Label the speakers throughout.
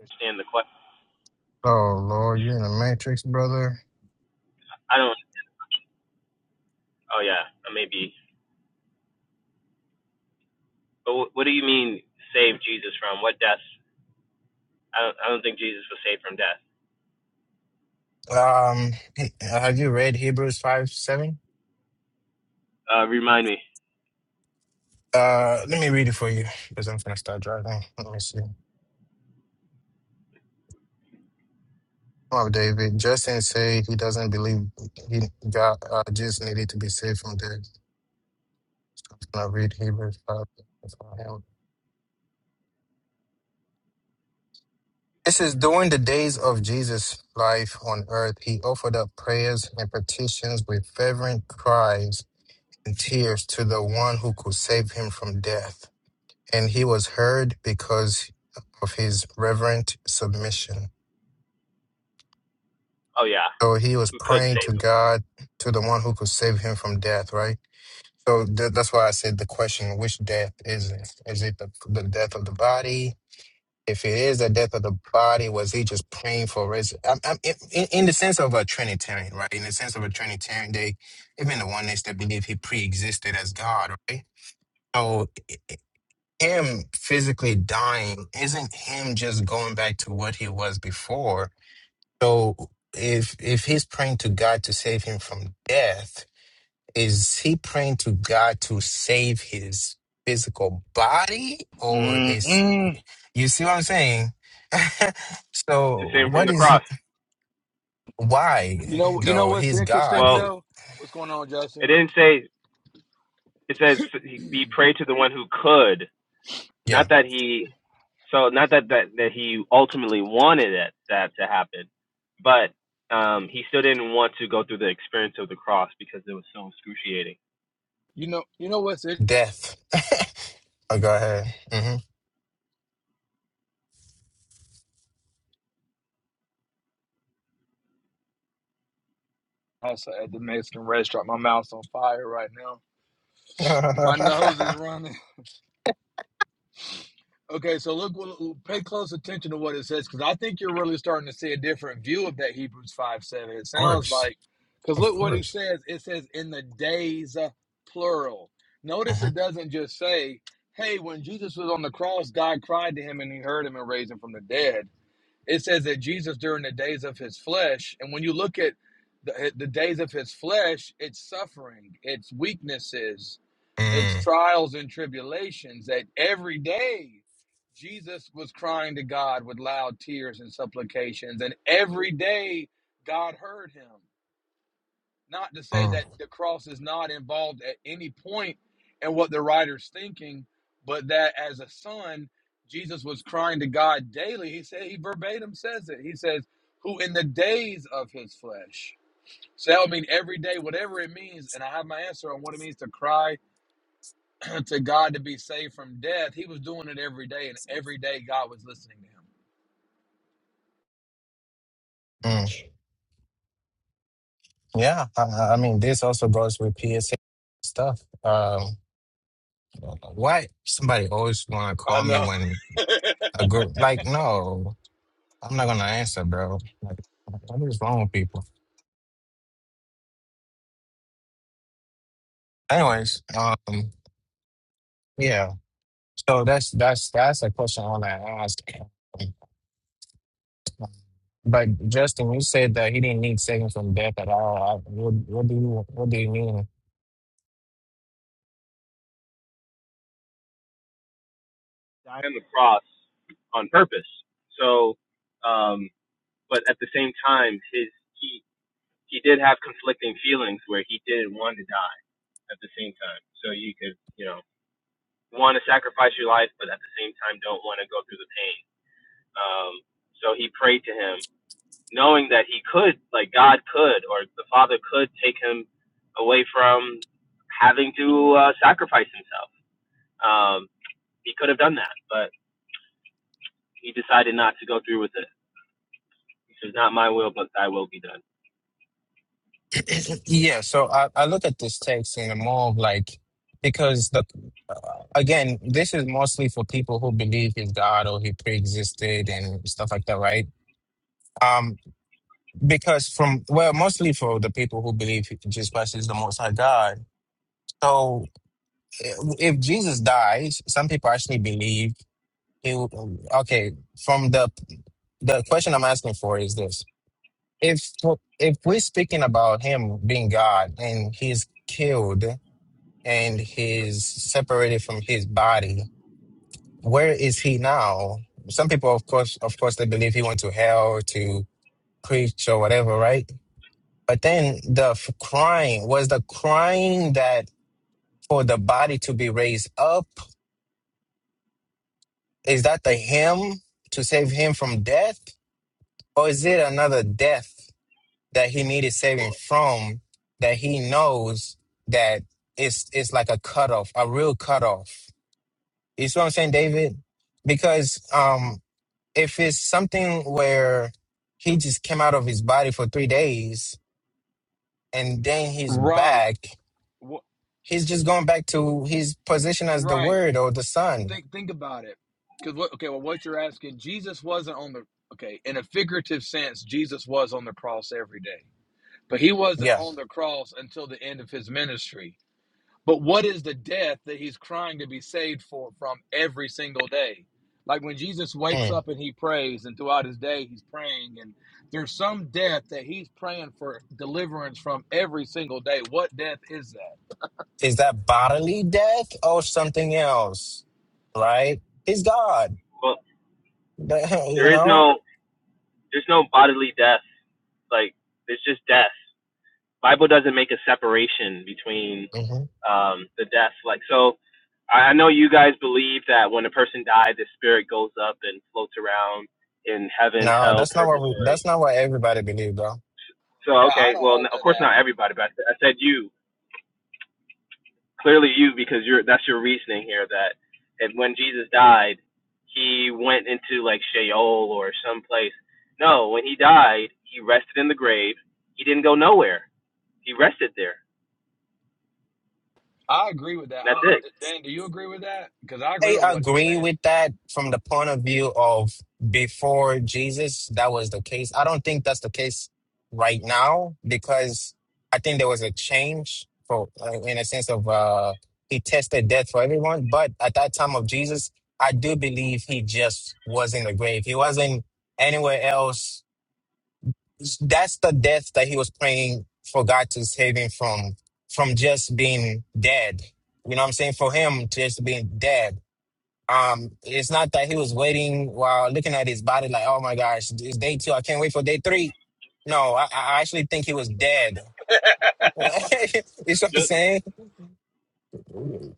Speaker 1: understand the question. I don't. Oh yeah, uh, maybe. But wh- what do you mean save Jesus from what death? I don't. I don't think Jesus was saved from death.
Speaker 2: Um, he- have you read Hebrews 5 7?
Speaker 1: Uh, remind me.
Speaker 2: Uh, let me read it for you because I'm gonna start driving. Let me see. Oh, David, Justin said he doesn't believe he God uh, just needed to be saved from death. I'm gonna read Hebrews 5 for him. It says, during the days of Jesus' life on earth, he offered up prayers and petitions with fervent cries and tears to the one who could save him from death. and he was heard because of his reverent submission.
Speaker 1: Oh yeah,
Speaker 2: So he was
Speaker 1: who could
Speaker 2: praying
Speaker 1: save
Speaker 2: to
Speaker 1: him?
Speaker 2: God, to the one who could save him from death, right? So th- that's why I said the question, which death is it? Is it the, the death of the body? If it is the death of the body, was he just praying for res? I'm, I'm, in, in the sense of a Trinitarian, right? In the sense of a Trinitarian, they, even the oneness they believe he pre-existed as God, right? So him physically dying isn't him just going back to what he was before. So if if he's praying to God to save him from death, is he praying to God to save his physical body or is
Speaker 3: Mm-mm.
Speaker 2: you see what I'm saying?
Speaker 1: To
Speaker 2: so
Speaker 1: save him from
Speaker 2: what
Speaker 1: the
Speaker 2: is he
Speaker 1: cross.
Speaker 2: why
Speaker 3: You know, you know
Speaker 2: though?
Speaker 3: what's
Speaker 2: He's God.
Speaker 3: interesting
Speaker 1: Well,
Speaker 2: He,
Speaker 3: though? What's going on,
Speaker 1: it
Speaker 3: Justin?
Speaker 1: didn't say. It says he he prayed to the one who could,
Speaker 2: yeah.
Speaker 1: not that he. So not that that, that he ultimately wanted it, that to happen, but um, he still didn't want to go through the experience of the cross because it was so excruciating.
Speaker 3: You know, you know what's it?
Speaker 2: Death. oh go ahead. hmm
Speaker 3: Also at the Mexican restaurant, my mouth's on fire right now. My nose
Speaker 2: of
Speaker 3: is running. Okay, so look, look- pay close attention to what it says because I think you're really starting to see a different view of that Hebrews five seven. It sounds
Speaker 2: course.
Speaker 3: like because
Speaker 2: Of
Speaker 3: look what it
Speaker 2: course.
Speaker 3: says. It says in the days uh, plural. Notice it doesn't just say, "Hey, when Jesus was on the cross, God cried to him and He heard him and raised him from the dead." it says that Jesus during the days of his flesh, and when you look at the, eh, the days of his flesh, it's suffering, it's weaknesses, it's
Speaker 2: Mm,
Speaker 3: trials and tribulations. That every day Jesus was crying to God with loud tears and supplications, and every day God heard him. Not to say
Speaker 2: mm,
Speaker 3: that the cross is not involved at any point in what the writer's thinking, but that as a son, Jesus was crying to God daily. He said, he verbatim says it. He says, who in the days of his flesh. So that would mean every day, whatever it means. And I have my answer on what it means to cry to God to be saved from death. He was doing it every day, and every day God was listening to
Speaker 2: mm. Yeah, I, I I mean, this also goes with PSA stuff. Um, why somebody always want to
Speaker 3: him. I
Speaker 2: call me
Speaker 3: know.
Speaker 2: when a group like no, I'm not gonna answer, bro. Like, what is wrong with people? Anyways, um, yeah. So that's that's that's a question I want to ask. But Justin, you said that he didn't need saving from death at all. I, what, what do you what do you mean?
Speaker 1: die on the cross on purpose. So, um, but at the same time, his he he did have conflicting feelings where he didn't want to die at the same time. So you could you know want to sacrifice your life, but at the same time don't want to go through the pain. Um, so he prayed to him, knowing that he could, like God could, or the Father could take him away from having to uh, sacrifice himself. Um, he could have done that, but he decided not to go through with it. He says, "Not my will, but Thy will be done."
Speaker 2: Yeah, so I, I look at this text in a more of like because the uh, again, this is mostly for people who believe in God or he pre-existed and stuff like that, right? Um, because from well, mostly for the people who believe Jesus Christ is the Most High God. So i- if Jesus dies, some people actually believe he. will- Okay, from the the question I'm asking for is this: if if we're speaking about him being God and he's killed and he's separated from his body. Where is he now? Some people, of course, of course, they believe he went to hell to preach or whatever, right? But then the f- crying was the crying that for the body to be raised up. Is that the him to save him from death, or is it another death that he needed saving from that he knows that it's it's like a cutoff, a real cutoff? You see what I'm saying, David? Because um, if it's something where he just came out of his body for three days and then he's
Speaker 3: Right.
Speaker 2: back,
Speaker 3: Wh-
Speaker 2: he's just going back to his position as the
Speaker 3: Right.
Speaker 2: word or the son.
Speaker 3: think think about it because what okay well what you're asking jesus wasn't on the okay in a figurative sense jesus was on the cross every day but he wasn't
Speaker 2: Yeah.
Speaker 3: on the cross until the end of his ministry but what is the death that he's crying to be saved for from every single day like when jesus wakes
Speaker 2: Mm.
Speaker 3: up and he prays and throughout his day he's praying and there's some death that he's praying for deliverance from every single day what death is that
Speaker 2: Is that bodily death or something else? Right? He's God.
Speaker 1: Well,
Speaker 2: you
Speaker 1: there is
Speaker 2: know?
Speaker 1: no, there's no bodily death. Like there's just death. Bible doesn't make a separation between
Speaker 2: hmm
Speaker 1: um, the death. Like so, I I know you guys believe that when a person dies, the spirit goes up and floats around in heaven,
Speaker 2: No,
Speaker 1: hell,
Speaker 2: that's not what we,
Speaker 1: purgatory.
Speaker 2: that's not what everybody believes, bro.
Speaker 1: So
Speaker 3: yeah i
Speaker 1: okay,
Speaker 3: don't
Speaker 1: well, n-
Speaker 3: hold to
Speaker 1: of
Speaker 3: that
Speaker 1: course not everybody, but I said I said you. clearly you because you're that's your reasoning here that and when Jesus died, he went into like Sheol or someplace. No, when he died, he rested in the grave. He didn't go nowhere. He rested there.
Speaker 3: I agree with that. I
Speaker 1: that's
Speaker 3: don't,
Speaker 1: it.
Speaker 3: Dan, do you agree with that? Because I agree
Speaker 2: I
Speaker 3: with what he's
Speaker 2: agree
Speaker 3: saying.
Speaker 2: with that from the point of view of before Jesus, that was the case. I don't think that's the case right now because I think there was a change for uh, in a sense of uh, he tested death for everyone. But at that time of Jesus, I do believe he just was in the grave. He wasn't anywhere else. That's the death that he was praying for God to save him from, from just being dead. You know what I'm saying? For him, just being dead um, it's not that he was waiting while looking at his body like, oh my gosh, it's day two. I can't wait for day three. No, I, I actually think he was dead. you see what I'm
Speaker 1: Yep.
Speaker 2: saying?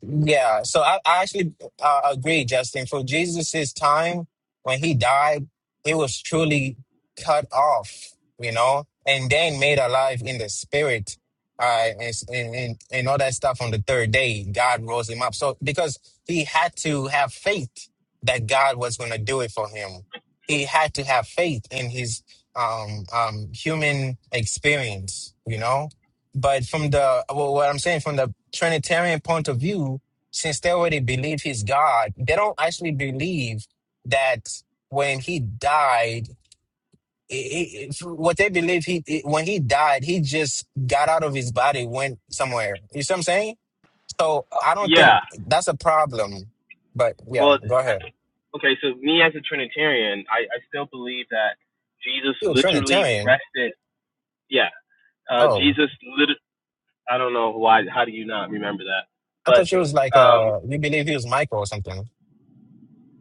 Speaker 2: Yeah, so I, I actually uh, agree, Justin. For Jesus's time, when he died, he was truly cut off, you know, and then made alive in the spirit, uh, and, and and and all that stuff on the third day. God rose him up, so because he had to have faith that God was going to do it for him. He had to have faith in his um um human experience, you know but from the well, what I'm saying from the Trinitarian point of view, since they already believe he's God, they don't actually believe that when he died, i i i- what they believe he i when he died, he just got out of his body, went somewhere. You see what I'm saying? So I don't think
Speaker 1: Yeah.
Speaker 2: that's a problem. But yeah,
Speaker 1: Well,
Speaker 2: go ahead.
Speaker 1: okay. So me as a Trinitarian, I, I still believe that Jesus
Speaker 2: You a
Speaker 1: literally
Speaker 2: Trinitarian?
Speaker 1: rested. Yeah. Uh,
Speaker 2: Oh,
Speaker 1: Jesus lit. I don't know why. How do you not remember that?
Speaker 2: I
Speaker 1: But
Speaker 2: thought you was like
Speaker 1: um,
Speaker 2: uh, you believe he was Michael or something.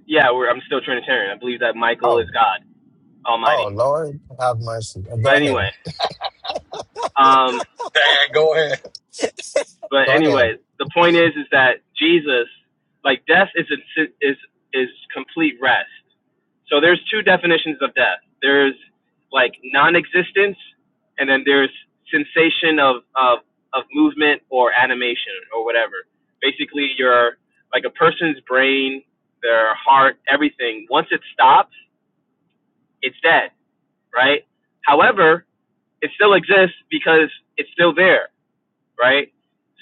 Speaker 1: yeah, we're, I'm still Trinitarian. I believe that Michael is
Speaker 2: Oh,
Speaker 1: God.
Speaker 2: oh
Speaker 1: Almighty.
Speaker 2: Lord, have mercy. Go
Speaker 1: But anyway,
Speaker 2: ahead,
Speaker 1: um,
Speaker 3: Dan, go ahead.
Speaker 1: but
Speaker 2: go ahead.
Speaker 1: anyway, the point is, is that Jesus, like death, is a, is is complete rest. So there's two definitions of death. There's like non-existence, and then there's sensation of of of movement or animation or whatever. Basically, your like a person's brain, their heart, everything. Once it stops, it's dead, right? However, it still exists because it's still there. right?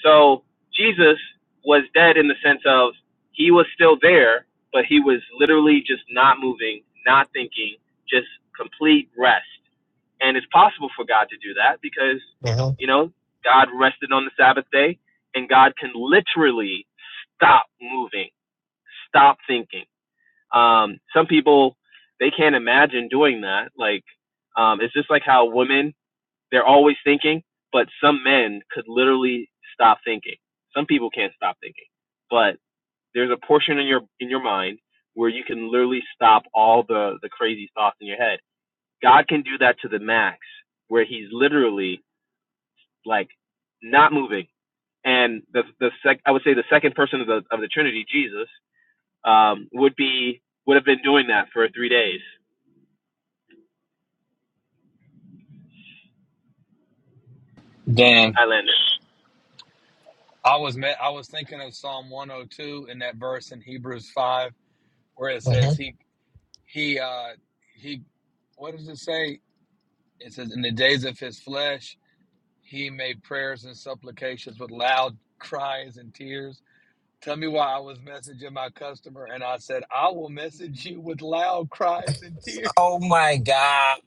Speaker 1: So Jesus was dead in the sense of he was still there, but he was literally just not moving, not thinking, just complete rest. And it's possible for God to do that because,
Speaker 2: Mm-hmm.
Speaker 1: you know, God rested on the Sabbath day and God can literally stop moving, stop thinking. Um, some people, they can't imagine doing that. Like, um, it's just like how women they're always thinking, but some men could literally stop thinking. Some people can't stop thinking, but there's a portion in your in your mind where you can literally stop all the the crazy thoughts in your head. God can do that to the max, where He's literally like not moving. And the the sec I would say the second person of the of the Trinity, Jesus, um, would be would have been doing that for three days.
Speaker 3: Dan,
Speaker 1: Highlander.
Speaker 3: I was met, I was thinking of Psalm 102 in that verse in Hebrews 5 where it says
Speaker 2: Mhm.
Speaker 3: he he uh he what does it say? It says in the days of his flesh he made prayers and supplications with loud cries and tears. Tell me why I was messaging my customer and I said I will message you with loud cries and tears.
Speaker 2: Oh my God.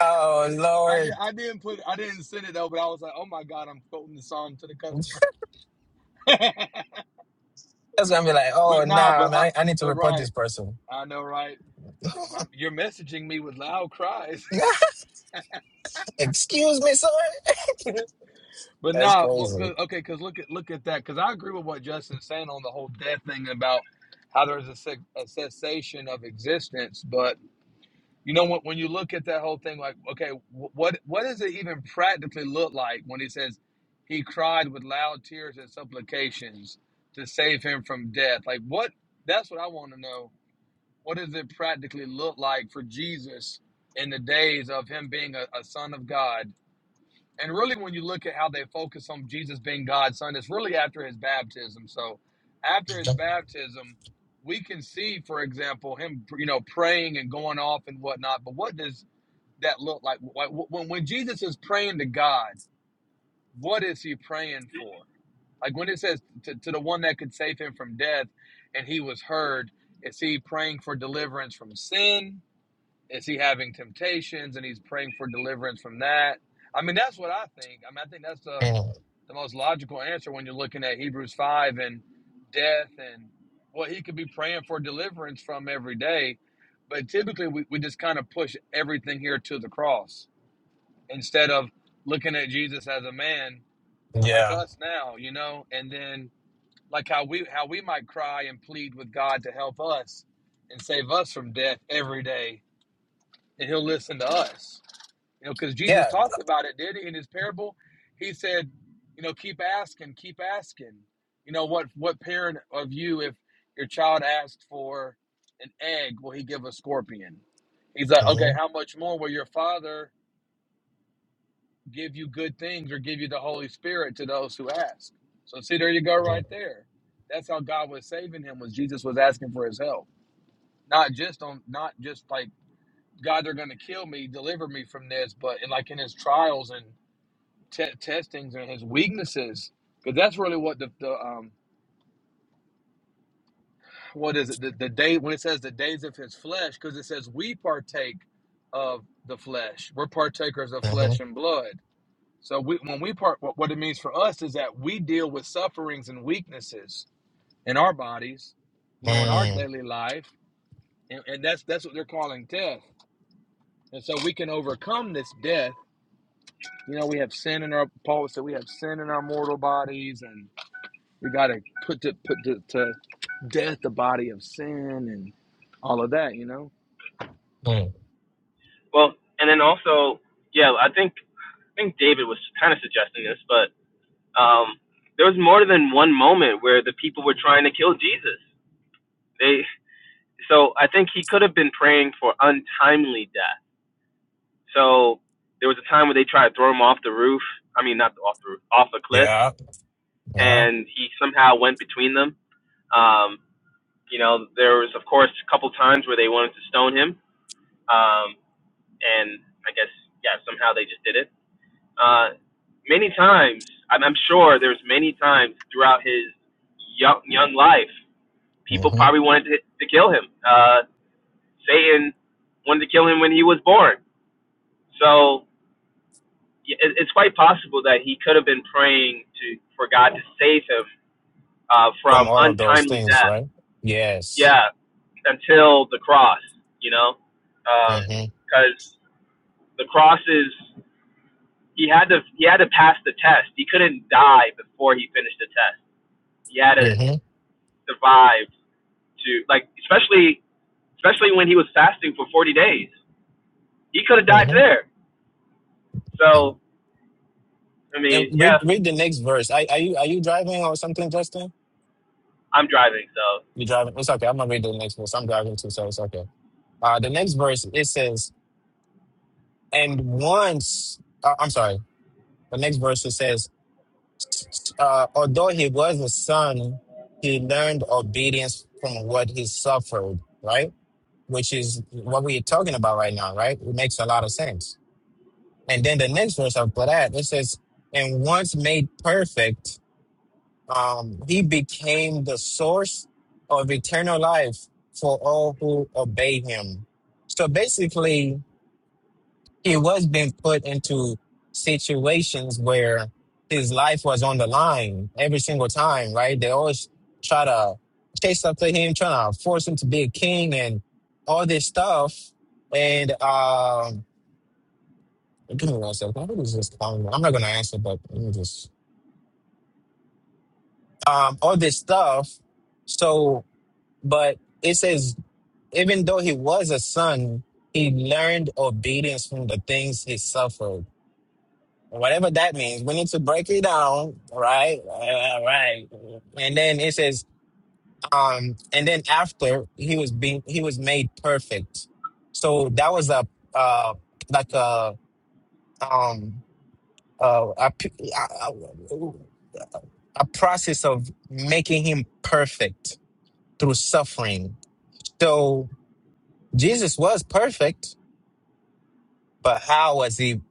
Speaker 2: Oh
Speaker 3: I did.
Speaker 2: Lord.
Speaker 3: I didn't put. I didn't send it though. But I was like, oh my god, I'm quoting the psalm to the customer.
Speaker 2: That's gonna be like, oh
Speaker 3: but nah.
Speaker 2: nah,
Speaker 3: But I,
Speaker 2: man, I, I need to
Speaker 3: but
Speaker 2: report
Speaker 3: right.
Speaker 2: this person.
Speaker 3: I know right. Like my, you're messaging me with loud cries.
Speaker 2: Nah, Excuse me, sir.
Speaker 3: but
Speaker 2: That's
Speaker 3: nah. Well,
Speaker 2: crazy.
Speaker 3: 'cause- okay. Because look at look at that. Because I agree with what Justin's saying on the whole death thing about how there's a, a cessation of existence, but you know when, when you look at that whole thing like okay wh- what what does it even practically look like when he says he cried with loud tears and supplications to save him from death like what that's what i want to know what does it practically look like for jesus in the days of him being a, a son of god and really when you look at how they focus on jesus being god's son it's really after his baptism so after his baptism we can see for example him you know praying and going off and whatnot but what does that look like like, when when Jesus is praying to God, what is he praying for? Like when it says to, to the one that could save him from death and he was heard, is he praying for deliverance from sin? Is he having temptations and he's praying for deliverance from that? I mean, that's what I think. I mean, I think that's the,
Speaker 2: Mm,
Speaker 3: the most logical answer when you're looking at Hebrews 5 and death and what he could be praying for deliverance from every day. But typically, we, we just kind of push everything here to the cross instead of looking at Jesus as a man like
Speaker 2: Yeah.
Speaker 3: us now, you know, and then like how we how we might cry and plead with God to help us and save us from death every day, and He'll listen to us, you know, because Jesus
Speaker 2: Yeah.
Speaker 3: talked about it, did he? In His parable, He said, you know, keep asking, keep asking. You know what? What parent of you, if your child asked for an egg, will he give a scorpion? He's like, okay,
Speaker 2: mhm,
Speaker 3: how much more will your father? give you good things or give you the Holy Spirit to those who ask. So see, there you go,
Speaker 2: mhm,
Speaker 3: right there. That's how God was saving him was Jesus was asking for his help, not just on, not just like God, they're going to kill me, deliver me from this, but in like in his trials and te- testings and his weaknesses, because that's really what the, the um what is it the, the day when it says the days of his flesh, because it says we partake of the flesh, we're partakers of flesh
Speaker 2: mhm,
Speaker 3: and blood. So we, when we part, what, what it means for us is that we deal with sufferings and weaknesses in our bodies, you know, in our
Speaker 2: mm,
Speaker 3: daily life, and, and that's that's what they're calling death. And so we can overcome this death. You know, we have sin in our Paul said we have sin in our mortal bodies, and we got to put to put to, to death the body of sin and all of that. You know,
Speaker 2: hmm
Speaker 1: Well, and then also, yeah, I think I think David was kind of suggesting this, but um, there was more than one moment where the people were trying to kill Jesus. They so I think he could have been praying for untimely death. So there was a time where they tried to throw him off the roof. I mean, not off the roof, off a cliff,
Speaker 2: Yeah. Yeah.
Speaker 1: and he somehow went between them. Um, you know, there was of course a couple times where they wanted to stone him, um, and I guess yeah, somehow they just did it. Uh, many times, I'm, I'm sure there's many times throughout his young young life,
Speaker 2: mm
Speaker 1: people
Speaker 2: mhm,
Speaker 1: probably wanted to, to kill him. Uh, Satan wanted to kill him when he was born. So yeah, it, it's quite possible that he could have been praying to for God to save him uh,
Speaker 2: From
Speaker 1: from
Speaker 2: all of those
Speaker 1: untimely
Speaker 2: things,
Speaker 1: death.
Speaker 2: right? Yes.
Speaker 1: Yeah, until the cross, you know,
Speaker 2: mm mhm,
Speaker 1: because um, the cross is he had to he had to pass the test. He couldn't die before he finished the test He had to
Speaker 2: mhm,
Speaker 1: survive to like, especially especially when he was fasting for 40 days. He could have died
Speaker 2: mhm.
Speaker 1: there. So, I
Speaker 2: And
Speaker 1: mean, yeah,
Speaker 2: read read the next verse. Are, are you are you driving or something, Justin?
Speaker 1: I'm driving. So,
Speaker 2: You driving? It's okay. I'm gonna read the next verse. I'm driving too, so it's okay. Uh, the next verse it says, And once, uh, I'm sorry, the next verse it says, uh, although he was a son, he learned obedience from what he suffered, right? Which is what we're talking about right now, right? It makes a lot of sense. And then the next verse after that, it says, and once made perfect, um, he became the source of eternal life for all who obey him. So basically, he was being put into situations where his life was on the line every single time, right? They always try to chase after him, trying to force him to be a king and all this stuff. And um, give me one second. What is this? Um, I'm not going to answer, but let me just um, all this stuff. So, but it says even though he was a son, he learned obedience from the things he suffered whatever that means. We need to break it down, right? All right. And then it says, um, and then after he was being, he was made perfect. So that was a, uh, like a, um, uh, a, p- a, a a process of making him perfect through suffering. So Jesus was perfect, but how was he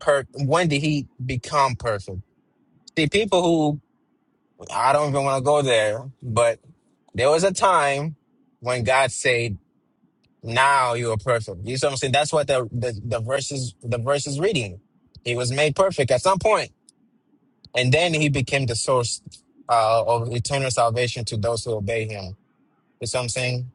Speaker 2: per? When did he become perfect? See, people who I don't even want to go there, but There was a time when God said, "Now you are perfect." You see what I'm saying? That's what the the, the verses the verses reading. He was made perfect at some point, and then he became the source uh, of eternal salvation to those who obey him. You see what I'm saying?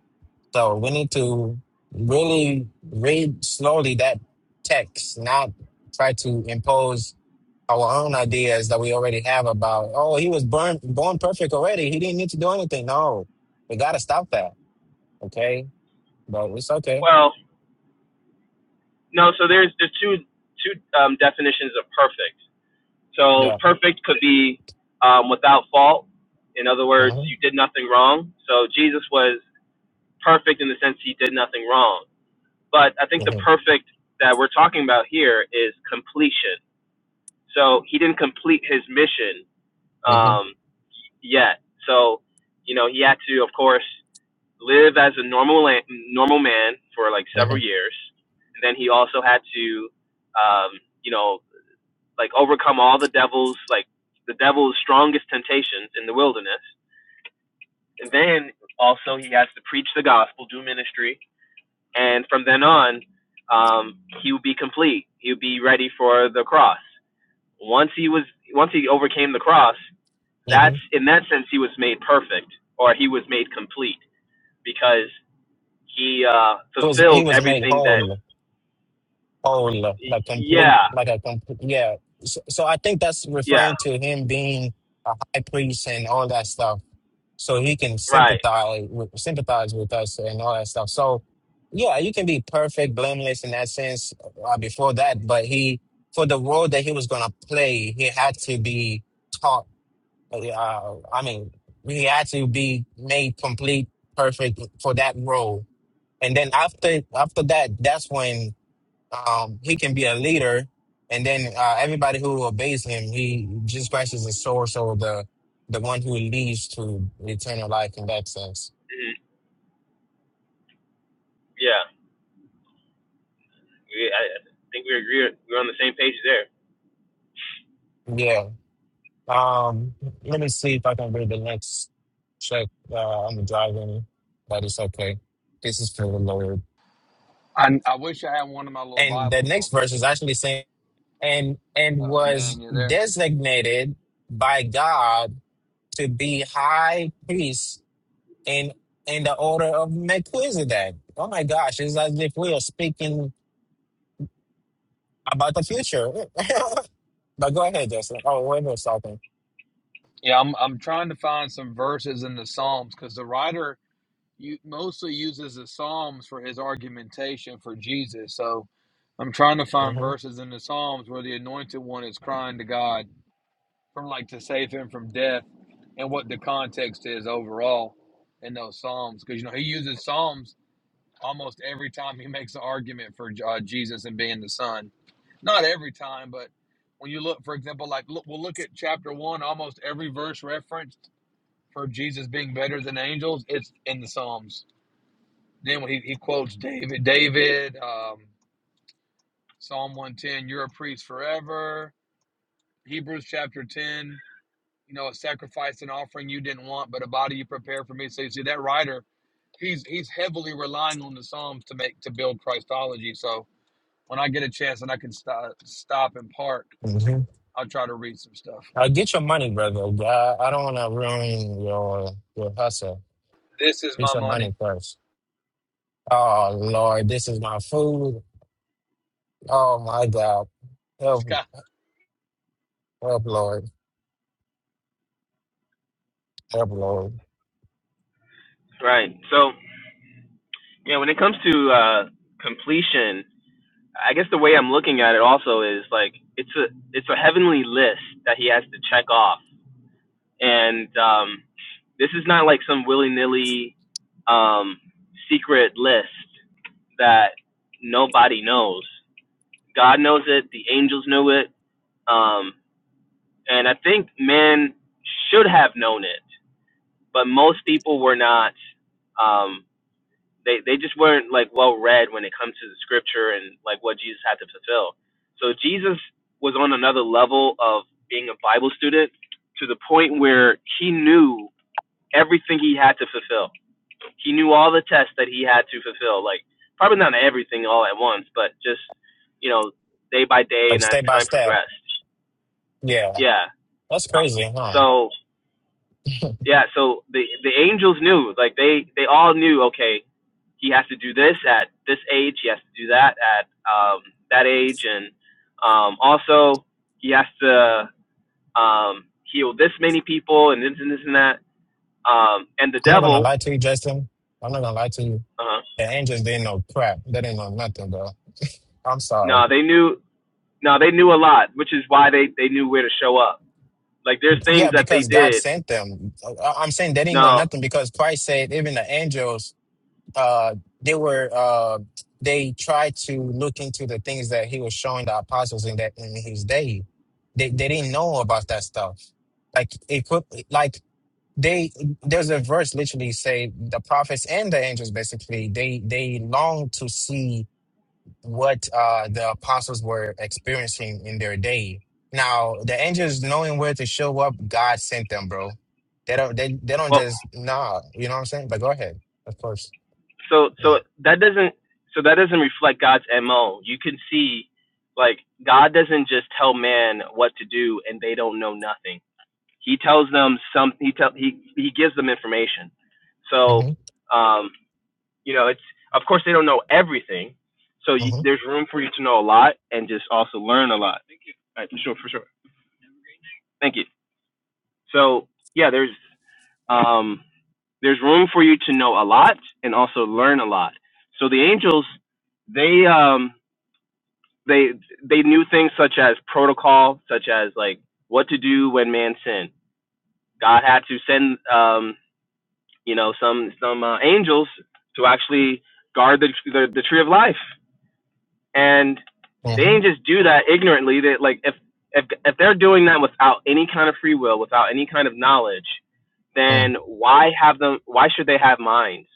Speaker 2: So we need to really read slowly that text, not try to impose our own ideas that we already have about. Oh, he was born born perfect already. He didn't need to do anything. No, we got to stop that. Okay but it's okay.
Speaker 1: well, no. So there's there's two two um, definitions of perfect. So
Speaker 2: Yeah.
Speaker 1: perfect could be um, without fault. In other words,
Speaker 2: Mm-hmm.
Speaker 1: you did nothing wrong. So Jesus was perfect in the sense he did nothing wrong. But I think the
Speaker 2: hmm
Speaker 1: perfect that we're talking about here is completion So he didn't complete his mission
Speaker 2: hmm
Speaker 1: um, yet. So, you know, he had to, of course, live as a normal la- normal man for like
Speaker 2: hmm
Speaker 1: several years, and then he also had to, um, you know, like overcome all the devil's like the devil's strongest temptations in the wilderness. And then also he has to preach the gospel, do ministry, and from then on, um, he would be complete. He would be ready for the cross. Once he was, once he overcame the cross,
Speaker 2: hmm
Speaker 1: that's in that sense he was made perfect or he was made complete because he uh
Speaker 2: He was he
Speaker 1: fulfilled
Speaker 2: was made
Speaker 1: everything that
Speaker 2: whole, whole, like complete,
Speaker 1: yeah
Speaker 2: like a complete. Yeah. So, so I think that's
Speaker 1: yeah
Speaker 2: referring to him being a high priest and all that stuff. So he can
Speaker 1: right
Speaker 2: sympathize with, sympathize with us and all that stuff. So yeah, you can be perfect, blameless in that sense uh, before that, but he for the role that he was gonna play, he had to be taught uh, I mean, he had to be made complete, perfect for that role. And then after after that, that's when um, he can be a leader. And then uh, everybody who obeys him, he Jesus Christ is the source or the the one who leads to eternal life in that sense.
Speaker 1: mhm, yeah we, I, I think we agree we're on the same page there
Speaker 2: Yeah. Um, let me see if I can read the next check. Uh, I'm driving, but it's okay. This is for the Lord.
Speaker 3: I I wish I had one of my little
Speaker 2: And the
Speaker 3: Bibles on
Speaker 2: next
Speaker 3: me.
Speaker 2: verse is actually saying. and
Speaker 3: Uh
Speaker 2: and
Speaker 3: oh, Dan,
Speaker 2: was
Speaker 3: you there?
Speaker 2: designated by God to be high priest in in the order of Melchizedek. Oh my gosh, it's as if we are speaking about the future. but go ahead, Justin. Oh, wait a minute, something.
Speaker 3: Yeah, I'm I'm trying to find some verses in the Psalms because the writer you mostly uses the Psalms for his argumentation for Jesus. So I'm trying to find
Speaker 2: Mm-hmm.
Speaker 3: verses in the Psalms where the anointed one is crying to God from like to save him from death and what the context is overall in those Psalms. Because, you know, he uses Psalms almost every time he makes an argument for uh, Jesus and being the Son. Not every time, but when you look, for example, like look, we'll look at chapter one, almost every verse referenced for Jesus being better than angels, it's in the Psalms then when he, he quotes David, David, um, Psalm 110, you're a priest forever. Hebrews chapter 10, you know, a sacrifice and offering you didn't want, but a body you prepared for me. So you see that writer, he's he's heavily relying on the Psalms to make to build Christology. So when I get a chance and I can stop stop and park,
Speaker 2: Mm-hmm.
Speaker 3: I'll try to read some stuff.
Speaker 2: Uh, get your money, brother. Uh, I don't want to ruin your your hustle.
Speaker 3: This is
Speaker 2: Get
Speaker 3: my
Speaker 2: your money
Speaker 3: money.
Speaker 2: first. Oh Lord, this is my food. Oh my God, help,
Speaker 3: Scott,
Speaker 2: help, Lord, help, Lord.
Speaker 1: right so yeah when it comes to uh completion I guess the way I'm looking at it also is like it's a it's a heavenly list that he has to check off and um this is not like some willy-nilly um secret list that nobody knows. God knows it. The angels knew it. Um, and I think man should have known it, but most people were not. Um, they they just weren't like well read when it comes to the scripture and like what Jesus had to fulfill. So Jesus was on another level of being a Bible student to the point where he knew everything he had to fulfill he knew all the tests that he had to fulfill. Like probably not everything all at once, but just you know day by day
Speaker 2: Like
Speaker 1: and as
Speaker 2: step by
Speaker 1: time
Speaker 2: step.
Speaker 1: progressed.
Speaker 2: Yeah.
Speaker 1: Yeah.
Speaker 2: That's
Speaker 1: Um,
Speaker 2: crazy, huh?
Speaker 1: So yeah, so the the angels knew. Like they they all knew. Okay, he has to do this at this age. He has to do that at um, that age, and um, also he has to um, heal this many people and this and this and that. Um, and the
Speaker 2: I'm not gonna
Speaker 1: devil,
Speaker 2: lie to you, Justin. I'm not gonna lie to you.
Speaker 1: uh,
Speaker 2: The angels didn't know crap. They didn't know nothing, bro. I'm sorry.
Speaker 1: no, they knew No, they knew a lot, which is why they, they knew where to show up. Like there's
Speaker 2: Yeah,
Speaker 1: things that they
Speaker 2: because God
Speaker 1: did.
Speaker 2: sent them. I- I'm saying they didn't know
Speaker 1: No,
Speaker 2: nothing because Christ said even the angels, uh, they were, uh, they tried to look into the things that He was showing the apostles in that in His day. They they didn't know about that stuff. Like it could, like they there's a verse literally say the prophets and the angels basically they they long to see what uh the apostles were experiencing in their day now the angels knowing where to show up god sent them bro they don't they, they don't
Speaker 1: well,
Speaker 2: just nah you know what i'm saying but go ahead of course
Speaker 1: so
Speaker 2: Yeah.
Speaker 1: so that doesn't so that doesn't reflect God's mo. You can see, like God doesn't just tell man what to do and they don't know nothing. He tells them some. He tell he he gives them information. So,
Speaker 2: mm-hmm,
Speaker 1: um, you know, it's of course they don't know everything. So you,
Speaker 2: mm-hmm,
Speaker 1: there's room for you to know a lot and just also learn a lot. Thank you. All right, for sure, for sure. Thank you. So yeah, there's Um, there's room for you to know a lot and also learn a lot. So the angels, they um, they they knew things such as protocol, such as like what to do when man sinned. God had to send um, you know some some uh, angels to actually guard the, the the tree of life, and they
Speaker 2: mm-hmm,
Speaker 1: didn't just do that ignorantly. That like if if if they're doing that without any kind of free will, without any kind of knowledge,
Speaker 2: Mm-hmm.
Speaker 1: then why have them? Why should they have minds?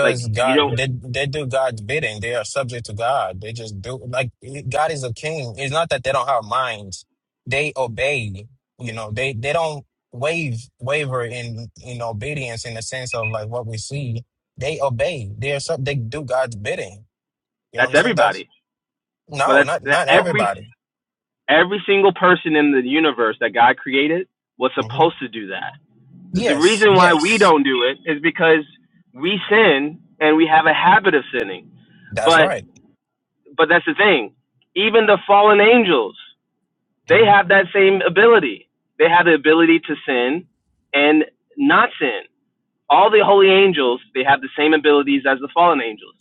Speaker 1: Like you
Speaker 2: God,
Speaker 1: don't.
Speaker 2: they they do God's bidding. They are subject to God. They just do like God is a king. It's not that they don't have minds. They obey. You know, they they don't wave waver in in obedience in the sense of like what we see. They obey. They are sub. They do God's bidding. You know what
Speaker 1: That's
Speaker 2: I'm saying? That's
Speaker 1: everybody. But
Speaker 2: no,
Speaker 1: that's
Speaker 2: not
Speaker 1: that
Speaker 2: not
Speaker 1: every
Speaker 2: everybody.
Speaker 1: every single person in the universe that God created was
Speaker 2: hmm
Speaker 1: supposed to do that. The
Speaker 2: Yes,
Speaker 1: reason why we
Speaker 2: yes,
Speaker 1: don't do it is because we sin and we have a habit of sinning.
Speaker 2: that's
Speaker 1: But
Speaker 2: right.
Speaker 1: but that's the thing. Even the fallen angels, they
Speaker 2: hmm
Speaker 1: have that same ability. They have the ability to sin and not sin. all the holy angels they have the same abilities as the fallen angels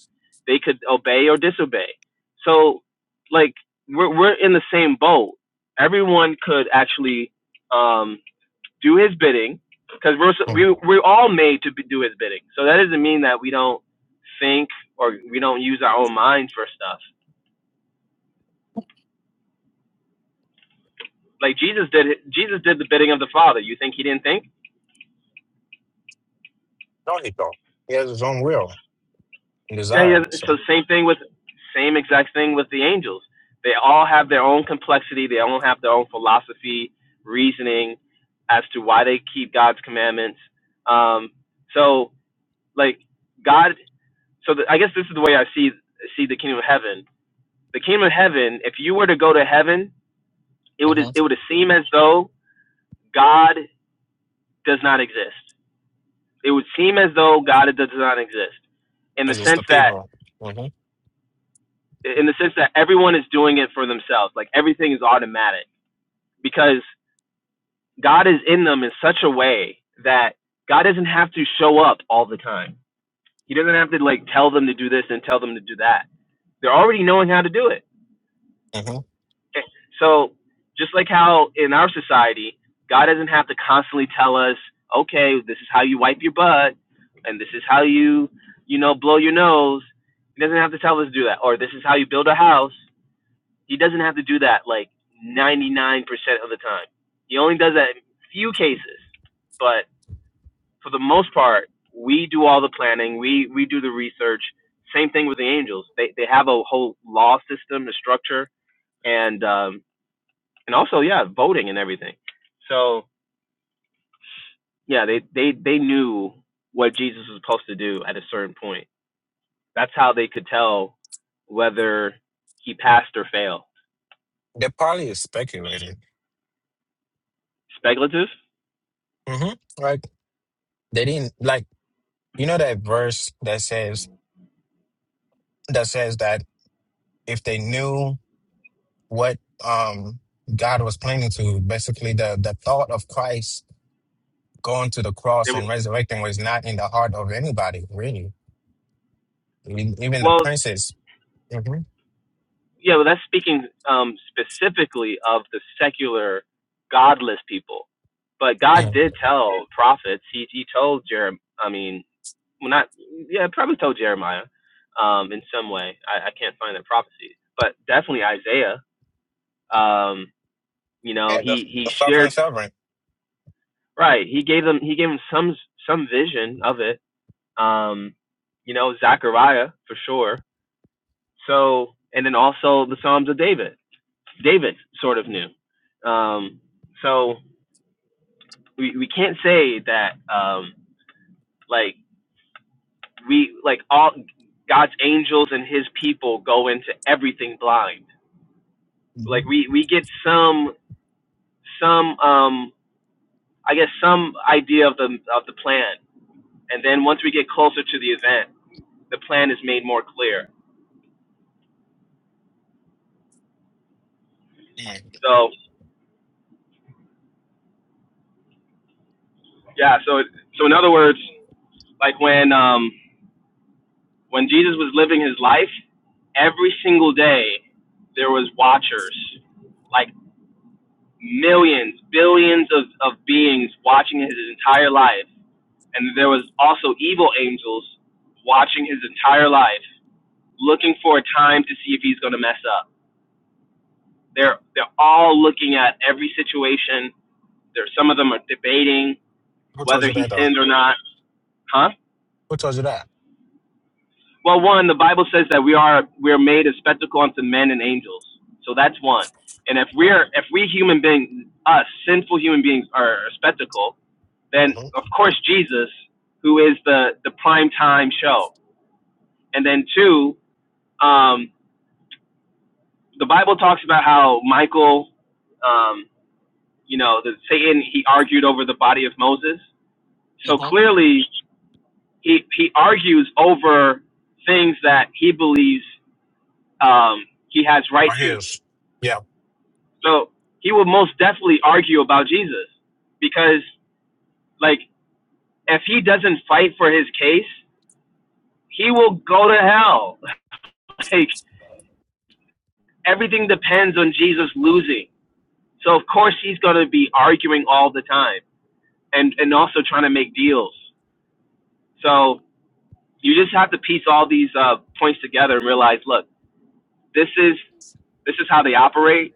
Speaker 1: they could obey or disobey so like we're, we're in the same boat everyone could actually um, do his bidding because we're so-
Speaker 2: No,
Speaker 1: we, we're all made to do his bidding so that doesn't mean that we don't think or we don't use our own minds for stuff like jesus did jesus did the bidding of the father you think he didn't think
Speaker 2: he don't. He has his own will and
Speaker 1: Yeah,
Speaker 2: desire.
Speaker 1: yeah. So
Speaker 2: So,
Speaker 1: same thing with same exact thing with the angels. They all have their own complexity. They all have their own philosophy, reasoning as to why they keep God's commandments. Um, so like God, so the, I guess this is the way I see see the kingdom of heaven. The kingdom of heaven. If you were to go to heaven, it would it
Speaker 2: Mhm.
Speaker 1: would seem as though God does not exist. It would seem as though God does not exist in the
Speaker 2: because it's
Speaker 1: sense
Speaker 2: the
Speaker 1: that
Speaker 2: people. Mm-hmm.
Speaker 1: in the sense that everyone is doing it for themselves. Like everything is automatic because God is in them in such a way that God doesn't have to show up all the time. He doesn't have to like tell them to do this and tell them to do that. They're already knowing how to do it.
Speaker 2: hmm
Speaker 1: So just like how in our society, God doesn't have to constantly tell us, okay, this is how you wipe your butt and this is how you, you know, blow your nose. He doesn't have to tell us to do that. Or this is how you build a house He doesn't have to do that like 99% of the time. He only does that in few cases, but for the most part, we do all the planning. We we do the research. Same thing with the Angels. They they have a whole law system, a structure, and um, and also yeah, voting and everything. So yeah, they they they knew what Jesus was supposed to do at a certain point. That's how they could tell whether he passed or failed.
Speaker 2: They probably is speculated.
Speaker 1: Speculative.
Speaker 2: hmm Like they didn't like you know that verse that says that says that if they knew what um God was planning to, basically the the thought of Christ going to the
Speaker 1: They
Speaker 2: cross
Speaker 1: were,
Speaker 2: and resurrecting was not in the heart of anybody, really. E- Even the
Speaker 1: well,
Speaker 2: princess. hmm
Speaker 1: yeah, well, that's speaking um, specifically of the secular, godless people. But God
Speaker 2: Yeah,
Speaker 1: did tell prophets. He he told Jeremiah. I mean, well, not yeah, probably told Jeremiah, um, in some way. I, I can't find that prophecy, but definitely Isaiah. Um, you know,
Speaker 2: Yeah, the
Speaker 1: he he
Speaker 2: the suffering
Speaker 1: shared
Speaker 2: sovereign.
Speaker 1: right. He gave them he gave them some some vision of it. Um, you know, Zechariah for sure. So and then also the Psalms of David. David sort of knew. Um, so we, we can't say that um, like we like all God's angels and His people go into everything blind. Like
Speaker 2: hmm
Speaker 1: we we get some some um, I guess some idea of the of the plan, and then once we get closer to the event, the plan is made more clear.
Speaker 2: mm
Speaker 1: So yeah, so so in other words, like when um, When Jesus was living his life, every single day there was watchers, like millions, billions of, of beings watching his entire life. And there was also evil angels watching his entire life, looking for a time to see if he's going to mess up. They're they're all looking at every situation. There some of them are debating
Speaker 2: Who told
Speaker 1: whether
Speaker 2: you
Speaker 1: he
Speaker 2: that though?
Speaker 1: sinned or not. Huh?
Speaker 2: Who told you that?
Speaker 1: Well, one, the Bible says that we are we are made a spectacle unto men and angels. So that's one. And if we're if we human beings, us sinful human beings, are a spectacle, then
Speaker 2: Mm-hmm.
Speaker 1: of course Jesus, who is the the prime time show. And then two, um, the Bible talks about how Michael, um, you know, the Satan he argued over the body of Moses. So
Speaker 2: Mm-hmm.
Speaker 1: clearly, he he argues over things that he believes um, he has right
Speaker 2: Right
Speaker 1: to.
Speaker 2: here's yeah.
Speaker 1: So he will most definitely argue about Jesus because, like, if he doesn't fight for his case, he will go to hell. like, everything depends on Jesus losing. So, of course, he's going to be arguing all the time and, and also trying to make deals. So, you just have to piece all these uh, points together and realize look, this is, this is how they operate.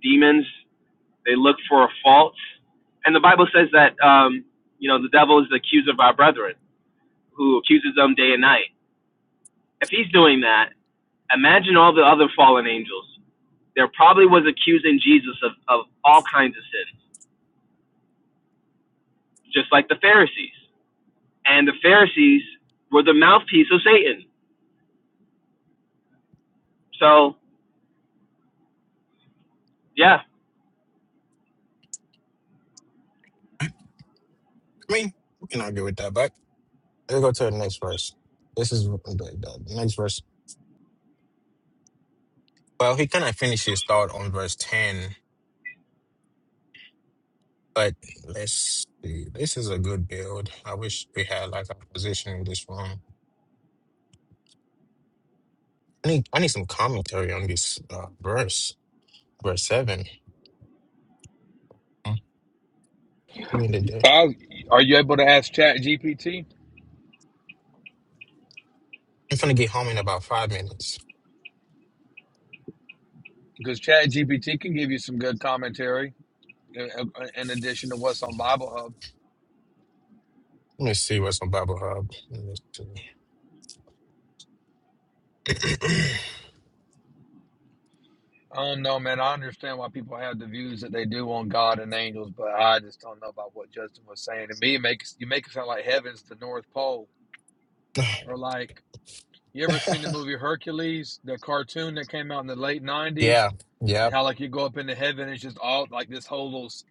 Speaker 1: Demons They look for a fault, and the Bible says that um, you know the devil is the accuser of our brethren, who accuses them day and night. If he's doing that, imagine all the other fallen angels. There probably was accusing Jesus of, of all kinds of sins, just like the Pharisees. And the Pharisees were the mouthpiece of Satan. So yeah,
Speaker 2: I mean, we can argue with that, but let's go to the next verse. This is the, the the next verse. Well, he kind of finished his thought on verse ten, but let's see. This is a good build. I wish we had like a position in this room. I need I need some commentary on this uh, verse, verse seven. Mm. Who in the day?
Speaker 3: Kyle, are you able to ask Chat GPT?
Speaker 2: I'm gonna get home in about five minutes.
Speaker 3: Because Chat GPT can give you some good commentary uh, uh, in addition to what's on Bible Hub.
Speaker 2: Let me see what's on Bible Hub. Let me see.
Speaker 3: Um, no, man, I understand why people have the views that they do on God and angels, but I just don't know about what Justin was saying. To me, it makes you make it sound like heaven's the North Pole, or like you ever seen the movie Hercules, the cartoon that came out in the late '90s,
Speaker 2: yeah,
Speaker 3: and
Speaker 2: yep.
Speaker 3: how like you go up into heaven, it's just all like this whole little. s-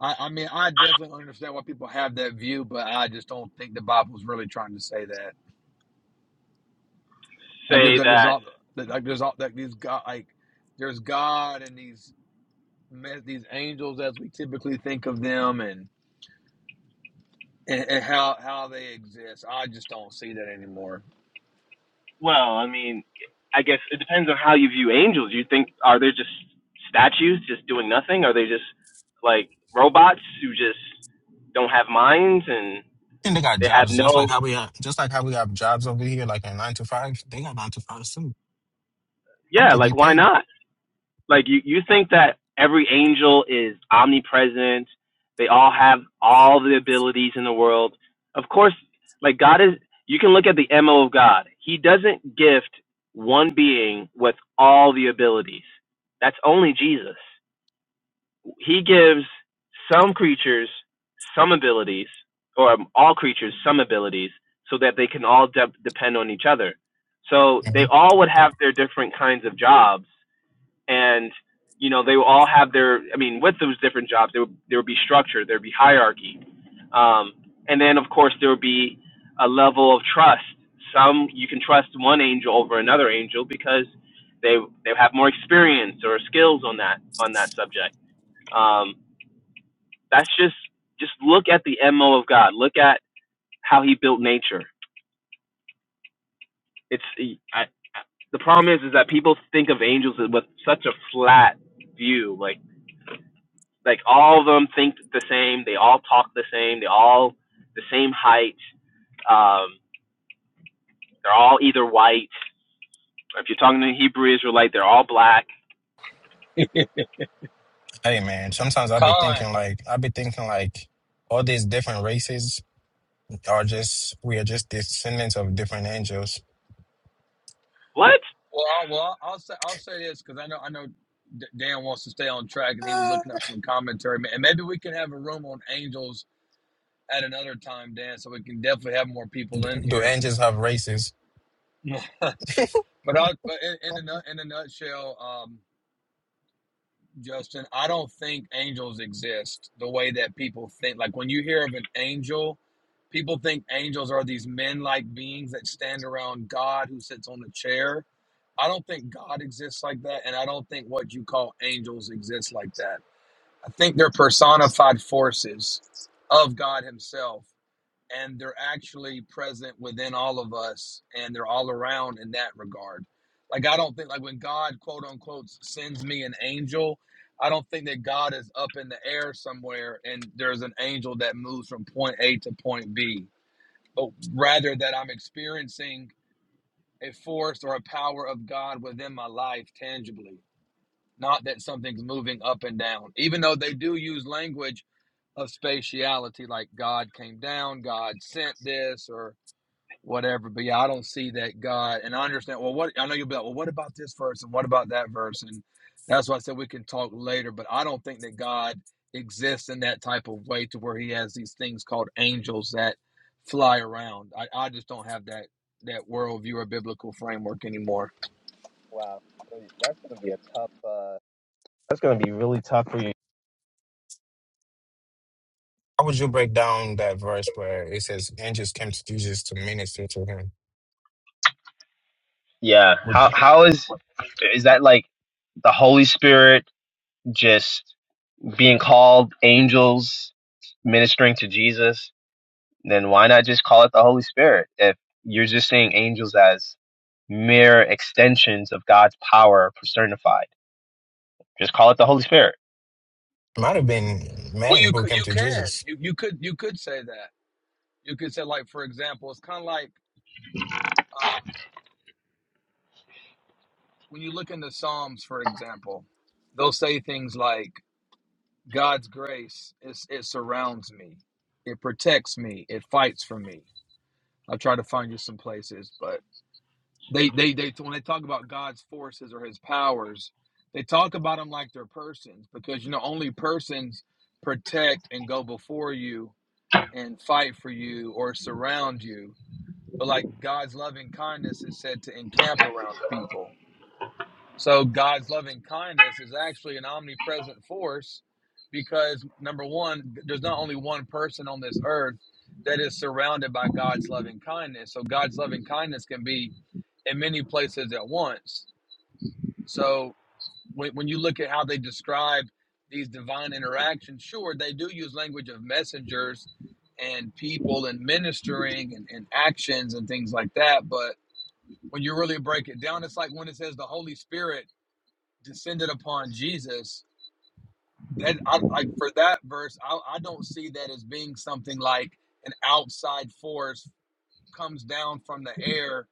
Speaker 3: I, I mean, I definitely understand why people have that view, but I just don't think the Bible's really trying to say that. Like there's,
Speaker 1: say
Speaker 3: like, there's
Speaker 1: that
Speaker 3: all like there's all like these God like there's God and these these angels as we typically think of them and, and, and how how they exist. I just don't see that anymore.
Speaker 1: Well, I mean, I guess it depends on how you view angels. You think are they just statues just doing nothing? Are they just like robots who just don't have minds and
Speaker 2: And they got
Speaker 1: they have
Speaker 2: jobs just
Speaker 1: no
Speaker 2: like how we have, just like how we have jobs over here, like in nine to five. They got nine to five too. Hope
Speaker 1: Yeah,
Speaker 2: they
Speaker 1: like
Speaker 2: get
Speaker 1: why
Speaker 2: paid.
Speaker 1: not? Like you you think that every angel is omnipresent. They all have all the abilities in the world. Of course, like God is you can look at the MO of God. He doesn't gift one being with all the abilities. That's only Jesus. he gives some creatures some abilities, or um, all creatures some abilities, so that they can all de- depend on each other. So
Speaker 2: hmm
Speaker 1: they all would have their different kinds of jobs, and you know they will all have their. I mean, with those different jobs, there would, there would be structure, there would be hierarchy, um, and then of course there would be a level of trust. Some you can trust one angel over another angel because they they have more experience or skills on that on that subject. Um, that's just just look at the mo of God. Look at how He built nature. It's I, the problem is is that people think of angels with such a flat view. Like like all of them think the same. They all talk the same. They all the same height. Um, they're all either white. If you're talking to a Hebrew Israelite, they're all black.
Speaker 2: Hey man, sometimes I be
Speaker 3: Colin,
Speaker 2: thinking like I be thinking like all these different races are just we are just descendants of different angels.
Speaker 1: What?
Speaker 3: well, I, well, I'll say I'll say this because I know I know Dan wants to stay on track and he was
Speaker 2: Uh,
Speaker 3: looking up some commentary and maybe we can have a room on angels at another time, Dan, so we can definitely have more people
Speaker 2: do,
Speaker 3: in
Speaker 2: do
Speaker 3: here.
Speaker 2: angels have races?
Speaker 3: but I, but in, in a in a nutshell, um, Justin, I don't think angels exist the way that people think. Like when you hear of an angel, people think angels are these men like beings that stand around God who sits on a chair. I don't think God exists like that. And I don't think what you call angels exists like that. I think they're personified forces of God Himself and they're actually present within all of us and they're all around in that regard like i don't think like when god quote unquote sends me an angel i don't think that god is up in the air somewhere and there's an angel that moves from point a to point b but rather that i'm experiencing a force or a power of god within my life tangibly not that something's moving up and down even though they do use language of spatiality like god came down god sent this or whatever. But yeah, I don't see that God, and I understand. Well, what I know you'll be like, well, what about this verse and what about that verse? And that's why I said we can talk later. But I don't think that God exists in that type of way to where He has these things called angels that fly around. I, I just don't have that that worldview or biblical framework anymore.
Speaker 2: How would you break down that verse where it says angels came to Jesus to minister to him?
Speaker 1: Yeah.
Speaker 2: Would-
Speaker 1: Is, is that like just being called angels ministering to Jesus? then why not just call it the Holy Spirit? If you're just seeing angels as mere extensions of God's power personified, just call it the Holy Spirit.
Speaker 2: It might have been
Speaker 3: Well,
Speaker 2: men
Speaker 3: you
Speaker 2: who
Speaker 3: could,
Speaker 2: came
Speaker 3: you
Speaker 2: to
Speaker 3: can,
Speaker 2: Jesus.
Speaker 3: you you could, you could say that. You could say like, for example, it's kind of like um, when you look into Psalms, for example, they'll say things like God's grace is it surrounds me. It protects me. It fights for me. I'll try to find you some places, but they they they when they talk about God's forces or his powers, they talk about them like they're persons because you know only persons protect and go before you and fight for you or surround you. But like God's loving kindness is said to encamp around people. So God's loving kindness is actually an omnipresent force because number one, there's not only one person on this earth that is surrounded by God's loving kindness. So God's loving kindness can be in many places at once. So when, when you look at how they describe these divine interactions, sure, they do use language of messengers and people and ministering and, and actions and things like that. But when you really break it down, it's like when it says the Holy Spirit descended upon Jesus, that I like for that verse, I, I don't see that as being something like an outside force comes down from the air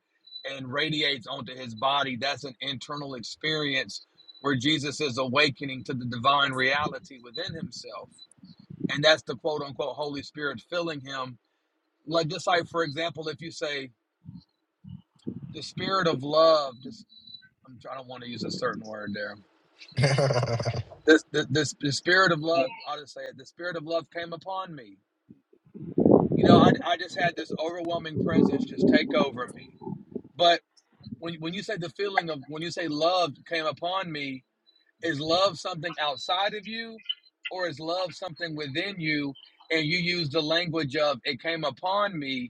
Speaker 3: and radiates onto his body. That's an internal experience where Jesus is awakening to the divine reality within himself. And that's the quote unquote Holy Spirit filling him. Like just like for example, if you say the spirit of love, just I'm trying I don't want to use a certain word there
Speaker 2: the
Speaker 3: the, the, the, the spirit of love, I'll just say it, the spirit of love came upon me. You know, I, I just had this overwhelming presence just take over me. But when, when you say the feeling of, when you say love came upon me, is love something outside of you or is love something within you? And you use the language of it came upon me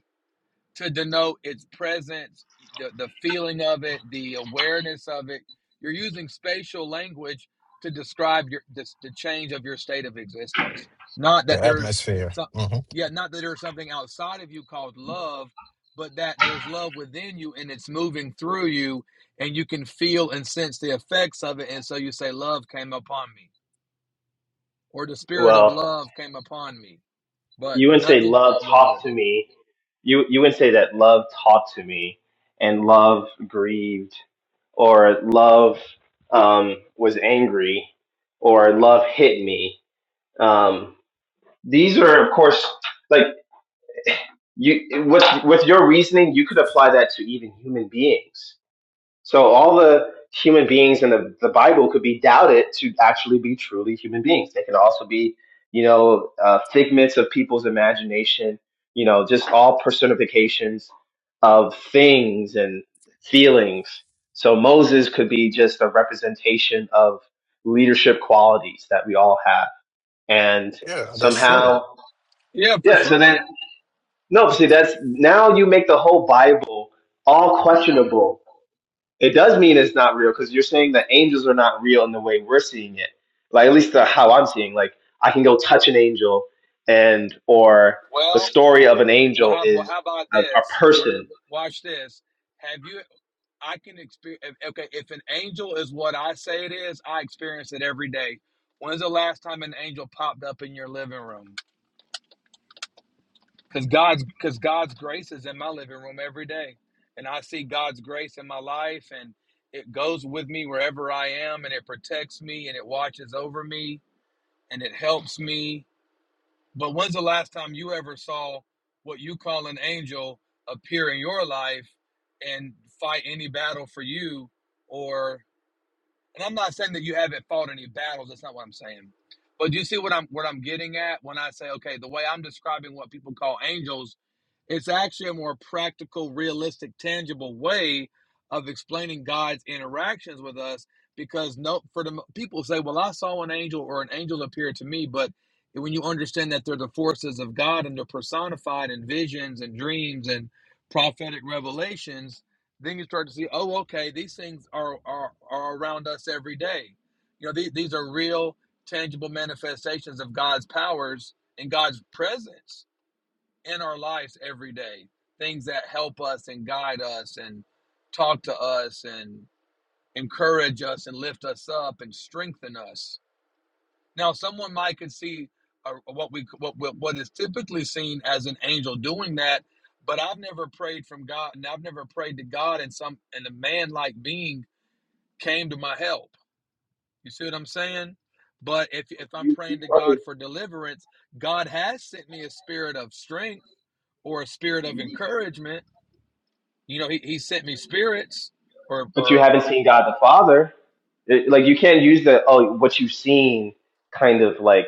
Speaker 3: to denote its presence, the, the feeling of it, the awareness of it. You're using spatial language to describe your this, the change of your state of existence. Not that there's
Speaker 2: atmosphere.
Speaker 3: some,
Speaker 2: hmm
Speaker 3: yeah, not that there's something outside of you called love, but that there's love within you and it's moving through you, and you can feel and sense the effects of it. And so you say, "Love came upon me," or "The spirit of
Speaker 1: Well,
Speaker 3: love came upon me," but
Speaker 1: you wouldn't say
Speaker 3: nothing.
Speaker 1: love taught
Speaker 3: Yoga.
Speaker 1: to me. You you wouldn't say that love taught to me, and love grieved, or love um, was angry, or love hit me. Um, these are, of course, like you with with your reasoning, you could apply that to even human beings. So all the human beings in the, the Bible could be doubted to actually be truly human beings. They could also be, you know, uh, figments of people's imagination, you know, just all personifications of things and feelings. So Moses could be just a representation of leadership qualities that we all have. And
Speaker 2: Yeah, that's true.
Speaker 1: somehow,
Speaker 3: Yeah, for
Speaker 1: yeah,
Speaker 3: sure.
Speaker 1: so then, no, see, that's now you make the whole Bible all questionable it does mean it's not real because you're saying that angels are not real in the way we're seeing it. Like at least the, how I'm seeing. Like I can go touch an angel, and or the
Speaker 3: Well.
Speaker 1: story of an
Speaker 3: Well,
Speaker 1: angel
Speaker 3: how, well,
Speaker 1: is
Speaker 3: how about
Speaker 1: a, a
Speaker 3: this?
Speaker 1: person.
Speaker 3: Watch this. Have you? I can experience. Okay, if an angel is what I say it is, I experience it every day. When's the last time an angel popped up in your living room? Because God's because God's grace is in my living room every day, and I see God's grace in my life, and it goes with me wherever I am, and it protects me, and it watches over me, and it helps me, But when's the last time you ever saw what you call an angel appear in your life and fight any battle for you, or and I'm not saying that you haven't fought any battles. That's not what I'm saying. But do you see what I'm what I'm getting at when I say, okay, the way I'm describing what people call angels, it's actually a more practical, realistic, tangible way of explaining God's interactions with us. Because no, for the people say, well, I saw an angel or an angel appear to me, but when you understand that they're the forces of God and they're personified in visions and dreams and prophetic revelations, then you start to see, oh, okay, these things are are, are around us every day. You know, these, these are real, tangible manifestations of God's powers and God's presence in our lives every day. Things that help us and guide us and talk to us and encourage us and lift us up and strengthen us now, someone might could see uh, what we what what what is typically seen as an angel doing that, but I've never prayed from God, and I've never prayed to God, and some and a man like being came to my help. You see what I'm saying? But if if I'm
Speaker 1: You,
Speaker 3: praying
Speaker 1: you
Speaker 3: to
Speaker 1: probably,
Speaker 3: God for deliverance, God has sent me a spirit of strength or a spirit of encouragement. You know, He, he sent me spirits, or
Speaker 1: but you
Speaker 3: or
Speaker 1: haven't
Speaker 3: uh,
Speaker 1: seen God the Father. It- like you can't use the oh what you've seen kind of like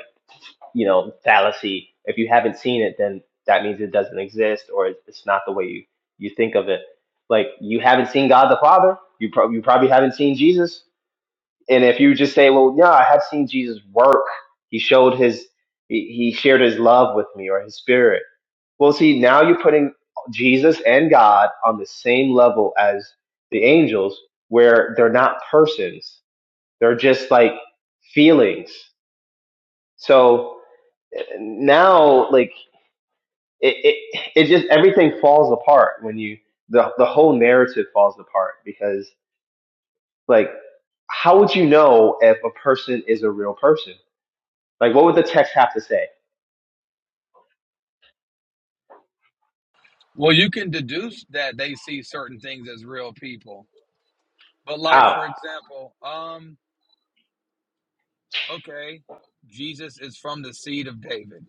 Speaker 1: you know fallacy. If you haven't seen it, then that means it doesn't exist or it's it's not the way you you think of it like you haven't seen God the Father. You, prob you probably haven't seen Jesus And if you just say, well, yeah, I have seen Jesus work. He showed his, he shared his love with me or his spirit. Well, see, now you're putting Jesus and God on the same level as the angels where they're not persons. They're just like feelings. So eh, now like it, it, it just, everything falls apart when you, the, the whole narrative falls apart because like, how would you know if a person is a real person? Like, what would the text have to say?
Speaker 3: well, you can deduce that they see certain things as real people. But like
Speaker 1: How?
Speaker 3: for example, um okay, Jesus is from the seed of David.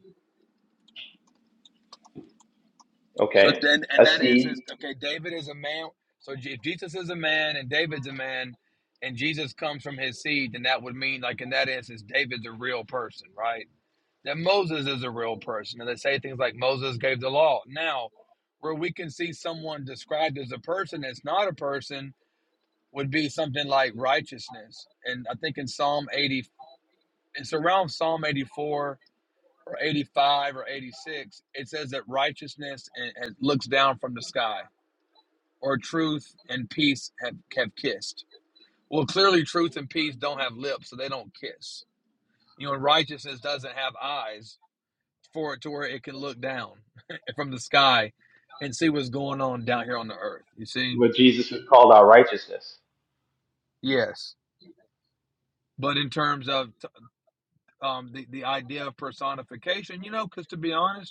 Speaker 3: So
Speaker 1: Okay.
Speaker 3: then, and
Speaker 1: Let's
Speaker 3: that instance,
Speaker 1: see
Speaker 3: okay, David is a man. So if Jesus is a man and David's a man, and Jesus comes from his seed, then that would mean, like in that instance, David's a real person, right? That Moses is a real person, and they say things like Moses gave the law. Now, where we can see someone described as a person that's not a person would be something like righteousness, and I think in Psalm eighty, it's around Psalm eighty-four or 85 or 86, it says that righteousness and, and looks down from the sky, or truth and peace have, have kissed. Well, clearly, truth and peace don't have lips, so they don't kiss. You know, and righteousness doesn't have eyes for it to where it can look down from the sky and see what's going on down here on the earth. You see?
Speaker 1: what Jesus would call our righteousness.
Speaker 3: Yes. But in terms of um, the, the idea of personification, you know, because to be honest,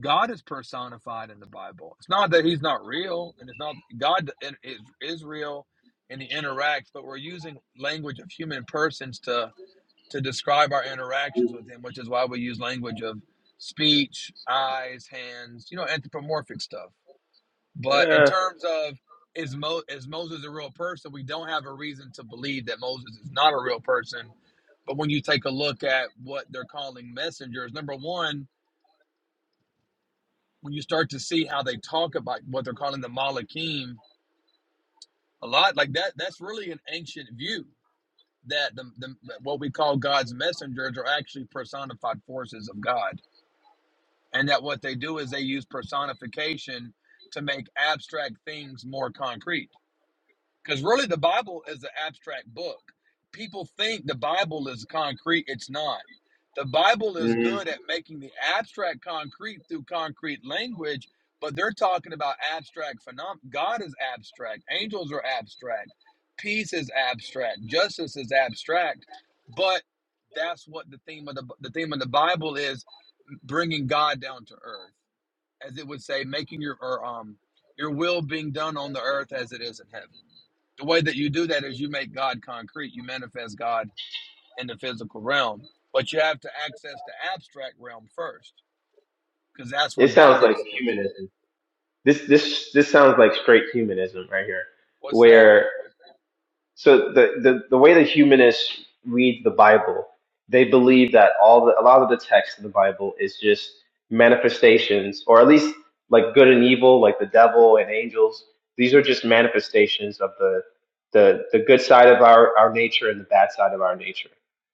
Speaker 3: God is personified in the Bible. It's not that he's not real, and it's not God is is real, and he interacts. But we're using language of human persons to to describe our interactions with him, which is why we use language of speech, eyes, hands, you know, anthropomorphic stuff. But in
Speaker 1: Yeah.
Speaker 3: terms of is Mo is Moses a real person? We don't have a reason to believe that Moses is not a real person. But when you take a look at what they're calling messengers, number one when you start to see how they talk about what they're calling the Malachim a lot like that, that's really an ancient view that the, the what we call God's messengers are actually personified forces of God, and that what they do is they use personification to make abstract things more concrete. Because really, the Bible is an abstract book. People think the Bible is concrete. It's not. The Bible is
Speaker 1: Mm,
Speaker 3: good at making the abstract concrete through concrete language, but they're talking about abstract phenomena. God is abstract. Angels are abstract. Peace is abstract. Justice is abstract. But that's what the theme of the the theme of the Bible is: bringing God down to earth, as it would say, making your or um your will being done on the earth as it is in heaven. The way that you do that is you make God concrete. You manifest God in the physical realm, but you have to access the abstract realm first because that's where
Speaker 1: it
Speaker 3: God
Speaker 1: sounds like
Speaker 3: exists.
Speaker 1: humanism. This this this sounds like straight humanism right here,
Speaker 3: What's that?
Speaker 1: where so the, the, the way that humanists read the Bible, they believe that all the, a lot of the text in the Bible is just manifestations, or at least like good and evil, like the devil and angels. These are just manifestations of the the, the good side of our, our nature and the bad side of our nature.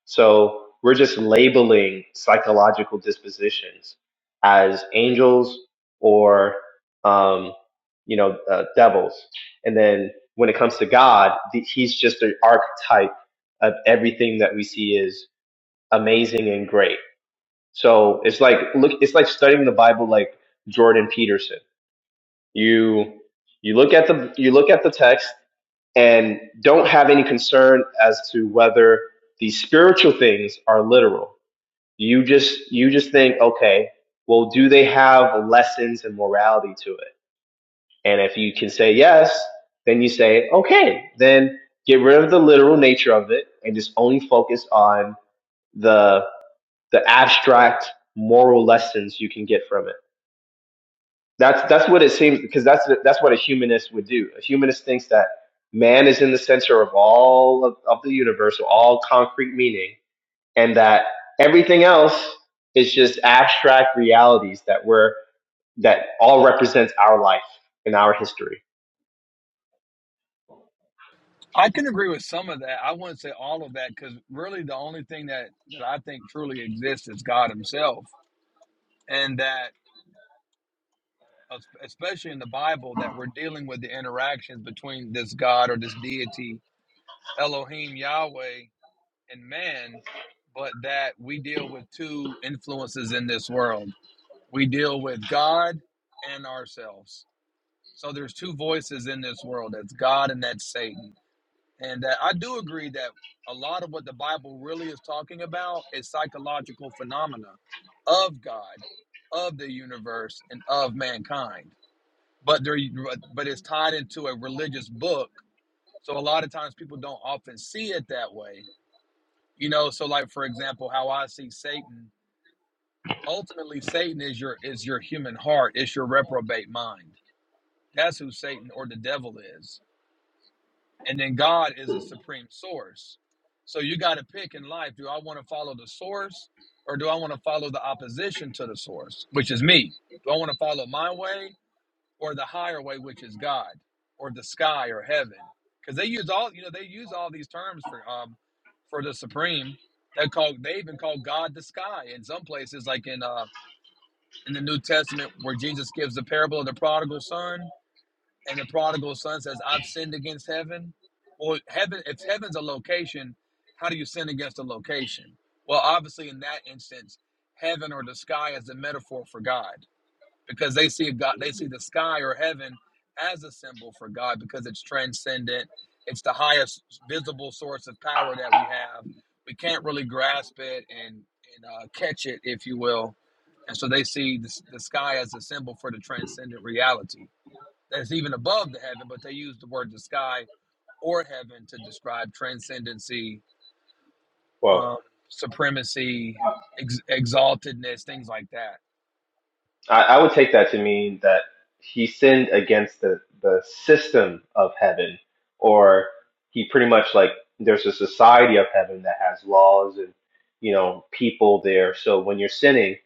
Speaker 1: So we're just labeling psychological dispositions as angels or um, you know uh, devils, and then when it comes to God, he's just an archetype of everything that we see is amazing and great. So it's like look, it's like studying the Bible like Jordan Peterson. You you look at the you look at the text and don't have any concern as to whether these spiritual things are literal. You just you just think, okay, well, do they have lessons and morality to it? And if you can say yes, then you say, okay, then get rid of the literal nature of it and just only focus on the the abstract moral lessons you can get from it. That's that's what it seems because that's that's what a humanist would do. A humanist thinks that man is in the center of all of, of the universe, of all concrete meaning, and that everything else is just abstract realities that we're that all represents our life and our history.
Speaker 3: I can agree with some of that. I wouldn't say all of that because really the only thing that, that I think truly exists is God Himself. And that, especially in the Bible, that we're dealing with the interactions between this God or this deity, Elohim, Yahweh, and man, but that we deal with two influences in this world we deal with God and ourselves. So there's two voices in this world. That's God and that's Satan. And uh, I do agree that a lot of what the Bible really is talking about is psychological phenomena of God, of the universe, and of mankind. But there, but it's tied into a religious book. So a lot of times people don't often see it that way. You know, so like for example, how I see Satan. Ultimately, Satan is your is your human heart. It's your reprobate mind That's who Satan or the devil is. And then God is a supreme source. So you got to pick in life do I want to follow the source or do I want to follow the opposition to the source, which is me? Do I want to follow my way or the higher way, which is God or the sky or heaven? Because they use all, you know, they use all these terms for um for the supreme. They call they even call God the sky in some places, like in uh in the New Testament where Jesus gives the parable of the prodigal son and the prodigal son says, I've sinned against heaven? Well, heaven, if heaven's a location, how do you sin against a location? Well, obviously, in that instance, heaven or the sky is a metaphor for God because they see God, they see the sky or heaven as a symbol for God because it's transcendent. It's the highest visible source of power that we have. We can't really grasp it and, and uh, catch it, if you will. And so they see the, the sky as a symbol for the transcendent reality that's even above the heaven, but they use the word the sky or heaven to describe transcendency,
Speaker 1: Whoa.
Speaker 3: um, supremacy, ex- exaltedness, things like that.
Speaker 1: I, I would take that to mean that he sinned against the, the system of heaven, or he pretty much like there's a society of heaven that has laws and you know people there. So when you're sinning,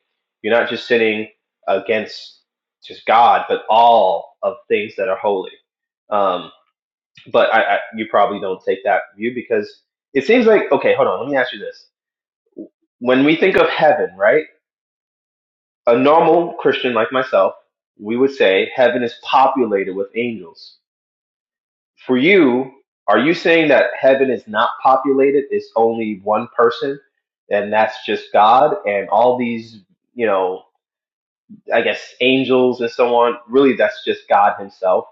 Speaker 1: you're not just sinning against just God, but all of things that are holy. Um, but I, I, you probably don't take that view because it seems like okay. Hold on, let me ask you this: When we think of heaven, right? A normal Christian like myself, we would say heaven is populated with angels. For you, are you saying that heaven is not populated? It's only one person, and that's just God, and all these, you know, I guess angels and so on. Really, that's just God Himself.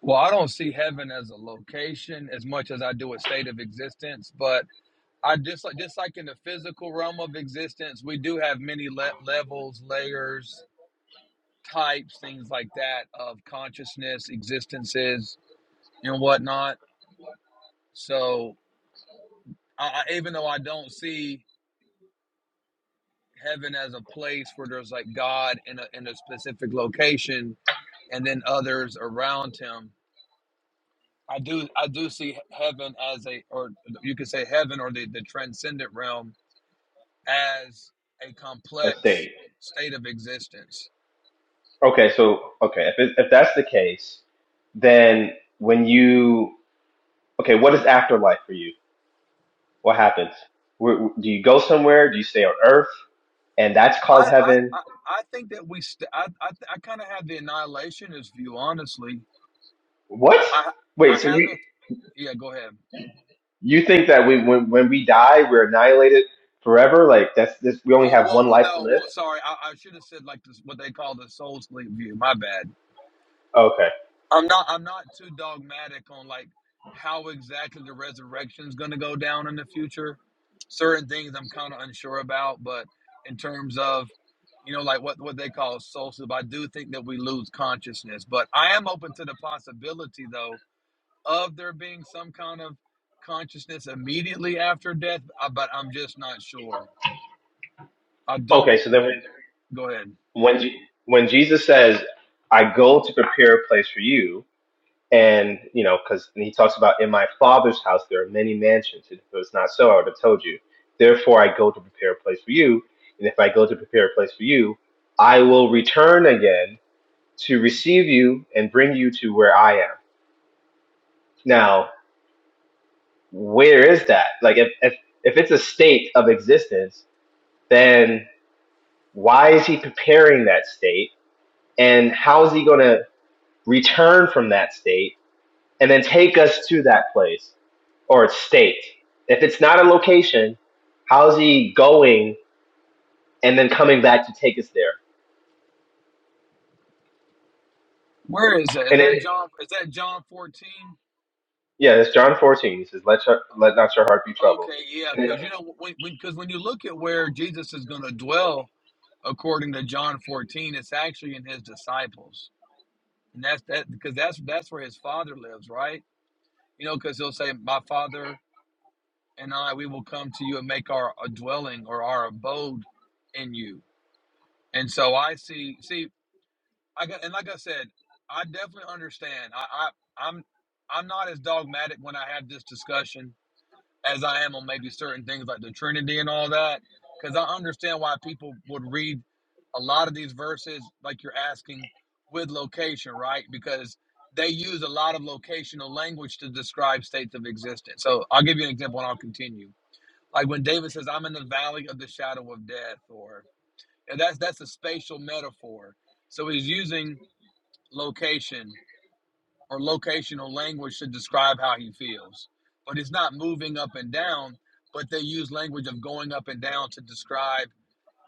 Speaker 3: Well, I don't see heaven as a location as much as I do a state of existence, but I just like just like in the physical realm of existence, we do have many le- levels, layers, types, things like that of consciousness, existences, and whatnot. So, I, I, even though I don't see heaven as a place where there's like God in a in a specific location and then others around him. I do I do see heaven as a or you could say heaven or the, the transcendent realm as a
Speaker 1: A
Speaker 3: complex
Speaker 1: thing.
Speaker 3: state of existence.
Speaker 1: Okay, so okay, if it, if that's the case, then when you okay, what is afterlife for you? What happens? Where, do you go somewhere? Do you stay on Earth? and that's
Speaker 3: I
Speaker 1: called
Speaker 3: I,
Speaker 1: heaven.
Speaker 3: I, I think that we st- I I, I kind of have the annihilationist view honestly.
Speaker 1: What?
Speaker 3: I I
Speaker 1: Wait, so you
Speaker 3: haven't yeah go ahead.
Speaker 1: you think that we when when we die we're annihilated forever? Like that's this we only
Speaker 3: Oh
Speaker 1: have
Speaker 3: well
Speaker 1: one
Speaker 3: well
Speaker 1: life to
Speaker 3: no
Speaker 1: live?
Speaker 3: well sorry I, I should have said like this what they call the soul sleep view my bad
Speaker 1: Okay.
Speaker 3: I'm not I'm not too dogmatic on like how exactly the resurrection is going to go down in the future. Certain things I'm kind of unsure about, but in terms of you know like what what they call soul sleep, I do think that we lose consciousness. But I am open to the possibility though of there being some kind of consciousness immediately after death. uh, But I'm just not sure. I
Speaker 1: Okay,
Speaker 3: don't.
Speaker 1: so then when
Speaker 3: Go ahead.
Speaker 1: when Je- when Jesus says, "I go to prepare a place for you," and you know, because he talks about in my Father's house there are many mansions. If it was not so, I would have told you. Therefore, I go to prepare a place for you, and if I go to prepare a place for you, I will return again to receive you and bring you to where I am Now, where is that? Like, if, if, if it's a state of existence, then why is he preparing that state? And how is he going to return from that state and then take us to that place or state? If it's not a location, how is he going and then coming back to take us there?
Speaker 3: Where is that? Is
Speaker 1: And
Speaker 3: that
Speaker 1: it,
Speaker 3: John? Is that John 14?
Speaker 1: yeah, it's John 14. He says, let, your, let not your heart be troubled.
Speaker 3: Okay, yeah,
Speaker 1: And
Speaker 3: because you know when because when you look at where Jesus is going to dwell, according to John fourteen, it's actually in his disciples, and that's that because that's that's where his father lives, right? You know, because he'll say, "My father and I, we will come to you and make our a dwelling or our abode in you." And so I see, see, I got, and like I said, I definitely understand. I, I I'm I'm not as dogmatic when I have this discussion as I am on maybe certain things like the Trinity and all that, because I understand why people would read a lot of these verses, like you're asking, with location, right? Because they use a lot of locational language to describe states of existence. So I'll give you an example and I'll continue. Like when David says, I'm in the valley of the shadow of death, or and that's that's a spatial metaphor. So he's using location or locational language to describe how he feels. But it's not moving up and down, but they use language of going up and down to describe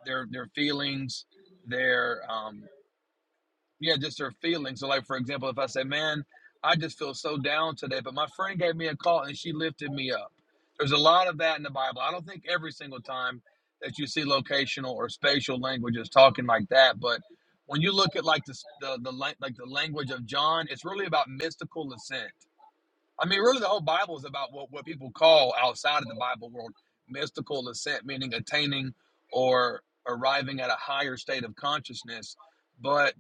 Speaker 3: their their feelings, their um yeah, just their feelings. So like for example, if I say, Man, I just feel so down today, but my friend gave me a call and she lifted me up. There's a lot of that in the Bible. I don't think every single time that you see locational or spatial language is talking like that, but when you look at like the, the the like the language of John, it's really about mystical ascent I mean, really, the whole Bible is about what, what people call outside of the Bible world mystical ascent, meaning attaining or arriving at a higher state of consciousness. But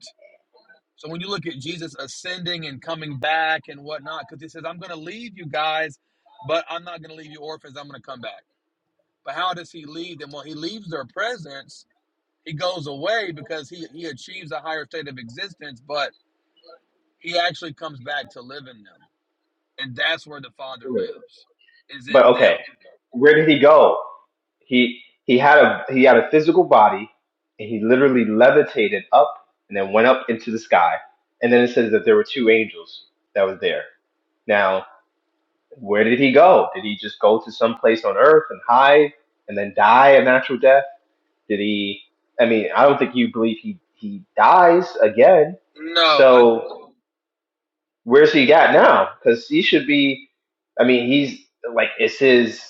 Speaker 3: so when you look at Jesus ascending and coming back and whatnot, because he says, I'm going to leave you guys, but I'm not going to leave you orphans. I'm going to come back. But how does he leave them? Well, he leaves their presence. He goes away because he, he achieves a higher state of existence, but he actually comes back to live in them and that's where the father
Speaker 1: then,
Speaker 3: lives is
Speaker 1: But
Speaker 3: in them
Speaker 1: okay, where did he go? He he had a he had a physical body, and he literally levitated up and then went up into the sky. And then it says that there were two angels that was there. Now, where did he go? Did he just go to some place on Earth and hide and then die a natural death? Did he? I mean, I don't think you believe he he dies again.
Speaker 3: no i
Speaker 1: So where's he at now? Because he should be. I mean, he's like, is his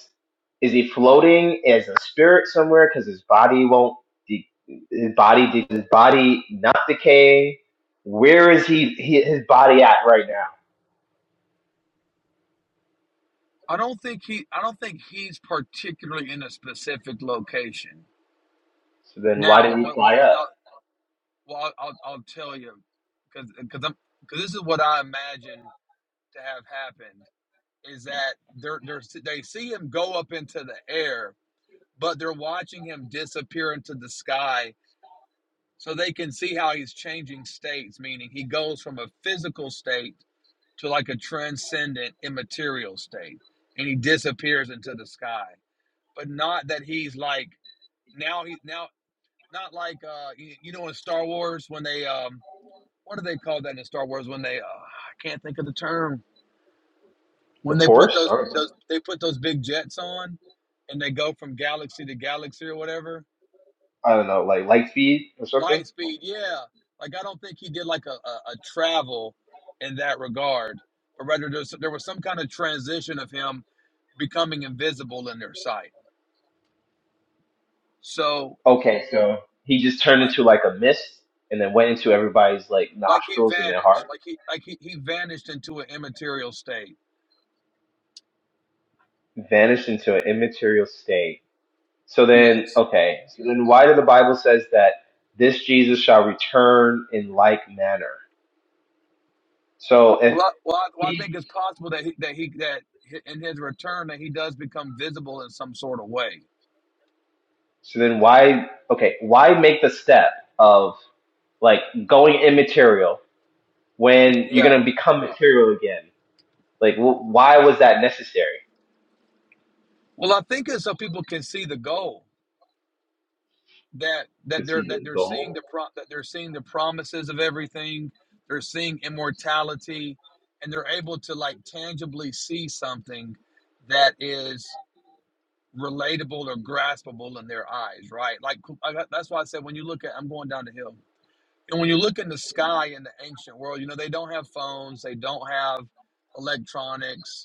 Speaker 1: is he floating as a spirit somewhere? Because his body won't. De- his body did his body not decaying? Where is he, he his body at right now?
Speaker 3: i don't think he i don't think he's particularly in a specific location
Speaker 1: So then, why
Speaker 3: now
Speaker 1: did he
Speaker 3: what what
Speaker 1: fly up?
Speaker 3: now well i'll i'll, tell you because because i'm because this is what i imagine to have happened is that they're they're they see him go up into the air but they're watching him disappear into the sky so they can see how he's changing states meaning he goes from a physical state to like a transcendent immaterial state and he disappears into the sky but not that he's like now he now not like uh you, you know in star wars when they um what do they call that in star wars when they uh, i can't think of the term
Speaker 1: The
Speaker 3: when they put
Speaker 1: force?
Speaker 3: those
Speaker 1: I don't know.
Speaker 3: those they put those big jets on and they go from galaxy to galaxy or whatever
Speaker 1: I don't know, like light speed or something.
Speaker 3: Lightspeed, yeah. Like I don't think he did like a, a, a travel in that regard, but rather there was, there was some kind of transition of him becoming invisible in their sight. So
Speaker 1: Okay, so he just turned
Speaker 3: I,
Speaker 1: into like a mist and then went into everybody's like
Speaker 3: like he
Speaker 1: nostrils and their
Speaker 3: vanished,
Speaker 1: heart,
Speaker 3: like he like he, he vanished into an immaterial state.
Speaker 1: vanished into an immaterial state So then,
Speaker 3: Yes.
Speaker 1: okay. So then, why did the Bible says that this Jesus shall return in like manner? So
Speaker 3: Well,
Speaker 1: if
Speaker 3: I, well, I, well, I
Speaker 1: he,
Speaker 3: think it's possible that he, that he that hi- in his return that he does become visible in some sort of way.
Speaker 1: so then why? Okay, why make the step of like going immaterial when you're
Speaker 3: Yeah.
Speaker 1: gonna become material again? Like, wh- why was that necessary?
Speaker 3: Well, I think it's so people can see the goal. that that
Speaker 1: Because
Speaker 3: they're
Speaker 1: he's
Speaker 3: that they're
Speaker 1: the
Speaker 3: seeing
Speaker 1: whole.
Speaker 3: the pro that they're seeing the promises of everything they're seeing immortality and they're able to like tangibly see something that is relatable or graspable in their eyes right like cool, I, that's why i said when you look at i'm going down the hill and when you look in the sky in the ancient world you know they don't have phones they don't have electronics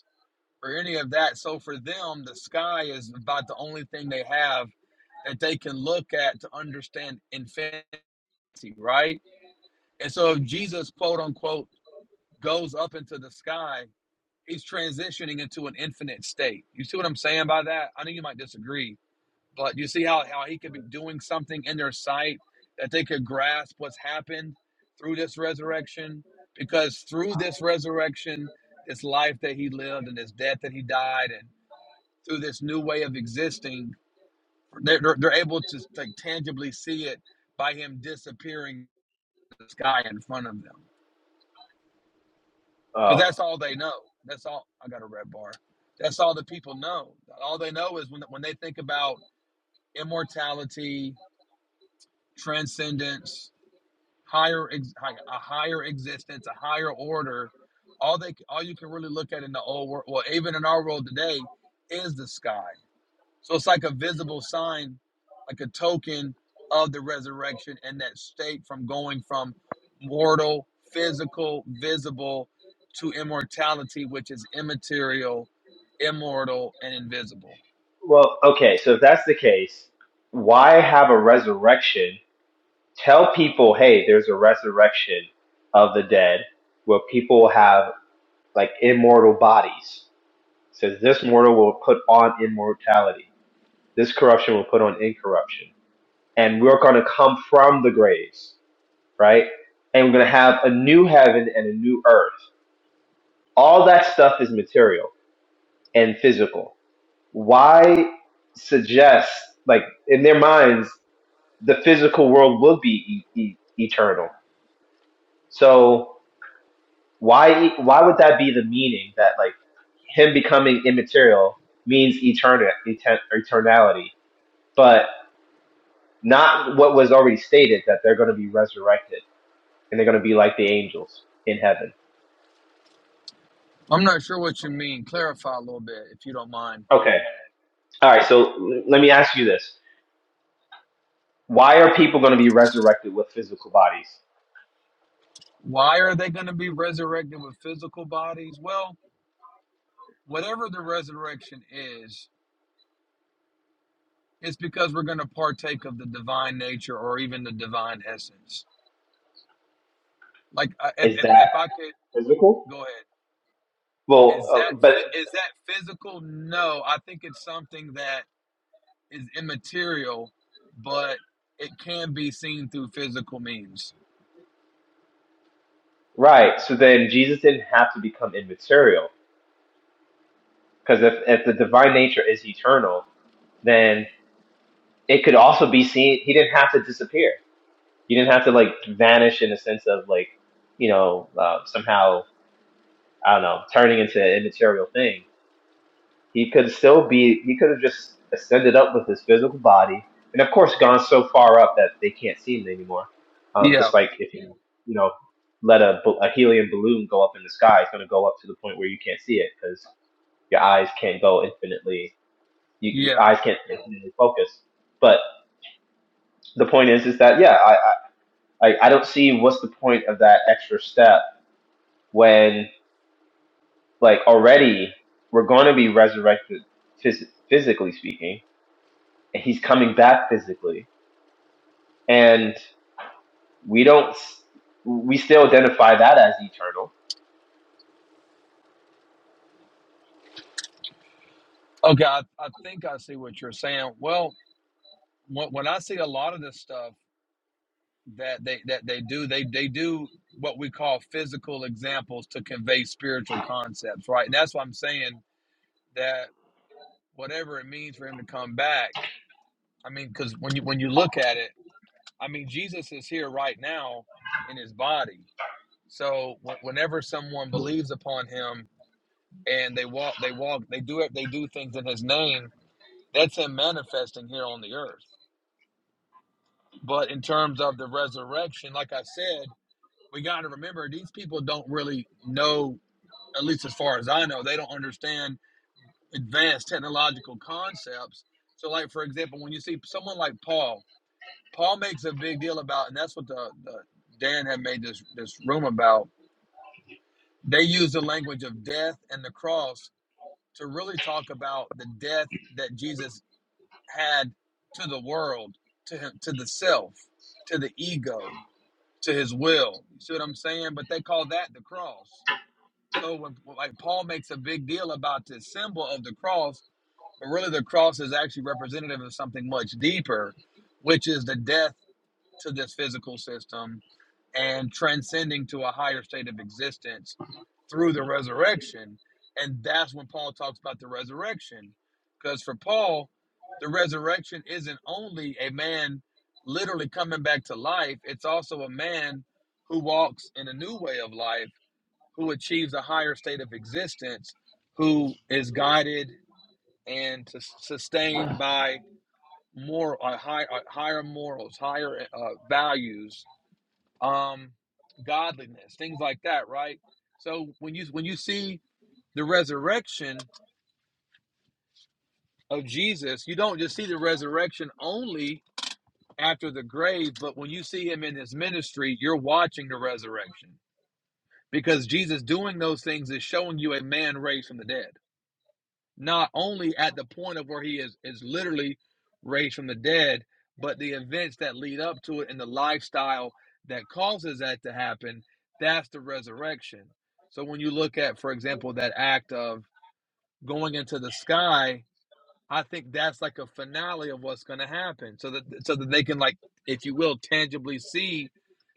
Speaker 3: or any of that. So for them, the sky is about the only thing they have that they can look at to understand infinity, right? And so if Jesus, quote unquote, goes up into the sky, he's transitioning into an infinite state. You see what I'm saying by that? I know you might disagree, but you see how, how he could be doing something in their sight that they could grasp what's happened through this resurrection? Because through this resurrection, this life that he lived and this death that he died and through this new way of existing. They're, they're, they're able to like tangibly see it by him disappearing in the sky in front of them. Because
Speaker 1: Oh
Speaker 3: that's all they know. That's all. I got a red bar. That's all the people know. All they know is when, when they think about immortality, transcendence, higher ex- a higher existence, a higher order. All they all you can really look at in the old world, well, even in our world today, is the sky. So it's like a visible sign, like a token of the resurrection and that state from going from mortal, physical, visible to immortality, which is immaterial, immortal, and invisible.
Speaker 1: well, okay. So if that's the case, why have a resurrection? Tell people, hey, there's a resurrection of the dead where people have like immortal bodies. It says this mortal will put on immortality. This corruption will put on incorruption. And we're going to come from the graves, right? And we're going to have a new heaven and a new earth. All that stuff is material and physical. Why suggest, like, in their minds, the physical world will be e- e- eternal? So why, why would that be the meaning that, like, him becoming immaterial means eternity, eternality, but not what was already stated that they're going to be resurrected and they're going to be like the angels in heaven.
Speaker 3: I'm not sure what you mean. Clarify a little bit if you don't mind.
Speaker 1: Okay. All right. So let me ask you this: Why are people going to be resurrected with physical bodies?
Speaker 3: Why are they going to be resurrected with physical bodies? Well, whatever the resurrection is, it's because we're going to partake of the divine nature or even the divine essence. Like I- if,
Speaker 1: Is
Speaker 3: if,
Speaker 1: that
Speaker 3: if I could
Speaker 1: physical?
Speaker 3: go ahead.
Speaker 1: Well,
Speaker 3: Is
Speaker 1: uh,
Speaker 3: that
Speaker 1: but
Speaker 3: phy- is that physical? No, I think it's something that is immaterial, but it can be seen through physical means.
Speaker 1: right. So then Jesus didn't have to become immaterial because if if the divine nature is eternal, then it could also be seen. He didn't have to disappear You didn't have to like vanish in the sense of like, you know, uh, somehow I don't know, turning into an immaterial thing. He could still be. He could have just ascended up with his physical body, and of course, gone so far up that they can't see him anymore. Um,
Speaker 3: Yeah,
Speaker 1: just like if you, you know, let a, a helium balloon go up in the sky, it's going to go up to the point where you can't see it because your eyes can't go infinitely. You, your
Speaker 3: yeah.
Speaker 1: eyes can't infinitely focus. But the point is, is that yeah, I I I don't see what's the point of that extra step when like already we're going to be resurrected phys- physically speaking and he's coming back physically and we don't we still identify that as eternal
Speaker 3: Okay, I, I think I see what you're saying. Well, when, when I see a lot of this stuff that they that they do, they they do what we call physical examples to convey spiritual concepts, right? And that's why I'm saying that whatever it means for him to come back. I mean, because when you when you look at it. I mean, Jesus is here right now in his body. So wh- whenever someone believes upon him and they walk, they walk, they do it, they do things in his name, that's him manifesting here on the earth. But in terms of the resurrection, like I said, we got to remember these people don't really know, at least as far as I know, they don't understand advanced technological concepts. So, like, for example, when you see someone like Paul, Paul makes a big deal about, and that's what the, the Dan had made this this room about. They use the language of death and the cross to really talk about the death that Jesus had to the world, to him, to the self, to the ego, to his will. You see what I'm saying? But they call that the cross. So when like Paul makes a big deal about this symbol of the cross, but really the cross is actually representative of something much deeper, which is the death to this physical system and transcending to a higher state of existence through the resurrection. And that's when Paul talks about the resurrection. Because for Paul, the resurrection isn't only a man literally coming back to life, it's also a man who walks in a new way of life, who achieves a higher state of existence, who is guided and sus- sustained by more uh, high, uh, higher morals, higher uh, values, um, godliness, things like that, right? So when you when you see the resurrection of Jesus, you don't just see the resurrection only after the grave, but when you see him in his ministry, you're watching the resurrection because Jesus doing those things is showing you a man raised from the dead. not only at the point of where he is is literally raised from the dead, but the events that lead up to it and the lifestyle that causes that to happen, that's the resurrection. So when you look at, for example, that act of going into the sky, I think that's like a finale of what's going to happen, so that so that they can like, if you will, tangibly see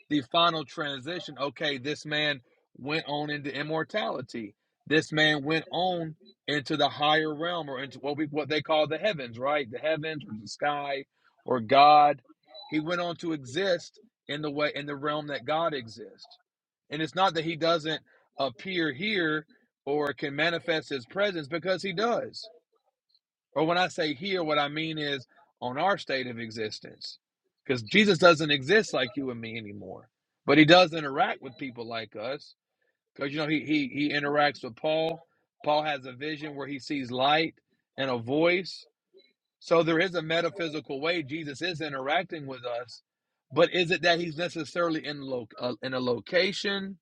Speaker 3: the final transition. Okay, this man went on into immortality. This man went on into the higher realm, or into what we what they call the heavens, right? The heavens, or the sky, or God. He went on to exist in the way in the realm that God exists. And it's not that he doesn't appear here or can manifest his presence because he does. Or when I say here, what I mean is on our state of existence. Because Jesus doesn't exist like you and me anymore. But he does interact with people like us. Because you know, he he he interacts with Paul. Paul has a vision where he sees light and a voice. So there is a metaphysical way Jesus is interacting with us. But is it that he's necessarily in lo uh, in a location?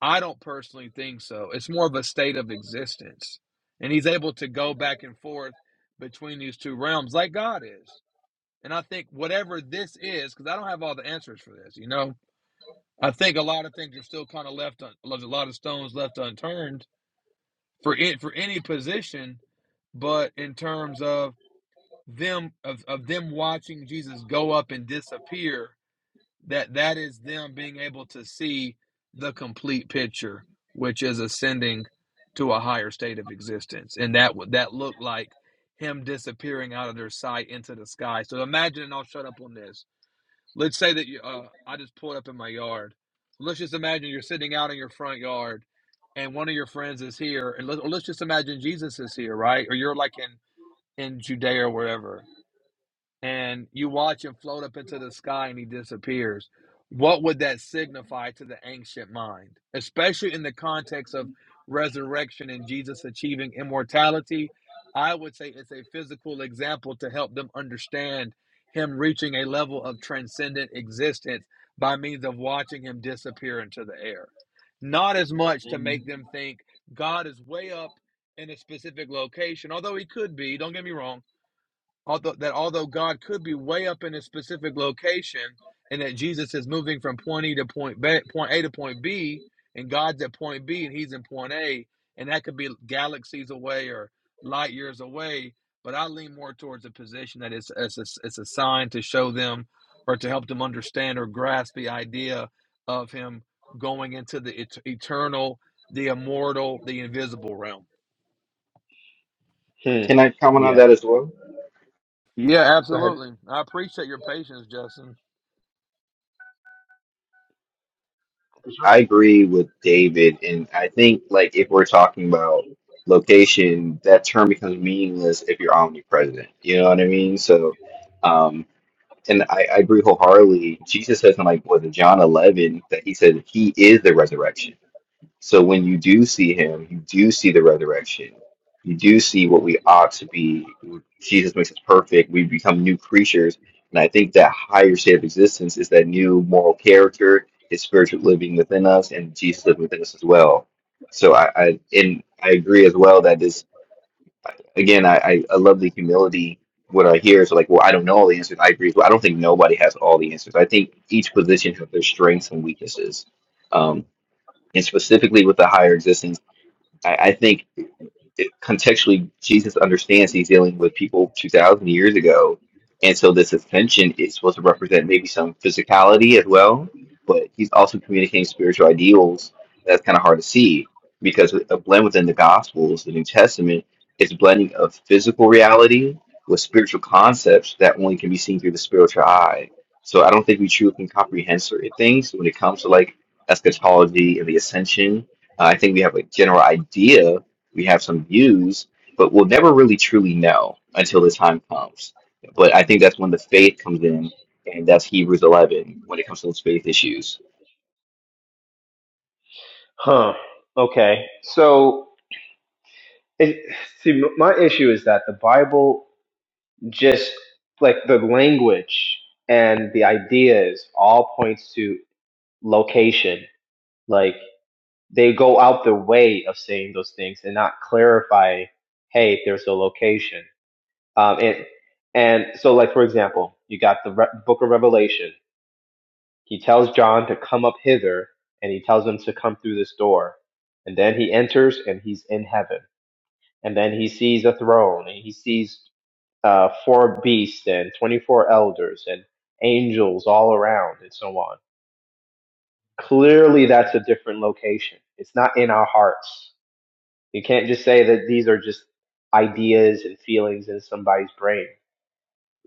Speaker 3: I don't personally think so. It's more of a state of existence. And he's able to go back and forth between these two realms like God is. And I think whatever this is, because I don't have all the answers for this, you know, I think a lot of things are still kind of left, un- a lot of stones left unturned for it, for any position. But in terms of them, of, of them watching Jesus go up and disappear that that is them being able to see the complete picture which is ascending to a higher state of existence and that would that looked like him disappearing out of their sight into the sky so imagine and i'll shut up on this let's say that you uh, i just pulled up in my yard So let's just imagine you're sitting out in your front yard and one of your friends is here and let, let's just imagine jesus is here right or you're like in in judea or wherever and you watch him float up into the sky and he disappears, what would that signify to the ancient mind? Especially in the context of resurrection and Jesus achieving immortality, I would say it's a physical example to help them understand him reaching a level of transcendent existence by means of watching him disappear into the air. Not as much to
Speaker 1: Mm-hmm.
Speaker 3: make them think God is way up in a specific location, although he could be, don't get me wrong although that although God could be way up in a specific location and that Jesus is moving from point E to point B, point A to point B, and God's at point B and he's in point A, and that could be galaxies away or light years away. But I lean more towards a position that it's it's a, it's a sign to show them or to help them understand or grasp the idea of him going into the et- eternal, the immortal, the invisible realm.
Speaker 1: hmm.
Speaker 4: Can I comment on
Speaker 1: yeah
Speaker 4: that as well?
Speaker 3: Yeah,
Speaker 1: go ahead
Speaker 3: absolutely. I appreciate your patience, Justin.
Speaker 4: I agree with David, and I think like if we're talking about location, that term becomes meaningless if you're omnipresent. You know what I mean? So, um, and I, I agree wholeheartedly. Jesus says in like what in John 11 that he said he is the resurrection. So when you do see him, you do see the resurrection. You do see what we ought to be. Jesus makes us perfect. We become new creatures. And I think that higher state of existence is that new moral character, is spiritual living within us, and Jesus living within us as well. So I, I and I agree as well that this again, I, I, I love the humility. What I hear is like, well, I don't know all the answers. I agree. Well, I don't think nobody has all the answers. I think each position has their strengths and weaknesses. Um, and specifically with the higher existence. I, I think it, contextually, Jesus understands he's dealing with people 2,000 years ago. And so this ascension is supposed to represent maybe some physicality as well, but he's also communicating spiritual ideals. That's kind of hard to see because a blend within the Gospels, the New Testament, is blending of physical reality with spiritual concepts that only can be seen through the spiritual eye. So I don't think we truly can comprehend certain things when it comes to like eschatology and the ascension. Uh, I think we have a general idea we have some views, but we'll never really truly know until the time comes. But I think that's when the faith comes in, and that's Hebrews 11 when it comes to those faith issues.
Speaker 1: huh okay so it, see my issue is that the bible just like the language and the ideas all points to location like. they go out their way of saying those things and not clarify, hey, there's a location. Um, and and so, like for example, you got the Re- Book of Revelation. He tells John to come up hither, and he tells him to come through this door. And then he enters, and he's in heaven. And then he sees a throne, and he sees uh, four beasts and twenty-four elders and angels all around, and so on. Clearly, that's a different location. It's not in our hearts You can't just say that these are just ideas and feelings in somebody's brain.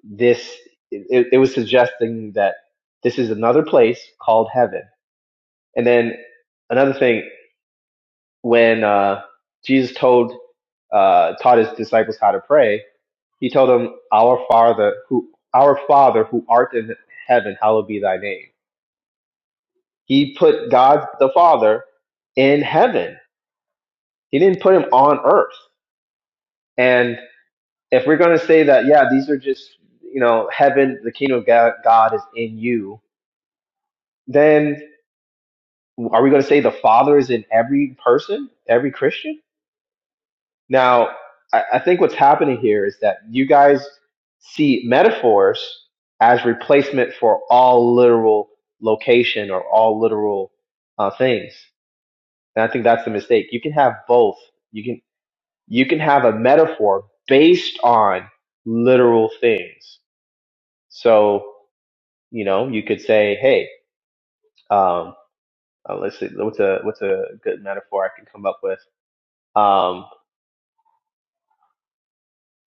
Speaker 1: This it, it was suggesting that this is another place called heaven. And then another thing, when uh, Jesus told uh, taught his disciples how to pray, he told them, "Our Father who our Father who art in heaven, hallowed be thy name." He put God the Father in heaven. He didn't put him on earth. And if we're going to say that, yeah, these are just, you know, heaven, the kingdom of God is in you, then are we going to say the Father is in every person, every Christian? Now, I, I think what's happening here is that you guys see metaphors as replacement for all literal location or all literal uh, things. And I think that's the mistake. You can have both. You can you can have a metaphor based on literal things. So You know, you could say, hey, um, uh, let's see, what's a what's a good metaphor I can come up with? Um,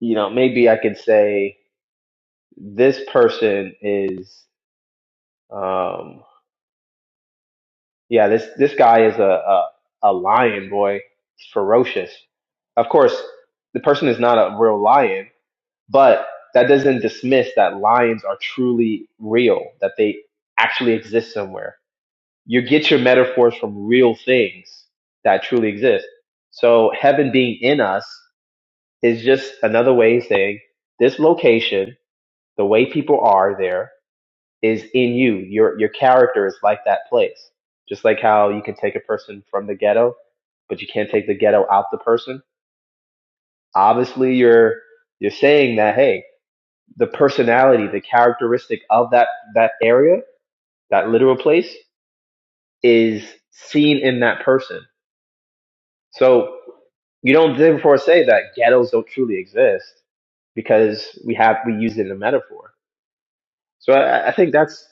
Speaker 1: you know, maybe I could say this person is, um, yeah, this this guy is a a, a lion boy, He's ferocious. Of course, the person is not a real lion, but that doesn't dismiss that lions are truly real, that they actually exist somewhere you get your metaphors from real things that truly exist. So heaven being in us is just another way of saying this location, the way people are there is in you. Your your character is like that place. Just like how you can take a person from the ghetto, but you can't take the ghetto out the person. Obviously you're you're saying that hey, the personality, the characteristic of that that area, that literal place is seen in that person So you don't therefore say that ghettos don't truly exist because we have we use it in a metaphor. So I, I think that's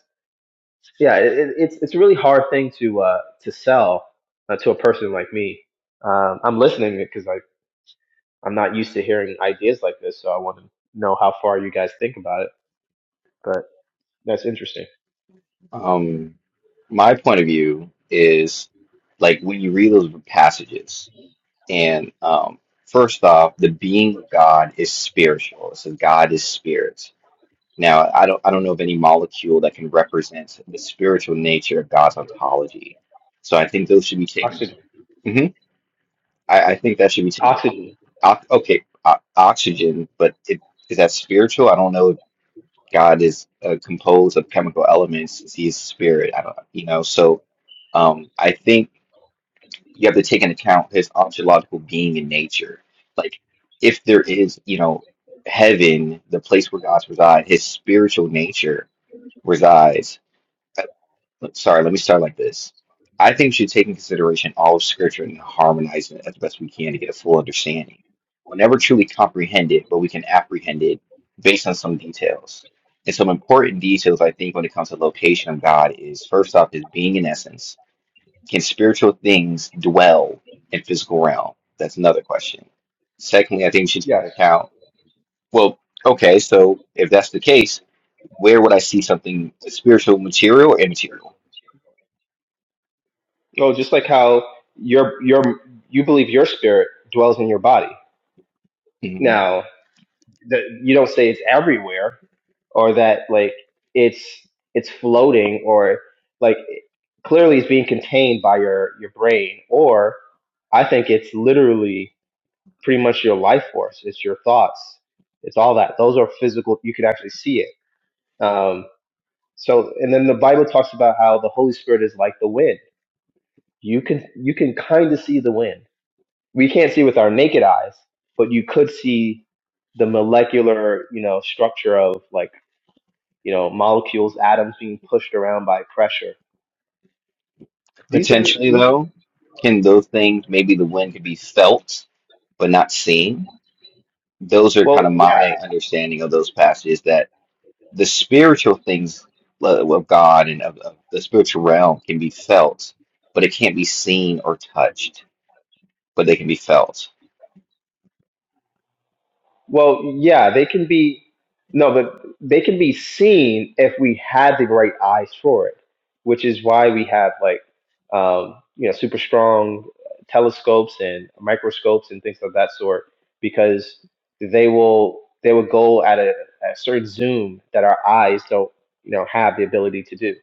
Speaker 1: yeah, it, it- it's it's a really hard thing to uh, to sell uh, to a person like me. Um, I'm listening because I I'm not used to hearing ideas like this, so I want to know how far you guys think about it. But that's interesting.
Speaker 4: Um, my point of view is like when you read those passages, and um, first off, the being of God is spiritual. It says God is spirit. Now, I don't, I don't know of any molecule that can represent the spiritual nature of God's ontology. So I think those should be taken.
Speaker 1: Oxygen,
Speaker 4: Mhm. I, I think that should be taken.
Speaker 1: oxygen,
Speaker 4: O- okay, o- oxygen, but it, is that spiritual? I don't know. if God is uh, composed of chemical elements. since He is spirit. I don't, you know. So, um, I think you have to take into account his ontological being and nature. Like, if there is, you know, heaven, the place where God resides, his spiritual nature resides. Let- Sorry, let me start like this. I think we should take in consideration all of Scripture and harmonize it as best we can to get a full understanding. We'll never truly comprehend it, but we can apprehend it based on some details. And some important details, I think, when it comes to location of God is first off, is being in essence. Can spiritual things dwell in physical realm? That's another question. Secondly, I think we should take
Speaker 1: yes.
Speaker 4: into account, well, okay, so if that's the case, where would I see something spiritual, material, or immaterial?
Speaker 1: Oh, just like how your your you believe your spirit dwells in your body.
Speaker 4: Mm-hmm.
Speaker 1: now. that you don't say it's everywhere or that like it's it's floating or like clearly it's being contained by your your brain or i think it's literally pretty much your life force it's your thoughts it's all that those are physical you can actually see it um so and then the bible talks about how the holy spirit is like the wind you can you can kind of see the wind we can't see with our naked eyes but you could see the molecular you know structure of like you know, molecules, atoms being pushed around by pressure. These are
Speaker 4: Potentially,
Speaker 1: these.
Speaker 4: though, can those things, maybe the wind could be felt but not seen? Those are kind of
Speaker 1: Well, yeah,
Speaker 4: my understanding of those passages that the spiritual things lo- of God and of, of the spiritual realm can be felt, but it can't be seen or touched, but they can be felt.
Speaker 1: Well, yeah, they can be no, but they can be seen if we have the right eyes for it, which is why we have like um, you know super strong telescopes and microscopes and things of that sort because they will they will go at a, a certain zoom that our eyes don't you know have the ability to do,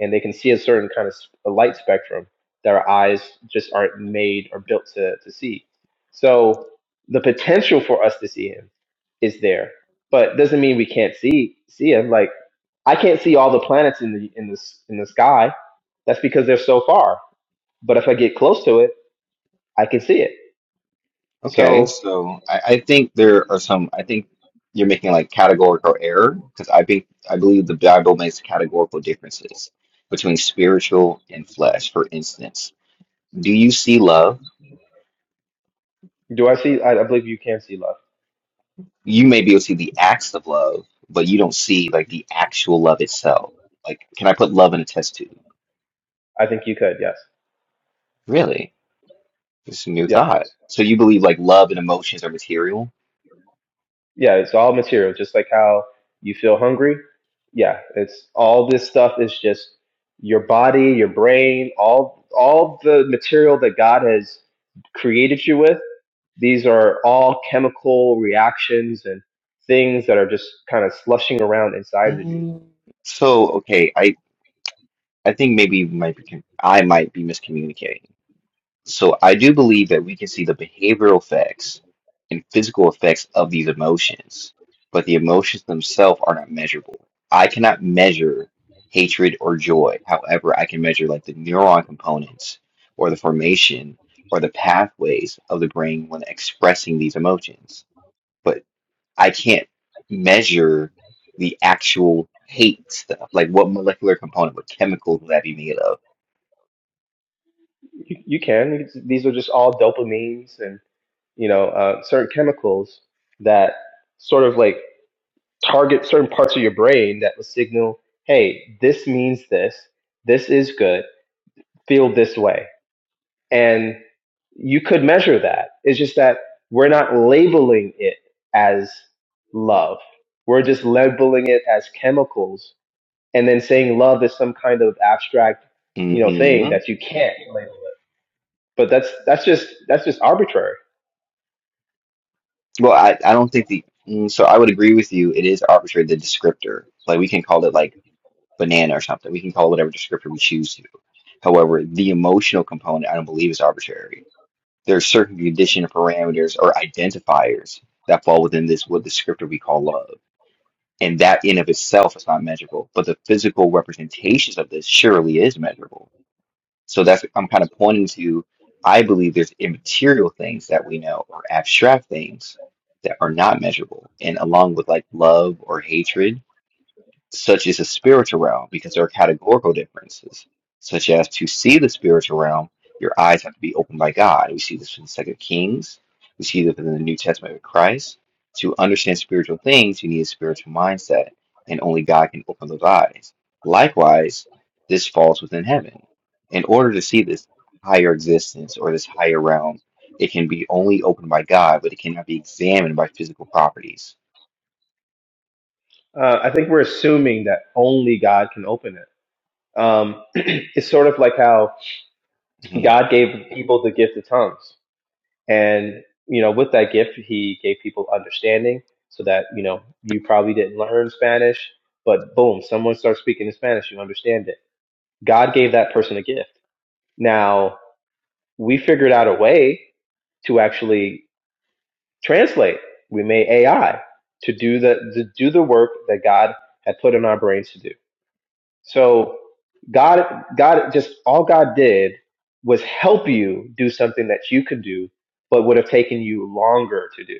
Speaker 1: and they can see a certain kind of s- a light spectrum that our eyes just aren't made or built to to see. So the potential for us to see him is there, but doesn't mean we can't see see him. Like I can't see all the planets in the in the s- in the sky. That's because they're so far. But if I get close to it, I can see it.
Speaker 4: Okay,
Speaker 1: So
Speaker 4: so I, I think there are some, I think you're making like categorical error because I think I believe the Bible makes categorical differences between spiritual and flesh, for instance Do you see love?
Speaker 1: do I see? I, I believe you can see love.
Speaker 4: You may be able to see the acts of love, but you don't see like the actual love itself. Like, can I put love in a test tube?
Speaker 1: I think you could. Yes.
Speaker 4: Really? It's a new
Speaker 1: Yeah.
Speaker 4: thought. So you believe like love and emotions are material?
Speaker 1: Yeah. It's all material, just like how you feel hungry. Yeah. It's all this stuff is just your body, your brain, all all the material that God has created you with These are all chemical reactions and things that are just kind of slushing around inside of you.
Speaker 4: Mm, so okay, I I think maybe you might be con- I might be miscommunicating. So I do believe that we can see the behavioral effects and physical effects of these emotions, but the emotions themselves are not measurable. I cannot measure hatred or joy. However, I can measure like the neuron components or the formation or the pathways of the brain when expressing these emotions. But I can't measure the actual hate stuff. Like what molecular component, what chemicals will that be made of?
Speaker 1: You, you can. These are just all dopamines and you know uh, certain chemicals that sort of like target certain parts of your brain that will signal, hey, this means this. This is good. Feel this way. And you could measure that. It's just that we're not labeling it as love. We're just labeling it as chemicals and then saying love is some kind of abstract, you know,
Speaker 4: Mm-hmm.
Speaker 1: thing that you can't label. it. But that's that's just that's just arbitrary.
Speaker 4: Well, I, I don't think the mm, so I would agree with you. It is arbitrary the descriptor. Like we can call it like banana or something. We can call it whatever descriptor we choose to. However, the emotional component I don't believe is arbitrary. There are certain condition parameters or identifiers that fall within this what descriptor we call love. And that in of itself is not measurable. But the physical representations of this surely is measurable so that's what I'm kind of pointing to. I believe there's immaterial things that we know or abstract things that are not measurable. And along with like love or hatred, such as the spiritual realm, because there are categorical differences, such as to see the spiritual realm, your eyes have to be opened by God. We see this in Second Kings. We see this in the New Testament with Christ. To understand spiritual things, you need a spiritual mindset, and only God can open those eyes. Likewise, this falls within heaven. In order to see this higher existence or this higher realm, it can be only opened by God, but it cannot be examined by physical properties.
Speaker 1: Uh, I think we're assuming that only God can open it. Um, it's sort of like how
Speaker 4: Mhm.
Speaker 1: God gave people the gift of tongues, and you know, with that gift, He gave people understanding, so that you know you probably didn't learn Spanish, but boom, someone starts speaking in Spanish, you understand it. God gave that person a gift. Now we figured out a way to actually translate. We made AI to do the to do the work that God had put in our brains to do. So God God just all God did was help you do something that you could do, but would have taken you longer to do.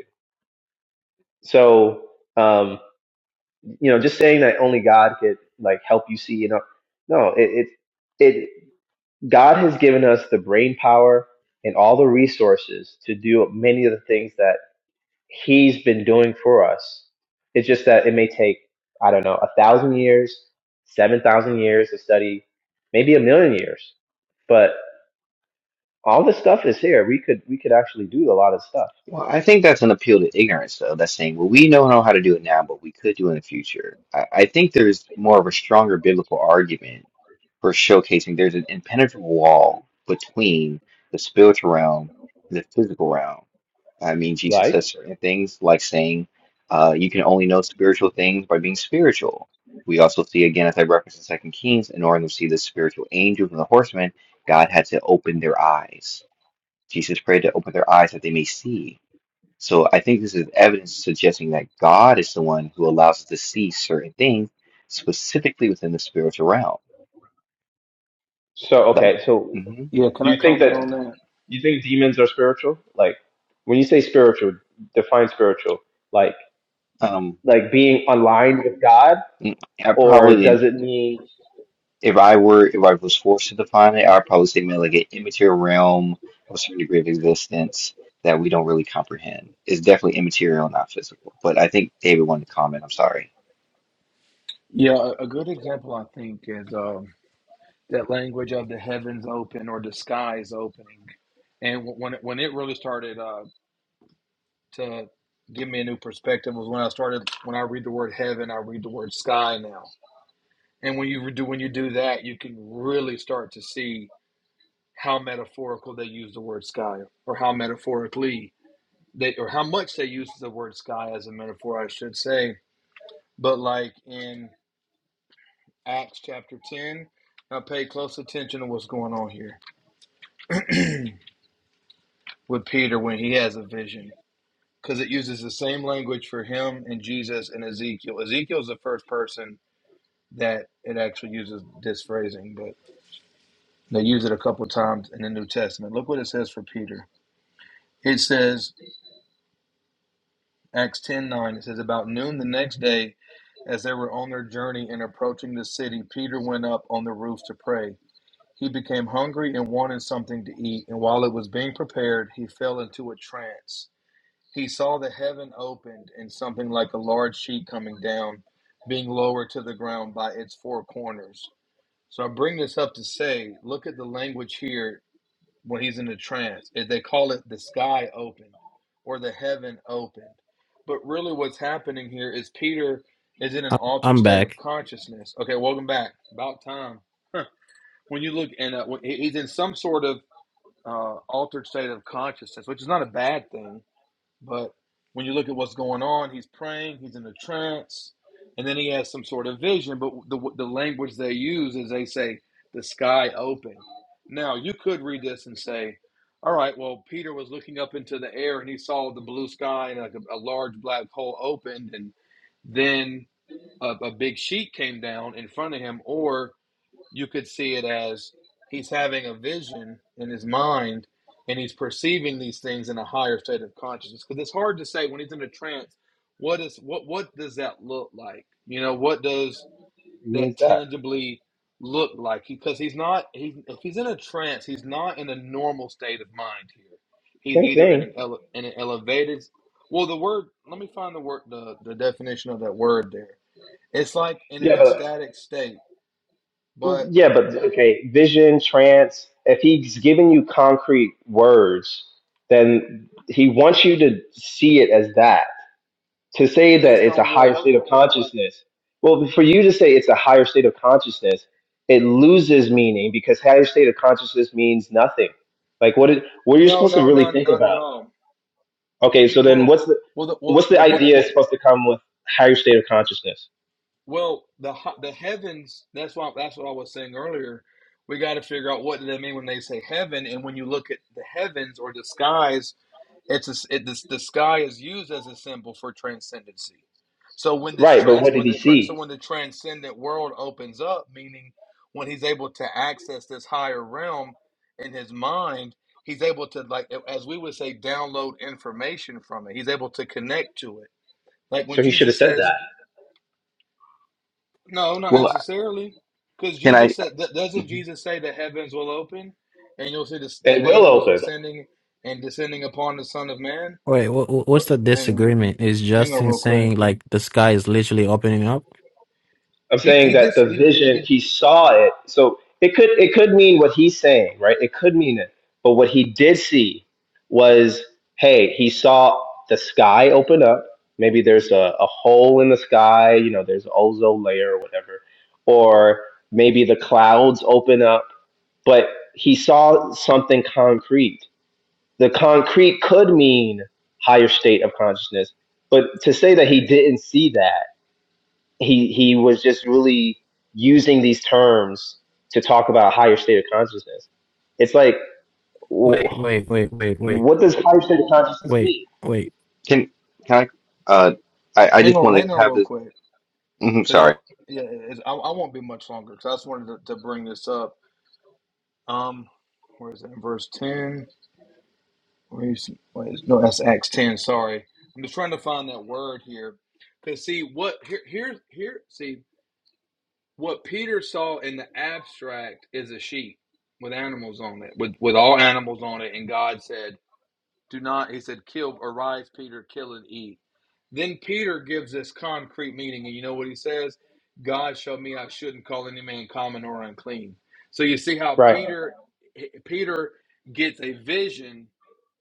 Speaker 1: So um, you know, just saying that only God could like help you see, you know, no, it it, it God has given us the brain power and all the resources to do many of the things that he's been doing for us. It's just that it may take, I don't know, a thousand years, 7,000 years to study, maybe a million years. But all this stuff is here. We could, we could actually do a lot of stuff.
Speaker 4: Well, I think that's an appeal to ignorance, though. That's saying, well, we don't know how to do it now, but we could do it in the future. I, I think there's more of a stronger biblical argument for showcasing there's an impenetrable wall between the spiritual realm and the physical realm. I mean, Jesus says
Speaker 1: Like,
Speaker 4: certain things like saying, uh, you can only know spiritual things by being spiritual. We also see, again, as I referenced in Second Kings, in order to see the spiritual angels and the horsemen, God had to open their eyes. Jesus prayed to open their eyes that they may see. So I think this is evidence suggesting that God is the one who allows us to see certain things specifically within the spiritual realm.
Speaker 1: so, okay.
Speaker 4: Like,
Speaker 1: So
Speaker 4: hmm
Speaker 3: Yeah, can
Speaker 1: do
Speaker 3: I
Speaker 1: you think
Speaker 3: comment
Speaker 1: that,
Speaker 3: on that?
Speaker 1: you think demons are spiritual? Like, when you say spiritual, define spiritual, like,
Speaker 4: um,
Speaker 1: like being aligned with God,
Speaker 4: mm, I
Speaker 1: or does
Speaker 4: probably,
Speaker 1: it mean,
Speaker 4: if I were, if I was forced to define it, I'd probably say maybe like an immaterial realm of a certain degree of existence that we don't really comprehend. It's definitely immaterial, not physical. But I think David wanted to comment. I'm sorry.
Speaker 3: Yeah, a a good example I think is um, that language of the heavens open or the skies opening. And wh- when it, when it really started uh, to give me a new perspective was when I started when I read the word heaven, I read the word sky now. And when you do when you do that, you can really start to see how metaphorical they use the word sky, or how metaphorically they, or how much they use the word sky as a metaphor, I should say. But like in Acts chapter 10. Now pay close attention to what's going on here with Peter when he has a vision because it uses the same language for him and Jesus and Ezekiel. Ezekiel is the first person that it actually uses this phrasing, but they use it a couple of times in the New Testament. Look what it says for Peter. It says, Acts 10 9. it says, About noon the next day, as they were on their journey and approaching the city, Peter went up on the roof to pray. He became hungry and wanted something to eat, and while it was being prepared, he fell into a trance. He saw the heaven opened and something like a large sheet coming down, being lowered to the ground by its four corners. So I bring this up to say look at the language here when he's in a trance. If They call it the sky opened or the heaven opened. But really, what's happening here is Peter is in an
Speaker 2: I-
Speaker 3: altered
Speaker 2: I'm
Speaker 3: state of
Speaker 2: back.
Speaker 3: consciousness. Okay, welcome back. About time when you look and uh, he's in some sort of uh, altered state of consciousness, which is not a bad thing. But when you look at what's going on, he's praying, he's in a trance, and then he has some sort of vision. But the the language they use is they say the sky opened. Now you could read this and say, all right, well Peter was looking up into the air and he saw the blue sky and like a, a large black hole opened, and then a, a big sheet came down in front of him, or you could see it as he's having a vision in his mind and he's perceiving these things in a higher state of consciousness because it's hard to say when he's in a trance what is what what does that look like you know what does
Speaker 1: means
Speaker 3: that
Speaker 1: that?
Speaker 3: tangibly look like because he's not he's if he's in a trance he's not in a normal state of mind here he's
Speaker 1: Same
Speaker 3: either in an
Speaker 1: thing.
Speaker 3: ele, in an elevated well the word let me find the word the, the definition of that word there it's like in an
Speaker 1: Yeah. but
Speaker 3: ecstatic state but
Speaker 1: Yeah, but okay, vision, trance, if he's giving you concrete words, then he wants you to see it as that. To say that
Speaker 3: based
Speaker 1: it's a
Speaker 3: on
Speaker 1: higher
Speaker 3: what
Speaker 1: state of consciousness, well, for you to say it's a higher state of consciousness, it loses meaning because higher state of consciousness means nothing. Like what it, what are you
Speaker 3: No,
Speaker 1: supposed to
Speaker 3: no,
Speaker 1: really
Speaker 3: not
Speaker 1: think
Speaker 3: not at
Speaker 1: about.
Speaker 3: all.
Speaker 1: Okay,
Speaker 3: Be-
Speaker 1: so then
Speaker 3: Well,
Speaker 1: what's the
Speaker 3: well, the, well,
Speaker 1: what's the
Speaker 3: well, you c-
Speaker 1: idea
Speaker 3: well,
Speaker 1: supposed to come with higher state of consciousness?
Speaker 3: well, the ho- the heavens. That's why that's what I was saying earlier. We got to figure out what do they mean when they say heaven, and when you look at the heavens or the skies, It's a s it, this the sky is used as a symbol for transcendency. So when this
Speaker 1: Right, but
Speaker 3: trans
Speaker 1: what did
Speaker 3: when
Speaker 1: he
Speaker 3: the tra- so
Speaker 1: see?
Speaker 3: when the transcendent world opens up, meaning when he's able to access this higher realm in his mind, he's able to like as we would say download information from it. He's able to connect to it. Like when
Speaker 1: So he should have
Speaker 3: Jesus
Speaker 1: said
Speaker 3: says,
Speaker 1: that.
Speaker 3: "No, not
Speaker 4: Well, I-
Speaker 3: necessarily," because
Speaker 4: can I?
Speaker 3: Jesus said, th- "Doesn't
Speaker 4: mhm.
Speaker 3: Jesus say the heavens will open and you'll see this, the
Speaker 1: It will
Speaker 3: angels
Speaker 1: open.
Speaker 3: ascending and descending upon the Son of Man?"
Speaker 2: Wait, wha wha- what's
Speaker 3: But
Speaker 2: the
Speaker 3: hang on.
Speaker 2: disagreement? Is
Speaker 3: Hang on
Speaker 2: Justin
Speaker 3: real quick.
Speaker 2: saying like the sky is literally opening up?
Speaker 1: I'm
Speaker 3: He
Speaker 1: saying
Speaker 3: he
Speaker 1: that
Speaker 3: did
Speaker 1: the
Speaker 3: he did
Speaker 1: vision
Speaker 3: he
Speaker 1: he saw it. So it could it could mean what he's saying, right? It could mean it. But what he did see was, hey, he saw the sky open up. Maybe there's a, a hole in the sky, you know, there's an ozone layer or whatever. Or maybe the clouds open up, but he saw something concrete. The concrete could mean higher state of consciousness, but to say that he didn't see that he he was just really using these terms to talk about a higher state of consciousness. It's like, w
Speaker 2: Wait, wait, wait, wait, wait,
Speaker 1: what does higher state of consciousness
Speaker 2: wait,
Speaker 1: mean?
Speaker 2: wait.
Speaker 4: Can can I? Uh, I I
Speaker 3: hang
Speaker 4: just
Speaker 3: on
Speaker 4: want to
Speaker 3: hang on
Speaker 4: have
Speaker 3: real
Speaker 4: this.
Speaker 3: quick
Speaker 4: mhm,
Speaker 3: because
Speaker 4: sorry.
Speaker 3: i yeah it's, I I won't be much longer because I just wanted to, to bring this up. Um, where is that verse ten? Where is, where is no that's Acts ten. Sorry, I'm just trying to find that word here. Cause see what here here here see what Peter saw in the abstract is a sheep with animals on it with with all animals on it, and God said. Do not, he said, kill, arise, Peter, kill and eat. Then Peter gives this concrete meaning, and you know what he says? God showed me I shouldn't call any man common or unclean. So you see how
Speaker 1: Right.
Speaker 3: Peter Peter gets a vision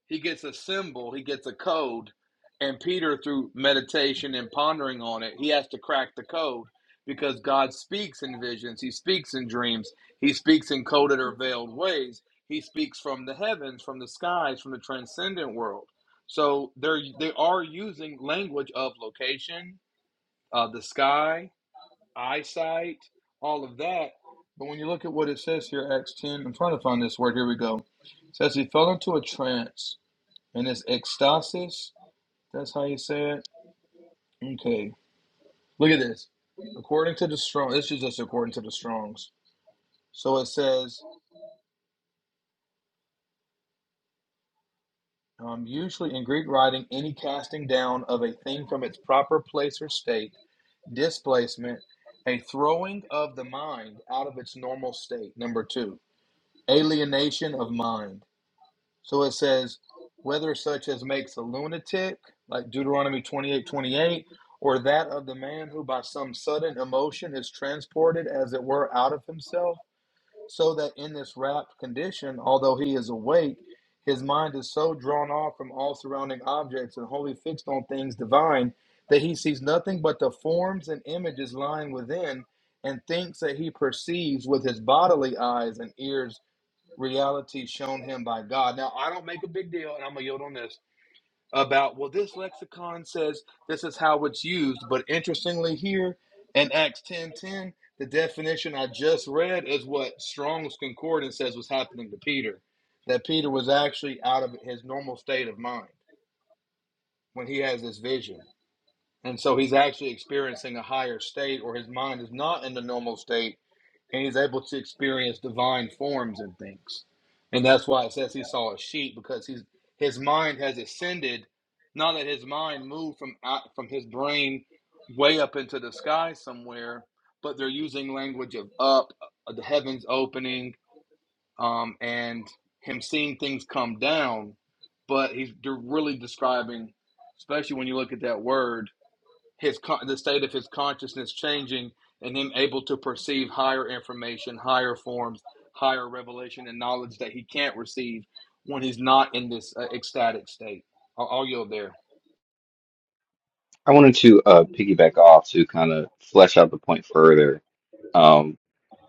Speaker 3: he gets a symbol, he gets a code, and Peter, through meditation and pondering on it, he has to crack the code because God speaks in visions, he speaks in dreams, he speaks in coded or veiled ways, he speaks from the heavens, from the skies, from the transcendent world. So they're they are using language of location, uh, the sky, eyesight, all of that. But when you look at what it says here, Acts 10, I'm trying to find this word. Here we go. It says he fell into a trance and it's ecstasis. That's how you say it. Okay. Look at this. According to the strong, this is just according to the Strong's. So it says, um, usually in Greek writing, any casting down of a thing from its proper place or state, displacement, a throwing of the mind out of its normal state. Number two, alienation of mind. So it says, whether such as makes a lunatic, like Deuteronomy 28 28, or that of the man who by some sudden emotion is transported, as it were, out of himself, so that in this rapt condition, although he is awake, his mind is so drawn off from all surrounding objects and wholly fixed on things divine that he sees nothing but the forms and images lying within and thinks that he perceives with his bodily eyes and ears reality shown him by God. Now, I don't make a big deal, and I'm going to yield on this about, well, this lexicon says this is how it's used. But interestingly, here in Acts ten ten, the definition I just read is what Strong's Concordance says was happening to Peter, that Peter was actually out of his normal state of mind when he has this vision. And so he's actually experiencing a higher state, or his mind is not in the normal state and he's able to experience divine forms and things. And that's why it says he saw a sheep because he's his mind has ascended. Now that his mind moved from out, from his brain way up into the sky somewhere, but they're using language of up, uh, the heavens opening, um, and him seeing things come down. But he's they're really describing, especially when you look at that word his con- the state of his consciousness changing and him able to perceive higher information, higher forms, higher revelation and knowledge that he can't receive when he's not in this uh, ecstatic state. I'll, I'll yield there.
Speaker 4: I wanted to uh, piggyback off to kind of flesh out the point further um,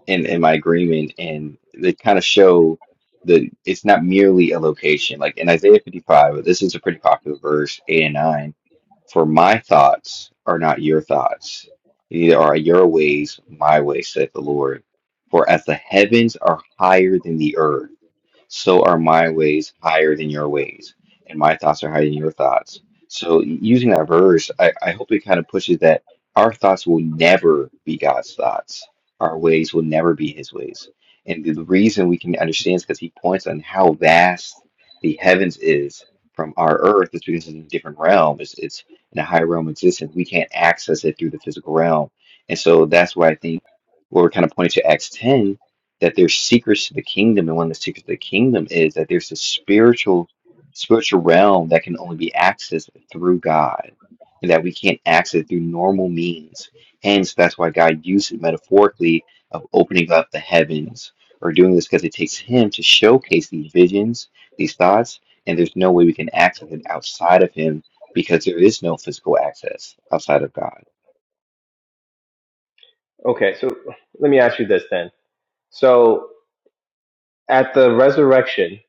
Speaker 4: in, in my agreement and they kind of show that it's not merely a location. Like in Isaiah 55, this is a pretty popular verse, 8 and 9. For my thoughts are not your thoughts, neither are your ways my ways, saith the Lord. For as the heavens are higher than the earth, so are my ways higher than your ways, and my thoughts are higher than your thoughts. So, using that verse, I, I hope it kind of pushes that our thoughts will never be God's thoughts, our ways will never be His ways. And the reason we can understand is because He points on how vast the heavens is from our earth, It's because it's in a different realm. It's, it's in a higher realm of existence. We can't access it through the physical realm. And so that's why I think what we're kind of pointing to Acts 10 that there's secrets to the kingdom, and one of the secrets of the kingdom is that there's a spiritual spiritual realm that can only be accessed through God, and that we can't access it through normal means. Hence, that's why God used it metaphorically of opening up the heavens or doing this because it takes Him to showcase these visions, these thoughts, and there's no way we can access it outside of Him because there is no physical access outside of God.
Speaker 1: Okay. So let me ask you this then. So at the resurrection,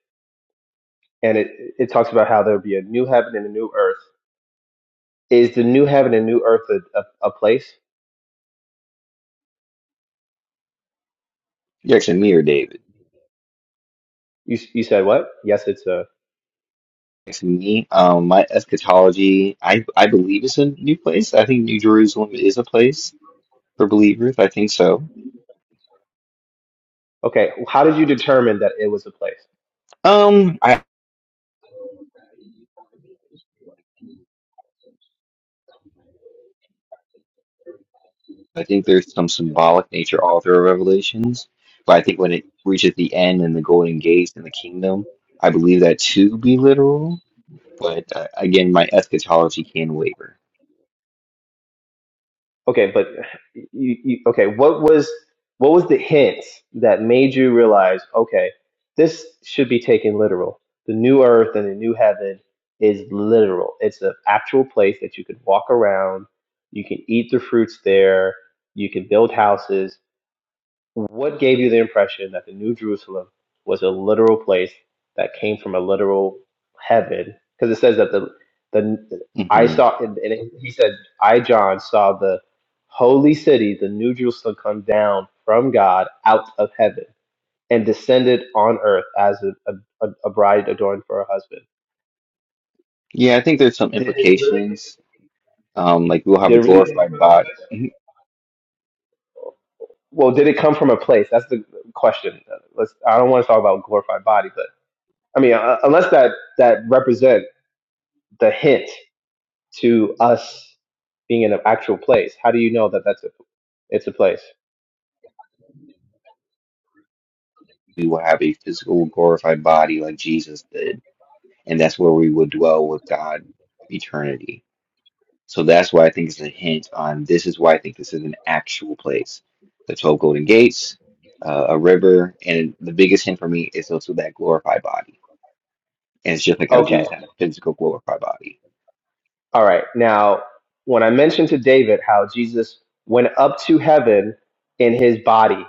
Speaker 1: and it it talks about how there'll be a new heaven and a new earth. Is the new heaven and new earth a, a, a place?
Speaker 4: You're actually mirror, David.
Speaker 1: You you said what? Yes, it's a.
Speaker 4: to me. Um, my eschatology, I I believe is a new place. I think New Jerusalem is a place for believers. I think so.
Speaker 1: Okay. How did you determine that it was a place?
Speaker 4: Um, I I think there's some symbolic nature all through Revelations, but I think when it reaches the end and the golden gates and the kingdom, I believe that to be literal. But uh, again, my eschatology can waver.
Speaker 1: okay, but you, you, okay, what was what was the hint that made you realize, okay, this should be taken literal. The new earth and the new heaven is literal. It's an actual place that you could walk around, you can eat the fruits there, you can build houses. What gave you the impression that the New Jerusalem was a literal place that came from a literal heaven? Because it says that the the I
Speaker 4: hmm
Speaker 1: saw and, and he said I John saw the holy city, the New Jerusalem, come down from God out of heaven and descended on earth as a, a, a bride adorned for her husband.
Speaker 4: Yeah, I think there's some
Speaker 1: Did it really?
Speaker 4: implications. Um, like we'll have
Speaker 1: Did
Speaker 4: a
Speaker 1: it really come from
Speaker 4: glorified
Speaker 1: another
Speaker 4: body.
Speaker 1: place? Well, did it come from a place? That's the question. Let's. I don't want to talk about glorified body, but. I mean, uh, unless that that represent the hint to us being in an actual place. How do you know that that's a it's a place?
Speaker 4: We will have a physical glorified body like Jesus did and that's where we will dwell with God eternity. So that's why I think it's a hint on this is why I think this is an actual place. The 12 golden gates, uh, a river, and the biggest hint for me is also that glorified body. And it's just like how
Speaker 1: Okay.
Speaker 4: Jesus had a physical glorified body.
Speaker 1: All right. Now, when I mentioned to David how Jesus went up to heaven in his body,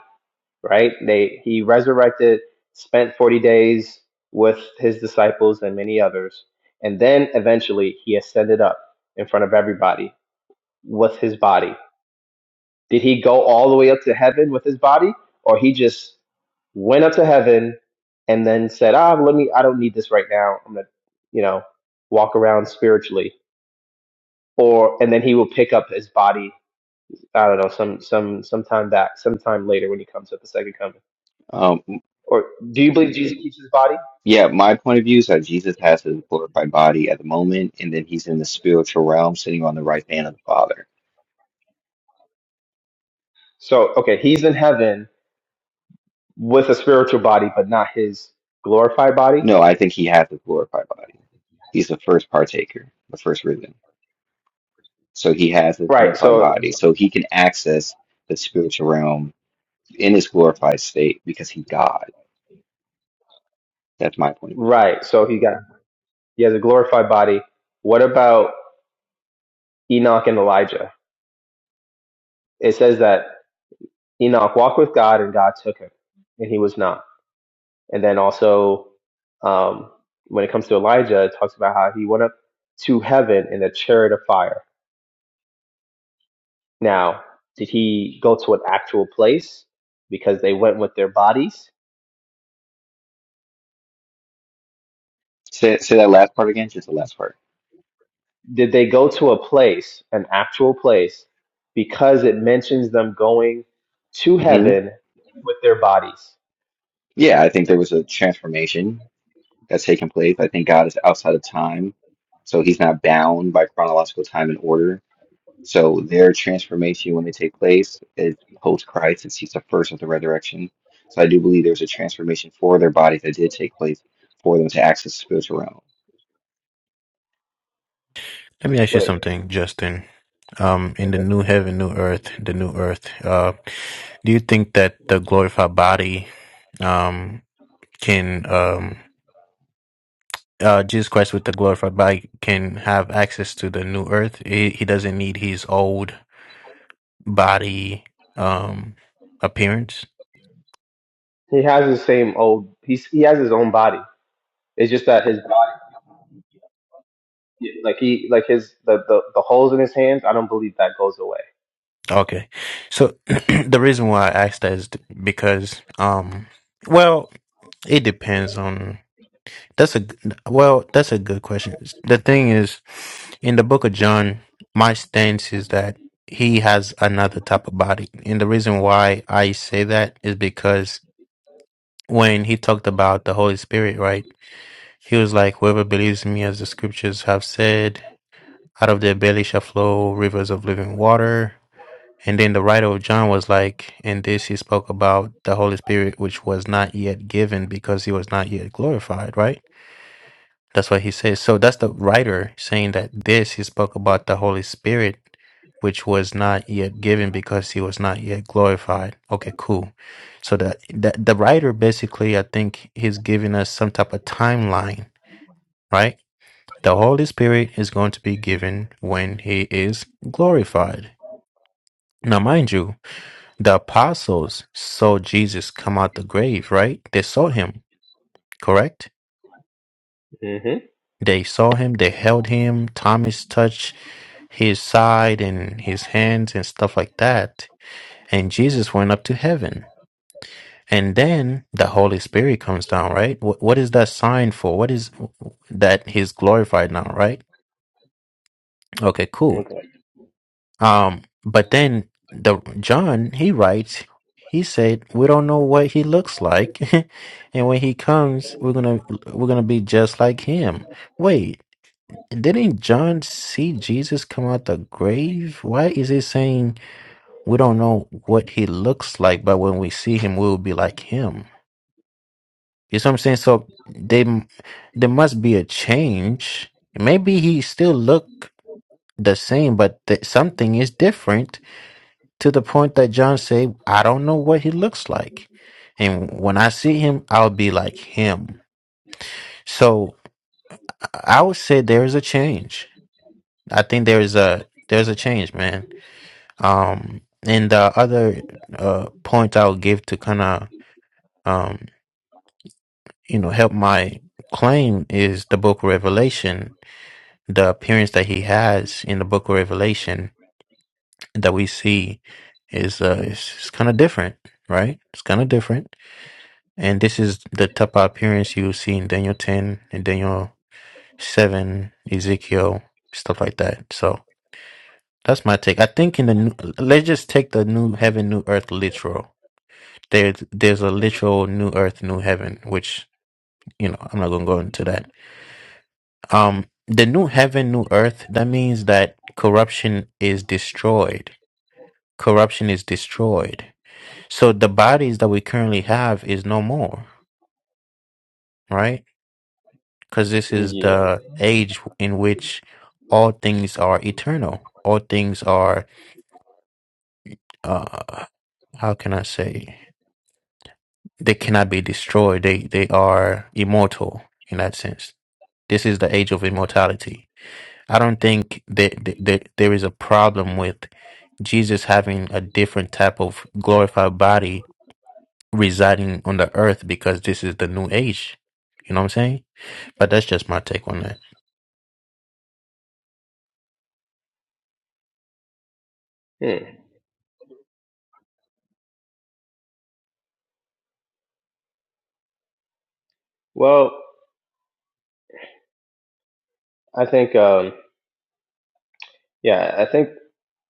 Speaker 1: right? They he resurrected, spent 40 days with his disciples and many others, and then eventually he ascended up in front of everybody with his body. Did he go all the way up to heaven with his body, or he just went up to heaven and then said, "Ah, let me. I don't need this right now. I'm gonna, you know, walk around spiritually." Or and then he will pick up his body. I don't know, some some sometime back, sometime later when he comes at the second coming.
Speaker 4: Um,
Speaker 1: Or do you believe Jesus keeps his body?
Speaker 4: yeah, my point of view is that Jesus has his glorified body at the moment, and then he's in the spiritual realm sitting on the right hand of the Father.
Speaker 1: So okay, he's in heaven with a spiritual body, but not his glorified body.
Speaker 4: No, I think he has his glorified body. He's the first partaker, the first risen. So he has his
Speaker 1: Right.
Speaker 4: glorified
Speaker 1: So
Speaker 4: body. So he can access the spiritual realm in his glorified state because he's God. That's my point of view.
Speaker 1: right. So he got he has a glorified body. What about? Enoch and Elijah. It says that Enoch walked with God and God took him, and he was not. And then also, um, when it comes to Elijah, it talks about how he went up to heaven in a chariot of fire. Now, did he go to an actual place because they went with their bodies?
Speaker 4: Say, say that last part again, just the last part.
Speaker 1: Did they go to a place, an actual place, because it mentions them going to
Speaker 4: hmm
Speaker 1: heaven with their bodies?
Speaker 4: Yeah, I think there was a transformation that's taken place. I think God is outside of time. So he's not bound by chronological time and order. So their transformation when they take place is post Christ and he's the first of the resurrection. So I do believe there's a transformation for their bodies that did take place for them to access the spiritual realm.
Speaker 2: Let me ask you
Speaker 1: Wait,
Speaker 2: something, Justin. Um, in the
Speaker 1: okay.
Speaker 2: new heaven, new earth, the new earth, uh, do you think that the glorified body, um, can, um, uh, Jesus Christ with the glorified body can have access to the new earth? He, he doesn't need his old. body um appearance
Speaker 1: He has the same old. He's, he has his own body. It's just that his body, like he, like his the the, the holes in his hands. I don't believe that goes away.
Speaker 2: okay so the reason why i asked that is because um well it depends on that's a g- well that's a good question the thing is in the book of john my stance is that he has another type of body and the reason why i say that is because when he talked about the holy spirit right he was like whoever believes in me as the scriptures have said Out of their belly shall flow rivers of living water. And then the writer of John was like, and this he spoke about the Holy Spirit, which was not yet given because he was not yet glorified, right? That's what he says. So that's the writer saying that this he spoke about the Holy Spirit, which was not yet given because he was not yet glorified. Okay, cool. So that the, the writer basically, I think he's giving us some type of timeline, right? The Holy Spirit is going to be given when he is glorified. Now, mind you, the apostles saw Jesus come out the grave, right? They saw him, correct?
Speaker 1: hmm
Speaker 2: They saw him, they held him, Thomas touched his side and his hands and stuff like that. And Jesus went up to heaven. And then the Holy Spirit comes down, right? What, what is that sign for? What is that he's glorified now, right? Okay, cool.
Speaker 1: Okay.
Speaker 2: Um, but then the John he writes, he said, "We don't know what he looks like, and when he comes, we're gonna we're gonna be just like him." Wait, didn't John see Jesus come out the grave? Why is he saying we don't know what he looks like, but when we see him, we'll be like him? You see what I'm saying? So they there must be a change. Maybe he still look the same, but th- something is different to the point that John said, I don't know what he looks like. And when I see him, I'll be like him. So I would say there is a change. I think there is a there's a change, man. Um and the other uh point I'll give to kind of um you know help my claim is the book of Revelation, the appearance that he has in the book of Revelation that we see is uh it's, it's kind of different, right? It's kind of different And this is the type of appearance you see in Daniel 10 and Daniel 7, Ezekiel, stuff like that. So that's my take. I think in the new, let's just take the new heaven, new earth literal. There's there's a literal new earth, new heaven, which you know I'm not gonna go into that. Um, the new heaven, new earth. That means that corruption is destroyed. Corruption is destroyed. So the bodies that we currently have is no more, right? because this is
Speaker 1: Yeah.
Speaker 2: the age in which all things are eternal. All things are, uh, how can I say, they cannot be destroyed. They they are immortal in that sense. This is the age of immortality. I don't think that, that, that there is a problem with Jesus having a different type of glorified body residing on the earth because this is the new age. You know what I'm saying? But that's just my take on that.
Speaker 1: Hmm. Well, I think, um, yeah, I think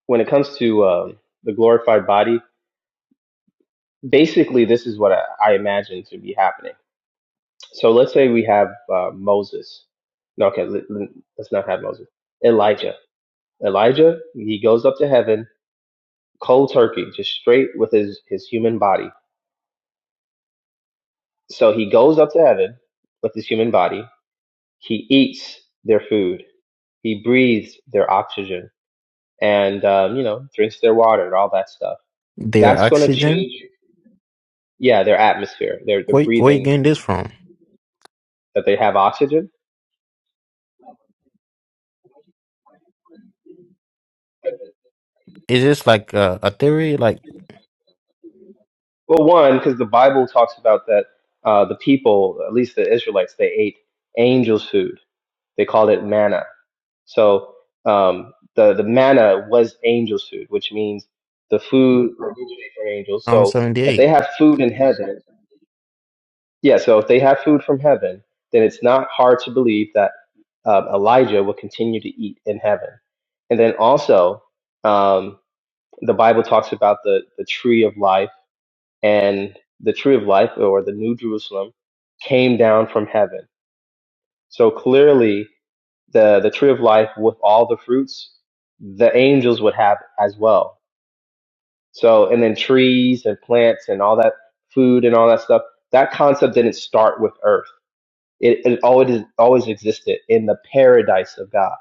Speaker 1: when it comes to um, the glorified body, basically, this is what I, I imagine to be happening. So let's say we have uh, Moses. No, okay, let- let's not have Moses. Elijah. Elijah, he goes up to heaven, cold turkey, just straight with his his human body. So he goes up to heaven with his human body He eats their food. He breathes their oxygen, and um, you know, drinks their water and all that stuff.
Speaker 2: Their
Speaker 1: That's going to
Speaker 2: oxygen.
Speaker 1: change, yeah, their atmosphere, their their
Speaker 2: Where where you
Speaker 1: breathing
Speaker 2: getting this from?
Speaker 1: that they have oxygen.
Speaker 2: Is this like a, a theory? Like
Speaker 1: Well, one, because the Bible talks about that uh, the people, at least the Israelites, they ate angels' food. They called it manna. So um, the the manna was angels' food, which means the food originated from angels.
Speaker 2: I'm
Speaker 1: So if they
Speaker 2: 78.
Speaker 1: have food in heaven, Yeah, so if they have food from heaven, then it's not hard to believe that um, Elijah will continue to eat in heaven. And then also, um, the Bible talks about the, the tree of life, and the tree of life, or the New Jerusalem, came down from heaven. So clearly, the, the tree of life with all the fruits, the angels would have as well. So, and then trees and plants and all that food and all that stuff, that concept didn't start with earth It, it always always existed in the paradise of God.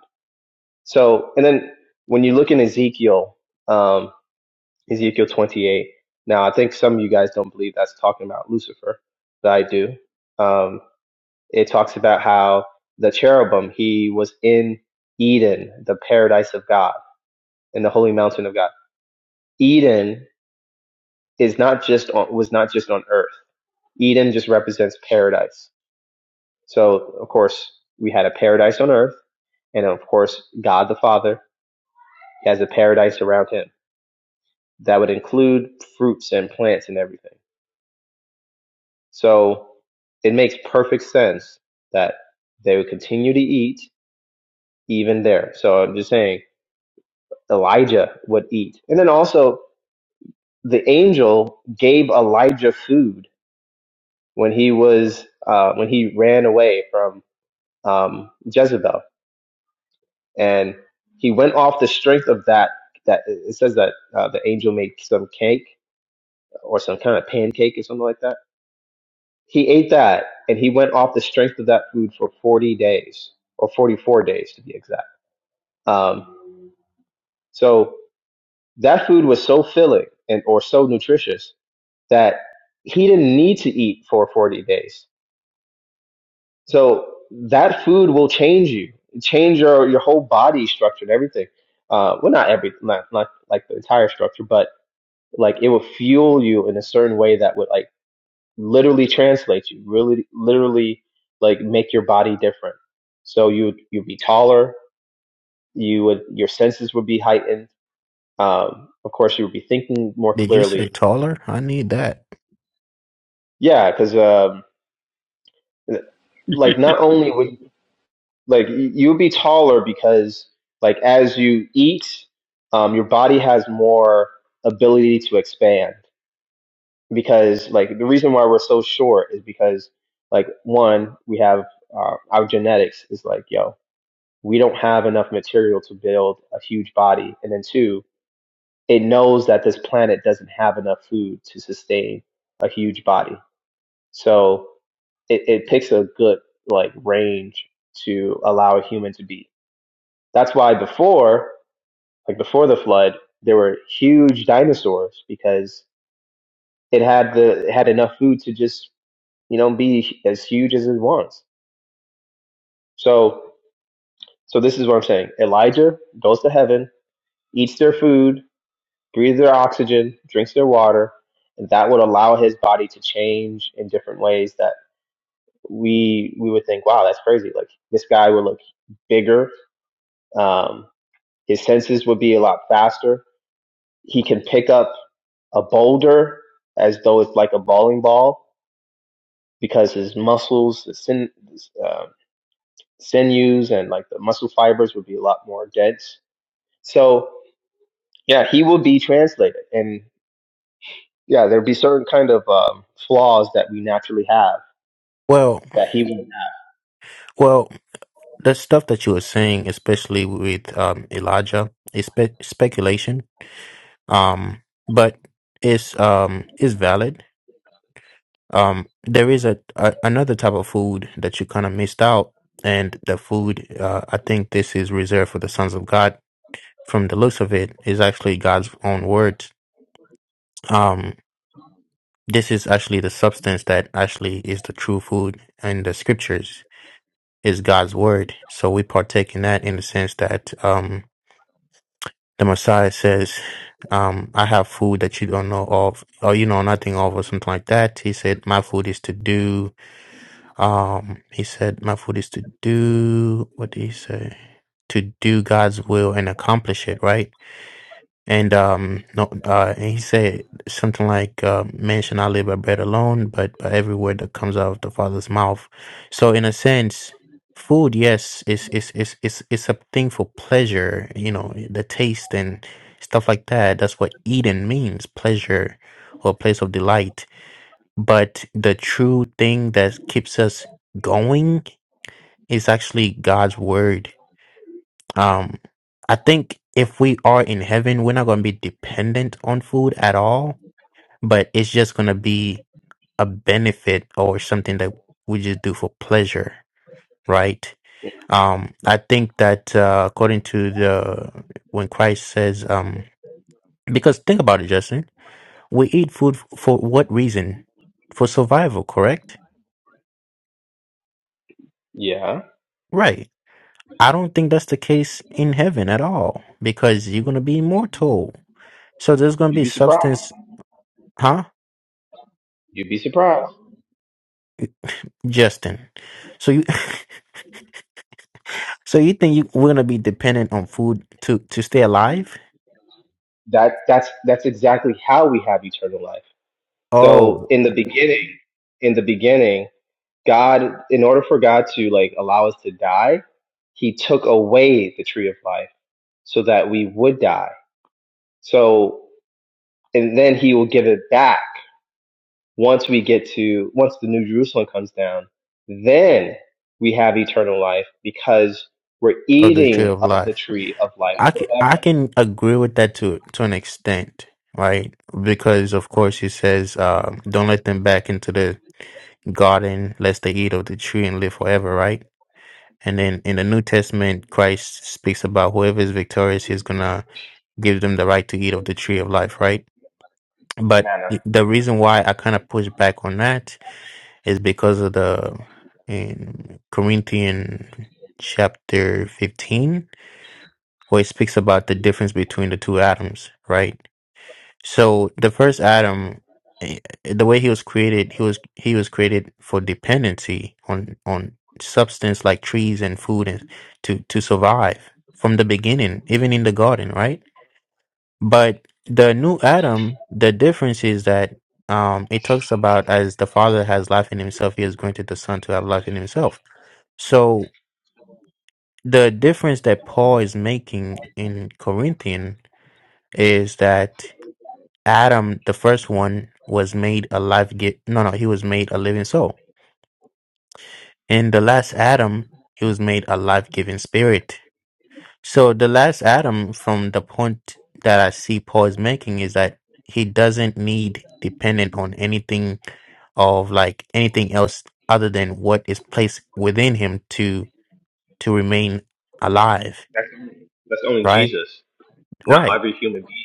Speaker 1: So, and then when you look in Ezekiel, um, Ezekiel 28. Now, I think some of you guys don't believe that's talking about Lucifer, but I do. Um, it talks about how the cherubim he was in Eden, the paradise of God, in the holy mountain of God. Eden is not just on, was not just on earth. Eden just represents paradise So, of course, we had a paradise on earth, and of course, God the Father has a paradise around him that would include fruits and plants and everything. So, it makes perfect sense that they would continue to eat even there. So, I'm just saying Elijah would eat. And then also, the angel gave Elijah food when he was uh, when he ran away from um, Jezebel and he went off the strength of that. That it says that uh, the angel made some cake or some kind of pancake or something like that. He ate that, and he went off the strength of that food for forty days or forty-four days to be exact. Um, so that food was so filling and or so nutritious that he didn't need to eat for forty days. So that food will change you, change your your whole body structure and everything. Uh, well, not every, not, not like the entire structure, but like it would fuel you in a certain way that would like literally translate you really literally like make your body different so you'd you'd be taller you would your senses would be heightened um of course you would be thinking more
Speaker 2: Did you say
Speaker 1: clearly
Speaker 2: taller? I need that.
Speaker 1: yeah because um like not only would like y- you would be taller because like as you eat um your body has more ability to expand because like the reason why we're so short is because like one we have uh, our genetics is like yo we don't have enough material to build a huge body and then two it knows that this planet doesn't have enough food to sustain a huge body so it, it picks a good like range to allow a human to be that's why before like before the flood there were huge dinosaurs because it had the it had enough food to just you know, be as huge as it wants. So, so this is what I'm saying. Elijah goes to heaven, eats their food, breathes their oxygen, drinks their water, and that would allow his body to change in different ways that we we would think, wow, that's crazy. Like this guy would look bigger. Um, his senses would be a lot faster. He can pick up a boulder as though it's like a bowling ball because his muscles, the sin, his um. sinews and like the muscle fibers would be a lot more dense. So yeah, he will be translated, and yeah, there'd be certain kind of um, flaws that we naturally have
Speaker 2: Well,
Speaker 1: that he won't have.
Speaker 2: well, the stuff that you were saying, especially with um, Elijah, is spe- speculation. Um, but it's um is valid. Um, there is a, a another type of food that you kind of missed out, and the food uh, I think this is reserved for the sons of God. From the looks of it, is actually God's own words. Um, This is actually the substance that actually is the true food and the scriptures is God's word. So we partake in that in the sense that um the Messiah says, um, I have food that you don't know of or you know nothing of or something like that. He said, My food is to do um he said, My food is to do what did he say? To do God's will and accomplish it, right? And um, no, uh, and he said something like, uh, "Man shall not live by bread alone, but by every word that comes out of the Father's mouth." So, in a sense, food, yes, is is is is is a thing for pleasure. You know, the taste and stuff like that. That's what Eden means: pleasure or place of delight. But the true thing that keeps us going is actually God's word um, I think if we are in heaven, we're not going to be dependent on food at all, but it's just going to be a benefit or something that we just do for pleasure, right? Um, I think that uh, according to the when Christ says, um, because think about it, Justin, we eat food f- for what reason? For survival, correct?
Speaker 1: Yeah,
Speaker 2: Right. I don't think that's the case in heaven at all because you're going to be immortal. So there's going to
Speaker 1: you'd
Speaker 2: be
Speaker 1: be surprised.
Speaker 2: substance, huh?
Speaker 1: You'd be surprised.
Speaker 2: Justin. So you, so you think you, we're gonna be dependent on food to to stay alive?
Speaker 1: That that's that's exactly how we have eternal life. So
Speaker 2: Oh,
Speaker 1: in the beginning, in the beginning, God, in order for God to like allow us to die, He took away the tree of life so that we would die. So and then He will give it back once we get to once the new jerusalem comes down then we have eternal life because we're
Speaker 2: of the tree
Speaker 1: eating
Speaker 2: of
Speaker 1: of the
Speaker 2: life.
Speaker 1: tree of life
Speaker 2: I can I can agree with that to to an extent, right? Because of course he says, um, "Don't let them back into the garden, lest they eat of the tree and live forever." Right? And then in the New Testament, Christ speaks about whoever is victorious, he's gonna give them the right to eat of the tree of life, right? But
Speaker 1: manna
Speaker 2: the reason why I kind of push back on that It's because of the in Corinthian chapter 15, where it speaks about the difference between the two atoms, right? So the first atom, eh, eh, the way he was created, he was he was created for dependency on on substance like trees and food and to to survive from the beginning, even in the garden, right? But the new Adam, the difference is that um, it talks about as the Father has life in Himself, He has granted the Son to have life in Himself. So the difference that Paul is making in Corinthian is that Adam, the first one, was made a life gi No, no, he was made a living soul. In the last Adam, he was made a life-giving spirit. So the last Adam from the point that I see Paul is making is that he doesn't need dependent on anything of like anything else other than what is placed within him to to remain alive,
Speaker 1: that's only, that's only
Speaker 2: right?
Speaker 1: jesus not
Speaker 2: Right.
Speaker 1: every human being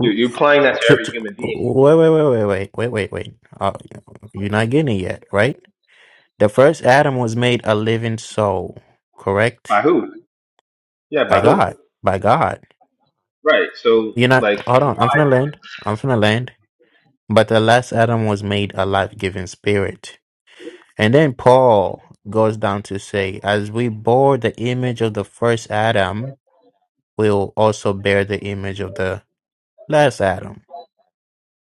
Speaker 1: you're, you're applying that to
Speaker 2: To,
Speaker 1: every
Speaker 2: to,
Speaker 1: human being
Speaker 2: wait, wait, wait, wait, wait, wait, wait, wait. Uh, you're not getting it yet, right? The first Adam was made a living soul,
Speaker 1: by
Speaker 2: correct?
Speaker 1: who yeah by
Speaker 2: By
Speaker 1: who
Speaker 2: God, by God.
Speaker 1: right so
Speaker 2: You're not.
Speaker 1: like
Speaker 2: Hold on. I'm
Speaker 1: why
Speaker 2: finna land. I'm finna land. But alas, Adam was made a life giving spirit. And then Paul goes down to say, as we bore the image of the first Adam, we'll also bear the image of the last Adam.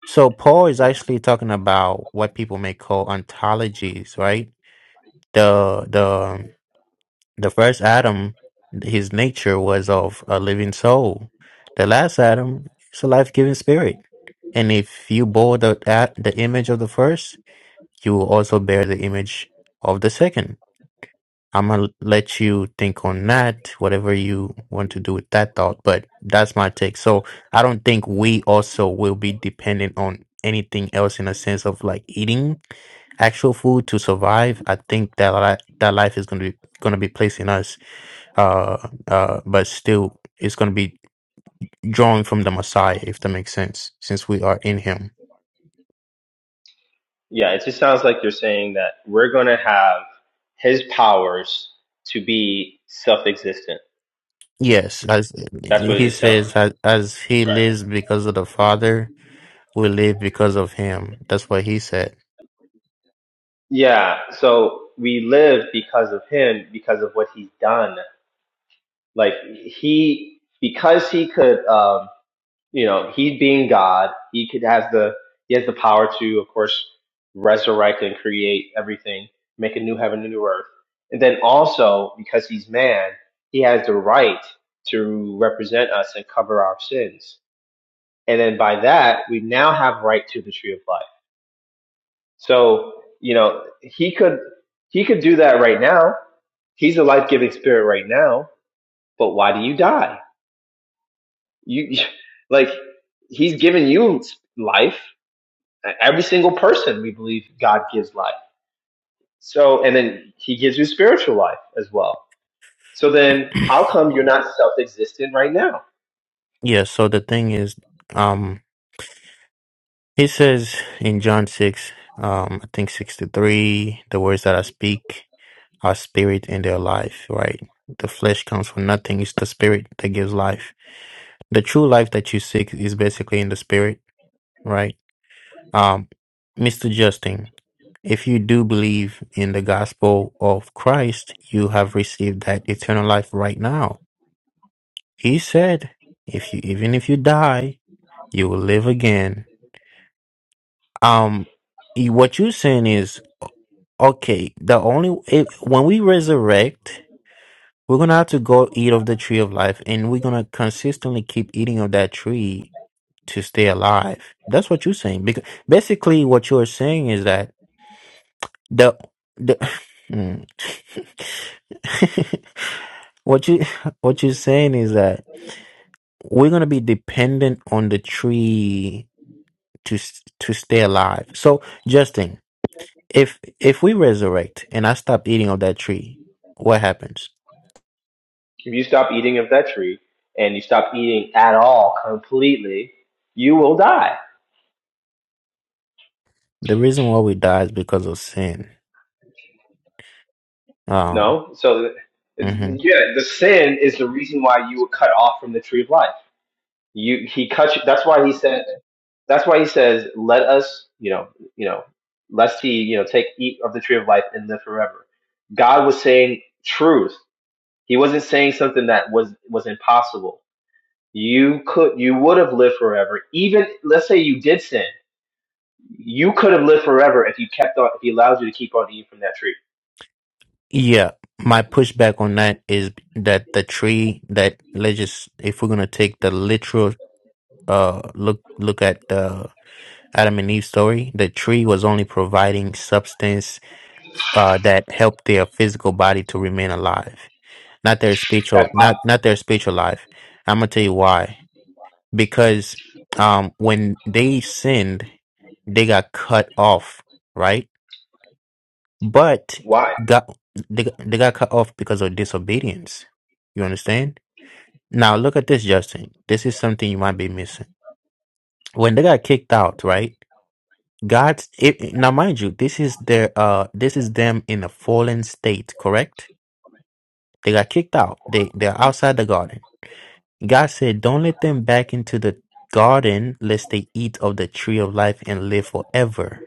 Speaker 2: So Paul is actually talking about what people may call ontologies, right? The the the first Adam, his nature was of a living soul. The last Adam is a life giving spirit. And if you bore the, that, the image of the first, You also bear the image of the second. I'm gonna let you think on that, whatever you want to do with that thought, but that's my take. So I don't think we also will be dependent on anything else in a sense of like eating actual food to survive, I think that li- that life is going to be going to be placed in us. Uh, uh, but still, it's going to be drawing from the Messiah, if that makes sense, since we are in Him.
Speaker 1: yeah it just sounds like you're saying that we're going to have his powers to be self-existent
Speaker 2: Yes, as
Speaker 1: that's what
Speaker 2: he
Speaker 1: it sounds like
Speaker 2: says, as, as he
Speaker 1: right?
Speaker 2: lives because of the Father, we live because of him. That's what he said.
Speaker 1: Yeah, so we live because of him, because of what he's done. Like he, because he could, um, you know, he being God, he could has the he has the power to, of course, resurrect and create everything, make a new heaven and new earth, and then also because he's man, he has the right to represent us and cover our sins. And then by that, we now have right to the tree of life. So you know, he could he could do that right now He's a life giving spirit right now, but why do you die? You like he's giving you life. E, Every single person we believe God gives life. So and then he gives you spiritual life as well. So then how come you're not self existent right now?
Speaker 2: Yeah, so the thing is, um, he says in John 6, um, I think 63, the words that I speak are spirit and their life, right? The flesh comes from nothing. It's the spirit that gives life. The true life that you seek is basically in the spirit, right? Um, Mr. Justin, if you do believe in the gospel of Christ, you have received that eternal life right now. He said, if you, even if you die, you will live again. Um, y- what you're saying is, okay, the only, if, when we resurrect, we're going to have to go eat of the tree of life and we're going to consistently keep eating of that tree to stay alive. That's what you're saying. Because basically what you're saying is that The the Mm. what you what you're saying is that we're gonna be dependent on the tree to s- to stay alive. So Justin, if if we resurrect and I stop eating of that tree, what happens?
Speaker 1: If you stop eating of that tree and you stop eating at all completely, you will die.
Speaker 2: The reason why we die is because of sin. Um.
Speaker 1: No? So it's,
Speaker 2: mhm.
Speaker 1: yeah, the sin is the reason why you were cut off from the tree of life You he cuts. That's why he said. That's why he says, "Let us, you know, you know, let's see, you know, take eat of the tree of life and live forever." God was saying truth. He wasn't saying something that was was impossible. You could, you would have lived forever. Even let's say you did sin, you could have lived forever if you kept on. If he allows you to keep on eating from that tree,
Speaker 2: Yeah, my pushback on that is that the tree that let's just if we're gonna take the literal uh look look at the Adam and Eve's story, the tree was only providing substance uh, that helped their physical body to remain alive, not their spiritual,
Speaker 1: that's why.
Speaker 2: not not their spiritual life. I'm gonna tell you why. Because um, when they sinned, they got cut off, right? But
Speaker 1: Why?
Speaker 2: got they, got- they got cut off because of disobedience. You understand? Now look at this, Justin. This is something you might be missing. When they got kicked out, right? God, it, now mind you, this is their uh, this is them in a fallen state, correct? They got kicked out. They they're outside the garden. God said, "Don't let them back into the garden, lest they eat of the tree of life and live forever."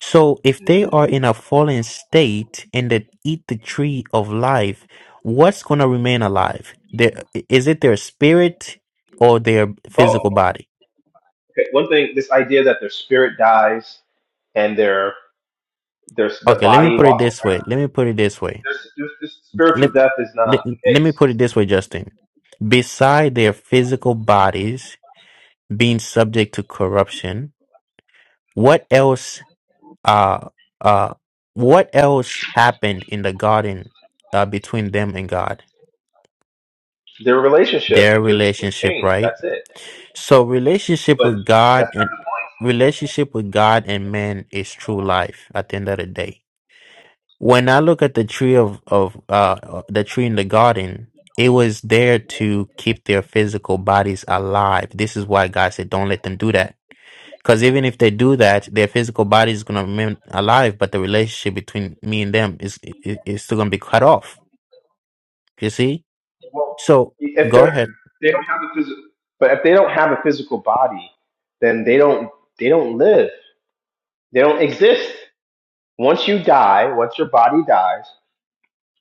Speaker 2: So, if they
Speaker 1: hmm
Speaker 2: are in a fallen state and they eat the tree of life, what's gonna remain alive? Their, is it their spirit or their
Speaker 1: Both.
Speaker 2: physical body?
Speaker 1: Okay. One thing, this idea that their spirit dies and their their the
Speaker 2: Okay, let me
Speaker 1: body
Speaker 2: put it
Speaker 1: walks.
Speaker 2: this way. Let me put it this way
Speaker 1: There's, there's, this spiritual
Speaker 2: let,
Speaker 1: death is
Speaker 2: let,
Speaker 1: not the
Speaker 2: let me put
Speaker 1: case.
Speaker 2: it this way, Justin. Beside their physical bodies being subject to corruption, what else uh uh what else happened in the garden uh, between them and God?
Speaker 1: Their relationship
Speaker 2: Their
Speaker 1: just was
Speaker 2: relationship,
Speaker 1: changed.
Speaker 2: right?
Speaker 1: That's it.
Speaker 2: So relationship
Speaker 1: But
Speaker 2: with God
Speaker 1: that's
Speaker 2: and
Speaker 1: not the point.
Speaker 2: relationship with God and man is true life at the end of the day when I look at the tree of of uh the tree in the garden, it was there to keep their physical bodies alive. This is why God said, "Don't let them do that," because even if they do that, their physical body is gonna remain alive, but the relationship between me and them is is, is still gonna be cut off. You see?
Speaker 1: Well,
Speaker 2: So
Speaker 1: if
Speaker 2: go
Speaker 1: they're
Speaker 2: ahead.
Speaker 1: they don't have a physical, but if they don't have a physical body, then they don't they don't live. They don't exist. Once you die, once your body dies,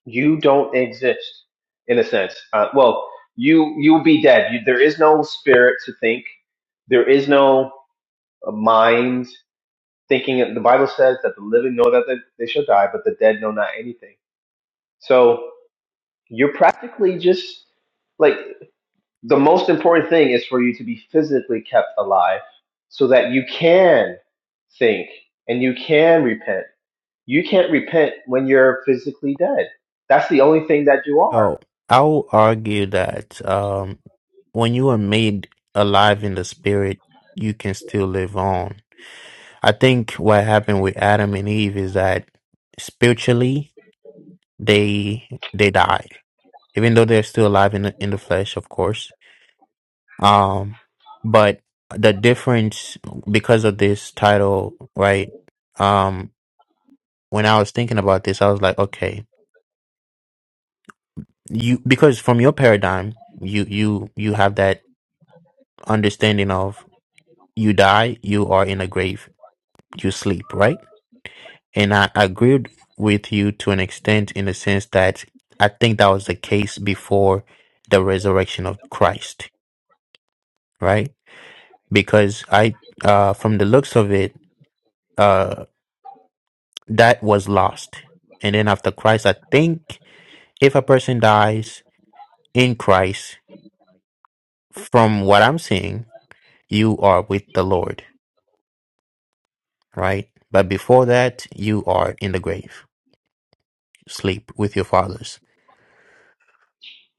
Speaker 1: you don't exist in a sense. Uh, well, you you'll be dead. You, there is no spirit to think. There is no uh, mind. thinking that the Bible says that the living know that they, they shall die, but the dead know not anything. So you're practically just like the most important thing is for you to be physically kept alive so that you can think and you can repent. You can't repent when you're physically dead. That's the only thing that you are.
Speaker 2: Oh, I will argue that um, when you are made alive in the spirit, you can still live on I think what happened with Adam and Eve is that spiritually they they died, even though they're still alive in the, in the flesh, of course. Um, but the difference because of this title, right? Um, when I was thinking about this, I was like, okay, you because from your paradigm, you you you have that understanding of you die, you are in a grave, you sleep, right? And I agreed with you to an extent in the sense that I think that was the case before the resurrection of Christ, right? Because I, uh, from the looks of it, uh, that was lost. And then after Christ, I think if a person dies in Christ, from what I'm seeing, you are with the Lord, right? But before that, you are in the grave, sleep with your fathers.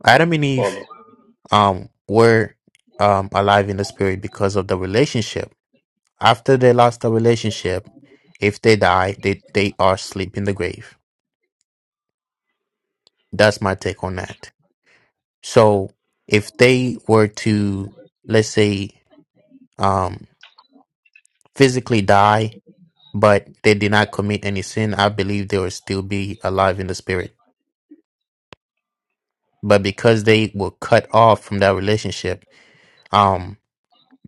Speaker 2: Adam and Eve
Speaker 1: Well,
Speaker 2: um, were um, alive in the spirit because of the relationship. After they lost the relationship, if they die, they, they are asleep in the grave. That's my take on that. So if they were to, let's say, um, physically die, but they did not commit any sin, I believe they would still be alive in the spirit. But because they were cut off from that relationship, um,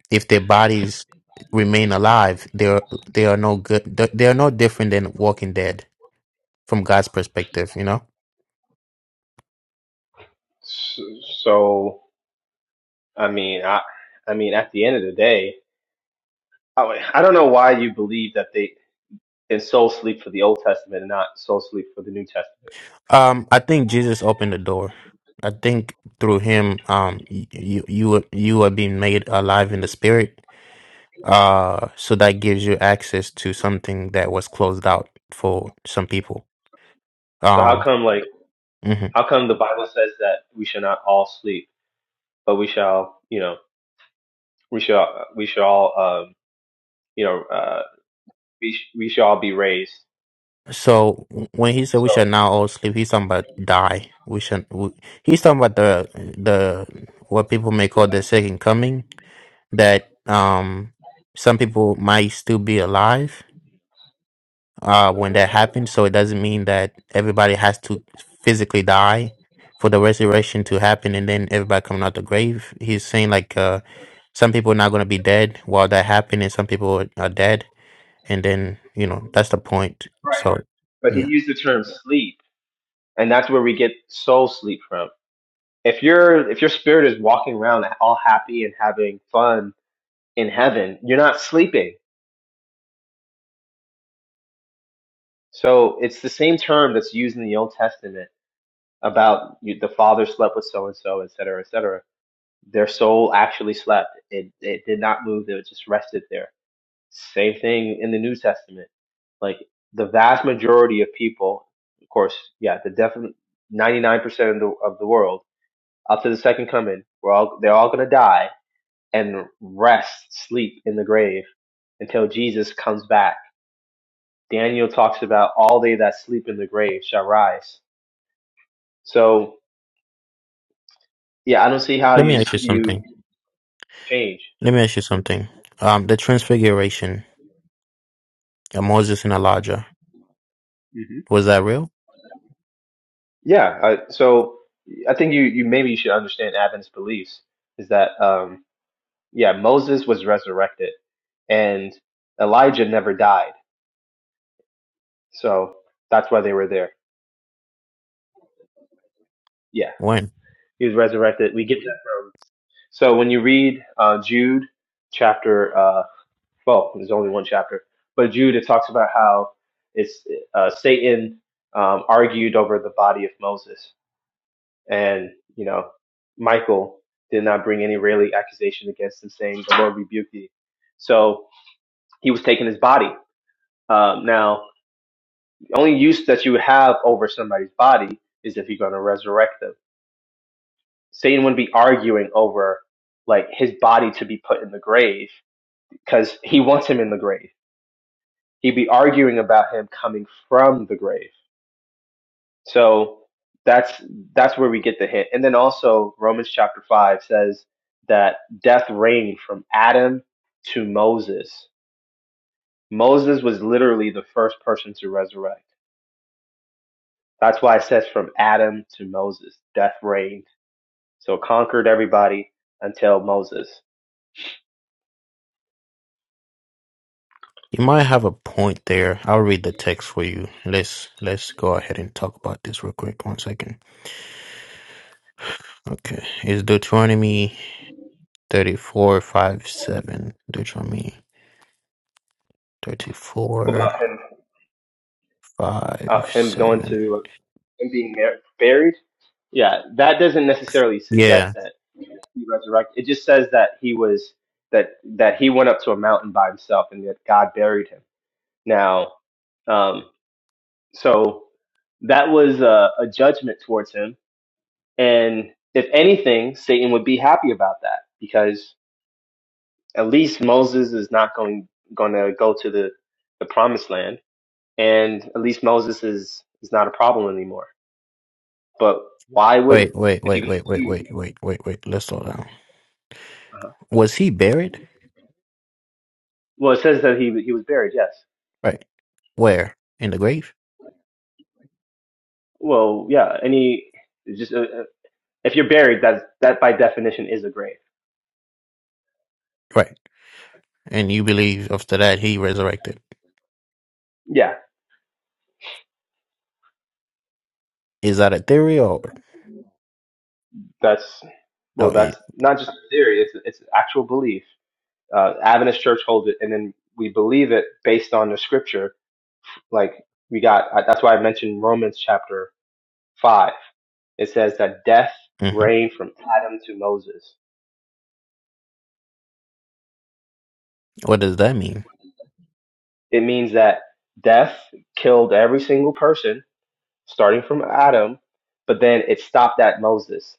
Speaker 2: if their bodies remain alive, they are they are no good. They are no different than Walking Dead from God's perspective. You know.
Speaker 1: so, so I mean, I, I mean, at the end of the day, I, I don't know why you believe that they is soul sleep for the Old Testament and not soul sleep for the New Testament.
Speaker 2: Um, I think Jesus opened the door. I think through him, um, y- you you were- you are being made alive in the spirit. Uh, so that gives you access to something that was closed out for some people.
Speaker 1: So how
Speaker 2: Um,
Speaker 1: come like
Speaker 2: mm-hmm.
Speaker 1: how come the Bible says that we shall not all sleep, but we shall you know we shall we shall all um, you know uh, we sh- we shall all be raised.
Speaker 2: So when he said we shall
Speaker 1: So
Speaker 2: now all sleep, he's talking about die. We shall. We, he's talking about the the what people may call the second coming. That um some people might still be alive uh when that happens. So it doesn't mean that everybody has to physically die for the resurrection to happen, and then everybody coming out the grave. He's saying like uh some people are not going to be dead while that happened, and some people are are dead, and then you know that's the point.
Speaker 1: right,
Speaker 2: So
Speaker 1: but he
Speaker 2: yeah,
Speaker 1: used the term sleep, and that's where we get soul sleep from. If your if your spirit is walking around all happy and having fun in heaven, you're not sleeping. So it's the same term that's used in the Old Testament about you, the father slept with so and so, et cetera, et cetera. Their soul actually slept. It it did not move. It just rested there. Same thing in the New Testament. Like the vast majority of people, of course, yeah, the definite ninety nine percent of the of the world up to the second coming, we're all they're all gonna die and rest, sleep in the grave until Jesus comes back. Daniel talks about all they that sleep in the grave shall rise. So yeah, I don't see how
Speaker 2: let me
Speaker 1: you
Speaker 2: ask you
Speaker 1: you
Speaker 2: something.
Speaker 1: change.
Speaker 2: Let me ask you something. Um, the transfiguration of Moses and Elijah,
Speaker 1: hmm
Speaker 2: was that real?
Speaker 1: Yeah, I, so I think you you maybe you should understand Adventist beliefs is that um yeah, Moses was resurrected and Elijah never died. So that's why they were there. Yeah,
Speaker 2: When?
Speaker 1: he was resurrected. We get that from. So when you read uh, Jude chapter uh well, there's only one chapter, but Jude it talks about how it's uh, Satan um, argued over the body of Moses And, you know, Michael did not bring any really accusation against him, saying, The Lord rebuked thee. So he was taking his body. Um, now, the only use that you have over somebody's body is if you're going to resurrect them. Satan wouldn't be arguing over like his body to be put in the grave because he wants him in the grave. He'd be arguing about him coming from the grave So that's that's where we get the hint. And then also Romans chapter five says that death reigned from Adam to Moses. Moses was literally the first person to resurrect. That's why it says from Adam to Moses, death reigned. So it conquered everybody until Moses.
Speaker 2: You might have a point there. I'll read the text for you. Let's let's go ahead and talk about this real quick. One second. Okay. It's Deuteronomy thirty four five seven. Deuteronomy thirty
Speaker 1: What
Speaker 2: four
Speaker 1: about him? Uh,
Speaker 2: five
Speaker 1: him going
Speaker 2: seven.
Speaker 1: to and being mar- buried. Yeah, that doesn't necessarily suggest
Speaker 2: Yeah.
Speaker 1: that he resurrected. It just says that he was that that he went up to a mountain by himself and that God buried him. Now, um, so that was a, a judgment towards him, and if anything, Satan would be happy about that because at least Moses is not going going to go to the the promised land, and at least Moses is is not a problem anymore. But why
Speaker 2: Wait,
Speaker 1: would
Speaker 2: wait,
Speaker 1: if
Speaker 2: wait,
Speaker 1: you
Speaker 2: wait, wait, wait, wait, wait, wait. Let's slow down. Was he buried?
Speaker 1: Well, it says that he he was buried. Yes.
Speaker 2: Right. Where? In the grave?
Speaker 1: Well, yeah. Any it's just uh, uh, if you're buried, that's that by definition is a grave.
Speaker 2: Right. And you believe after that he resurrected.
Speaker 1: Yeah,
Speaker 2: Is that a theory or
Speaker 1: that's
Speaker 2: oh
Speaker 1: well, that's
Speaker 2: it?
Speaker 1: not just a theory. It's it's actual belief. Uh, Adventist Church holds it, and then we believe it based on the scripture. Like we got I, that's why I mentioned Romans chapter five. It says that death
Speaker 2: mhm.
Speaker 1: reigned from Adam to Moses.
Speaker 2: What does that mean,
Speaker 1: It means that death killed every single person starting from Adam, but then it stopped at Moses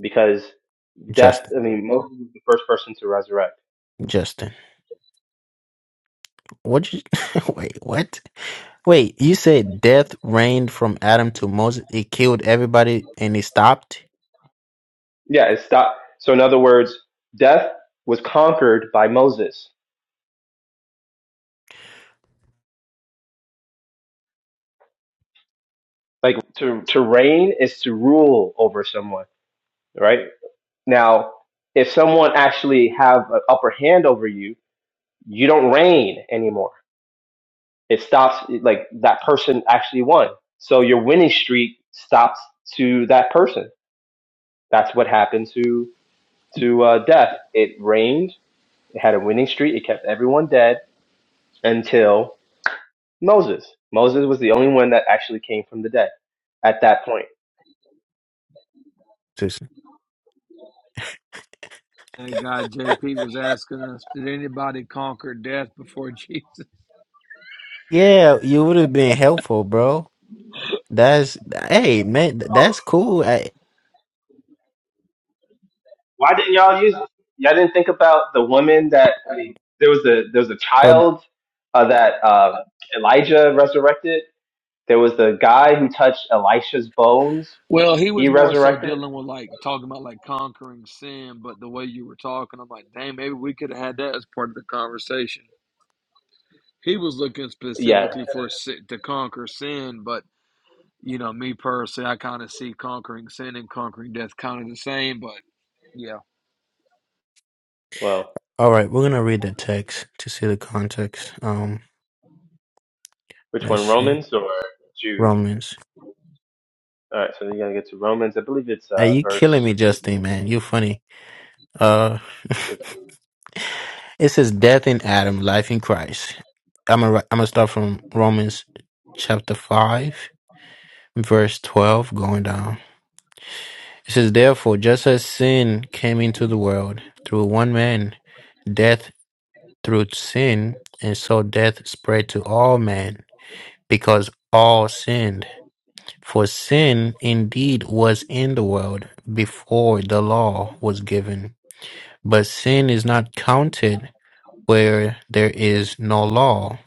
Speaker 1: because death,
Speaker 2: Justin?
Speaker 1: I mean, Moses was the first person to resurrect.
Speaker 2: Justin, what? You, wait, what? Wait, you said death reigned from Adam to Moses. It killed everybody and it stopped.
Speaker 1: Yeah, it stopped. So, in other words, death was conquered by Moses. Like to, to reign is to rule over someone, right? Now, if someone actually have an upper hand over you, you don't reign anymore. It stops like that person actually won. So your winning streak stops to that person. That's what happened to to uh, death. It rained. It had a winning streak. It kept everyone dead until Moses. Moses was the only one that actually came from the dead at that point.
Speaker 2: Just-
Speaker 3: That guy JP was asking us, did anybody conquer death before Jesus?
Speaker 2: yeah, you would have been helpful, bro. That's hey man, th- that's cool. I,
Speaker 1: Why didn't y'all use? it? Y'all didn't think about the woman that I mean, there was the there was a
Speaker 2: well,
Speaker 1: child uh, that uh, Elijah resurrected. There was the guy who touched Elisha's bones.
Speaker 3: Well, he
Speaker 1: He
Speaker 3: was more so
Speaker 1: resurrected.
Speaker 3: dealing with like talking about like conquering sin, but the way you were talking, I'm like, dang, maybe we could have had that as part of the conversation. He was looking
Speaker 1: Yeah.
Speaker 3: specifically for si- to conquer sin, but you know, me personally, I kind of see conquering sin and conquering death kind of the same, but yeah.
Speaker 1: Well,
Speaker 2: all right, we're gonna read the text to see the context. Um,
Speaker 1: which
Speaker 2: let's
Speaker 1: one,
Speaker 2: see
Speaker 1: Romans or Jude?
Speaker 2: Romans.
Speaker 1: All right. So you're gonna get to Romans. I believe it's
Speaker 2: Are
Speaker 1: uh,
Speaker 2: you killing
Speaker 1: verse.
Speaker 2: me, Justin? Man, you funny. Uh.
Speaker 1: 15.
Speaker 2: It says death in Adam, life in Christ. I'm gonna ri- I'm gonna start from Romans chapter five, verse twelve, going down. It says, therefore, just as sin came into the world through one man, death through sin, and so death spread to all men because all sinned. For sin indeed was in the world before the law was given, but sin is not counted where there is no law.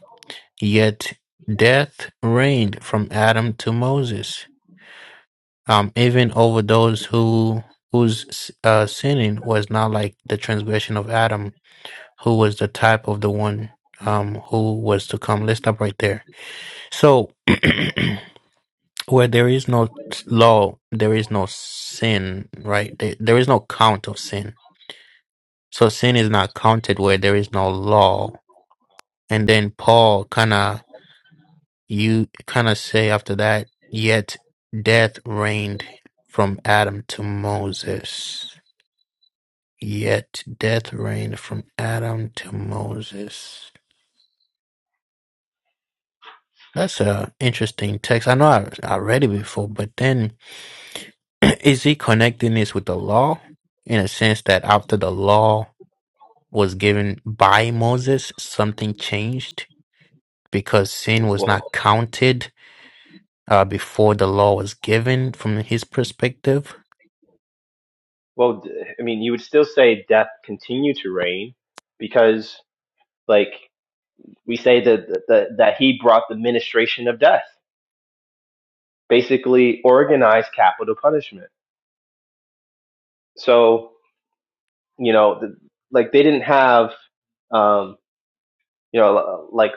Speaker 2: Yet death reigned from Adam to Moses, um, even over those who whose uh, sinning was not like the transgression of Adam, who was the type of the one um, who was to come. Let's stop right there. So, where there is no law, there is no sin, right? There, there is no count of sin. So sin is not counted where there is no law. And then Paul kind of you kind of say after that, yet death reigned from Adam to Moses. Yet death reigned from Adam to Moses. That's a interesting text. I know I, I read it before, but then is he connecting this with the law in a sense that after the law was given by Moses, something changed because sin was
Speaker 1: Well,
Speaker 2: not counted uh, before the law was given from his perspective?
Speaker 1: Well, I mean, you would still say death continued to reign because, like, we say that that, that he brought the ministration of death, basically organized capital punishment. So, you know, the, like they didn't have, um, you know, like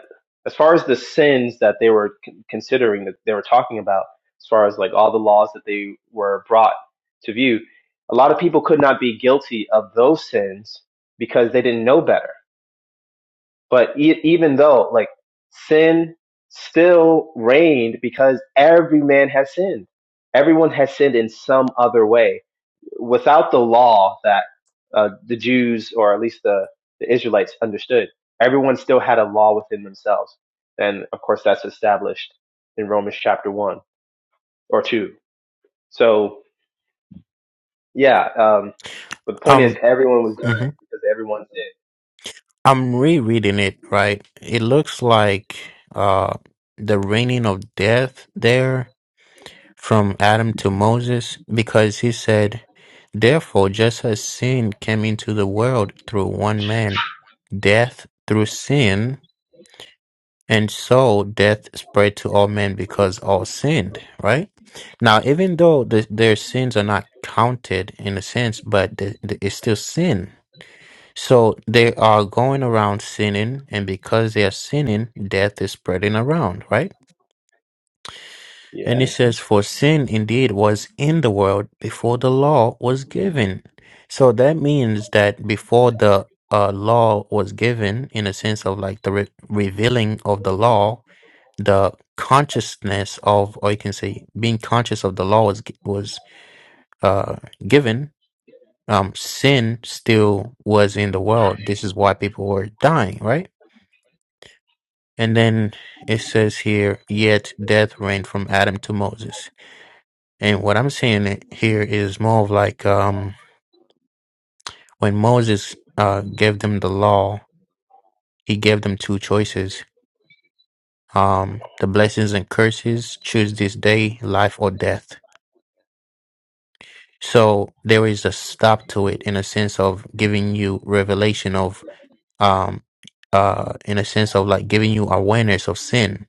Speaker 1: as far as the sins that they were con- considering that they were talking about, as far as like all the laws that they were brought to view, a lot of people could not be guilty of those sins because they didn't know better But e- even though, like, sin still reigned because every man has sinned. Everyone has sinned in some other way. Without the law that uh, the Jews, or at least the, the Israelites, understood, everyone still had a law within themselves. And of course, that's established in Romans chapter 1 or 2. So, yeah, um, but the point is,
Speaker 2: Um,
Speaker 1: everyone was
Speaker 2: mm-hmm.
Speaker 1: dying because everyone sinned.
Speaker 2: I'm rereading it, right? It looks like uh the reigning of death there from Adam to Moses because he said, Therefore, just as sin came into the world through one man, death through sin, and so death spread to all men because all sinned, right? Now, even though the, their sins are not counted in a sense, but the, the, it's still sin so they are going around sinning, and because they are sinning, death is spreading around, right?
Speaker 1: Yeah.
Speaker 2: And it Yeah. says, For sin indeed was in the world before the law was given. So that means that before the uh, law was given, in a sense of like the re- revealing of the law, the consciousness of, or you can say, being conscious of the law was gi- was uh, given. Um, sin still was in the world. This is why people were dying, right? And then it says here, yet death reigned from Adam to Moses. And what I'm saying here is more of like um, when Moses uh, gave them the law, he gave them two choices um, the blessings and curses, choose this day, life or death. So there is a stop to it in a sense of giving you revelation of, um, uh, in a sense of like giving you awareness of sin.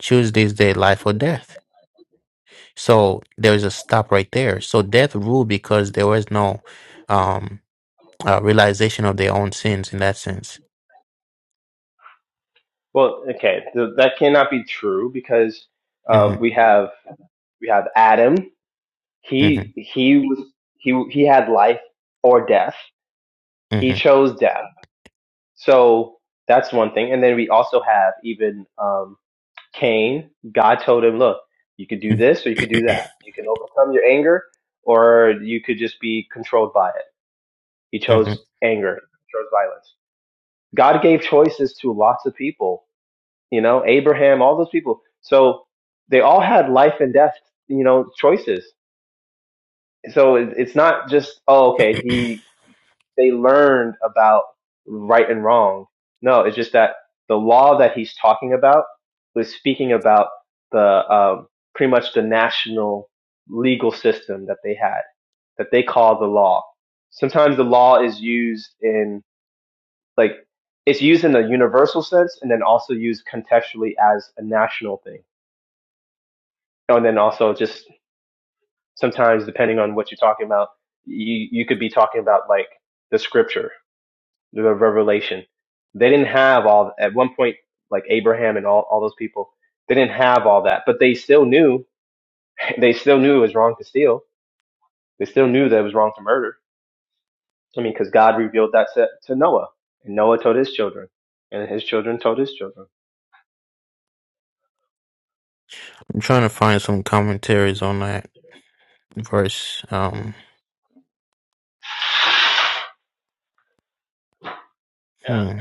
Speaker 2: Choose this day, life or death So there is a stop right there. So death ruled because there was no um, uh, realization of their own sins in that sense.
Speaker 1: Well, okay, th- that cannot be true because uh,
Speaker 2: hmm
Speaker 1: we have we have Adam.
Speaker 2: hmm
Speaker 1: He he was he he had life or death.
Speaker 2: hmm
Speaker 1: He chose death. So that's one thing. And then we also have even um, Cain. God told him, "Look, you could do
Speaker 2: hmm
Speaker 1: this or you could do that. You can overcome your anger, or you could just be controlled by it." He chose
Speaker 2: I'm
Speaker 1: anger. He chose violence. God gave choices to lots of people you know, Abraham, all those people. So they all had life and death, you know, choices. So it- it's not just, oh, okay, he, they learned about right and wrong. No, it's just that the law that he's talking about was speaking about the, um, pretty much the national legal system that they had, that they call the law. Sometimes the law is used in, like, it's used in a universal sense and then also used contextually as a national thing Oh, and then also just sometimes depending on what you're talking about, you you could be talking about like the scripture, the revelation. They didn't have all at one point like Abraham and all, all those people. They didn't have all that, but they still knew they still knew it was wrong to steal. They still knew that it was wrong to murder. I mean, because God revealed that to, to Noah, and Noah told his children, and his children told his children.
Speaker 2: trying to find some commentaries on that verse. Um,
Speaker 1: Yeah.
Speaker 2: hmm,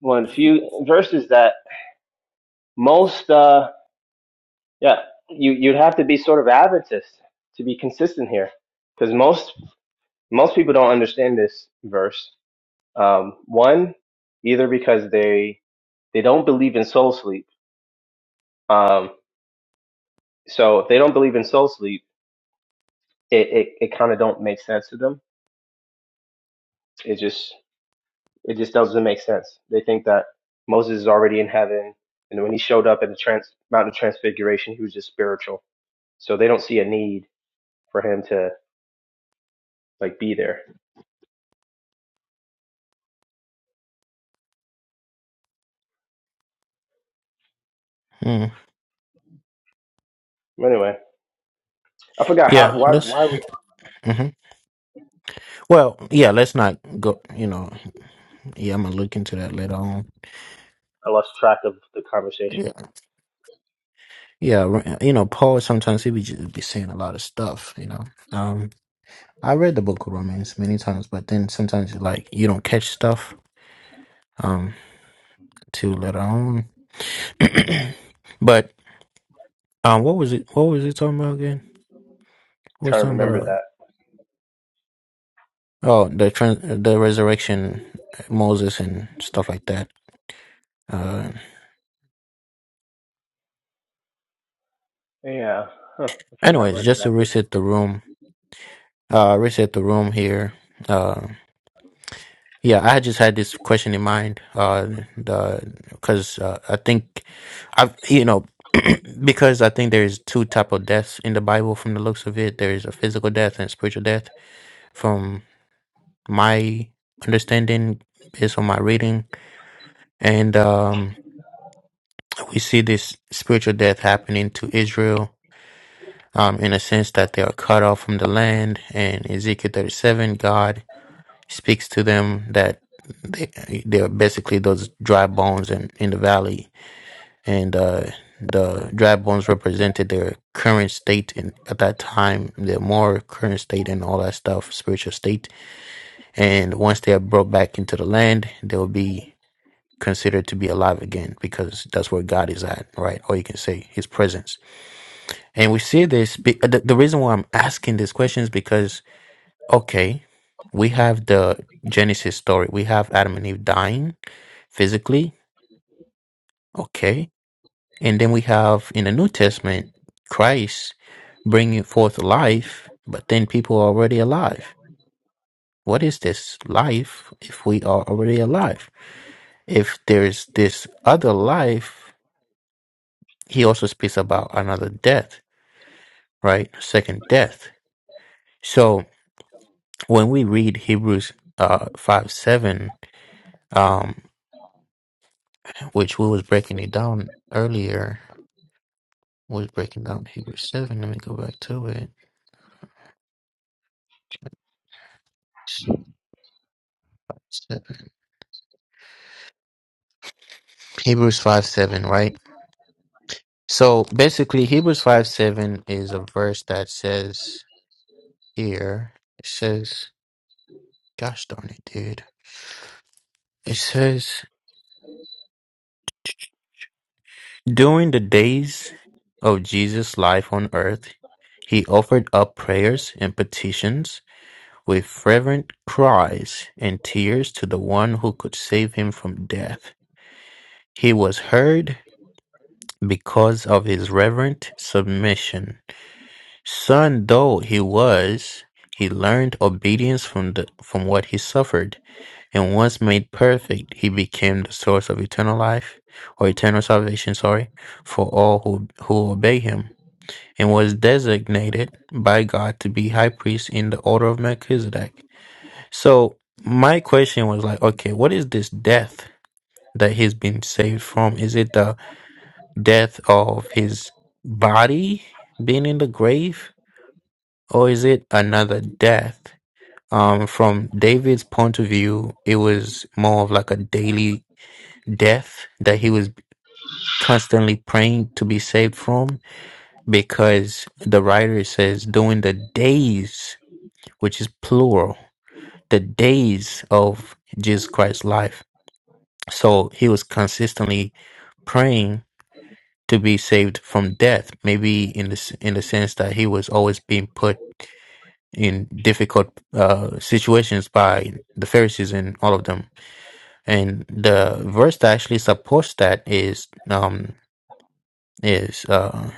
Speaker 1: One of the few verses that most uh, Yeah, you you'd have to be sort of Adventist to be consistent here, because most most people don't understand this verse. Um, one, either because they they don't believe in soul sleep. Um, so if they don't believe in soul sleep, it it, it kind of don't make sense to them. It just it just doesn't make sense. They think that Moses is already in heaven, and when he showed up at the trans, Mount of Transfiguration, he was just spiritual. So they don't see a need for him to like be there.
Speaker 2: hmm.
Speaker 1: Anyway. I forgot how
Speaker 2: Yeah,
Speaker 1: why
Speaker 2: let's.
Speaker 1: why we
Speaker 2: hmm Well, yeah, let's not go. You know, yeah, I'm gonna look into that later on.
Speaker 1: I lost track of the conversation.
Speaker 2: Yeah, yeah, you know, Paul sometimes he be just be saying a lot of stuff. You know, um, I read the Book of Romans many times, but then sometimes like you don't catch stuff um till later on. but um, what was it? What was it talking about again? What's
Speaker 1: trying to
Speaker 2: talking
Speaker 1: remember
Speaker 2: about?
Speaker 1: that.
Speaker 2: Oh, the trans- the resurrection, uh, Moses and stuff like that. Uh,
Speaker 1: Yeah, huh, I forgot
Speaker 2: anyways,
Speaker 1: what
Speaker 2: just to
Speaker 1: exactly.
Speaker 2: reset the room. Uh, reset the room here. uh, Yeah, I just had this question in mind, uh, the because uh, I think I've you know because I think there's two type of deaths in the Bible from the looks of it. There's a physical death and spiritual death. From my understanding, based on my reading, and um, we see this spiritual death happening to Israel. Um, in a sense that they are cut off from the land, and Ezekiel thirty-seven, God speaks to them that they they're basically those dry bones in, in the valley, and uh, the dry bones represented their current state and at that time, their more current state and all that stuff, spiritual state. And once they are brought back into the land, they'll be considered to be alive again because that's where God is at, right? Or you can say His presence. And we see this. be- The, the reason why I'm asking these questions because Okay, we have the Genesis story. We have Adam and Eve dying physically. Okay. And then we have in the New Testament Christ bringing forth life, but then people are already alive. What is this life if we are already alive? If there's this other life, he also speaks about another death, right? Second death. So when we read Hebrews uh, 5 7, um, which we was breaking it down earlier. We was breaking down Hebrews seven. Let me go back to it. Shit, five, seven. Hebrews five seven, right? So basically, Hebrews five seven is a verse that says here. It says, "Gosh darn it, dude!" It says, "During the days of Jesus' life on earth, he offered up prayers and petitions." With fervent cries and tears to the one who could save him from death He was heard because of his reverent submission. Son though he was, he learned obedience from the, from what he suffered, and once made perfect, he became the source of eternal life or eternal salvation, sorry, for all who, who obey him, and was designated by God to be high priest in the order of Melchizedek. So my question was like, okay, what is this death that he's been saved from? Is it the death of his body being in the grave, or is it another death? Um, from David's point of view, it was more of like a daily death that he was constantly praying to be saved from because the writer says during the days, which is plural, the days of Jesus Christ's life. So he was consistently praying to be saved from death. Maybe in the s- in the sense that he was always being put in difficult uh, situations by the Pharisees and all of them. And the verse that actually supports that is um, is uh,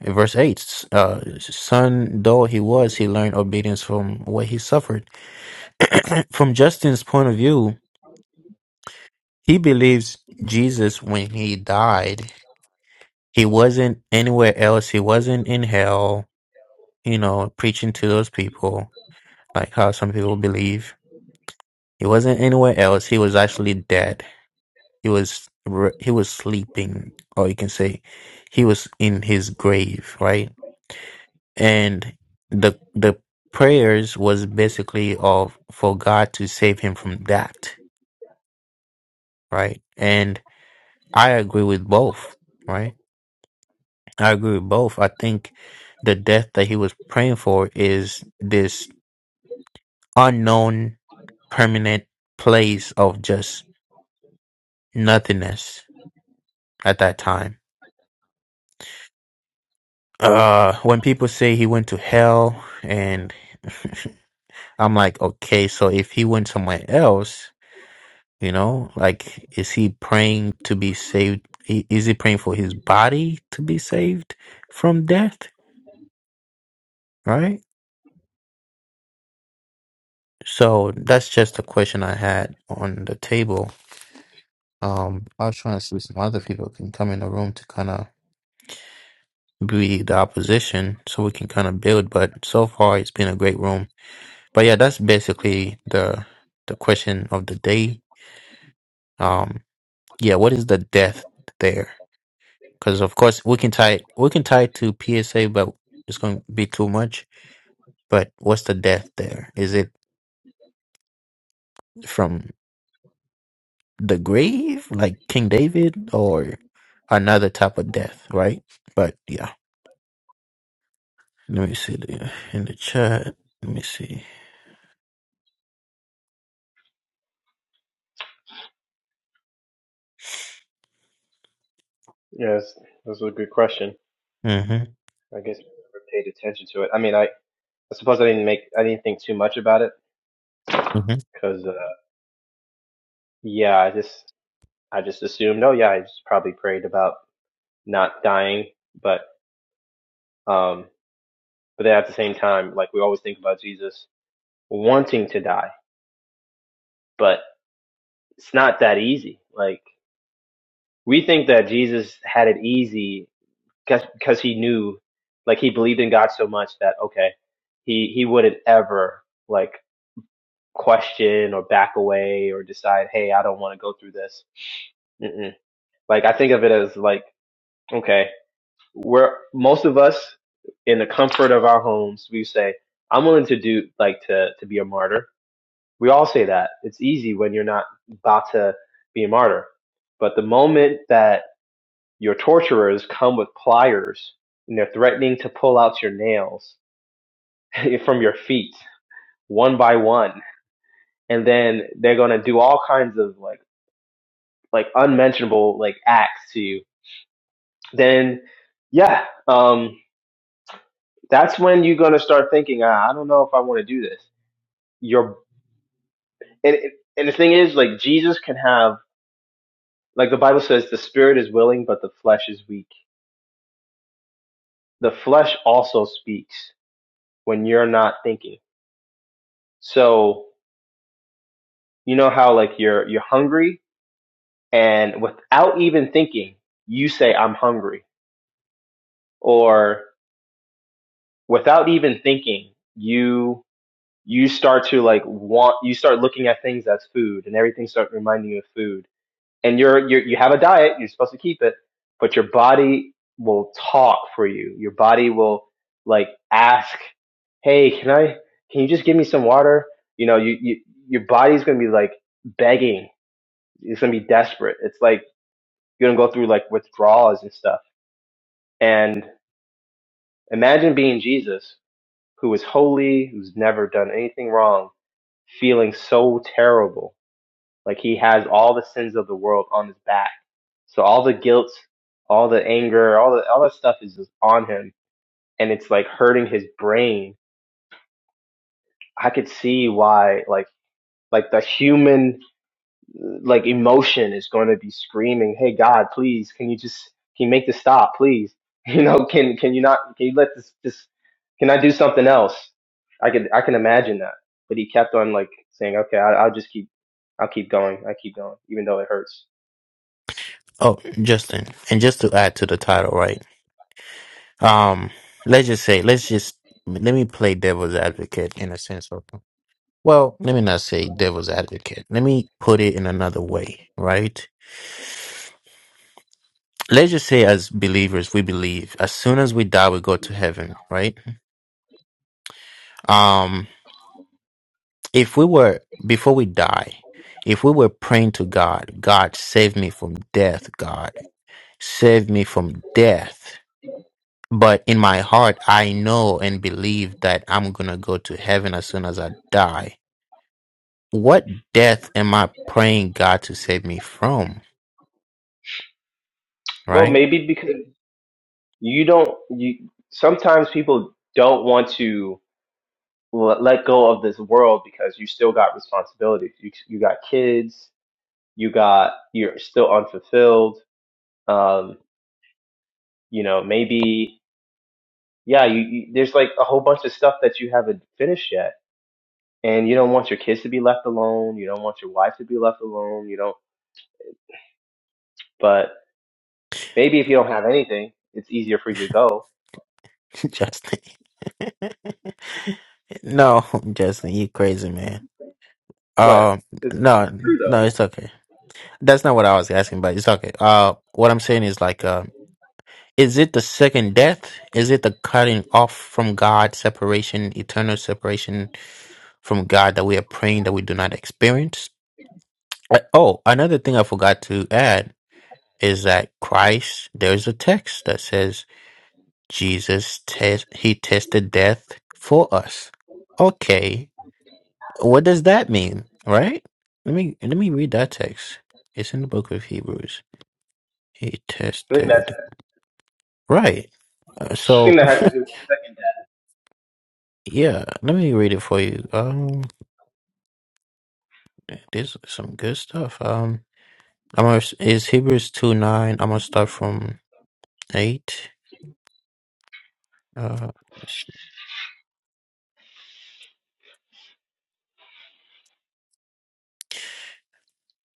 Speaker 2: in verse eight. Uh, son though he was, he learned obedience from what he suffered. from Justin's point of view, he believes Jesus when he died. He wasn't anywhere else. He wasn't in hell you know, preaching to those people, like how some people believe. He wasn't anywhere else. He was actually dead. He was re- he was sleeping, or you can say, he was in his grave, right? And the the prayers was basically of for God to save him from that, right? And I agree with both, right? I agree with both. I think the death that he was praying for is this unknown permanent place of just nothingness at that time. Uh, when people say he went to hell, and I'm like, okay, so if he went somewhere else, you know, like, is he praying to be saved? I- Is he praying for his body to be saved from death? Right? So that's just a question I had on the table. Um, I was trying to see if some other people can come in the room to kind of be the opposition so we can kind of build. But so far, it's been a great room. But yeah, that's basically the the question of the day. Um, yeah, what is the death there? Because of course we can tie we can tie it to PSA, but it's going to be too much. But what's the death there? Is it from the grave, like King David, or another type of death? Right? But yeah, let me see the, in the chat. Let me see.
Speaker 1: Yes, that's a good question.
Speaker 2: Mm-hmm.
Speaker 1: I guess I never paid attention to it. I mean, I, I suppose I didn't make I didn't think too much about it
Speaker 2: mm-hmm.
Speaker 1: because uh, yeah, I just I just assumed. Oh yeah, I just probably prayed about not dying, but um, but then at the same time, like we always think about Jesus wanting to die, but it's not that easy. Like we think that Jesus had it easy because he knew, like he believed in God so much that okay, he he wouldn't ever like question or back away or decide, hey, I don't want to go through this. Mm-mm. Like I think of it as like okay, we're most of us in the comfort of our homes, we say, I'm willing to do like to to be a martyr. We all say that. It's easy when you're not about to be a martyr, but the moment that your torturers come with pliers, and they're threatening to pull out your nails from your feet one by one, and then they're gonna do all kinds of like like unmentionable like acts to you. Then, yeah, um, that's when you're gonna start thinking, ah, I don't know if I want to do this. Your and and the thing is, like Jesus can have like the Bible says, the spirit is willing, but the flesh is weak. The flesh also speaks when you're not thinking. So You know how like you're you're hungry and without even thinking, you say I'm hungry or without even thinking, you you start to like want you start looking at things as food and everything starts reminding you of food. And you're you you have a diet, you're supposed to keep it, but your body will talk for you. Your body will like ask, "Hey, can I can you just give me some water?" You know, you, you your body's going to be like begging. It's gonna be desperate. It's like You're gonna go through like withdrawals and stuff. And imagine being Jesus, who is holy, who's never done anything wrong, feeling so terrible. Like he has all the sins of the world on his back. So all the guilt, all the anger, all the all that stuff is just on him and it's like hurting his brain. I could see why like like the human like emotion is going to be screaming, "Hey God, please, can you just can you make this stop, please? You know, can can you not can you let this this can I do something else?" I could I can imagine that, but he kept on like saying, "Okay, I, I'll just keep I'll keep going, I keep going, even though it hurts."
Speaker 2: Oh, Justin, and just to add to the title, right? Um, let's just say, let's just let me play devil's advocate in a sense of, well, let me not say devil's advocate. Let me put it in another way, right? Let's just say, as believers, we believe as soon as we die, we go to heaven, right? Um, if we were before we die, if we were praying to God, God save me from death, God save me from death. But in my heart, I know and believe that I'm going to go to heaven as soon as I die. What death am I praying God to save me from?
Speaker 1: Well,
Speaker 2: Right?
Speaker 1: maybe because you don't you sometimes people don't want to l- let go of this world because you still got responsibilities. You you got kids, you got you're still unfulfilled Um, you know maybe yeah you, you there's like a whole bunch of stuff that you haven't finished yet and you don't want your kids to be left alone you don't want your wife to be left alone you don't but maybe if you don't have anything it's easier for you to go
Speaker 2: Justin. no, Justin, you crazy man.
Speaker 1: what
Speaker 2: Um,
Speaker 1: it's
Speaker 2: no,
Speaker 1: true though
Speaker 2: no, it's okay. That's not what I was asking, but it's okay. Uh, what I'm saying is like, uh, is it the second death? Is it the cutting off from God, separation, eternal separation from God that we are praying that we do not experience? I- Oh, another thing I forgot to add is that Christ, there's a text that says Jesus test he tested death for us. Okay. What does that mean? Right? Let me let me read that text. It's in the book of Hebrews. He
Speaker 1: i think that's
Speaker 2: tested right. Uh,
Speaker 1: i
Speaker 2: so
Speaker 1: think that has to do with the second death
Speaker 2: yeah, let me read it for you. Um there's some good stuff. Um I'm gonna, is Hebrews 2 9. I'm gonna start from 8. Uh, sh-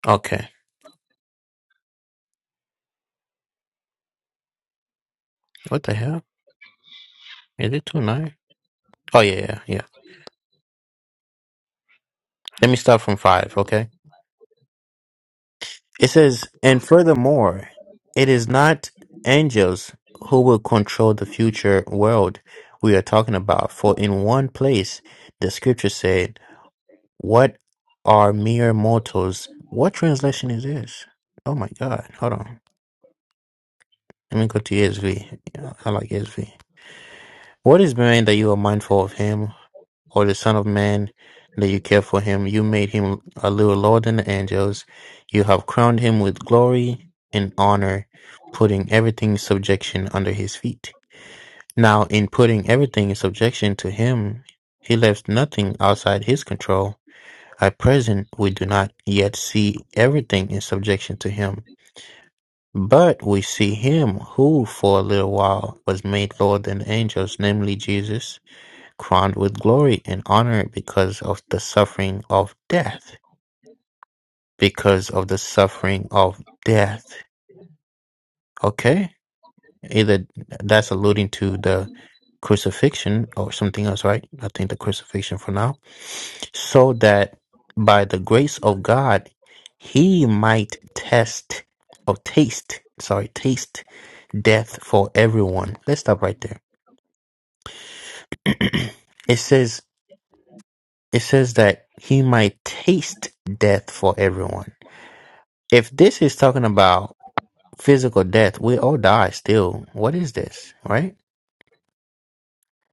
Speaker 2: okay. What the hell? Is it two nine? Oh yeah, yeah, yeah. Let me start from five, okay? It says, and furthermore, it is not angels who will control the future world we are talking about. For in one place the scripture said, What are mere mortals? What translation is this? Oh my god. Hold on. Let me go to ESV. Yeah, I like ESV. What is man that you are mindful of him, or the Son of Man that you care for him? You made him a little lower than the angels. You have crowned him with glory and honor, putting everything in subjection under his feet. Now, in putting everything in subjection to him, he left nothing outside his control. At present, we do not yet see everything in subjection to him, but we see him who, for a little while, was made lower than the angels, namely Jesus crowned with glory and honor because of the suffering of death. Because of the suffering of death. Okay? Either that's alluding to the crucifixion or something else, right? I think the crucifixion for now. So that by the grace of God, he might test or taste, sorry, taste death for everyone. Let's stop right there. it says It says that he might taste death for everyone. If this is talking about physical death, we all die still. What is this, right?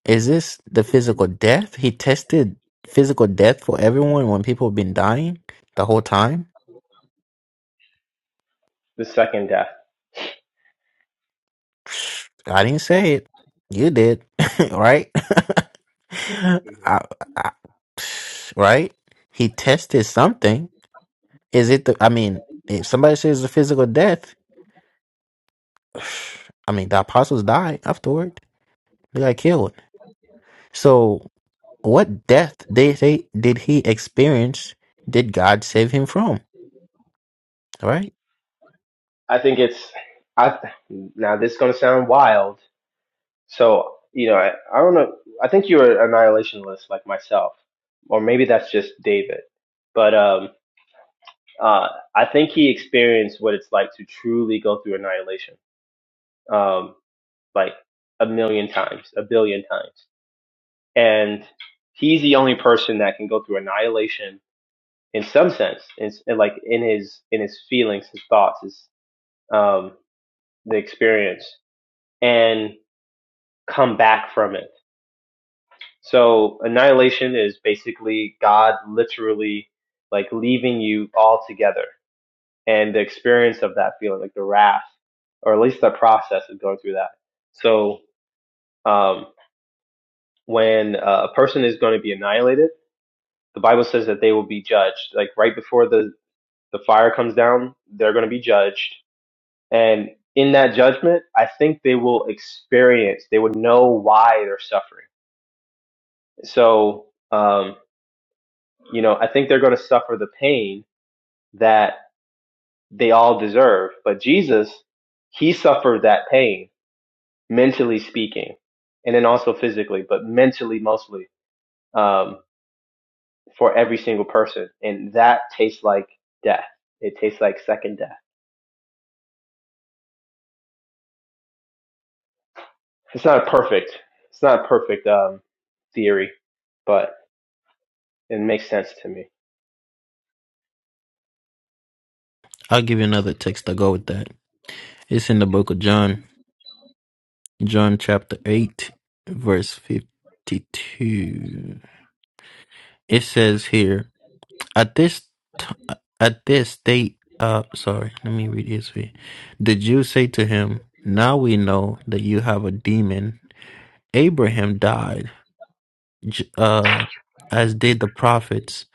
Speaker 2: Is this the physical death? He tested physical death for everyone when people have been dying the whole time?
Speaker 1: the second death
Speaker 2: I didn't say it. You did, right? I, I, right? He tested something. Is it the, I mean, if somebody says the physical death, I mean, the apostles died afterward. They got killed. So, what death did they did he experience? Did God save him from? All right.
Speaker 1: i think it's i now this is going to sound wild so you know i, I don't know i think you're an annihilationist like myself or maybe that's just david but um Uh, I think he experienced what it's like to truly go through annihilation, um, like a million times, a billion times. And he's the only person that can go through annihilation in some sense, in, in like in his in his feelings, his thoughts, his um, the experience, and come back from it. So annihilation is basically God literally like leaving you all together. and the experience of that feeling, like the wrath, or at least the process of going through that. So um, when uh, a person is going to be annihilated, the Bible says that they will be judged. Like right before the the fire comes down, they're going to be judged, and in that judgment, I think they will experience, they would know why they're suffering. So um, you know, I think they're going to suffer the pain that they all deserve. But Jesus, he suffered that pain mentally speaking, and then also physically, but mentally mostly um, for every single person. And that tastes like death. It tastes like second death. It's not perfect. It's not a perfect um, theory, but it makes sense to me.
Speaker 2: I'll give you another text to go with that. It's in the book of John, John chapter eight, verse fifty-two. It says here, at this t- at this they uh sorry, let me read this for you. The Jews say to him, "Now we know that you have a demon." Abraham died J- uh, as did the prophets.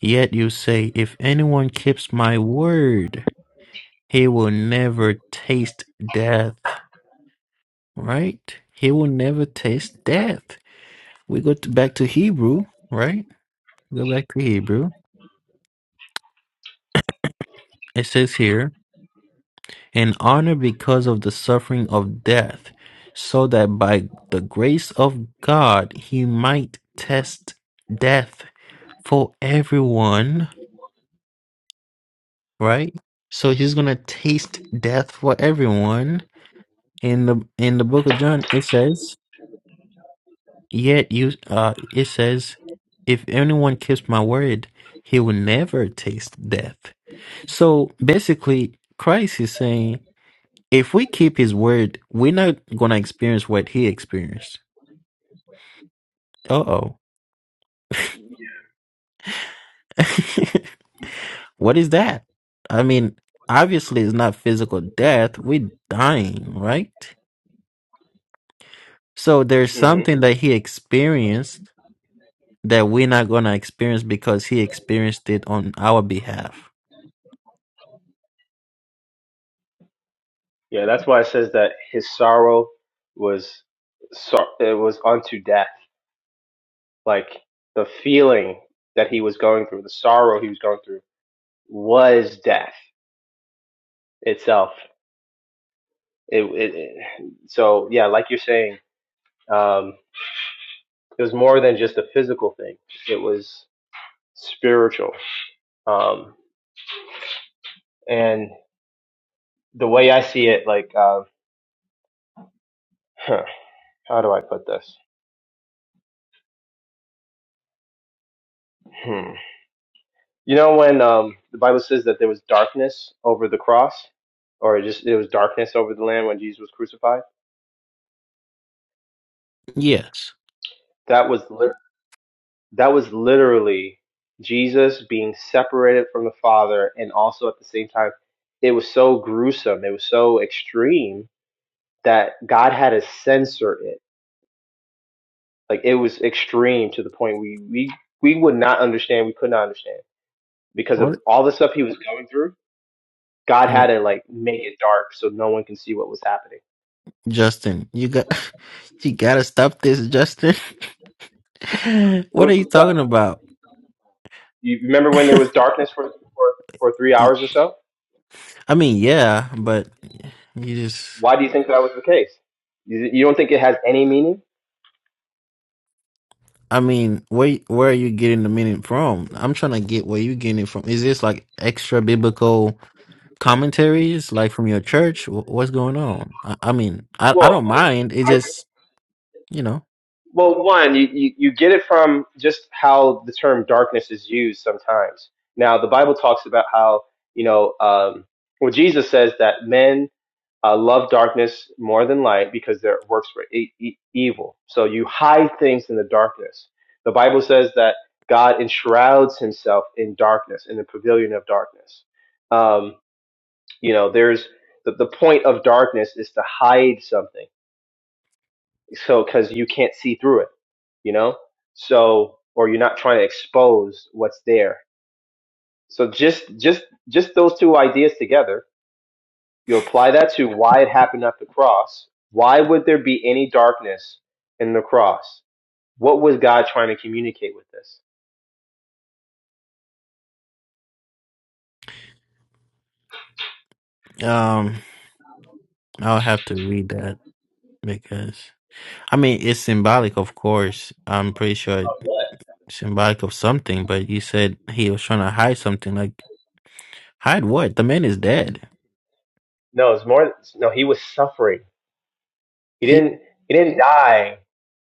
Speaker 2: Yet you say, If anyone keeps my word, he will never taste death. Right? He will never taste death. We go to, back to Hebrew, right? Go back to Hebrew. It says here, in honor because of the suffering of death, so that by the grace of God he might test death for everyone right? So he's gonna taste death for everyone. In the in the book of John, it says, "Yet you," uh, it says, "If anyone keeps my word, he will never taste death." So basically, Christ is saying, if we keep His word, we're not gonna experience what He experienced. Uh oh, what is that? I mean, obviously, it's not physical death. We're dying, right? So there's
Speaker 1: hmm
Speaker 2: something that he experienced that we're not going to experience because he experienced it on our behalf.
Speaker 1: Yeah, that's why it says that his sorrow was sor- it was unto death. Like the feeling that he was going through, the sorrow he was going through was death itself. it, it, it so yeah like you're saying um it was more than just a physical thing it was spiritual um and the way i see it like uh, huh, how do i put this hmm. you know when um the bible says that there was darkness over the cross or it just it was darkness over the land when jesus was crucified
Speaker 2: Yes.
Speaker 1: that was lit- that was literally jesus being separated from the father and also at the same time it was so gruesome it was so extreme that God had to censor it. Like it was extreme to the point we we we would not understand. We could not understand because of
Speaker 2: What?
Speaker 1: all the stuff he was going through. God had
Speaker 2: what-
Speaker 1: to like make it dark so no one can see what was happening.
Speaker 2: Justin, you got you got to stop this, Justin. what are
Speaker 1: What-
Speaker 2: you talking about?
Speaker 1: You remember when there was darkness for for, for three
Speaker 2: Y-
Speaker 1: hours or so?
Speaker 2: I mean, yeah, but you just
Speaker 1: Why do you think that was the case? You, you don't think it has any meaning?
Speaker 2: I mean, where where are you getting the meaning from? I'm trying to get where you getting it from. Is this like extra biblical commentaries like from your church? Wh- What's going on? I, I mean, I I
Speaker 1: Well,
Speaker 2: don't mind. It
Speaker 1: I.
Speaker 2: just, you know.
Speaker 1: Well, one, you, you, you get it from just how the term darkness is used sometimes. Now, the Bible talks about how, you know, um, well, Jesus says that men uh, love darkness more than light because their works were e- e- evil. So you hide things in the darkness. The Bible says that God enshrouds himself in darkness, in the pavilion of darkness. Um, you know, there's the, the point of darkness is to hide something so because you can't see through it you know so or you're not trying to expose what's there so just just just those two ideas together you apply that to why it happened at the cross why would there be any darkness in the cross what was god trying to communicate with this
Speaker 2: Um I'll have to read that because I mean it's symbolic, of course. I'm pretty sure it's symbolic of something. But you said he was trying to hide something. Like hide what? The man is dead.
Speaker 1: no it's more no he was suffering he
Speaker 2: He
Speaker 1: didn't he didn't die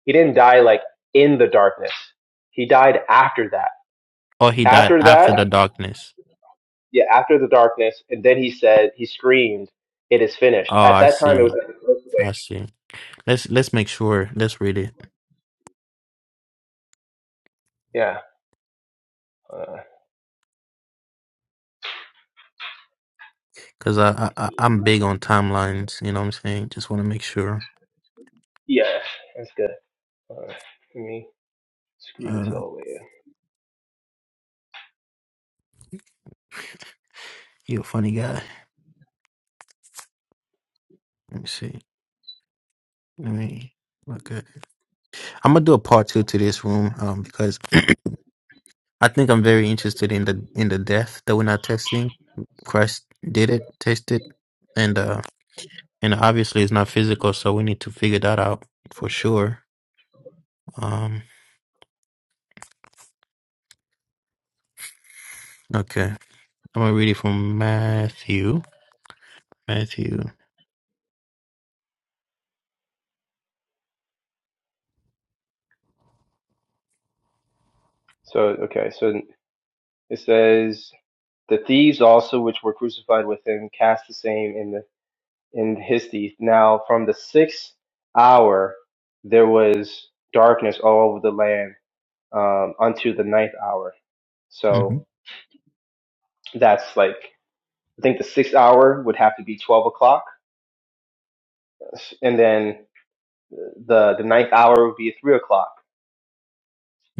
Speaker 1: he didn't die like in the darkness he died after that
Speaker 2: or he died
Speaker 1: after
Speaker 2: after
Speaker 1: that
Speaker 2: the darkness.
Speaker 1: yeah, after the darkness, and then he said, he screamed, "It is finished."
Speaker 2: Oh,
Speaker 1: At
Speaker 2: I
Speaker 1: that time, it was
Speaker 2: see.
Speaker 1: like a close
Speaker 2: I
Speaker 1: wave.
Speaker 2: see. Let's let's make sure. Let's read it
Speaker 1: Yeah, uh,
Speaker 2: because I, I I- I'm big on timelines. You know what I'm saying? Just want to make sure.
Speaker 1: yeah, that's good. Uh, let me screw this
Speaker 2: Uh,
Speaker 1: all the way in.
Speaker 2: you're a funny guy. Let me see. Let me. Okay. I'm gonna do a part two to this room um because I think I'm very interested in the in the death that we're not testing. Christ did it, tasted, and uh and obviously it's not physical, so we need to figure that out for sure. Um okay. I'm gonna read it from Matthew. Matthew.
Speaker 1: So okay, so it says the thieves also which were crucified with him cast the same in the in his teeth. Now from the sixth hour there was darkness all over the land um, unto the ninth hour.
Speaker 2: hmm
Speaker 1: So that's like I think the sixth hour would have to be twelve o'clock and then the the ninth hour would be three o'clock.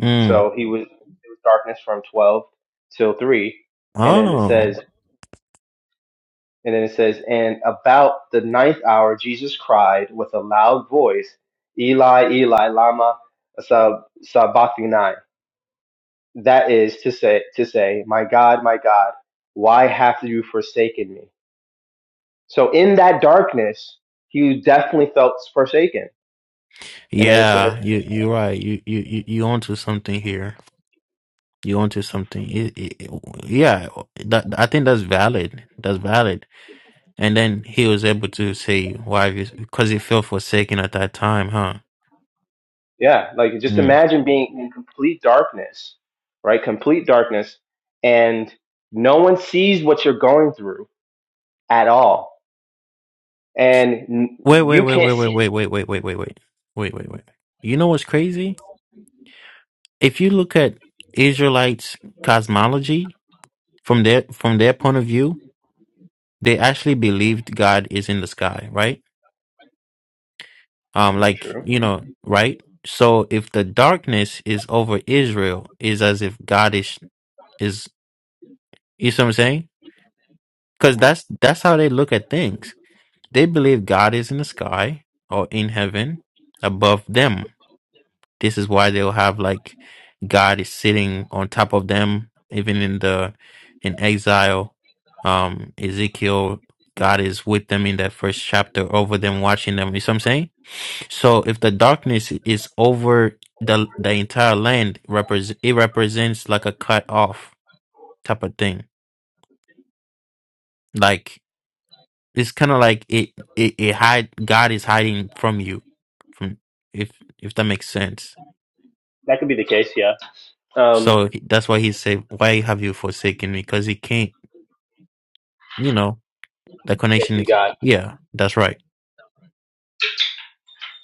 Speaker 2: Mm.
Speaker 1: So he was it was darkness from twelve till three, and then it
Speaker 2: Oh.
Speaker 1: says, and then it says, and about the ninth hour, Jesus cried with a loud voice, Eli, Eli, lama sab- sabachthani. That is to say, to say, my God, my God, why have you forsaken me? So in that darkness, he definitely felt forsaken. And then it says.
Speaker 2: Yeah, you you're right. You you you you onto something here. You onto something. It, it, yeah, that I think that's valid. That's valid And then he was able to say, "Why?" have you-" Because he felt forsaken at that time, huh?
Speaker 1: Yeah, like just
Speaker 2: Mm.
Speaker 1: imagine being in complete darkness, right? Complete darkness, and no one sees what you're going through at all, and n-
Speaker 2: Wait, wait,
Speaker 1: you
Speaker 2: wait,
Speaker 1: can't
Speaker 2: wait, wait, wait,
Speaker 1: see.
Speaker 2: wait, wait, wait, wait, wait, wait, wait, wait. You know what's crazy? If you look at Israelites' cosmology from their from their point of view, they actually believed God is in the sky, right? Um, like
Speaker 1: True.
Speaker 2: you know, right? So if the darkness is over Israel, is as if God is is you see what I'm saying? Because
Speaker 1: hmm
Speaker 2: that's that's how they look at things They believe God is in the sky or in heaven above them. This is why they'll have like God is sitting on top of them, even in the in exile. Um, Ezekiel, God is with them in that first chapter, over them, watching them. You see what I'm saying? So if the darkness is over the the entire land, repres it represents like a cut off type of thing. Like it's kind of like it, it it hide God is hiding from you, from if if that makes sense.
Speaker 1: That could be the case. Yeah. Um,
Speaker 2: So that's why he said, "Why have you forsaken me?" Because he can't, you know, the
Speaker 1: can
Speaker 2: connection
Speaker 1: you
Speaker 2: is.
Speaker 1: got
Speaker 2: Yeah, that's right.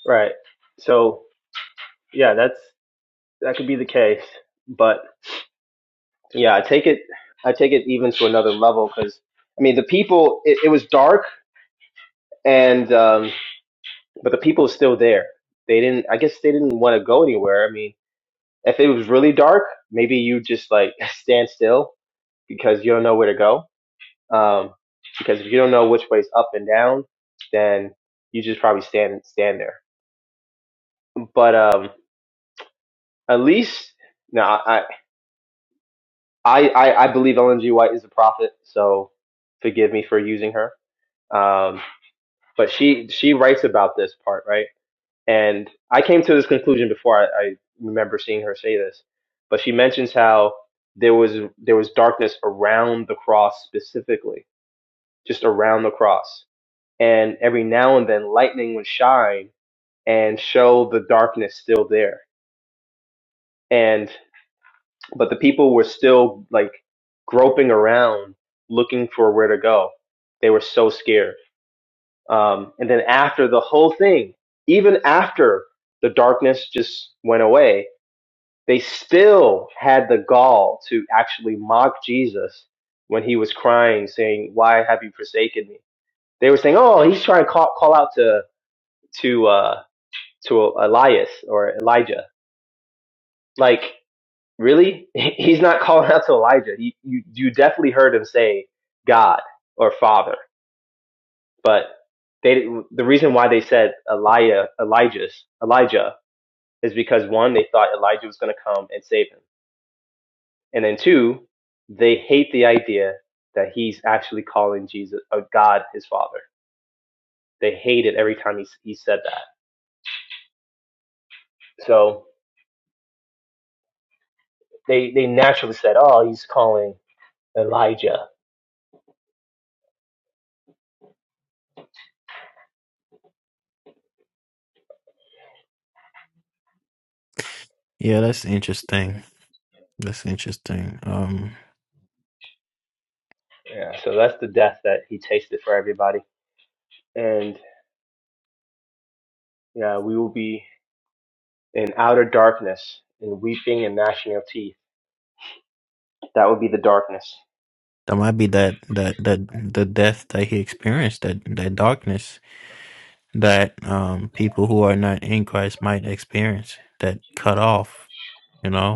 Speaker 1: Right. So yeah, that's that could be the case, but yeah, I take it. I take it even to another level because I mean the people. It, it was dark, and um, but the people are still there. They didn't. I guess they didn't want to go anywhere. I mean If it was really dark, maybe you just like stand still because you don't know where to go. Um, because if you don't know which way's up and down, then you just probably stand stand there. But um, at least no, I I I I believe Ellen G. White is a prophet, so forgive me for using her. Um, but she she writes about this part, right? And I came to this conclusion before I, I remember seeing her say this, but she mentions how there was there was darkness around the cross specifically, just around the cross. And every now and then lightning would shine and show the darkness still there. And but the people were still like groping around looking for where to go. They were so scared. Um, and then after the whole thing, even after the darkness just went away, They still had the gall to actually mock Jesus when he was crying, saying, "Why have you forsaken me?" They were saying, "Oh, he's trying to call call out to to uh, to Elias or Elijah." Like, really? He's not calling out to Elijah. You you, you definitely heard him say God or Father, but they didn't- the reason why they said Elijah Elijah's Elijah is because one they thought Elijah was going to come and save him And then two, they hate the idea that he's actually calling Jesus or God his father. They hate it every time he, he said that. So they, they naturally said, oh, he's calling Elijah.
Speaker 2: Yeah, that's interesting. That's interesting. Um,
Speaker 1: So that's the death that he tasted for everybody. And yeah, we will be in outer darkness and weeping and gnashing of teeth. That would be the darkness.
Speaker 2: that might be that that that the death that he experienced, that that darkness that um people who are not in Christ might experience, that cut off. You know.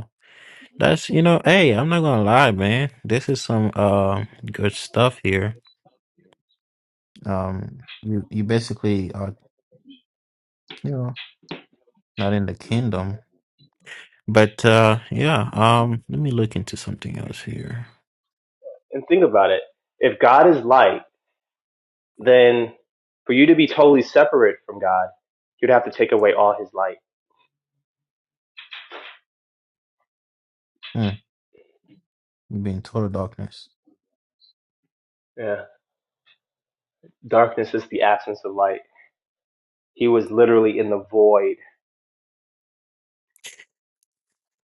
Speaker 2: That's you know, hey, I'm not gonna lie, man. This is some uh, good stuff here. Um, you you basically are you know not in the kingdom, but uh, yeah. Um, let me look into something else here.
Speaker 1: And think about it. If God is light, then for you to be totally separate from God, you'd have to take away all his light.
Speaker 2: Hmm, you be in total darkness.
Speaker 1: Yeah darkness is the absence of light. He was literally in the void.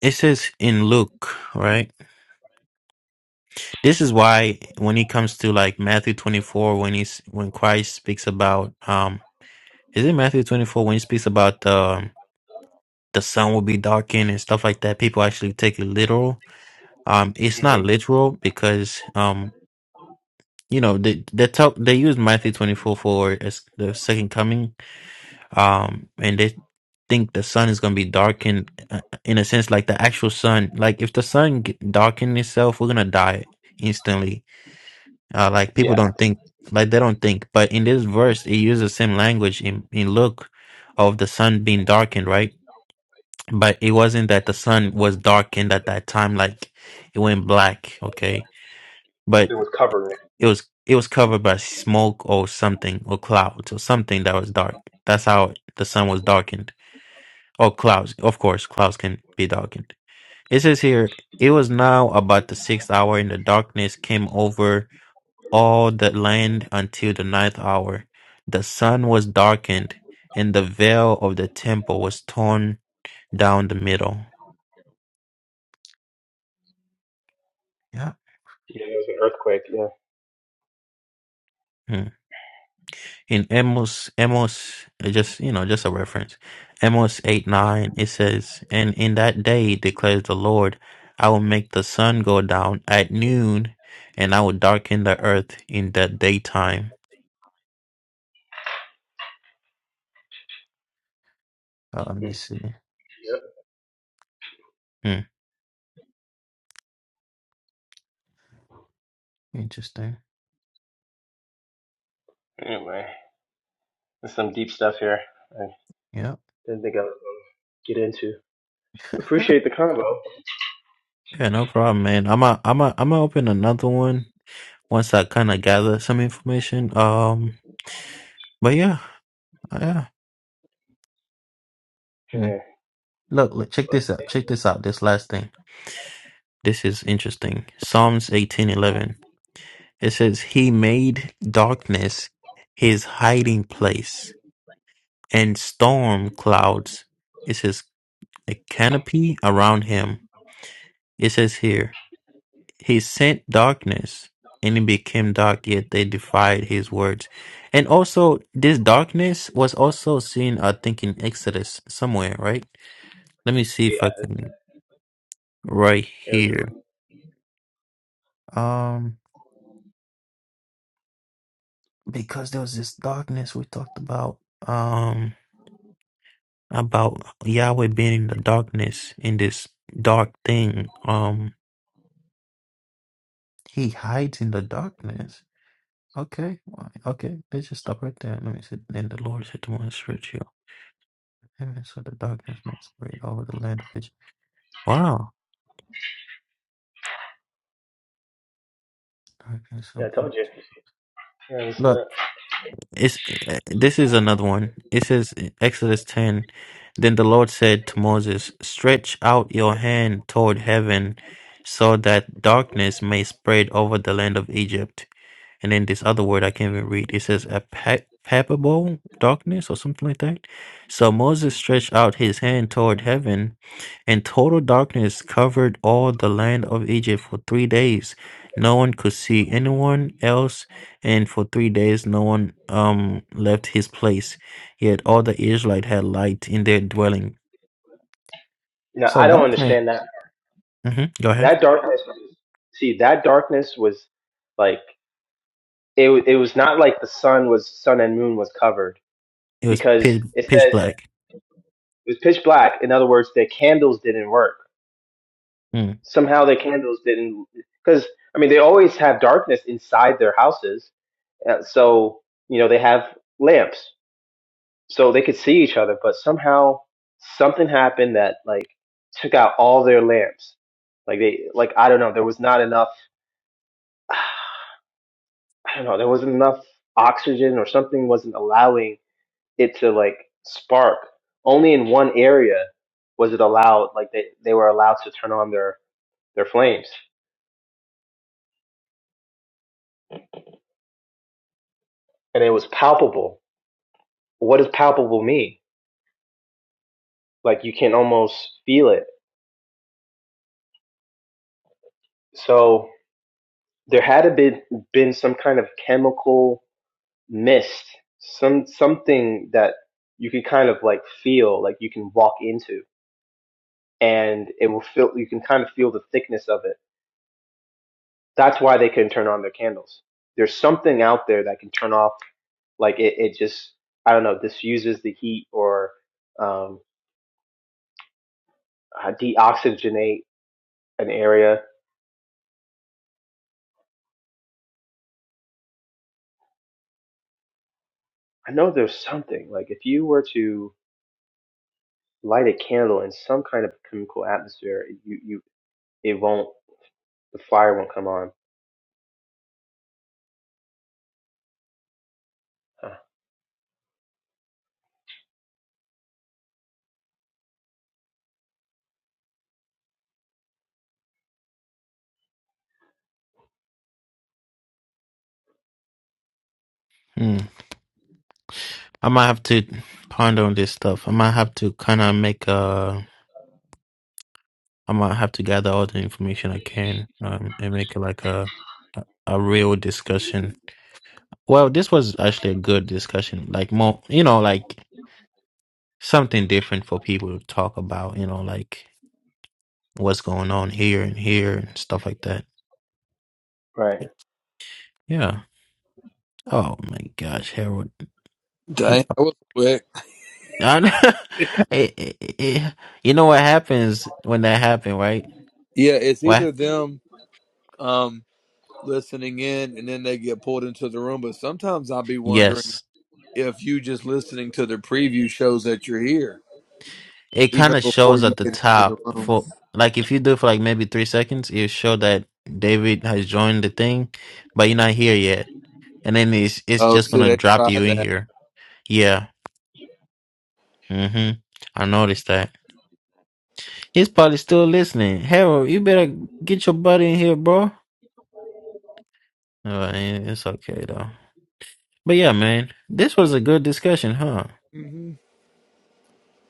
Speaker 2: It says in Luke, right? This is why when it comes to like Matthew 24, when he's when Christ speaks about um, is it Matthew 24 when he speaks about um the sun will be darkened and stuff like that? People actually take it literal Um, it's
Speaker 1: hmm
Speaker 2: not literal because um, you know, they they talk they use Matthew twenty four for as the second coming. Um, and they think the sun is gonna be darkened uh, in a sense, like the actual sun. Like if the sun g- darkened itself, we're gonna die instantly. Uh, like people
Speaker 1: Yeah,
Speaker 2: don't think like they don't think. But in this verse, it uses the same language in in Luke of the sun being darkened, right? But it wasn't that the sun was darkened at that time, like it went black. Okay, but
Speaker 1: something was covering it.
Speaker 2: It was it was covered by smoke or something or clouds or something that was dark. That's how the sun was darkened. Or clouds, of course, clouds can be darkened. It says here, it was now about the sixth hour, and the darkness came over all the land until the ninth hour. The sun was darkened, and the veil of the temple was torn down the middle. Yeah.
Speaker 1: Yeah, it was an earthquake. Yeah.
Speaker 2: Hmm. in Amos, Amos, uh, just you know, just a reference. Amos eight nine. It says, "And in that day declares the Lord, I will make the sun go down at noon, and I will darken the earth in the daytime." Uh, let me
Speaker 1: Hmm.
Speaker 2: see. Hmm, interesting.
Speaker 1: Anyway, there's some deep stuff here. I
Speaker 2: Yep.
Speaker 1: didn't think I would get into. Appreciate the combo.
Speaker 2: Yeah, no problem, man. I'm a, I'm a, I'm gonna open another one once I kind of gather some information. Um, but yeah, uh, yeah. Hmm.
Speaker 1: Yeah.
Speaker 2: Look, look, check this out. Check this out. This last thing. This is interesting. Psalms 18:11. It says he made darkness his hiding place and storm clouds it says a canopy around him. It says here he sent darkness and it became dark yet they defied his words. And also this darkness was also seen I think in Exodus somewhere, right? Let me see if
Speaker 1: Yeah.
Speaker 2: I
Speaker 1: It
Speaker 2: can right
Speaker 1: was.
Speaker 2: here. Um because there was this darkness we talked about um about Yahweh being in the darkness in this dark thing um he hides in the darkness okay why- okay let's just stop right there let me see then the Lord said to Moses search you and so the darkness must spread over the land of Egypt wow darkness
Speaker 1: Yeah, I told you. Yeah, it was, uh,
Speaker 2: It's, uh, this is another one. It says Exodus 10 Then the Lord said to Moses, Stretch out your hand toward heaven so that darkness may spread over the land of Egypt. And then this other word I can't even read. It says a pa- palpable darkness or something like that. So Moses stretched out his hand toward heaven, and total darkness covered all the land of Egypt for three days. No one could see anyone else, and for three days no one um left his place. Yet all the Israelite had light in their dwelling.
Speaker 1: no,
Speaker 2: So
Speaker 1: I don't
Speaker 2: darkness.
Speaker 1: understand that.
Speaker 2: hmm Go ahead.
Speaker 1: That darkness. See, that darkness was like it. It was not like the sun was sun and moon was covered
Speaker 2: It was
Speaker 1: because
Speaker 2: pitch,
Speaker 1: it
Speaker 2: pitch
Speaker 1: says it
Speaker 2: black.
Speaker 1: was pitch black. In other words, their candles didn't work
Speaker 2: Mm.
Speaker 1: somehow the candles didn't because i mean they always have darkness inside their houses uh, so you know they have lamps so they could see each other but somehow something happened that like took out all their lamps like they like i don't know there was not enough i don't know there wasn't enough oxygen or something wasn't allowing it to like spark only in one area was it allowed like they, they were allowed to turn on their their flames and it was palpable what does palpable mean? Like you can almost feel it. So there had to be been some kind of chemical mist, some something that you can kind of like feel, like you can walk into, and it will feel. You can kind of feel the thickness of it. That's why they couldn't turn on their candles. There's something out there that can turn off. Like it, it just I don't know, diffuses the heat or um, uh, deoxygenate an area. I know there's something. Like if you were to light a candle in some kind of chemical atmosphere, you you it won't the fire won't come on. Huh.
Speaker 2: I might have to ponder on this stuff. I might have to kind of make a. I might have to gather all the information I can um, and make like a a a real discussion. Well, this was actually a good discussion. Like more, you know, like something different for people to talk about. You know, like what's going on here and here and stuff like that.
Speaker 1: Right.
Speaker 2: Yeah. Oh my gosh, Harold. He,
Speaker 3: Dang, that was quick.
Speaker 2: I, know- it, it, it- you know what happens when that happened, right?
Speaker 3: Yeah, it's
Speaker 2: What?
Speaker 3: either them um listening in and then they get pulled into the room, but sometimes I'll be
Speaker 2: Yes.
Speaker 3: wondering if you just listening to the preview shows that you're here,
Speaker 2: It
Speaker 3: even
Speaker 2: kind of
Speaker 3: before
Speaker 2: shows
Speaker 3: you
Speaker 2: at the
Speaker 3: get into the
Speaker 2: top
Speaker 3: room.
Speaker 2: for like if you do it for like maybe three seconds, it show that David has joined the thing, but you're not here yet. And then it's it's
Speaker 3: Oh,
Speaker 2: just
Speaker 3: see,
Speaker 2: gonna
Speaker 3: they
Speaker 2: drop you
Speaker 3: tried
Speaker 2: in
Speaker 3: that.
Speaker 2: here. Yeah. Mm-hmm. I noticed that. He's probably still listening. Harold, you better get your buddy in here, bro. Oh, it's okay though. But yeah, man, this was a good discussion, huh?
Speaker 3: hmm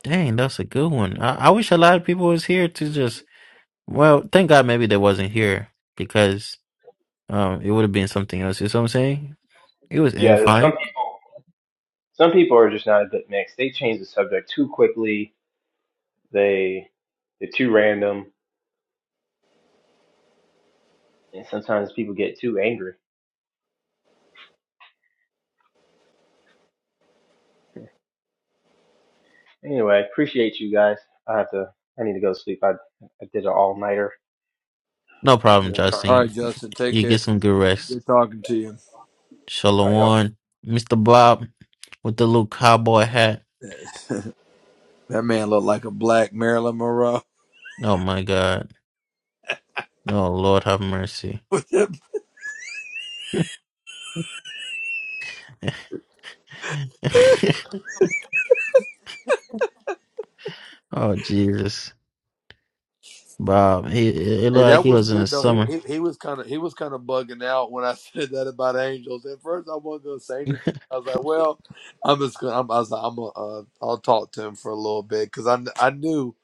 Speaker 2: Dang, that's a good one. I, I wish a lot of people was here to just. Well, thank God maybe they wasn't here because. Um, it would have been something else. You see what I'm saying? It was
Speaker 1: Yeah. that- Some
Speaker 2: edifying.
Speaker 1: people some people are just not a good mix. They change the subject too quickly. They they're too random, and sometimes people get too angry. Anyway, appreciate you guys. I have to. I need to go to sleep. I I did an all nighter.
Speaker 2: No problem,
Speaker 1: Wasn't trying.
Speaker 3: All
Speaker 2: Justine.
Speaker 3: right, Justin, take
Speaker 2: You
Speaker 3: care.
Speaker 2: get some good rest.
Speaker 3: Good talking to you.
Speaker 1: All right, y'all.
Speaker 2: Shalom, Mr. Bob with the little cowboy hat.
Speaker 3: That man looked like a black Marilyn Monroe.
Speaker 2: Oh my God. Oh Lord, have mercy. oh Jesus. Bob, he it looked
Speaker 3: Hey,
Speaker 2: like
Speaker 3: that
Speaker 2: he
Speaker 3: was
Speaker 2: was in the
Speaker 3: good though. He
Speaker 2: summer.
Speaker 3: he, he was kind of he was kind of bugging out when I said that about angels. At first, I wasn't gonna say anything. I was like, "Well, I'm just gonna." I'm, I was like, "I'm gonna, uh, I'll talk to him for a little bit," because I kn- I knew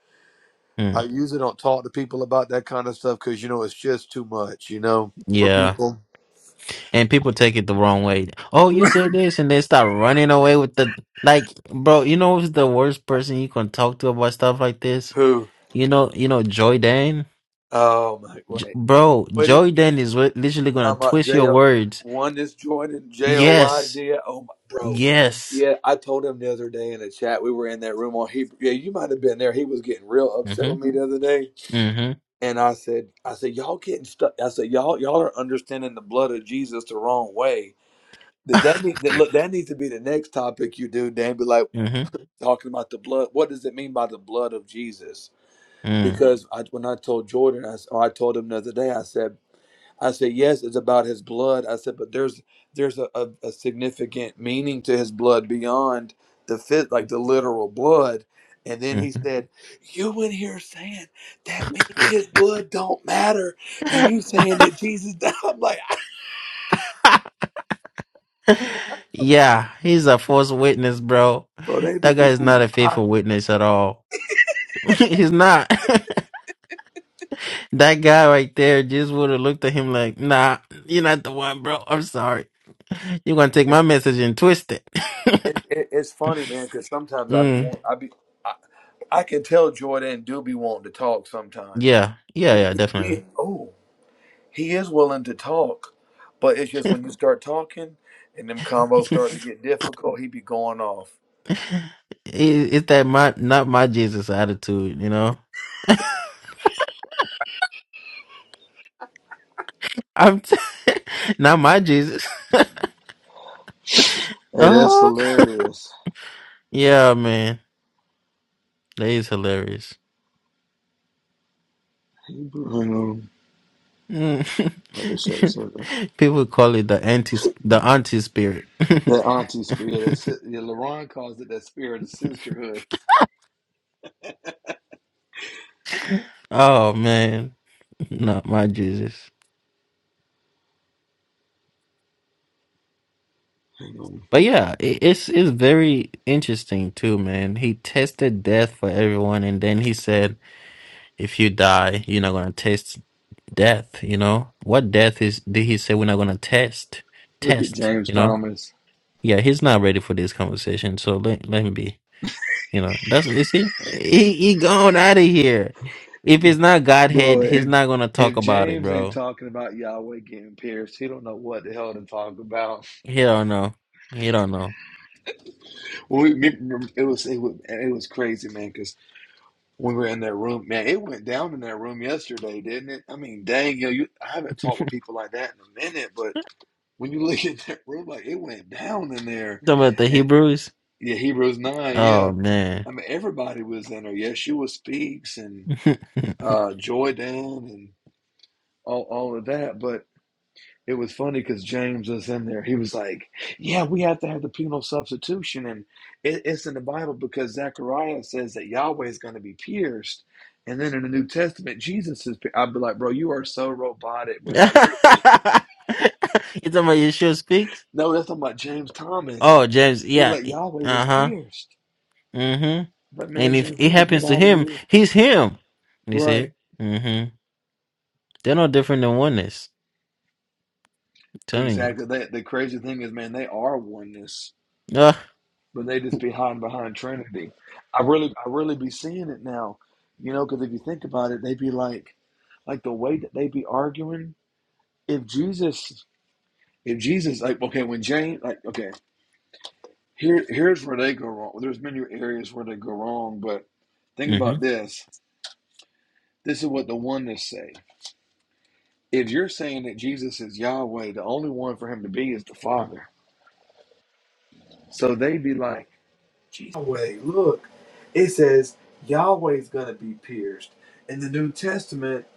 Speaker 3: I
Speaker 2: Mm,
Speaker 3: usually don't talk to people about that kind of stuff because you know it's just too much, you know, for
Speaker 2: yeah,
Speaker 3: people
Speaker 2: and people take it the wrong way. Oh, you said this, and they start running away with the like, bro. You know who's the worst person you can talk to about stuff like this?
Speaker 3: who.
Speaker 2: You know, you know, Joy Dan,
Speaker 3: Oh my
Speaker 2: J-
Speaker 3: wait,
Speaker 2: bro.
Speaker 3: wait.
Speaker 2: Joy Dan is wi- literally
Speaker 3: You
Speaker 2: gonna
Speaker 3: talking about
Speaker 2: twist
Speaker 3: J
Speaker 2: your
Speaker 3: O
Speaker 2: words.
Speaker 3: one is Jordan J O Y
Speaker 2: Yes,
Speaker 3: D? Oh my bro,
Speaker 2: yes.
Speaker 3: yeah. I told him the other day in a chat we were in that room on Hebrew. Yeah, you might have been there. He was getting real upset with
Speaker 2: Mhm.
Speaker 3: me the other day,
Speaker 2: Mhm.
Speaker 3: and I said, I said y'all getting stuck. I said y'all y'all are understanding the blood of Jesus the wrong way. That that, need, that look that needs to be the next topic you do, Dan. Be like
Speaker 2: mhm.
Speaker 3: talking about the blood. What does it mean by the blood of Jesus?
Speaker 2: Mm.
Speaker 3: Because I, when I told Jordan, I, s- or I told him the other day, I said. I said, yes, it's about his blood. I said, but there's there's a, a, a significant meaning to his blood beyond the fit, like the literal blood. And then he
Speaker 2: Mhm.
Speaker 3: said, you in here saying that means his blood don't matter, and you saying that Jesus died. I'm like,
Speaker 2: yeah, he's a false witness, bro.
Speaker 3: bro, they be
Speaker 2: That guy
Speaker 3: just
Speaker 2: is
Speaker 3: these
Speaker 2: not a
Speaker 3: lies.
Speaker 2: faithful witness at all. He's not. that guy right there just would have looked at him like, nah, you're not the one, bro. I'm sorry. You're going to take
Speaker 3: It,
Speaker 2: my message and twist it.
Speaker 3: it, it- it's funny, man, because sometimes I be,
Speaker 2: mm,
Speaker 3: want- I be, I, I can tell Jordan do be wanting to talk sometimes.
Speaker 2: yeah. Yeah,
Speaker 3: He,
Speaker 2: yeah,
Speaker 3: he,
Speaker 2: definitely.
Speaker 3: oh, He is willing to talk, but it's just when you start talking and them combos
Speaker 2: it,
Speaker 3: start to get difficult, he be going off.
Speaker 2: it's that my, not my Jesus attitude, you know? I'm t- not my Jesus.
Speaker 3: Hey, that's
Speaker 2: Oh,
Speaker 3: hilarious.
Speaker 2: yeah, man. That is hilarious.
Speaker 3: You um,
Speaker 2: Mm.
Speaker 3: what is that, so the-
Speaker 2: People call it the anti, the anti spirit.
Speaker 3: that auntie spirit, that si- yeah, LaRon calls it that spirit of sisterhood.
Speaker 2: Oh man, not my Jesus.
Speaker 3: Um,
Speaker 2: But yeah, it, it's it's very interesting too, man. He tested death for everyone, and then he said, "If you die, you're not gonna taste death." You know what death is? Did he say we're not gonna test?
Speaker 3: Look at
Speaker 2: Test?
Speaker 3: James
Speaker 2: You know?
Speaker 3: Thomas,
Speaker 2: Yeah, he's not ready for this conversation. So let let him be. You know, that's you see, he he gone out of here. If it's not
Speaker 3: bro.
Speaker 2: Godhead, he's
Speaker 3: If
Speaker 2: not gonna talk
Speaker 3: if
Speaker 2: about it,
Speaker 3: James ain't
Speaker 2: bro.
Speaker 3: talking about Yahweh getting pierced, he don't know what the hell to talk about.
Speaker 2: He don't know. He don't know.
Speaker 3: When we, me- it was it was, it was crazy, man. when we were in that room. Man, it went down in that room yesterday, didn't it? I mean, dang, yo, you, I haven't talked with people like that in a minute, but when you look at that room, like it went down in there.
Speaker 2: Talking about the
Speaker 3: And
Speaker 2: Hebrews.
Speaker 3: yeah, Hebrews 9,
Speaker 2: Oh
Speaker 3: yeah.
Speaker 2: man.
Speaker 3: I mean, everybody was in there. Yeshua speaks and
Speaker 2: you
Speaker 3: uh, Joy Down and all, all of that. But it was funny because James was in there. He was like, "Yeah, we have to have the penal substitution, and it, it's in the Bible because Zechariah says that Yahweh is going to be pierced, and then in the New Testament, Jesus is." I'd be like, "Bro, you are so robotic with how
Speaker 2: talking
Speaker 3: you're thinking."
Speaker 2: about Yeshua speaks?
Speaker 3: No, that's talking about James Thomas.
Speaker 2: Oh James,
Speaker 3: He was
Speaker 2: yeah.
Speaker 3: like, "Yahweh
Speaker 2: Uh
Speaker 3: was
Speaker 2: huh.
Speaker 3: pierced,"
Speaker 2: Mm-hmm.
Speaker 3: but man,
Speaker 2: And if
Speaker 3: James, you
Speaker 2: it
Speaker 3: don't get
Speaker 2: happens to
Speaker 3: out of
Speaker 2: him,
Speaker 3: here,
Speaker 2: he's him. You
Speaker 3: right?
Speaker 2: see? Mm-hmm. They're no different than oneness. I'm telling
Speaker 3: Exactly. That the crazy thing is, man, they are oneness
Speaker 2: you. Uh,
Speaker 3: but they just be hiding behind Trinity. I really, I really be seeing it now, you know, because if you think about it, they be like, like the way that they be arguing. If Jesus, if Jesus, like, okay, when James, like, okay, here, here's where they go wrong. There's many areas where they go wrong, but think
Speaker 2: mm-hmm.
Speaker 3: about this. This is what the oneness say. If you're saying that Jesus is Yahweh, the only one for him to be is the Father. So they be like, Jesus. It says Yahweh. And then it,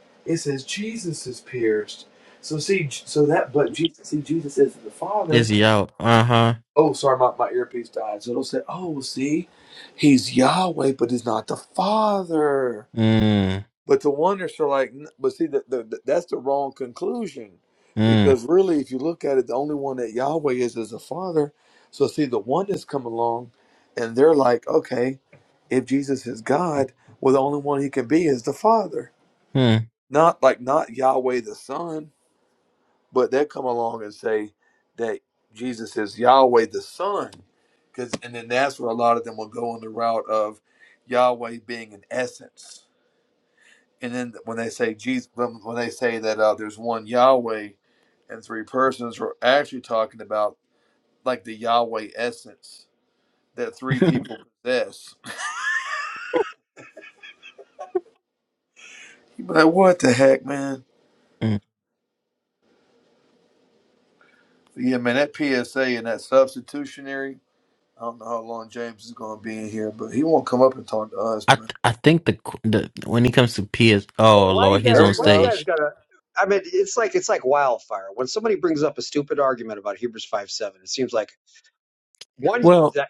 Speaker 3: is pierced. So see, so that, but Jesus, see, Jesus isn't the
Speaker 2: Is
Speaker 3: Father.
Speaker 2: he out? Uh-huh.
Speaker 3: Oh, sorry, my, my earpiece died. So it'll say, oh, well, see, he's Yahweh, but he's not the Father.
Speaker 2: Mm,
Speaker 3: But the wonders are like, but see, the, the, the, that's the wrong conclusion.
Speaker 2: mm,
Speaker 3: Because really, if you look at it, the only one that Yahweh is is the Father. So see, the oneness come along and they're like, okay, if Jesus is God, well, the only one he can be is the Father.
Speaker 2: mm.
Speaker 3: Not like, not Yahweh the Son. but they come along and say that Jesus is Yahweh the Son, because and then that's where a lot of them will go on the route of Yahweh being an essence, and then when they say Jesus, when when they say that uh, there's one Yahweh and three persons, we're actually talking about like the Yahweh essence that three people possess. You be like, what the heck, man? But yeah, man, that PSA and that substitutionary. I don't know how long James is going to be in here, but he won't come up and talk to us.
Speaker 2: I
Speaker 3: But
Speaker 2: th- I think the qu- the when it comes to PS,
Speaker 5: Hey,
Speaker 2: oh
Speaker 5: why you
Speaker 2: Lord, he's
Speaker 3: there
Speaker 5: guys?
Speaker 2: on
Speaker 3: he
Speaker 5: Why you
Speaker 3: goes.
Speaker 5: guys
Speaker 2: stage.
Speaker 5: gotta? I mean, it's like it's like wildfire. When somebody brings up a stupid argument about Hebrews five seven, it seems like one
Speaker 2: Well,
Speaker 5: that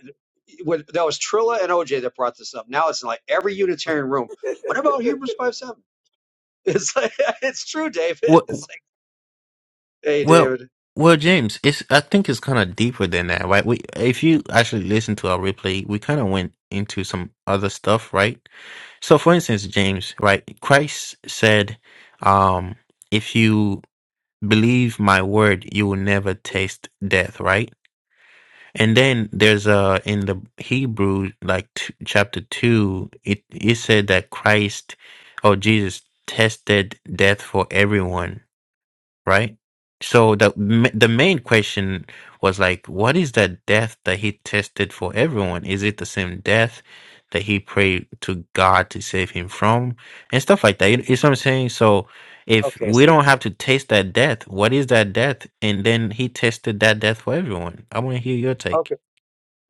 Speaker 5: when, that was Trilla and OJ that brought this up. Now it's in like every Unitarian room. What about Hebrews five seven? It's like it's true, David.
Speaker 2: what?
Speaker 5: It's like hey,
Speaker 2: Well,
Speaker 5: David.
Speaker 2: well, James, it's I think it's kind of deeper than that, right? We if you actually listen to our replay, we kind of went into some other stuff, right? So, for instance, James, right? Christ said, um, if you believe my word, you will never taste death, right? And then there's uh in the Hebrew like t- chapter 2 it it said that Christ or Jesus tested death for everyone, right? So the ma- the main question was like what is that death that he tested for everyone? Is it the same death that he prayed to God to save him from and stuff like that. You you see what I'm saying? So if
Speaker 5: Okay,
Speaker 2: we
Speaker 5: so
Speaker 2: don't have to taste that death, what is that death? And then he tested that death for everyone. I want to hear your take.
Speaker 5: okay.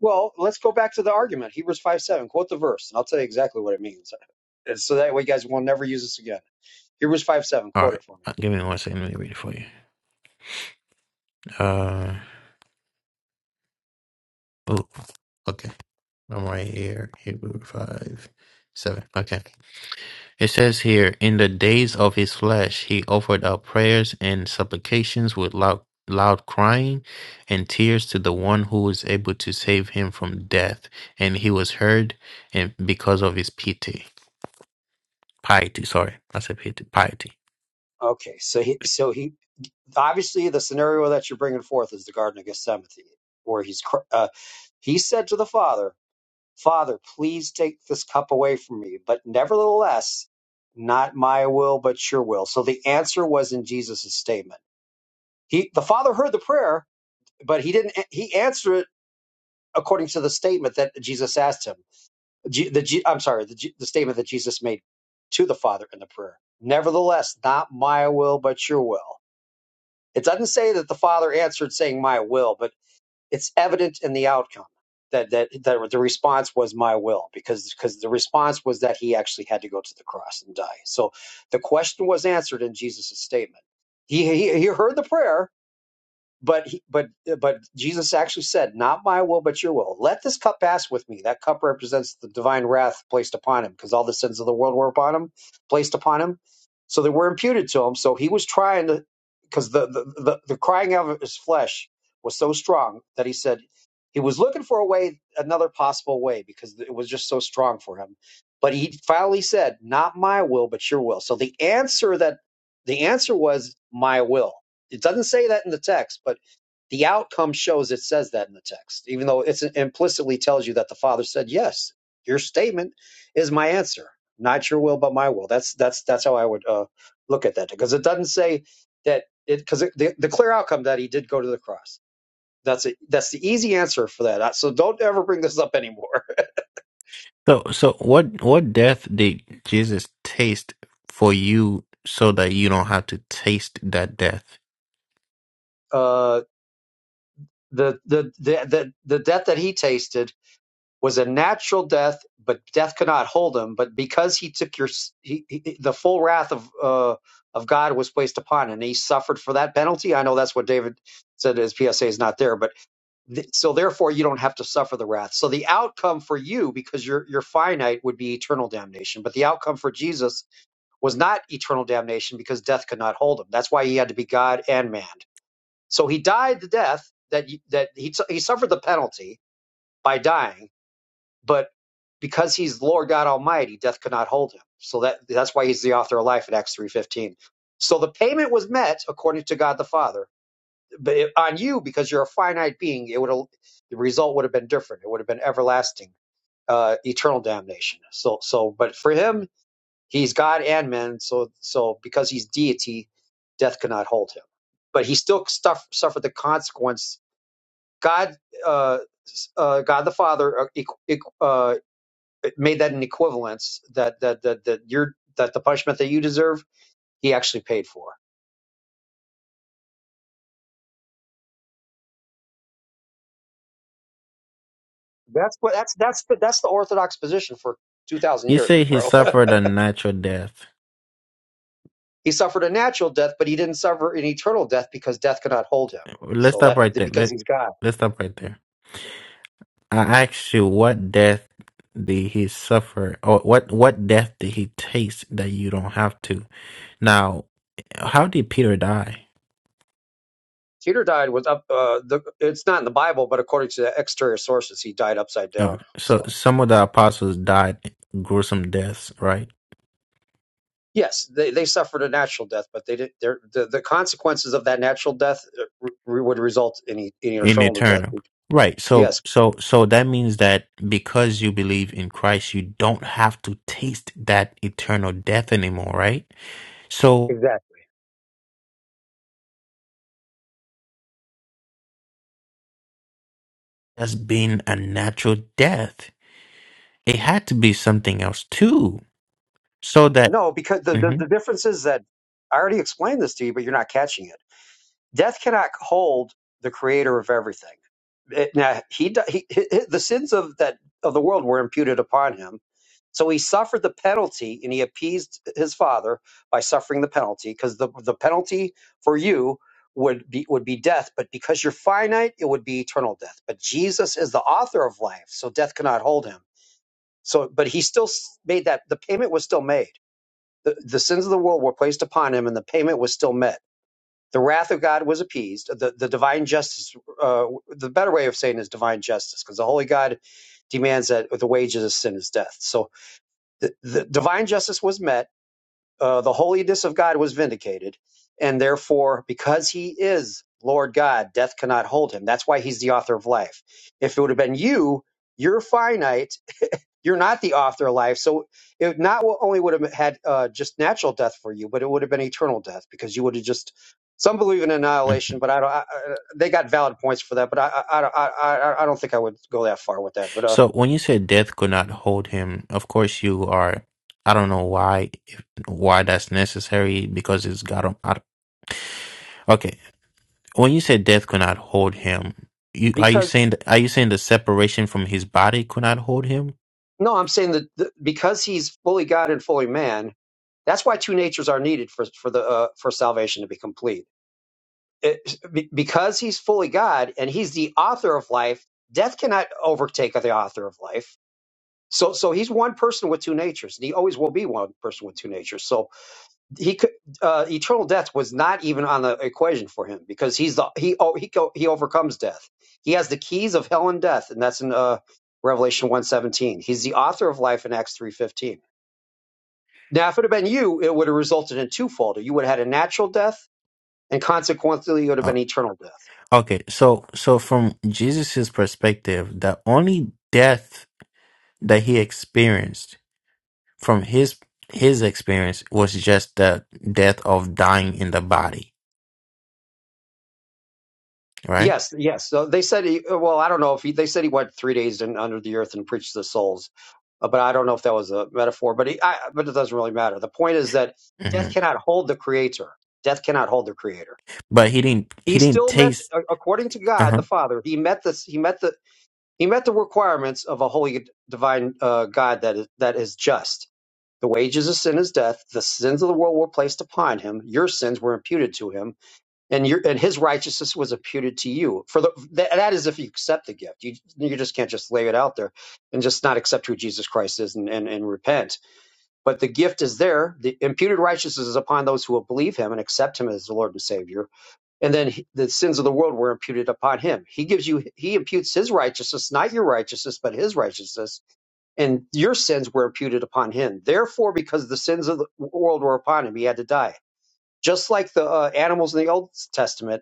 Speaker 5: Well, let's go back to the argument. Hebrews five seven. Quote the verse, and I'll tell you exactly what it means. And so that way, you guys will never use this again. Hebrews five seven.
Speaker 2: All
Speaker 5: Quote
Speaker 2: right.
Speaker 5: it for me.
Speaker 2: Uh, Give me one second. Let me read it for you. Uh, ooh, okay. I'm right here. Hebrew 5, 7. Okay. It says here, in the days of his flesh, he offered up prayers and supplications with loud, loud crying and tears to the one who was able to save him from death. And he was heard and because of his pity. Piety, sorry. I said piety. Piety.
Speaker 5: Okay, so he so he obviously the scenario that you're bringing forth is the Garden of Gethsemane, where he's cr- uh, he said to the Father, "Father, please take this cup away from me, but nevertheless, not my will but your will." So the answer was in Jesus' statement. He the Father heard the prayer, but he didn't. He answered it according to the statement that Jesus asked him. G, the G, I'm sorry, the, G, the statement that Jesus made to the Father in the prayer. Nevertheless, not my will but your will. It doesn't say that the father answered saying my will, but it's evident in the outcome that that, that the response was my will because because the response was that he actually had to go to the cross and die. So the question was answered in Jesus' statement. He, he, he heard the prayer, but he, but but Jesus actually said, "Not my will, but your will. Let this cup pass with me." That cup represents the divine wrath placed upon him, because all the sins of the world were upon him, placed upon him, so they were imputed to him. So he was trying to, because the the, the the crying out of his flesh was so strong that he said he was looking for a way, another possible way, because it was just so strong for him. But he finally said, "Not my will, but your will." So the answer that the answer was my will it doesn't say that in the text, but the outcome shows it says that in the text, even though it's implicitly tells you that the Father said, "Yes, your statement is my answer, not your will but my will." That's that's that's how I would uh, look at that because it doesn't say that it because the, the clear outcome that he did go to the cross. That's it. That's the easy answer for that. So don't ever bring this up anymore.
Speaker 2: So so what what death did Jesus taste for you so that you don't have to taste that death?
Speaker 5: Uh, the, the the the the death that he tasted was a natural death, but death could not hold him. But because he took your, he, he, the full wrath of uh, of God was placed upon him, and he suffered for that penalty. I know that's what David said. His PSA is not there, but th- so therefore you don't have to suffer the wrath. So the outcome for you, because you're you're finite, would be eternal damnation. But the outcome for Jesus was not eternal damnation because death could not hold him. That's why he had to be God and man. So he died the death that you, that he he suffered the penalty by dying but because he's Lord God Almighty, death could not hold him. So that that's why he's the author of life in Acts three fifteen. So the payment was met according to God the Father, but it, on you because you're a finite being, it would the result would have been different. It would have been everlasting, uh, eternal damnation. So so, but for him, he's God and man. So so because he's deity, death could not hold him. But he still stuff, suffered the consequence. God, uh, uh, God the Father uh, equ- equ- uh, made that an equivalence that that that that you're that the punishment that you deserve he actually paid for. That's what that's that's the, that's the orthodox position for two thousand
Speaker 2: You
Speaker 5: years,
Speaker 2: say he
Speaker 5: bro.
Speaker 2: suffered a natural death.
Speaker 5: He suffered a natural death, but he didn't suffer an eternal death because death could not hold him.
Speaker 2: Let's
Speaker 5: So
Speaker 2: stop
Speaker 5: that
Speaker 2: right there.
Speaker 5: because
Speaker 2: Let
Speaker 5: he's God.
Speaker 2: let's stop right there. I asked you what death did he suffer, or what what death did he taste that you don't have to? Now, how did Peter die?
Speaker 5: Peter died was up. Uh, the, it's not in the Bible, but according to the exterior sources, he died upside
Speaker 2: Oh,
Speaker 5: down. So
Speaker 2: so some of the apostles died gruesome deaths, right?
Speaker 5: yes, they, they suffered a natural death, but they did. their- The, the consequences of that natural death uh, re, would result in, e- in
Speaker 2: In
Speaker 5: eternal death.
Speaker 2: eternal, right? So
Speaker 5: Yes,
Speaker 2: so so that means that because you believe in Christ, you don't have to taste that eternal death anymore, right? So
Speaker 5: exactly.
Speaker 2: that's been a natural death. It had to be something else too, so that.
Speaker 5: No, because the, the,
Speaker 2: Mhm.
Speaker 5: the difference is that I already explained this to you, but you're not catching it. Death cannot hold the creator of everything. It, now he, di- he, he the sins of that of the world were imputed upon him, so he suffered the penalty, and he appeased his father by suffering the penalty, because the the penalty for you would be would be death, but because you're finite, it would be eternal death. But Jesus is the author of life, so death cannot hold him. So, but he still s- made that the payment was still made the, the sins of the world were placed upon him, and the payment was still met. The wrath of God was appeased. The, the divine justice, uh, the better way of saying is divine justice, because the holy God demands that the wages of sin is death. So the, the divine justice was met, uh, the holiness of God was vindicated, and therefore, because he is Lord God, death cannot hold him. That's why he's the author of life. If it would have been you, you're finite you're not the author of life. So it not only would have had uh, just natural death for you, but it would have been eternal death because you would have just. Some believe in annihilation, but I don't. I, I, they got valid points for that, but I, I, I, I, I I don't think I would go that far with that. But uh,
Speaker 2: So when you said death could not hold him, of course you are. I don't know why if, why that's necessary because it's God. on- I, okay, when you said death could not hold him, you are you
Speaker 5: because
Speaker 2: saying th- are you saying the separation from his body could not hold him?
Speaker 5: no, I'm saying that the, because he's fully God and fully man, that's why two natures are needed for for the uh, for salvation to be complete. It, be- because he's fully God and he's the author of life, death cannot overtake the author of life So, so he's one person with two natures, and he always will be one person with two natures. So he could uh, eternal death was not even on the equation for him because he's the he oh, he go, he overcomes death. He has the keys of hell and death, and that's in uh, Revelation one seventeen. He's the author of life in Acts three fifteen. Now, if it had been you, it would have resulted in twofold. You would have had a natural death and consequently it would have
Speaker 2: Uh,
Speaker 5: been eternal death.
Speaker 2: okay, so so from Jesus's perspective, the only death that he experienced from his his experience was just the death of dying in the body, right?
Speaker 5: Yes, yes. So they said, he, uh, well, I don't know if he, they said he went three days in, under the earth and preached to the souls, uh, but I don't know if that was a metaphor. But he, I, but it doesn't really matter. The point is that
Speaker 2: Mm-hmm.
Speaker 5: death cannot hold the Creator. Death cannot hold the Creator.
Speaker 2: But he didn't. He
Speaker 5: He
Speaker 2: didn't
Speaker 5: still met,
Speaker 2: taste.
Speaker 5: a- according to
Speaker 2: Uh
Speaker 5: God
Speaker 2: huh.
Speaker 5: the Father, he met this. He met the He met the requirements of a holy divine uh, God that is, that is just. The wages of sin is death. The sins of the world were placed upon him. Your sins were imputed to him, and your and his righteousness was imputed to you. For the, that, that is if you accept the gift. You you just can't just lay it out there and just not accept who Jesus Christ is and, and, and repent. But the gift is there. The imputed righteousness is upon those who will believe him and accept him as the Lord and Savior and then he- the sins of the world were imputed upon him. He gives you, he imputes his righteousness, not your righteousness, but his righteousness, and your sins were imputed upon him. Therefore, because the sins of the world were upon him, he had to die. Just like the uh, animals in the Old Testament,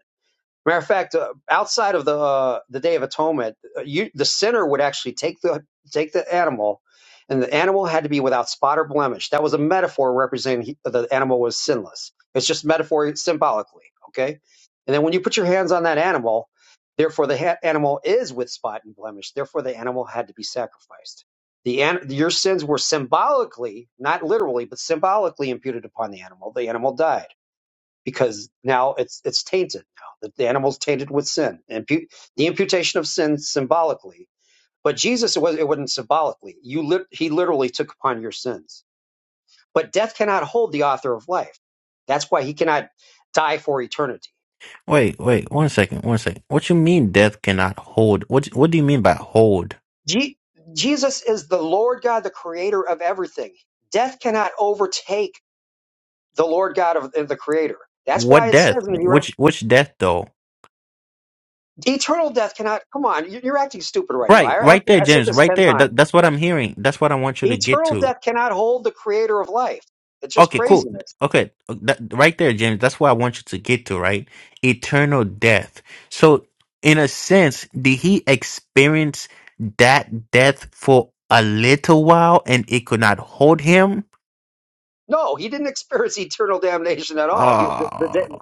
Speaker 5: Matter of fact, uh, outside of the uh, the Day of Atonement, uh, you, the sinner would actually take the take the animal, and the animal had to be without spot or blemish. That was a metaphor representing he, the animal was sinless. It's just metaphor symbolically, okay? And then when you put your hands on that animal, therefore the ha- animal is with spot and blemish. Therefore, the animal had to be sacrificed. The an- your sins were symbolically, not literally, but symbolically imputed upon the animal. The animal died because now it's it's tainted now that the animal's tainted with sin and the imputation of sin symbolically but jesus it, was, it wasn't symbolically you lit he literally took upon your sins but death cannot hold the author of life that's why he cannot die for eternity
Speaker 2: Wait,
Speaker 5: but
Speaker 2: wait. One second. One second. What you mean death cannot hold? What What do you mean by hold?
Speaker 5: Je- jesus is the lord god the creator of everything death cannot overtake the lord god of, of the creator that's
Speaker 2: What
Speaker 5: why it
Speaker 2: death?
Speaker 5: says in the
Speaker 2: Which Which death though?
Speaker 5: eternal death cannot come on you- you're acting stupid right now
Speaker 2: Right,
Speaker 5: i, I,
Speaker 2: right there,
Speaker 5: I said
Speaker 2: James.
Speaker 5: this
Speaker 2: Right
Speaker 5: 10
Speaker 2: there.
Speaker 5: times
Speaker 2: That, that's what I'm hearing. That's what I want you to get
Speaker 5: Eternal
Speaker 2: to.
Speaker 5: death cannot hold the creator of life. It's just
Speaker 2: Okay, cool.
Speaker 5: craziness.
Speaker 2: Okay, that, right there, James. That's what I want you to get to. Right, eternal death. So, in a sense, did he experience that death for a little while, and it could not hold him?
Speaker 5: No, he didn't experience eternal damnation at all. He, the, the,
Speaker 2: Oh,
Speaker 5: da-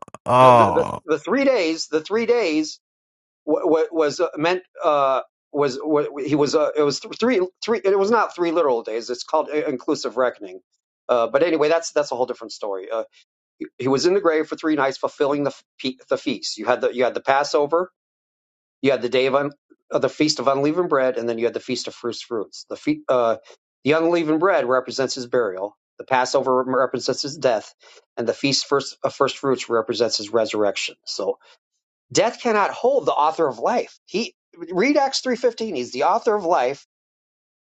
Speaker 5: the, the, the,
Speaker 2: oh,
Speaker 5: the three days, the three days w- w- was uh, meant, uh, was, wa- he was, uh, it was th- three, three, it was not three literal days. It's called i- inclusive reckoning. Uh, but anyway, that's, that's a whole different story. Uh, he, he was in the grave for three nights, fulfilling the, f- pe- the feast. You had the, you had the Passover, You had the day of, un, of the feast of unleavened bread, and then you had the feast of first fruits. The fe, uh, the unleavened bread represents his burial. The Passover represents his death, and the feast first of first fruits represents his resurrection. So death cannot hold the author of life. He read Acts three fifteen. He's the author of life.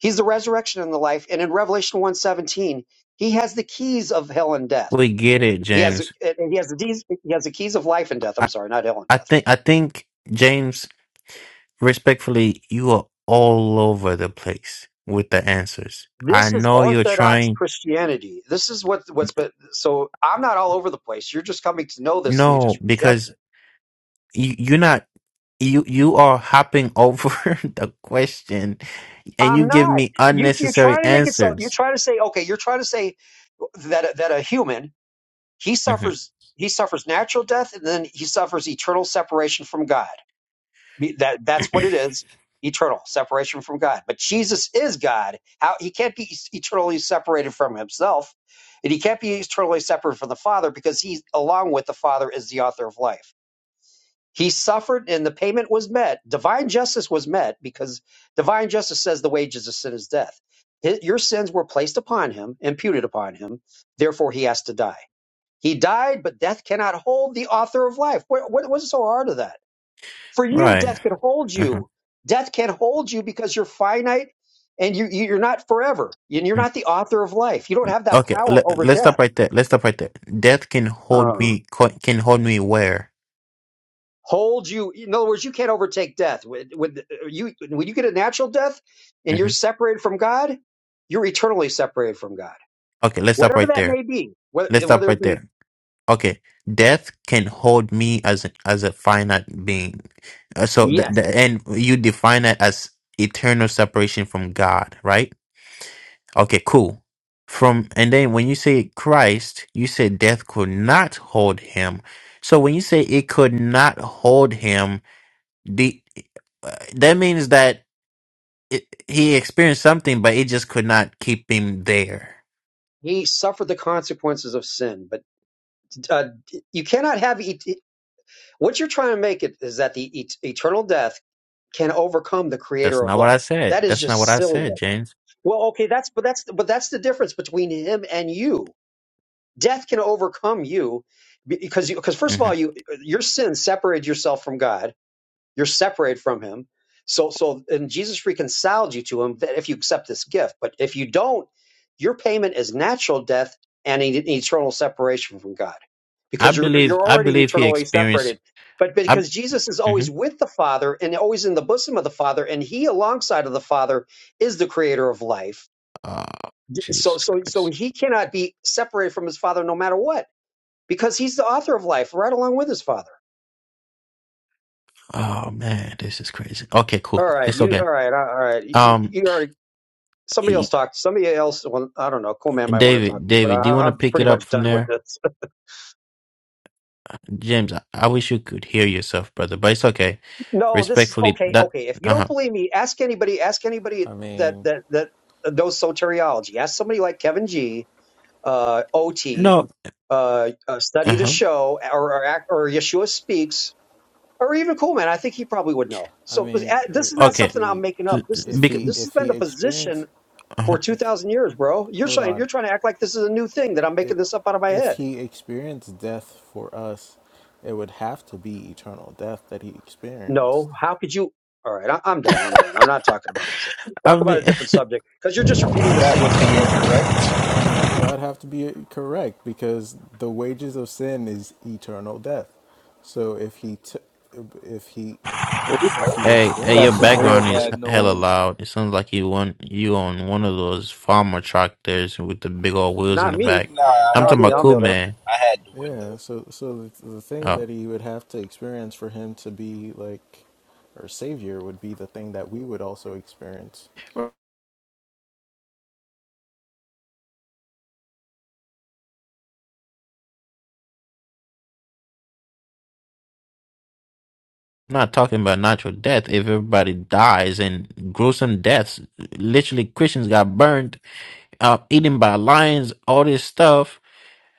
Speaker 5: He's the resurrection and the life. And in Revelation one seventeen, he has the keys of hell and death.
Speaker 2: we get it,
Speaker 5: He has
Speaker 2: James.
Speaker 5: and he has the keys. He has the keys of life and death.
Speaker 2: I,
Speaker 5: I'm sorry, not hell and
Speaker 2: I
Speaker 5: death
Speaker 2: think, I think, James, respectfully, you are all over the place with the answers. I
Speaker 5: This is
Speaker 2: know you're
Speaker 5: Orthodox
Speaker 2: trying.
Speaker 5: Christianity. This is what what's been. So I'm not all over the place. You're just coming to know this, and you
Speaker 2: No,
Speaker 5: just reject
Speaker 2: because
Speaker 5: it.
Speaker 2: you, you're not. You you are hopping over the question, and you
Speaker 5: I'm
Speaker 2: give
Speaker 5: not.
Speaker 2: me
Speaker 5: You you're
Speaker 2: unnecessary
Speaker 5: trying to make it so. You're
Speaker 2: answers.
Speaker 5: trying to say okay. You're trying to say that that a human he
Speaker 2: hmm
Speaker 5: suffers he suffers natural death and then he suffers eternal separation from God. Be- That that's what it is. Eternal separation from God. But Jesus is God. How he can't be eternally separated from himself, and he can't be eternally separate from the Father because he, along with the Father, is the author of life. He suffered, and the payment was met. Divine justice was met because divine justice says the wages of sin is death. Hi- Your sins were placed upon him, imputed upon him. Therefore, he has to die. He died, but death cannot hold the author of life. What, what, what's so hard of that? For you,
Speaker 2: Right.
Speaker 5: death can hold you.
Speaker 2: hmm
Speaker 5: Death can hold you because you're finite and you, you- you're not forever. And you're not the author of life. You don't have that
Speaker 2: Okay.
Speaker 5: power
Speaker 2: Let,
Speaker 5: over
Speaker 2: let's stop
Speaker 5: death.
Speaker 2: right there. Let's stop right there. Death can hold
Speaker 5: Uh,
Speaker 2: me. co- Can hold me where?
Speaker 5: hold you. In other words, you can't overtake death. When, when you, when you get a natural death and
Speaker 2: Mm-hmm.
Speaker 5: you're separated from God, you're eternally separated from God.
Speaker 2: Okay, let's stop
Speaker 5: Whatever
Speaker 2: right
Speaker 5: that
Speaker 2: there.
Speaker 5: may be, whether,
Speaker 2: Let's stop
Speaker 5: whether it
Speaker 2: right
Speaker 5: be,
Speaker 2: there. Okay, death can hold me as a, as a finite being. Uh, So the,
Speaker 5: yes,
Speaker 2: the and you define it as eternal separation from God, right? Okay, cool. From and then when you say Christ, you say death could not hold him. So when you say it could not hold him, the uh, that means that it, he experienced something, but it just could not keep him there.
Speaker 5: he suffered the consequences of sin, but uh, you cannot have eternity. What you're trying to make it is that the et- eternal death can overcome the
Speaker 2: That's
Speaker 5: creator of
Speaker 2: not what I
Speaker 5: life.
Speaker 2: said.
Speaker 5: That is
Speaker 2: That's not what
Speaker 5: just
Speaker 2: I said,
Speaker 5: silliness.
Speaker 2: James.
Speaker 5: Well, okay, that's but that's but that's the difference between him and you. Death can overcome you because you because first of
Speaker 2: hmm
Speaker 5: all you your sin separated yourself from God you're separated from him. So so and Jesus reconciled you to him that if you accept this gift. But if you don't, your payment is natural death and an eternal separation from God.
Speaker 2: I
Speaker 5: Because you're
Speaker 2: believe
Speaker 5: you're
Speaker 2: I
Speaker 5: already
Speaker 2: believe he
Speaker 5: eternally
Speaker 2: experienced.
Speaker 5: separated. But
Speaker 2: I
Speaker 5: because Jesus is
Speaker 2: hmm
Speaker 5: always with the Father and always in the bosom of the Father, and he alongside of the Father is the creator of life.
Speaker 2: oh
Speaker 5: So
Speaker 2: Jesus
Speaker 5: so so
Speaker 2: Christ.
Speaker 5: he cannot be separated from his father no matter what because he's the author of life right along with his father
Speaker 2: Oh man, this is crazy. Okay, cool.
Speaker 5: all right
Speaker 2: It's
Speaker 5: you
Speaker 2: okay.
Speaker 5: all right all right you,
Speaker 2: Um,
Speaker 5: you already somebody else
Speaker 2: he-
Speaker 5: talked. Somebody else. Well, I don't know. Cool man might want to talk
Speaker 2: David,
Speaker 5: to you, but
Speaker 2: David, do you
Speaker 5: I,
Speaker 2: want to
Speaker 5: I'm
Speaker 2: pick
Speaker 5: pretty
Speaker 2: it up
Speaker 5: much
Speaker 2: from
Speaker 5: done with
Speaker 2: there?
Speaker 5: this.
Speaker 2: James, I, I wish you could hear yourself, brother, but it's okay.
Speaker 5: No, this is
Speaker 2: Respectfully,
Speaker 5: okay.
Speaker 2: that
Speaker 5: Okay, if you
Speaker 2: uh
Speaker 5: don't
Speaker 2: huh.
Speaker 5: believe me, ask anybody. Ask anybody
Speaker 6: I
Speaker 5: that
Speaker 6: mean,
Speaker 5: that that uh, knows soteriology. Ask somebody like Kevin G, uh, OT,
Speaker 2: No,
Speaker 5: uh, uh,
Speaker 2: uh
Speaker 5: study to
Speaker 2: huh.
Speaker 5: show, or or, Ac- or Yeshua speaks, or even cool man. I think he probably would know.
Speaker 6: I
Speaker 5: So but,
Speaker 6: mean,
Speaker 5: uh,
Speaker 6: if,
Speaker 5: this is not
Speaker 6: if
Speaker 2: Okay,
Speaker 5: something
Speaker 6: he,
Speaker 5: I'm making up. This is
Speaker 6: if
Speaker 2: because
Speaker 6: he,
Speaker 5: this has
Speaker 6: if
Speaker 5: been
Speaker 6: he
Speaker 5: the
Speaker 6: experienced,
Speaker 5: position
Speaker 2: uh-huh.
Speaker 5: for two
Speaker 6: if
Speaker 5: thousand years, bro. You're
Speaker 6: hold
Speaker 5: trying you're
Speaker 6: on,
Speaker 5: trying to act like this is a new thing that I'm
Speaker 6: if,
Speaker 5: making this up out of my
Speaker 6: if
Speaker 5: head.
Speaker 6: he experienced death for us, it would have to be eternal death that he experienced.
Speaker 5: No, how could you? All right, I, I'm done. I'm done. I'm not talking about this. anymore. Talk
Speaker 2: I
Speaker 5: about
Speaker 2: mean,
Speaker 5: a different subject because you're just repeating the
Speaker 7: That
Speaker 5: same
Speaker 7: would
Speaker 5: stuff
Speaker 7: be
Speaker 5: over again.
Speaker 7: incorrect.
Speaker 6: That would have to be correct because the wages of sin is eternal death. So if he, t- if he,
Speaker 3: Oh, you
Speaker 6: if he
Speaker 2: Hey, hey, your
Speaker 3: got
Speaker 6: experienced
Speaker 3: some real
Speaker 2: background
Speaker 6: that,
Speaker 2: is
Speaker 3: bad
Speaker 2: hella
Speaker 3: noise.
Speaker 2: loud. It sounds like you on you on one of those farmer tractors with the big old wheels in
Speaker 5: Not
Speaker 2: the
Speaker 5: me.
Speaker 2: back.
Speaker 7: Nah,
Speaker 5: Uh,
Speaker 7: I
Speaker 2: I'm
Speaker 5: not
Speaker 2: talking
Speaker 7: had
Speaker 5: me.
Speaker 2: about
Speaker 7: the
Speaker 5: I'll
Speaker 2: cool
Speaker 5: mute up.
Speaker 2: man.
Speaker 7: I had the window.
Speaker 6: Yeah, so so the, the thing
Speaker 2: Uh,
Speaker 6: that he would have to experience for him to be like our savior would be the thing that we would also experience.
Speaker 2: I'm not talking about natural death. If everybody dies and gruesome deaths, literally Christians got burned, uh, eaten by lions, all this stuff.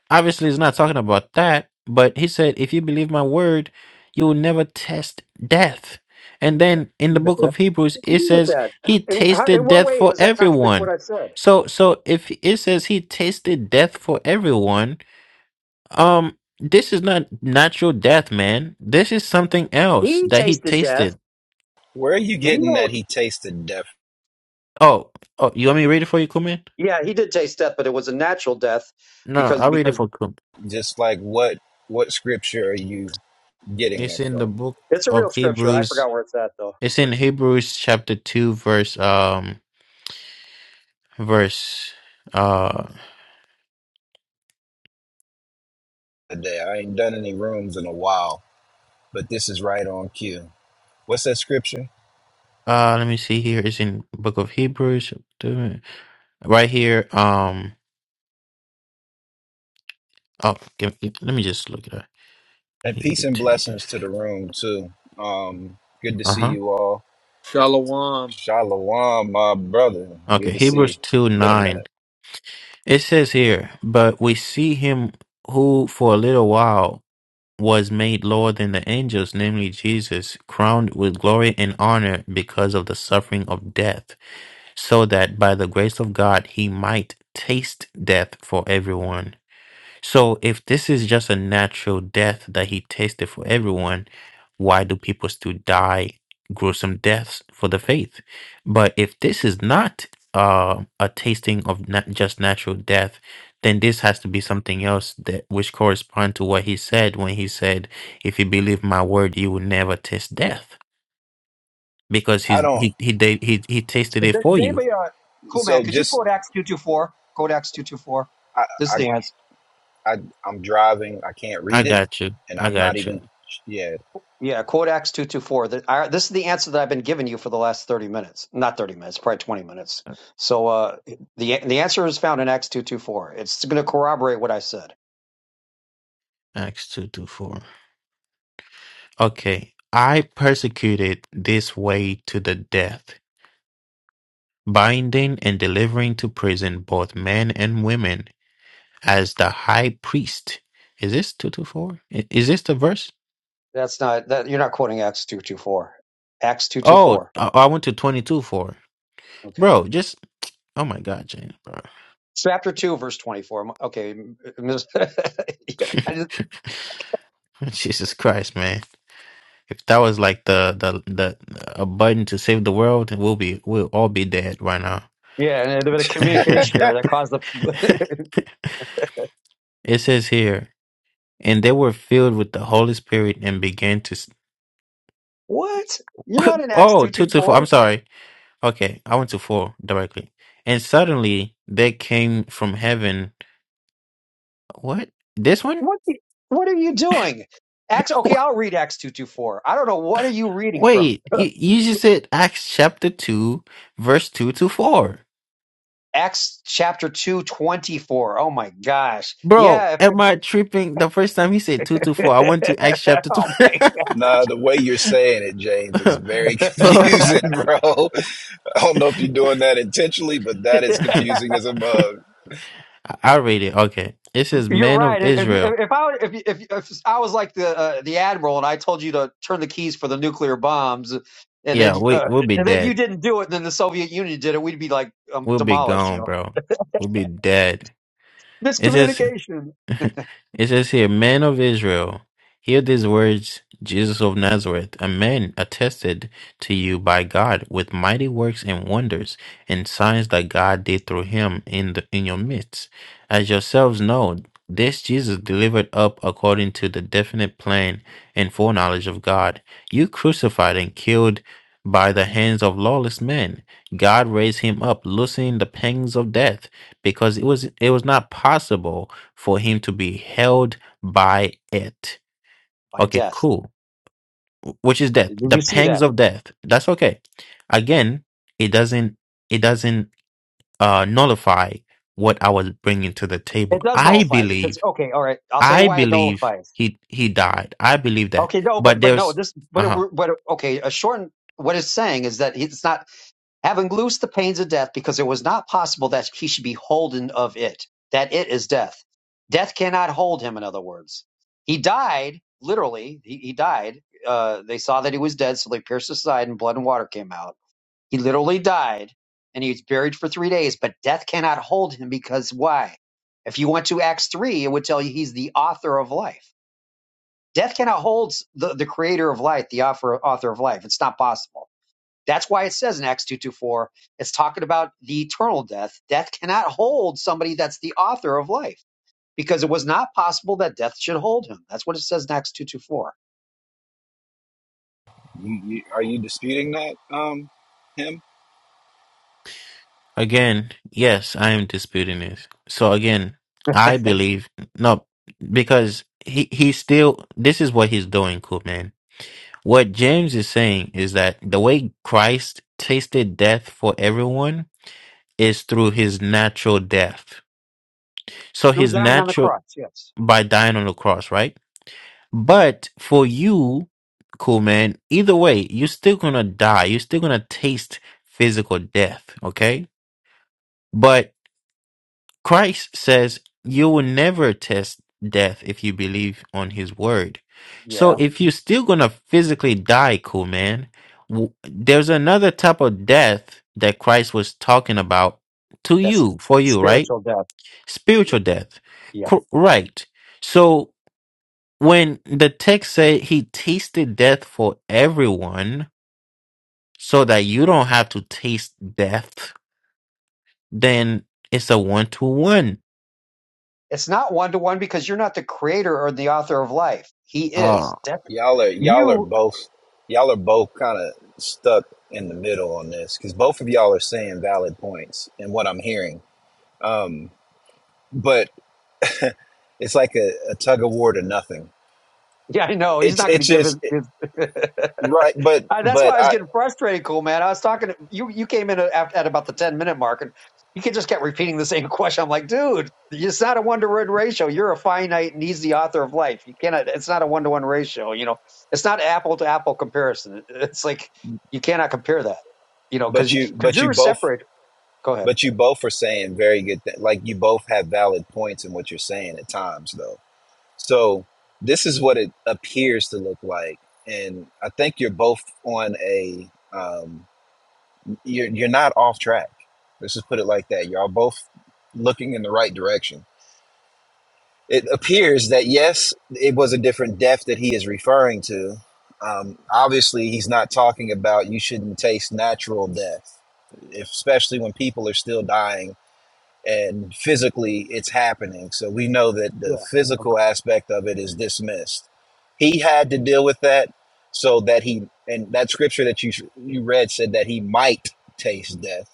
Speaker 2: Obviously, he's not talking about that, but he said, If you believe my word, you will never taste death. And then in the
Speaker 5: With
Speaker 2: book
Speaker 5: that.
Speaker 2: of Hebrews, it
Speaker 5: with
Speaker 2: says
Speaker 5: that.
Speaker 2: he
Speaker 5: In, how, in
Speaker 2: tasted
Speaker 5: what
Speaker 2: death
Speaker 5: way
Speaker 2: for
Speaker 5: does that contradict what
Speaker 2: everyone.
Speaker 5: I said?
Speaker 2: So so if it says he tasted death for everyone, um this is not natural death, man. This is something else
Speaker 5: He
Speaker 2: that he
Speaker 5: tasted death.
Speaker 2: tasted.
Speaker 7: Where are you
Speaker 5: We
Speaker 7: getting that
Speaker 5: won't.
Speaker 7: he tasted death?
Speaker 2: Oh, oh, you want me to read it for you, Kuman?
Speaker 5: Yeah, he did taste death, but it was a natural death
Speaker 2: No, no,
Speaker 5: because
Speaker 2: I'll read it
Speaker 5: because
Speaker 2: for Kuman.
Speaker 7: Just like what what scripture are you getting
Speaker 2: It's
Speaker 7: that
Speaker 2: in the
Speaker 7: from
Speaker 2: book
Speaker 5: it's a real
Speaker 2: of
Speaker 5: scripture. I
Speaker 2: Hebrews.
Speaker 5: forgot where it's at though.
Speaker 2: It's
Speaker 5: But
Speaker 2: in Hebrews chapter two, verse um verse uh
Speaker 7: today? I ain't done any rooms in a while, but this is right on cue. What's that scripture?
Speaker 2: uh let me see here it's in book of hebrews right here um oh give, give- let me just look it up
Speaker 7: And peace and blessings to the room too. Um, good to see
Speaker 2: uh-huh
Speaker 7: you all.
Speaker 3: Shalom.
Speaker 7: Shalom, my brother.
Speaker 2: okay
Speaker 7: Good to see you.
Speaker 2: hebrews 2
Speaker 7: Been a minute.
Speaker 2: 9 it says here but we see him who for a little while was made lower than the angels namely jesus crowned with glory and honor because of the suffering of death so that by the grace of god he might taste death for everyone So if this is just a natural death that he tasted for everyone, why do people still die gruesome deaths for the faith? But if this is not uh, a tasting of not just natural death, then this has to be something else that which correspond to what he said when he said, "If you believe my word, you will never taste death," because
Speaker 7: I
Speaker 2: he's
Speaker 7: don't.
Speaker 2: he he did he he tasted
Speaker 5: Does
Speaker 2: it for you.
Speaker 5: anybody, uh, cool man,
Speaker 7: So
Speaker 5: could you
Speaker 7: just
Speaker 5: quote Acts two two four? Quote Acts two two four. This is
Speaker 7: I,
Speaker 5: the answer.
Speaker 7: I I'm driving. I can't
Speaker 2: I
Speaker 7: read it,
Speaker 2: got you.
Speaker 7: and
Speaker 2: I
Speaker 7: I'm not
Speaker 2: got you.
Speaker 7: even. Yeah.
Speaker 5: Yeah, quote Acts 224. That I- This is the answer that I've been giving you for the last 30 minutes. Not 30 minutes, probably 20 minutes. So uh, the the answer is found in Acts 224. It's going to corroborate what I said.
Speaker 2: Acts two to four. Okay. I persecuted this way to the death, binding and delivering to prison both men and women as the high priest. Is this 224? Is this the verse?
Speaker 5: That's not that you're not quoting Acts 224. Acts
Speaker 2: Oh,
Speaker 5: 224.
Speaker 2: I I went to 22 two four,
Speaker 5: Okay.
Speaker 2: Bro, just oh my god, James, bro.
Speaker 5: Chapter 2 verse 24. Okay. yeah, I just-
Speaker 2: Jesus Christ, man. If that was like the the the a button to save the world, we'll be we'll all be dead right now.
Speaker 5: yeah, and a bit of communication error that caused the
Speaker 2: it says here, and they were filled with the Holy Spirit and began to
Speaker 5: What? You're not in Acts
Speaker 2: Oh, two to four.
Speaker 5: 224?
Speaker 2: I'm sorry. Okay, I went to four directly. And suddenly there came from heaven. What? This one?
Speaker 5: What the- what are you doing? Acts okay, I'll read Acts 224. I don't know what are you reading from?
Speaker 2: Wait, you, you just said Acts chapter 2, verse 2 to 4.
Speaker 5: Acts chapter 224. Oh my gosh.
Speaker 2: Bro,
Speaker 5: Yeah.
Speaker 2: am I tripping? The first time he said 2 to
Speaker 5: if-
Speaker 2: 4, I went to Acts chapter 2.
Speaker 5: oh my
Speaker 7: Nah, the way you're saying it, James, is very
Speaker 2: Bro,
Speaker 5: god.
Speaker 7: confusing, bro. I don't know if you're doing that intentionally, but that is confusing as a mug.
Speaker 2: I read it. Okay. It says,
Speaker 5: You're
Speaker 2: Men
Speaker 5: right.
Speaker 2: of
Speaker 5: If
Speaker 2: Israel.
Speaker 5: if, if I if, if if I was like the uh, the admiral and I told you to turn the keys for the nuclear bombs and then
Speaker 2: Yeah, we,
Speaker 5: uh,
Speaker 2: we'll be
Speaker 5: and then you
Speaker 2: dead.
Speaker 5: didn't do it and then the Soviet Union did it, we'd be like um,
Speaker 2: We'll be
Speaker 5: demolished, you
Speaker 2: gone,
Speaker 5: know.
Speaker 2: bro. We'll be dead. It says.
Speaker 5: Miscommunication
Speaker 2: It says here, Men of Israel, hear these words Jesus of Nazareth, a man attested to you by God with mighty works and wonders and signs that God did through him in, the, in your midst. As yourselves know, this Jesus delivered up according to the definite plan and foreknowledge of God. You crucified and killed by the hands of lawless men. God raised him up, loosening the pangs of death, because it was it was not possible for him to be held by it.
Speaker 5: by
Speaker 2: Okay,
Speaker 5: death.
Speaker 2: cool. Wh- Which is death.
Speaker 5: Did
Speaker 2: The
Speaker 5: you see
Speaker 2: pangs
Speaker 5: that?
Speaker 2: of death. That's okay. Again, it doesn't it doesn't uh nullify what I was bringing to the table.
Speaker 5: It does
Speaker 2: I
Speaker 5: nullify because
Speaker 2: believe
Speaker 5: okay, all right. I'll tell you
Speaker 2: I
Speaker 5: why it
Speaker 2: believe
Speaker 5: nullifies.
Speaker 2: he he died. I believe that.
Speaker 5: Okay, no,
Speaker 2: But
Speaker 5: but but no,
Speaker 2: there's
Speaker 5: this but it,
Speaker 2: uh-huh.
Speaker 5: but okay. A shortened what it's saying is that it's not having loosed the pains of death because it was not possible that he should be holden of it. That it is death. Death cannot hold him. In other words, he died literally. He, he died. Uh, they saw that he was dead, so they pierced his side, and blood and water came out he literally died and he was buried for three days, but death cannot hold him because why? If you went to Acts 3, it would tell you he's the author of life. Death cannot hold the, the creator of life, the author, author of life. It's not possible. That's why it says in Acts 2.24, it's talking about the eternal death. Death cannot hold somebody that's the author of life because it was not possible that death should hold him. That's what it says in Acts 2.24.
Speaker 7: You, you, are you disputing that, um, him?
Speaker 2: Again, yes, I am disputing this. So again, I believe no because he he still this is what he's doing, cool man What James is saying is that the way Christ tasted death for everyone is through his natural death. So
Speaker 5: Through
Speaker 2: his
Speaker 5: dying on the
Speaker 2: natural
Speaker 5: cross, yes.
Speaker 2: by dying on the cross, right? But for you, cool man, either way, you're still gonna die. You're still gonna taste physical death, okay? but. Christ says you will never test death if you believe on his word. So
Speaker 5: Yeah.
Speaker 2: if you're still going to physically die, cool man, w- there's another type of death that Christ was talking about to
Speaker 5: That's
Speaker 2: you, for you, right?
Speaker 5: spiritual death. Yeah.
Speaker 2: Spiritual death. Cor- right. So when the text said he tasted death for everyone so that you don't have to taste death, then it's a one to one
Speaker 5: It's not one to one because you're not the creator or the author of life. He is. That-
Speaker 7: Y'all are y'all are
Speaker 5: you.
Speaker 7: both y'all are both kind of stuck in the middle on this because both of y'all are saying valid points in what I'm hearing. Um, but it's like a, a tug of war to nothing.
Speaker 5: Yeah, I know. He's
Speaker 7: It's
Speaker 5: not going
Speaker 7: it's
Speaker 5: to give
Speaker 7: just
Speaker 5: his. his
Speaker 7: Right, but
Speaker 5: Uh, that's why I
Speaker 7: but
Speaker 5: was
Speaker 7: I
Speaker 5: getting frustrated, cool man. I was talking. To, you you came in at, at about the ten minute mark, and you could just kept repeating the same question. I'm like, dude, it's not a one to one ratio. You're a finite, and he's the author of life. You cannot. It's not a one to one ratio. You know, it's not apple to apple comparison. It's like you cannot compare that. You know, because
Speaker 7: but you
Speaker 5: because
Speaker 7: but
Speaker 5: you,
Speaker 7: you
Speaker 5: are
Speaker 7: both
Speaker 5: separated. Go ahead.
Speaker 7: but you both are saying very good things. Like you both have valid points in what you're saying at times, though. So this is what it appears to look like, and I think you're both on a um, you're you're not off track. Let's just put it like that. You're all both looking in the right direction. It appears that yes, it was a different death that he is referring to. Um, obviously, he's not talking about you shouldn't taste natural death especially when people are still dying and physically it's happening. So we know that
Speaker 5: Yeah,
Speaker 7: the
Speaker 5: okay,
Speaker 7: physical aspect of it is dismissed. He had to deal with that so that he and that scripture that you you read said that he might taste death.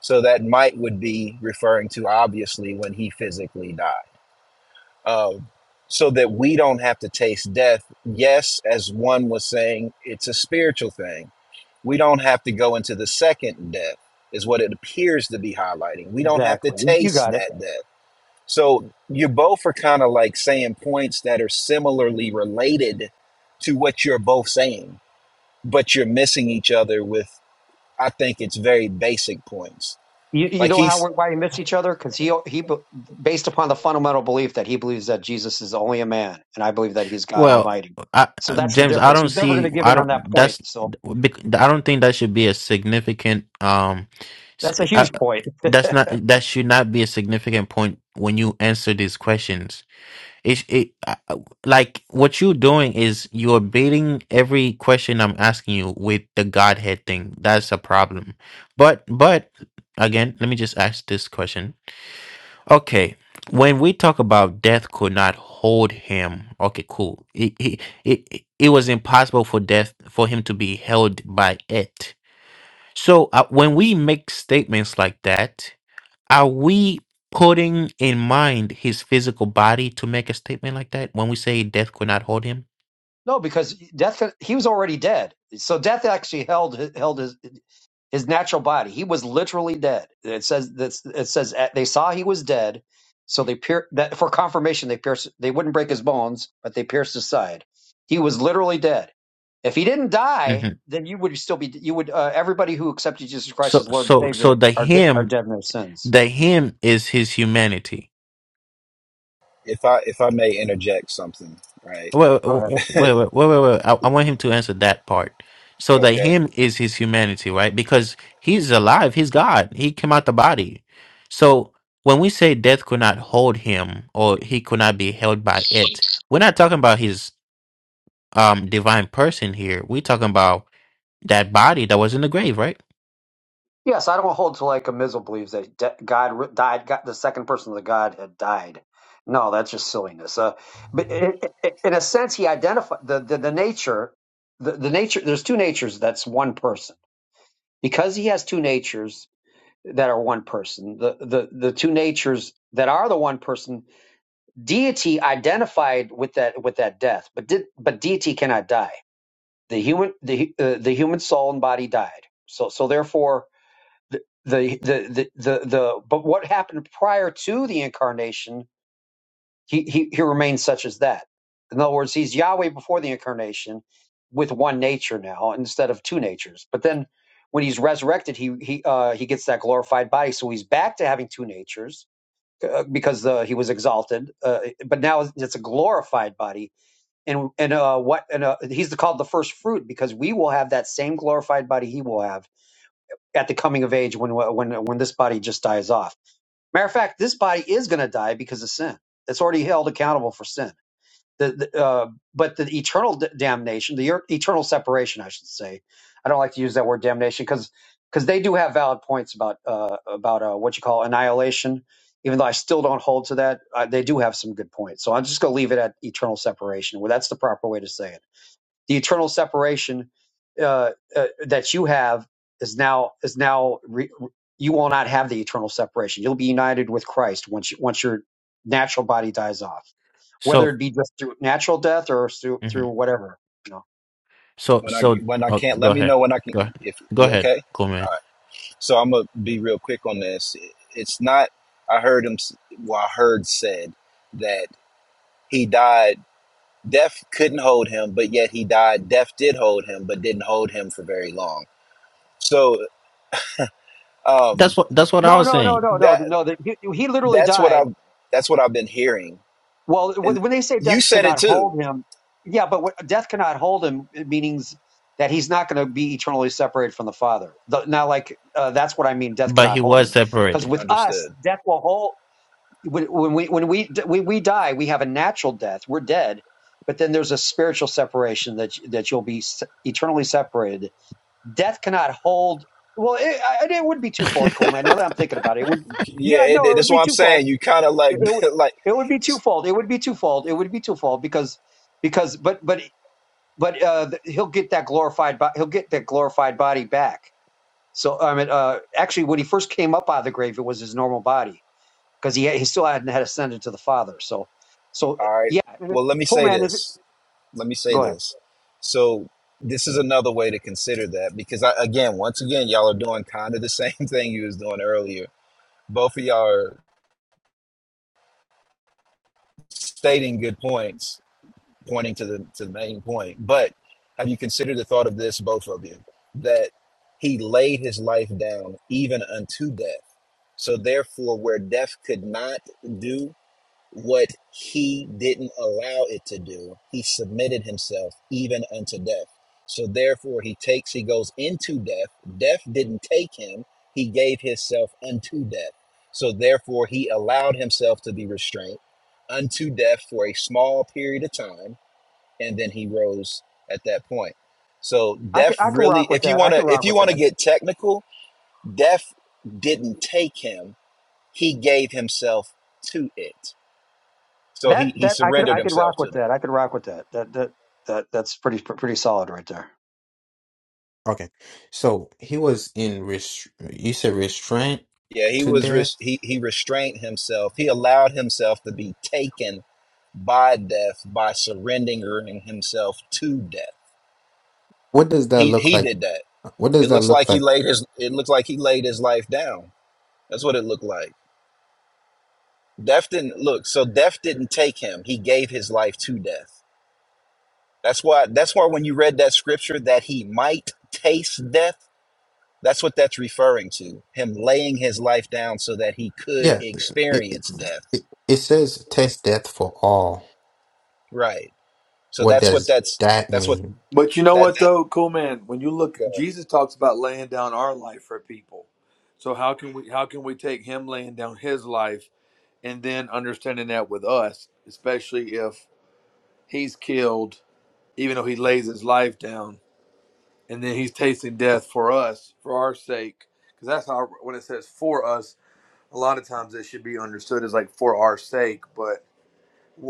Speaker 7: So that might would be referring to obviously when he physically died. Um, so that we don't have to taste death. Yes, as one was saying, it's a spiritual thing we don't have to go into the second death, is what it appears to be highlighting. We don't have to
Speaker 5: exactly. You, you
Speaker 7: taste
Speaker 5: got it.
Speaker 7: that death. So you both are kind of like saying points that are similarly related to what you're both saying, but you're missing each other with, I think it's very basic points.
Speaker 5: You, you
Speaker 7: Like
Speaker 5: know how
Speaker 7: he's,
Speaker 5: we why we miss each other? Because he he be- based upon the fundamental belief that he believes that Jesus is only a man, and I believe that he's God
Speaker 2: Well,
Speaker 5: Almighty.
Speaker 2: I,
Speaker 5: So
Speaker 2: I-
Speaker 5: that's the
Speaker 2: James, I
Speaker 5: difference.
Speaker 2: don't
Speaker 5: He's never going to
Speaker 2: see.
Speaker 5: give
Speaker 2: I
Speaker 5: in on
Speaker 2: don't.
Speaker 5: that point.
Speaker 2: That's.
Speaker 5: So
Speaker 2: bec- I don't think that should be a significant. Um, s-
Speaker 5: that's a
Speaker 2: I,
Speaker 5: huge point.
Speaker 2: that's not. That should not be a significant point when you answer these questions. It, it I- I- like what you're doing is you're baiting every question I'm asking you with the Godhead thing. That's a problem. But but again, let me just ask this question Okay, when we talk about death could not hold him, okay, cool. It, it, it, it was impossible for death for him to be held by it. So uh, when we make statements like that, are we putting in mind his physical body to make a statement like that when we say death could not hold him?
Speaker 5: No, because death he was already dead. So death actually held held his. his natural body. He was literally dead. It says this. It says uh, they saw he was dead, so they pier- that for confirmation they pierced. They wouldn't break his bones, but they pierced his side. He was literally dead. If he didn't
Speaker 2: hmm
Speaker 5: die, then you would still be. You would. Uh, everybody who accepted Jesus Christ
Speaker 2: So,
Speaker 5: as Lord and
Speaker 2: so,
Speaker 5: Savior
Speaker 2: so the
Speaker 5: are de- are
Speaker 2: him
Speaker 5: dead in their sins.
Speaker 2: The him is his humanity.
Speaker 7: if I if I may interject something, right?
Speaker 2: Wait,
Speaker 5: Go ahead.
Speaker 2: wait, wait, wait, wait, wait. I, I want him to answer that part. So the
Speaker 7: Okay.
Speaker 2: him is his humanity, right? Because he's alive. He's God. He came out the body. So when we say death could not hold him or he could not be held by it, we're not talking about his um divine person here. We're talking about that body that was in the grave, right?
Speaker 5: Yes, I don't hold to like a Mizzle believes that de- God ri- died, God, the second person of the Godhead died. No, that's just silliness. Uh, but i i in a sense, he identified the, the, the nature, the, the nature, there's two natures that's one person. Because he has two natures that are one person, the, the, the two natures that are the one person, deity identified with that, with that death, but did, but deity cannot die. The human, the, hu- uh, the human soul and body died. So, so therefore, the the the the, the but what happened prior to the incarnation he, he he remains such as that in other words he's yahweh before the incarnation with one nature now instead of two natures but then when he's resurrected he he uh he gets that glorified body so he's back to having two natures uh, because uh, he was exalted uh, but now it's a glorified body and and uh what and uh, he's called the first fruit because we will have that same glorified body he will have at the coming of age when when when this body just dies off. Matter of fact, this body is going to die because of sin. It's already held accountable for sin. The, the, uh, but the eternal d- damnation, the er- eternal separation, I should say. I don't like to use that word damnation because because they do have valid points about uh, about uh, what you call annihilation. Even though I still don't hold to that, uh, they do have some good points. So I'm just going to leave it at eternal separation. Well, that's the proper way to say it the eternal separation uh, uh, that you have is now is now re- you will not have the eternal separation. You'll be united with Christ once you, once your natural body dies off, whether
Speaker 2: So,
Speaker 5: it be just through natural death or through
Speaker 2: mhm.
Speaker 5: through whatever. You know.
Speaker 2: so,
Speaker 7: When I
Speaker 2: so,
Speaker 7: when I
Speaker 2: oh,
Speaker 7: can't,
Speaker 2: go
Speaker 7: let me
Speaker 2: ahead.
Speaker 7: know when I
Speaker 2: Go,
Speaker 7: can. If
Speaker 2: go
Speaker 7: you
Speaker 2: ahead.
Speaker 7: okay?
Speaker 2: Cool, man.
Speaker 7: So I'm gonna be real quick on this. It's not. I heard him. s- Well, I heard said that he died. Death couldn't hold him, but yet he died. Death did hold him, but didn't hold him for very long. So
Speaker 2: That's
Speaker 7: um,
Speaker 2: what, that's what I
Speaker 5: No,
Speaker 2: was
Speaker 5: no, no,
Speaker 2: saying.
Speaker 5: no, no,
Speaker 7: that
Speaker 5: no. The, he he literally
Speaker 7: that's what
Speaker 5: died
Speaker 7: I've that's what I've been hearing,
Speaker 5: Well,
Speaker 7: and
Speaker 5: when they say
Speaker 7: you
Speaker 5: death could
Speaker 7: said it
Speaker 5: not
Speaker 7: too.
Speaker 5: hold him, yeah, but what, death cannot hold him meanings that he's not going to be eternally separated from the Father. The, now, like uh, that's what I mean. Death
Speaker 2: But
Speaker 5: cannot
Speaker 2: he
Speaker 5: hold
Speaker 2: was
Speaker 5: him because
Speaker 2: separated.
Speaker 5: with us,
Speaker 7: Understood.
Speaker 5: death will hold. When, when we when we when we die, we have a natural death. We're dead, but then there's a spiritual separation that that you'll be se- eternally separated. Death cannot hold. Well, it, I- it would be twofold, Coleman. Now that I'm thinking about it, it would.
Speaker 7: Yeah,
Speaker 5: Yeah,
Speaker 7: it,
Speaker 5: no, it would
Speaker 7: that's
Speaker 5: be
Speaker 7: what I'm
Speaker 5: twofold
Speaker 7: saying. You kind of like
Speaker 5: it, it would
Speaker 7: like.
Speaker 5: it would be twofold. It would be twofold. It would be twofold because because but but but uh, th- he'll get that glorified bo- he'll get that glorified body back. So I mean, uh, actually, when he first came up out of the grave, it was his normal body because he had, he still hadn't had ascended to the Father. So so
Speaker 7: All right.
Speaker 5: yeah,
Speaker 7: Well, let me
Speaker 5: Pull
Speaker 7: say
Speaker 5: man is.
Speaker 7: this. let me say
Speaker 5: Go ahead.
Speaker 7: this. So this is another way to consider that because I, again, once again, y'all are doing kind of the same thing you was doing earlier. Both of y'all are stating good points, pointing to the to the main point. But have you considered the thought of this, both of you, that he laid his life down even unto death. So therefore, where death could not do what he didn't allow it to do. He submitted himself even unto death. So therefore, he takes, he goes into death. Death didn't take him, he gave himself unto death. So therefore, he allowed himself to be restrained unto death for a small period of time, and then he rose at that point. So
Speaker 5: I could
Speaker 7: death
Speaker 5: I could
Speaker 7: really,
Speaker 5: rock with
Speaker 7: if you
Speaker 5: that. I could
Speaker 7: wanna, if
Speaker 5: rock
Speaker 7: you
Speaker 5: with
Speaker 7: wanna
Speaker 5: that.
Speaker 7: get technical, death didn't take him; he gave himself to it. So
Speaker 5: That
Speaker 7: he he
Speaker 5: that I could
Speaker 7: surrendered
Speaker 5: I could
Speaker 7: himself
Speaker 5: rock
Speaker 7: to
Speaker 5: with that.
Speaker 7: that.
Speaker 5: I could rock with that. That that that that's pretty pretty solid right there.
Speaker 2: Okay, so he was in rest. You said restraint
Speaker 7: Yeah, he
Speaker 2: to
Speaker 7: was
Speaker 2: death.
Speaker 7: res- he he restrained himself. He allowed himself to be taken by death by surrendering himself to death.
Speaker 2: What does that
Speaker 7: He
Speaker 2: look
Speaker 7: he
Speaker 2: like?
Speaker 7: did that.
Speaker 2: What does
Speaker 7: It
Speaker 2: that
Speaker 7: looks like
Speaker 2: look
Speaker 7: he
Speaker 2: like?
Speaker 7: laid his it looks like he laid his life down. That's what it looked like. Death didn't look. So death didn't take him. He gave his life to death. That's why that's why when you read that scripture that he might taste death, that's what that's referring to. Him laying his life down so that he could
Speaker 2: Yeah, it it,
Speaker 7: experience death
Speaker 2: it it says test death for all.
Speaker 7: Right. So
Speaker 2: What
Speaker 7: that's what
Speaker 2: does
Speaker 7: that's
Speaker 2: that
Speaker 7: that's what
Speaker 2: mean?
Speaker 3: But you know
Speaker 7: that
Speaker 3: what though, cool man. When you look, Jesus talks about laying down our life for people. So how can we how can we take him laying down his life and then understanding that with us, especially if he's killed, even though he lays his life down, and then he's tasting death for us for our sake, because that's how when it says for us, a lot of times it should be understood as like for our sake, but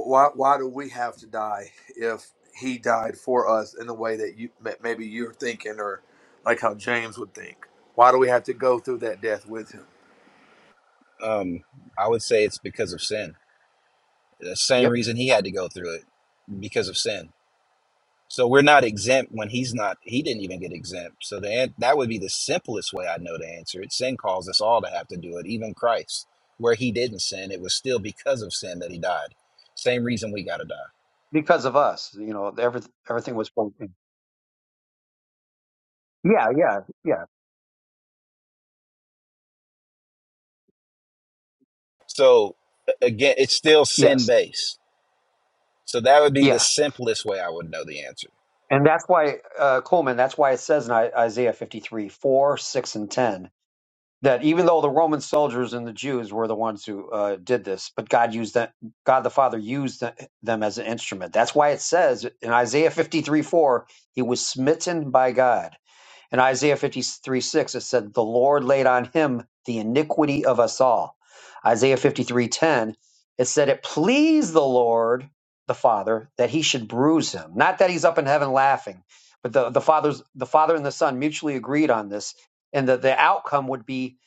Speaker 3: Why, why do we have to die if he died for us in the way that you ma- maybe you're thinking or like how James would think? Why do we have to go through that death with him?
Speaker 7: uh, um I would say it's because of sin. The same
Speaker 5: Yep.
Speaker 7: reason he had to go through it because of sin. So we're not exempt when he's not he didn't even get exempt. So the an- that would be the simplest way I know to answer it. Sin calls us all to have to do it, even Christ. Where he didn't sin, it was still because of sin that he died. Same reason we got to die.
Speaker 5: Because of us, you know, everything everything was. Yeah, yeah, yeah,
Speaker 7: So a- again, it's still sin
Speaker 5: yes,
Speaker 7: based. So that would be the
Speaker 5: yeah.
Speaker 7: simplest way I would know the answer.
Speaker 5: And that's why, uh, Coleman, that's why it says in I- Isaiah 53 4 6 and 10 that even though the Roman soldiers and the Jews were the ones who uh, did this, but God used that, God the Father used th- them as an instrument. That's why it says in Isaiah 53 4, he was smitten by God. In Isaiah 53 6, it said, The Lord laid on him the iniquity of us all. Isaiah fifty three ten, it said, It pleased the Lord, the Father, that he should bruise him. Not that he's up in heaven laughing, but the, the, father's, the Father and the Son mutually agreed on this, and that the outcome would be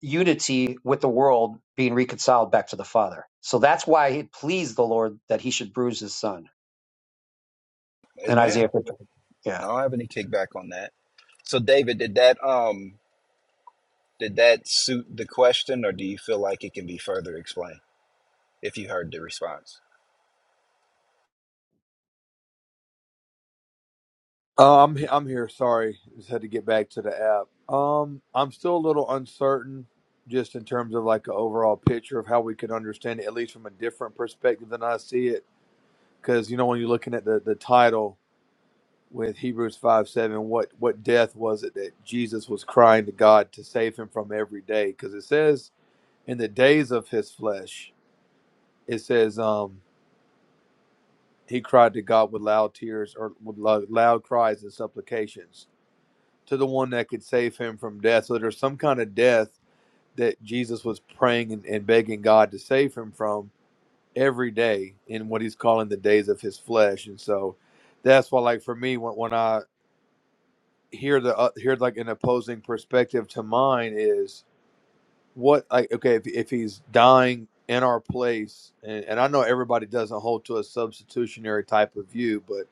Speaker 5: unity with the world being reconciled back to the Father. So that's why it pleased the Lord that he should bruise his Son. In Isaiah
Speaker 7: Amen.
Speaker 5: 53.
Speaker 7: I
Speaker 5: Yeah.
Speaker 7: don't have any kickback on that. So David, did that um did that suit the question or do you feel like it can be further explained if you heard the response?
Speaker 3: Uh, I'm he- I'm here. Sorry, just had to get back to the app. Um, I'm still a little uncertain, just in terms of like an overall picture of how we could understand it, at least from a different perspective than I see it. Because you know, when you're looking at the the title, with Hebrews 5 7, what, what death was it that Jesus was crying to God to save him from every day? Because it says, in the days of his flesh, it says, um, he cried to God with loud tears or with loud, loud cries and supplications to the one that could save him from death. So there's some kind of death that Jesus was praying and, and begging God to save him from every day in what he's calling the days of his flesh. And so that's why, like, for me, when, when I Hear the uh, here like an opposing perspective to mine is what like okay if, if he's dying in our place and, and i know everybody doesn't hold to a substitutionary type of view but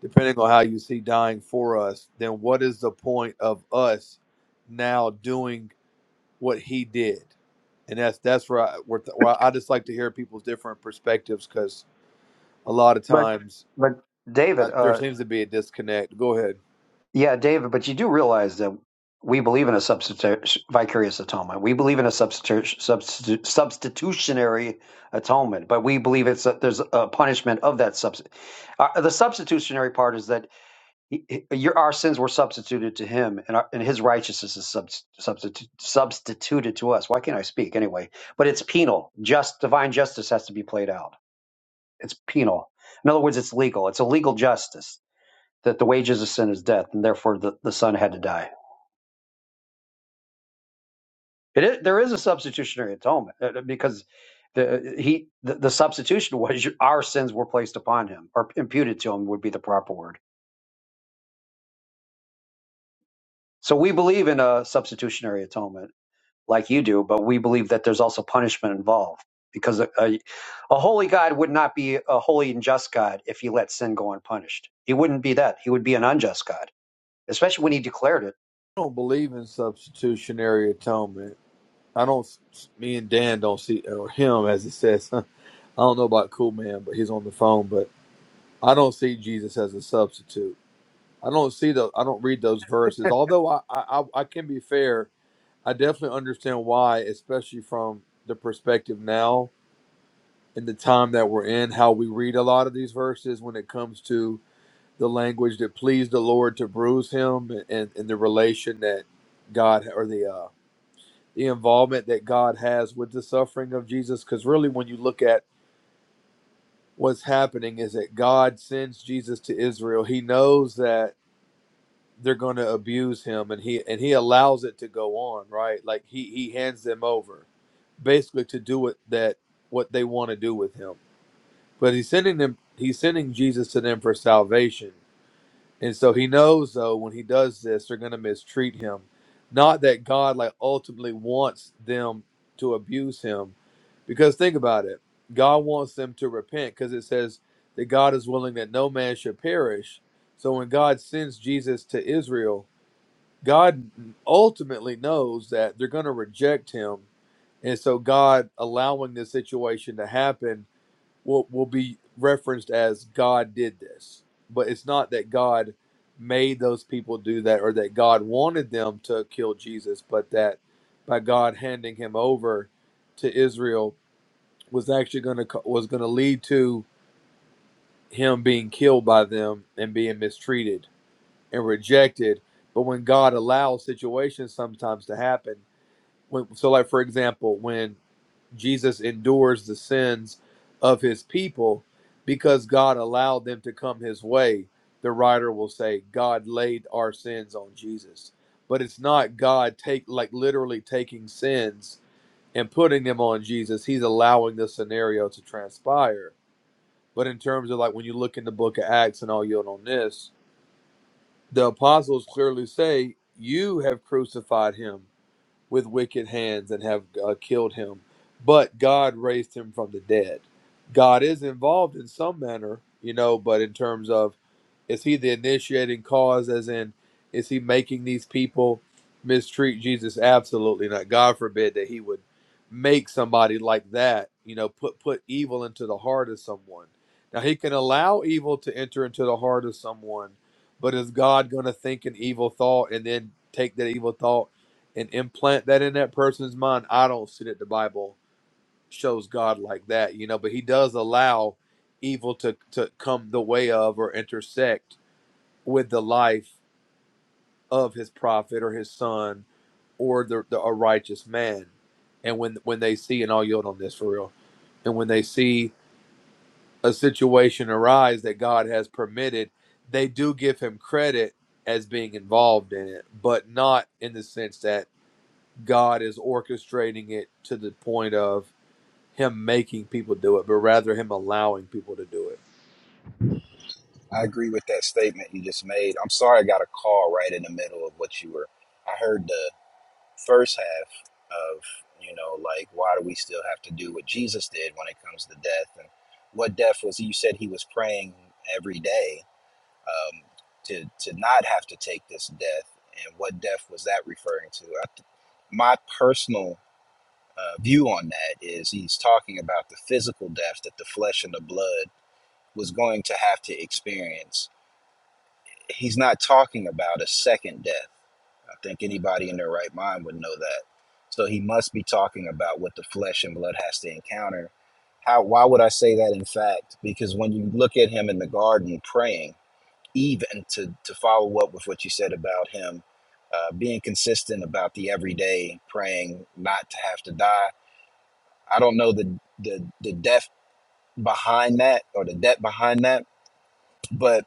Speaker 3: depending on how you see dying for us then what is the point of us now doing what he did and that's that's where i, where, th- where I just like to hear people's different perspectives because a lot of
Speaker 5: But,
Speaker 3: times
Speaker 5: but
Speaker 3: I,
Speaker 5: David, uh,
Speaker 3: there seems to be a disconnect go ahead
Speaker 5: Yeah, David, but you do realize that we believe in a substitu- vicarious atonement. We believe in a substitu- substitu- substitutionary atonement, but we believe it's a, there's a punishment of that substitute. Uh, the substitutionary part is that he, he- your, our sins were substituted to him, and, our, and his righteousness is sub, substitu- substituted to us. Why can't I speak anyway? But it's penal. Just divine justice has to be played out. It's penal. In other words, it's legal. It's a legal justice that the wages of sin is death, and therefore the, the son had to die. It is, there is a substitutionary atonement uh, because the he the, the substitution was your- our sins were placed upon him or imputed to him would be the proper word. So we believe in a substitutionary atonement like you do, but we believe that there's also punishment involved because a, a, a holy God would not be a holy and just God if he let sin go unpunished. He wouldn't be that. He would be an unjust God, especially when he declared it.
Speaker 3: I don't believe in substitutionary atonement I don't. Me and Dan don't see, or him as it says. I don't know about Cool Man, but he's on the phone. But I don't see Jesus as a substitute. I don't see those. I don't read those verses. Although I, I, I can be fair. I definitely understand why, especially from the perspective now in the time that we're in, how we read a lot of these verses when it comes to the language that pleased the Lord to bruise him, and and, and the relation that God or the uh, the involvement that God has with the suffering of Jesus. Because really, when you look at what's happening, is that God sends Jesus to Israel. He knows that they're going to abuse him, and he and he allows it to go on. Right, like he he hands them over, basically to do what that what they want to do with him. But he's sending them. He's sending Jesus to them for salvation. And so he knows though when he does this, they're going to mistreat him. Not that God like ultimately wants them to abuse him, because think about it, God wants them to repent because it says that God is willing that no man should perish. So when God sends Jesus to Israel, God ultimately knows that they're going to reject him, and so God allowing this situation to happen will will be referenced as God did this, but it's not that God made those people do that or that God wanted them to kill Jesus, but that by God handing him over to Israel was actually going to was going to lead to him being killed by them and being mistreated and rejected. But when God allows situations sometimes to happen, when, so like for example, when Jesus endures the sins of his people because God allowed them to come his way. The writer will say, God laid our sins on Jesus. But it's not God take like literally taking sins and putting them on Jesus. He's allowing the scenario to transpire. But in terms of like when you look in the book of Acts and all you on this, the apostles clearly say, You have crucified him with wicked hands and have uh, killed him, but God raised him from the dead. God is involved in some manner, you know, but in terms of is he the initiating cause, as in, is he making these people mistreat Jesus? Absolutely not. God forbid that he would make somebody like that, you know, put, put evil into the heart of someone. Now, he can allow evil to enter into the heart of someone, but is God going to think an evil thought and then take that evil thought and implant that in that person's mind? I don't see that the Bible shows God like that, you know, but he does allow evil to, to come the way of or intersect with the life of his prophet or his son or the, the a righteous man. And when when they see, and I'll yield on this for real, and when they see a situation arise that God has permitted, they do give him credit as being involved in it, but not in the sense that God is orchestrating it to the point of him making people do it, but rather him allowing people to do it.
Speaker 7: I agree with that statement you just made. I'm sorry I got a call right in the middle of what you were I heard the first half of, you know, like why do we still have to do what Jesus did when it comes to death and what death was you said he was praying every day um to to not have to take this death and what death was that referring to? I, my personal uh, view on that is he's talking about the physical death that the flesh and the blood was going to have to experience. He's not talking about a second death. I think anybody in their right mind would know that. So he must be talking about what the flesh and blood has to encounter. How? Why would I say that? In fact, because when you look at him in the garden praying, even to to follow up with what you said about him uh, being consistent about the everyday praying not to have to die I don't know the the the depth behind that or the depth behind that, but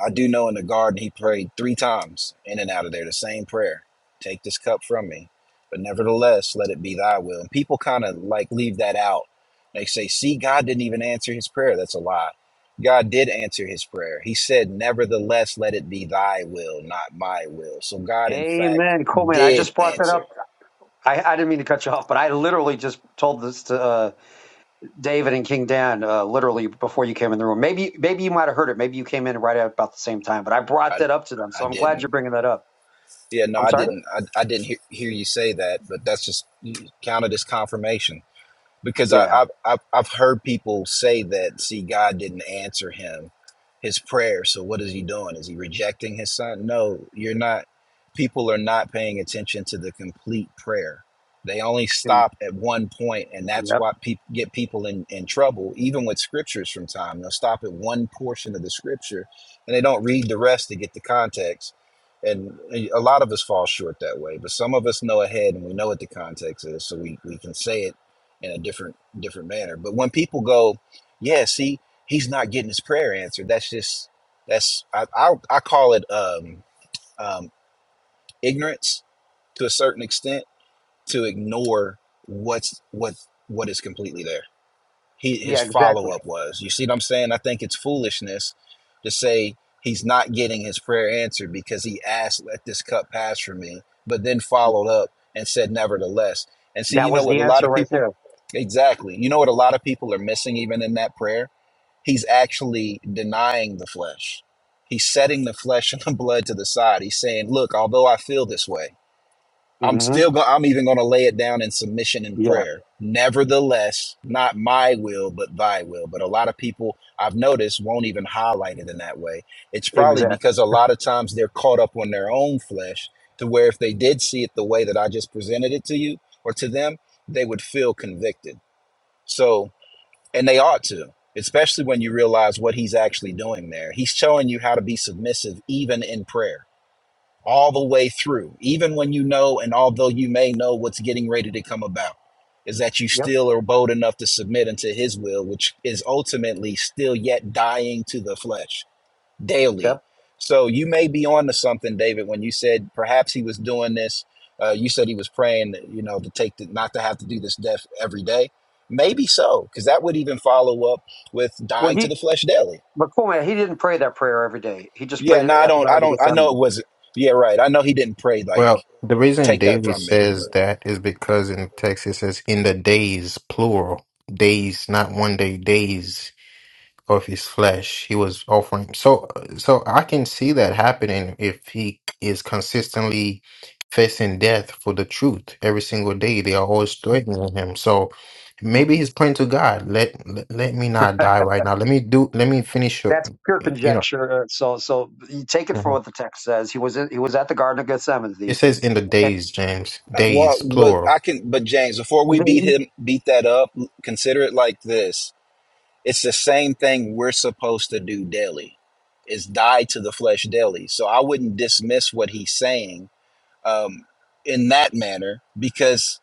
Speaker 7: I do know in the garden he prayed three times in and out of there the same prayer. Take this cup from me, but nevertheless let it be thy will. And people kind of like leave that out. They say, "See, God didn't even answer his prayer." That's a lie. God did answer his prayer. He said, "Nevertheless let it be thy will, not my will." So God in fact
Speaker 5: Amen. Cool, man. I
Speaker 7: did
Speaker 5: just brought that up
Speaker 7: answer.
Speaker 5: I, I didn't mean to cut you off, but I literally just told this to uh, David and King Dan uh, literally before you came in the room. Maybe maybe you might have heard it. Maybe you came in right at about the same time, but I brought
Speaker 7: I
Speaker 5: that up to them.
Speaker 7: I
Speaker 5: So I'm
Speaker 7: didn't.
Speaker 5: glad you're bringing that up.
Speaker 7: Yeah, no,
Speaker 5: I'm
Speaker 7: I
Speaker 5: sorry?
Speaker 7: didn't. I, I didn't hear, hear you say that, but that's just you count it as confirmation because I,
Speaker 5: Yeah.
Speaker 7: I've, I've I've heard people say that see God didn't answer him his prayer. So what is he doing? Is he rejecting his son? No, you're not. People are not paying attention to the complete prayer. They only
Speaker 5: Mm-hmm.
Speaker 7: stop at one point, and that's
Speaker 5: Yep.
Speaker 7: what peop get people in, in trouble, even with scriptures from time. They'll stop at one portion of the scripture, and they don't read the rest to get the context. And a lot of us fall short that way, but some of us know ahead and we know what the context is, so we, we can say it in a different different manner. But when people go, yeah, see, he's not getting his prayer answered. That's just that's I I, I call it um, um, ignorance to a certain extent to ignore what's what what is completely there he, his
Speaker 5: Yeah,
Speaker 7: follow
Speaker 5: exactly.
Speaker 7: up was. You see what I'm saying? I think it's foolishness to say he's not getting his prayer answered because he asked, "Let this cup pass from me," but then followed up and said, "Nevertheless." And see, you
Speaker 5: That
Speaker 7: know
Speaker 5: was
Speaker 7: what? A
Speaker 5: the
Speaker 7: lot
Speaker 5: answer
Speaker 7: of
Speaker 5: right
Speaker 7: people,
Speaker 5: there.
Speaker 7: exactly. You know what? A lot of people are missing even in that prayer. He's actually denying the flesh. He's setting the flesh and the blood to the side. He's saying, "Look, although I feel this way." I'm
Speaker 5: hmm
Speaker 7: still going. I'm even going to lay it down in submission and
Speaker 5: Yeah,
Speaker 7: prayer. Nevertheless, not my will, but Thy will. But a lot of people I've noticed won't even highlight it in that way. It's probably
Speaker 5: exactly.
Speaker 7: because a lot of times they're caught up on their own flesh, to where if they did see it the way that I just presented it to you or to them, they would feel convicted. So, and they ought to, especially when you realize what He's actually doing there. He's showing you how to be submissive even in prayer all the way through, even when you know and although you may know what's getting ready to come about, is that you
Speaker 5: Yep.
Speaker 7: still are bold enough to submit unto his will, which is ultimately still yet dying to the flesh daily.
Speaker 5: Yep.
Speaker 7: So you may be on to something, David, when you said perhaps he was doing this. Uh, you said he was praying, you know, to take the, not to have to do this death every day. Maybe so, because that would even follow up with
Speaker 5: Well,
Speaker 7: dying to
Speaker 5: he,
Speaker 7: the flesh daily.
Speaker 5: but cool, man, he didn't pray that prayer every day. He just
Speaker 7: Yeah,
Speaker 5: prayed it
Speaker 7: no, I
Speaker 5: at the
Speaker 7: don't, I
Speaker 5: Garden of
Speaker 7: don't, I know it
Speaker 5: Gethsemane.
Speaker 7: wasn't. Yeah, right. I know he didn't pray like
Speaker 2: Well, the reason
Speaker 7: take that
Speaker 2: David
Speaker 7: from me.
Speaker 2: says
Speaker 7: But
Speaker 2: that is because in text it says in the days plural days, not one day days. of his flesh he was offering so so i can see that happening if he is consistently facing death for the truth every single day they are always threatening him so
Speaker 5: Mm-hmm.
Speaker 2: maybe he's praying to god let let, let me not die right now let me do let me finish your-
Speaker 5: That's pure
Speaker 2: you know
Speaker 5: conjecture. uh, So, so you take it for
Speaker 2: Mhm.
Speaker 5: what the text says. He was in, he was at the Garden of
Speaker 2: it
Speaker 5: Gethsemane,
Speaker 2: says in the days james
Speaker 7: uh, well,
Speaker 2: days
Speaker 7: but
Speaker 2: plural
Speaker 7: I can. But James, before we
Speaker 5: And
Speaker 7: beat
Speaker 5: then-
Speaker 7: him, beat that up. Consider it like this: it's the same thing we're supposed to do daily. Is die to the flesh daily. So I wouldn't dismiss what he's saying um, in that manner because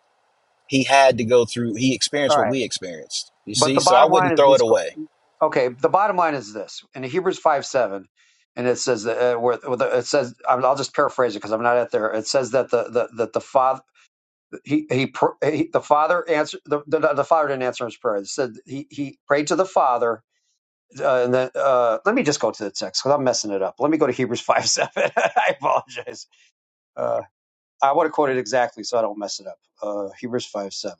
Speaker 7: he had to go through. He
Speaker 5: All
Speaker 7: experienced what
Speaker 5: right.
Speaker 7: we experienced. You
Speaker 5: But
Speaker 7: see,
Speaker 5: the
Speaker 7: so I
Speaker 5: bottom line
Speaker 7: wouldn't
Speaker 5: is
Speaker 7: throw it
Speaker 5: this.
Speaker 7: away.
Speaker 5: Okay. The bottom line is this in Hebrews 5 7, and it says, that, uh, where, where the- it says, I'll I'll just paraphrase it because I'm not at there. It says that the, the, that the father, he, he, pr- he the father answered, the, the, the father didn't answer his prayer. It said he, he prayed to the father. Uh, and then, uh, let me just go to the text because I'm messing it up. Let me go to Hebrews 5 7. I apologize. Uh, I want to quote it exactly so I don't mess it up. Uh, Hebrews 5 7.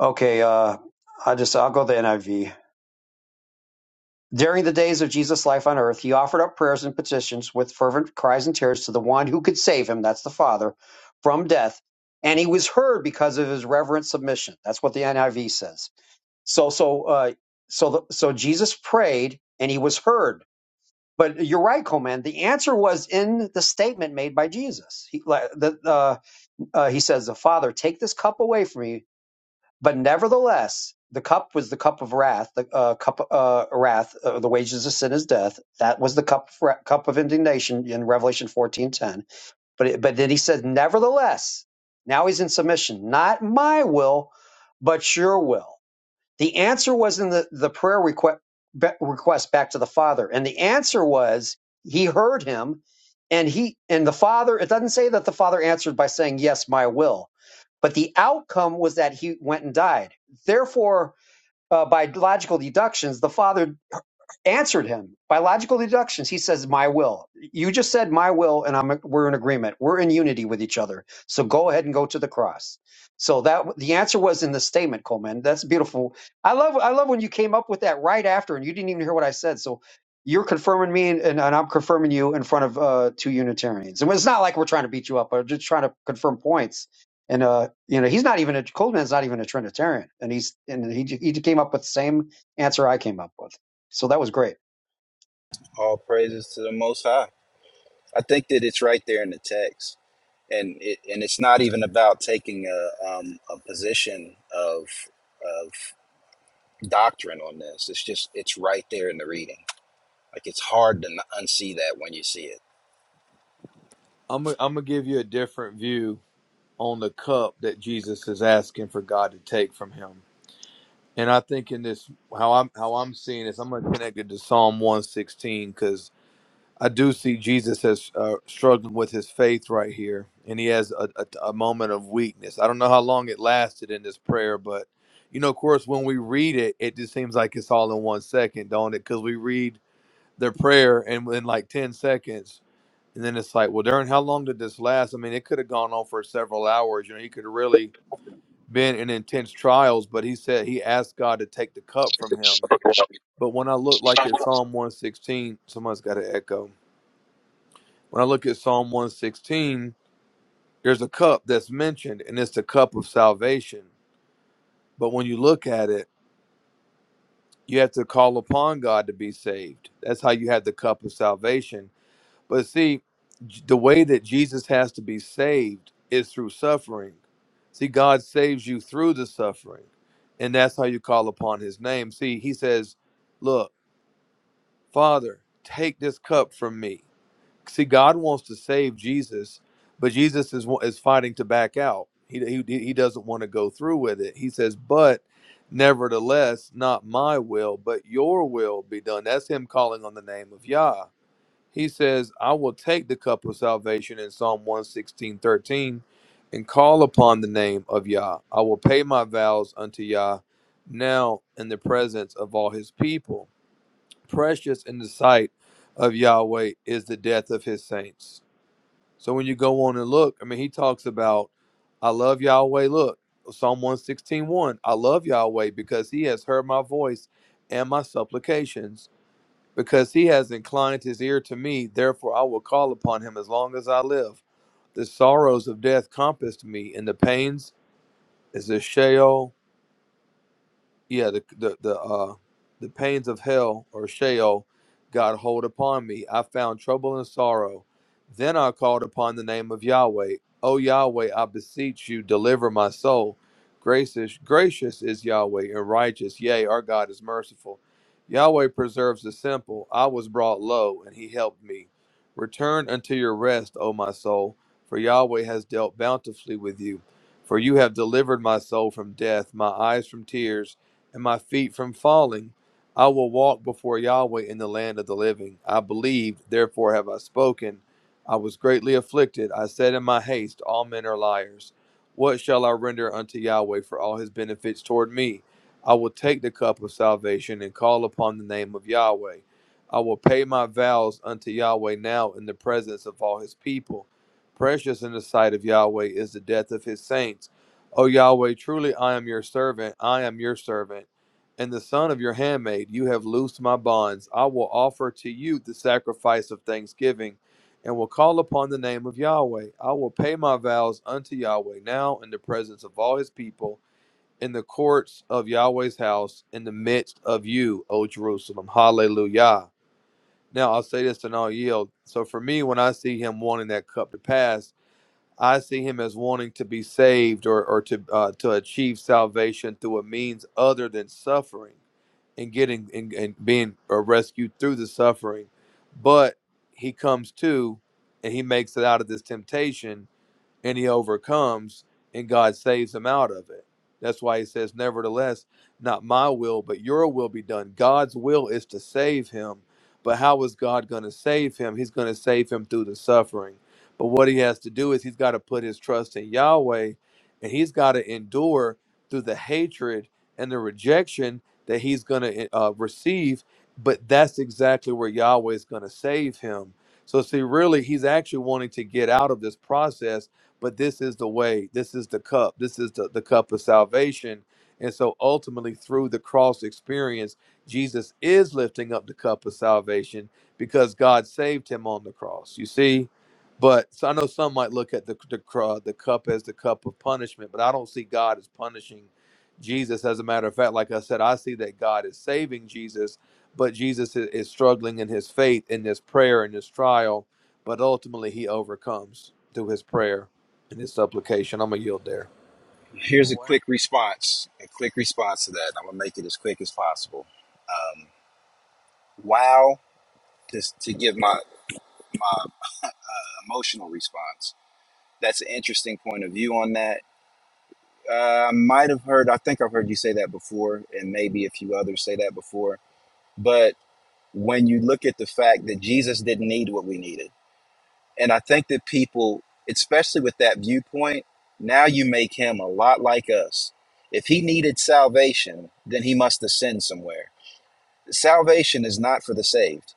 Speaker 5: Okay. Uh, I just, I'll go to the NIV During the days of Jesus' life on earth, he offered up prayers and petitions with fervent cries and tears to the one who could save him, that's the Father, from death. And he was heard because of his reverent submission. That's what the NIV says. So, so, uh, so, the, so Jesus prayed and he was heard. But you're right, Coleman. The answer was in the statement made by Jesus. He, like, the, uh, uh, he says, "The Father, take this cup away from me. But nevertheless, the cup was the cup of wrath, the uh, cup of uh, wrath, uh, the wages of sin is death. That was the cup of, wra- cup of indignation in Revelation fourteen ten. But it, but then he said, nevertheless, now he's in submission. Not my will, but your will. The answer was in the, the prayer request, request back to the Father. And the answer was he heard him and he and the Father, it doesn't say that the Father answered by saying, Yes, my will. But the outcome was that he went and died. Therefore, uh, by logical deductions, the Father answered him by logical deductions. He says, "My will. You just said my will, and I'm we're in agreement. We're in unity with each other. So go ahead and go to the cross." So that the answer was in the statement, Coleman. That's beautiful. I love I love when you came up with that right after, and you didn't even hear what I said. So you're confirming me, and, and, I'm confirming you in front of uh, two Unitarians. And it's not like we're trying to beat you up. We're just trying to confirm points. And uh, you know, he's not even a Coleman's not even a Trinitarian, and he's and he he came up with the same answer I came up with. So that was great.
Speaker 7: All praises to the Most High. I think that it's right there in the text. and it, and it's not even about taking a um, a position of of doctrine on this. It's just it's right there in the reading. Like it's hard to n- unsee that when you see it.
Speaker 3: I'm gonna- I'm gonna give you a different view on the cup that Jesus is asking for God to take from him And I think in this how I'm how I'm seeing this, I'm gonna connect it to Psalm 116 because I do see Jesus as uh, struggling with his faith right here, and he has a, a, a moment of weakness. I don't know how long it lasted in this prayer, but you know, of course, when we read it, it just seems like it's all in one second, don't it? Because we read their prayer and in like 10 seconds, and then it's like, well, Darren, how long did this last? I mean, it could have gone on for several hours. You know, he could have really been in intense trials, but he said he asked God to take the cup from him. But when I look like at Psalm 116, someone's got an echo. When I look at Psalm 116, there's a cup that's mentioned, and it's the cup of salvation. But when you look at it, you have to call upon God to be saved. That's how you have the cup of salvation. But see, j- the way that Jesus has to be saved is through suffering. See, God saves you through the suffering, and that's how you call upon his name. See, he says, Look, Father, take this cup from me. See, God wants to save Jesus, but Jesus is, wa- is fighting to back out. He, he, he doesn't want to go through with it. He says, But nevertheless, not my will, but your will be done. That's him calling on the name of Yah he says, I will take the cup of salvation in Psalm 116, 13, and call upon the name of Yah. I will pay my vows unto Yah now in the presence of all his people. Precious in the sight of Yahweh is the death of his saints. So when you go on and look, I mean, he talks about, I love Yahweh. Look, Psalm 116, 1. I love Yahweh because he has heard my voice and my supplications because he has inclined his ear to me. Therefore, I will call upon him as long as I live. The sorrows of death compassed me, and the pains is a Sheol yeah the the the uh the pains of hell or Sheol got hold upon me. I found trouble and sorrow. Then I called upon the name of Yahweh. O Yahweh, I beseech you, deliver my soul. Gracious, gracious is Yahweh and righteous. Yea, our God is merciful. Yahweh preserves the simple. I was brought low, and he helped me. Return unto your rest, O my soul, for Yahweh has dealt bountifully with you. For you have delivered my soul from death, my eyes from tears, and my feet from falling. I will walk before Yahweh in the land of the living. I believed, therefore have I spoken. I was greatly afflicted. I said in my haste, All men are liars. What shall I render unto Yahweh for all his benefits toward me? I will take the cup of salvation and call upon the name of Yahweh. I will pay my vows unto Yahweh now in the presence of all his people. Precious in the sight of Yahweh is the death of his saints O Yahweh, truly I am your servant, I am your servant, and the son of your handmaid. You have loosed my bonds. I will offer to you the sacrifice of thanksgiving, and will call upon the name of Yahweh. I will pay my vows unto Yahweh now in the presence of all his people, in the courts of Yahweh's house, in the midst of you, O Jerusalem. Hallelujah. Now I'll say this and I'll yield. So for me, when I see him wanting that cup to pass, I see him as wanting to be saved or, or to uh, to achieve salvation through a means other than suffering and getting and, and being uh, rescued through the suffering. But he comes to and he makes it out of this temptation and he overcomes, and God saves him out of it. That's why he says, Nevertheless, not my will, but your will be done. God's will is to save him. But how is God going to save him? He's going to save him through the suffering. But what he has to do is he's got to put his trust in Yahweh and he's got to endure through the hatred and the rejection that he's going to uh, receive. But that's exactly where Yahweh is going to save him. So, see, really, he's actually wanting to get out of this process but this is the way this is the cup this is the, the cup of salvation and so ultimately through the cross experience jesus is lifting up the cup of salvation because god saved him on the cross you see but so i know some might look at the, the, cro- the cup as the cup of punishment but i don't see god as punishing jesus as a matter of fact like i said i see that god is saving jesus but jesus is, is struggling in his faith in this prayer in this trial but ultimately he overcomes through his prayer in his supplication. I'm going to yield there.
Speaker 5: You
Speaker 7: Here's
Speaker 5: know
Speaker 7: a
Speaker 5: what?
Speaker 7: quick response. A quick response to that. I'm gonna make it as quick as possible. Wow, just to give my emotional response. That's an interesting point of view on that. Uh, I might have heard. I think I've heard you say that before, and maybe a few others say that before. But when you look at the fact that Jesus didn't need what we needed And I think that people, especially with that viewpoint, now you make him a lot like us. If he needed salvation, then he must ascend somewhere. Salvation is not for the saved,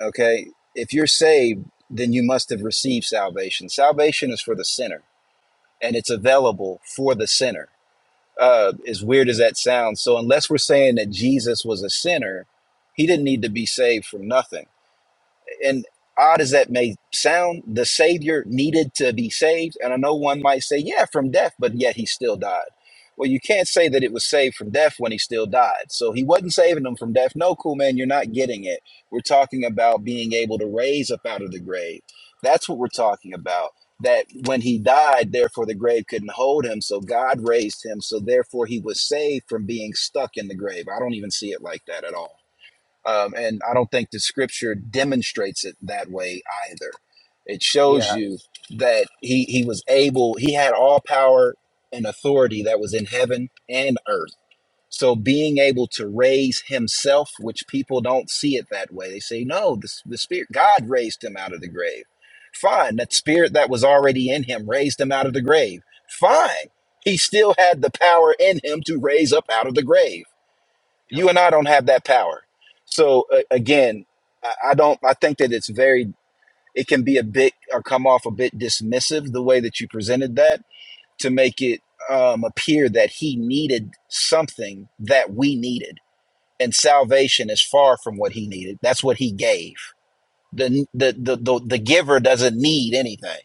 Speaker 7: okay? If you're saved, then you must have received salvation. Salvation is for the sinner, and it's available for the sinner. Uh, as weird as that sounds, so unless we're saying that Jesus was a sinner, he didn't need to be saved from nothing and odd as that may sound, the Savior needed to be saved. And I know one might say, yeah, from death, but yet he still died. Well, you can't say that it was saved from death when he still died. So he wasn't saving them from death. No, cool man, you're not getting it. We're talking about being able to raise up out of the grave. That's what we're talking about. That when he died, therefore the grave couldn't hold him. So God raised him. So therefore he was saved from being stuck in the grave. I don't even see it like that at all. Um, and I don't think the scripture demonstrates it that way either. It shows
Speaker 5: Yeah.
Speaker 7: you that he, he was able, he had all power and authority that was in heaven and earth. So being able to raise himself, which people don't see it that way, they say, no, the, the spirit, God raised him out of the grave. Fine. That spirit that was already in him raised him out of the grave. Fine. He still had the power in him to raise up out of the grave you and I don't have that power. So uh, again, I, I don't. I think that it's very. It can be a bit or come off a bit dismissive the way that you presented that to make it um, appear that he needed something that we needed, and salvation is far from what he needed. That's what he gave. the the the The, the giver doesn't need anything.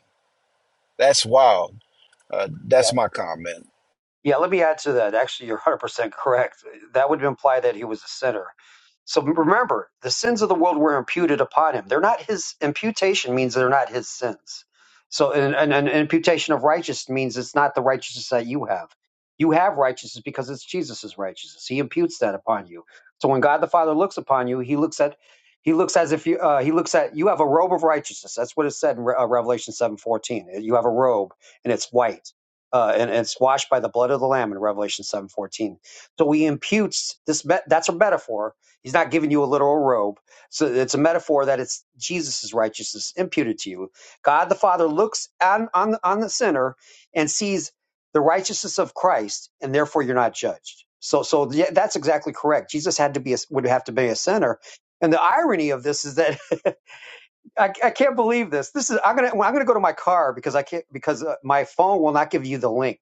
Speaker 7: That's wild. Uh,
Speaker 5: Yep.
Speaker 7: that's my comment.
Speaker 5: Yeah, let me add to that. Actually, you're 100% correct. That would imply that he was a sinner. So remember, the sins of the world were imputed upon him. They're not his imputation means they're not his sins. So an, an, an imputation of righteousness means it's not the righteousness that you have. You have righteousness because it's Jesus's righteousness. He imputes that upon you. So when God the Father looks upon you, he looks at he looks as if you uh, he looks at you have a robe of righteousness. That's what it said in Re- uh, Revelation 7:14. You have a robe and it's white uh, and, and it's washed by the blood of the lamb in revelation 7.14 so he imputes this met, that's a metaphor he's not giving you a literal robe so it's a metaphor that it's jesus' righteousness imputed to you god the father looks on, on, the- on the sinner and sees the righteousness of christ and therefore you're not judged so so yeah, that's exactly correct jesus had to be a, would have to be a sinner and the irony of this is that I, I can't believe this. This is I'm gonna I'm gonna go to my car because I can't because uh, my phone will not give you the link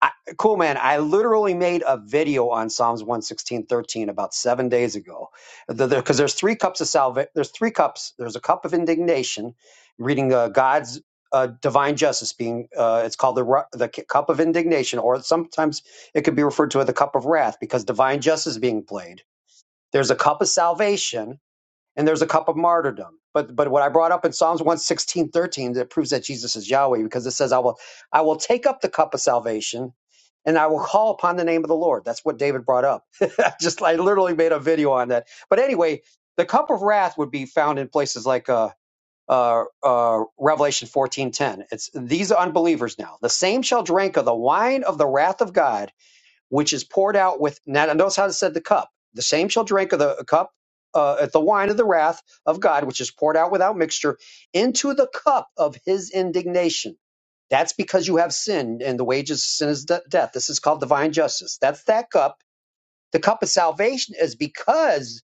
Speaker 5: I, cool, man. I literally made a video on Psalms one sixteen thirteen about seven days ago. Because the, the, 'cause there's three cups of salvation. There's three cups. There's a cup of indignation, reading uh, God's uh, divine justice being, uh, it's called the, ru- the c- cup of indignation, or sometimes it could be referred to as the cup of wrath because divine justice is being played. There's a cup of salvation, and there's a cup of martyrdom. But but what I brought up in Psalms 116, that proves that Jesus is Yahweh, because it says, I will I will take up the cup of salvation and I will call upon the name of the Lord. That's what David brought up. I just I literally made a video on that. But anyway, the cup of wrath would be found in places like uh uh, uh, Revelation fourteen ten. It's these unbelievers now. The same shall drink of the wine of the wrath of God, which is poured out with. Now, notice how it said the cup. The same shall drink of the cup, uh, at the wine of the wrath of God, which is poured out without mixture, into the cup of his indignation. That's because you have sinned, and the wages of sin is de- death. This is called divine justice. That's that cup. The cup of salvation is because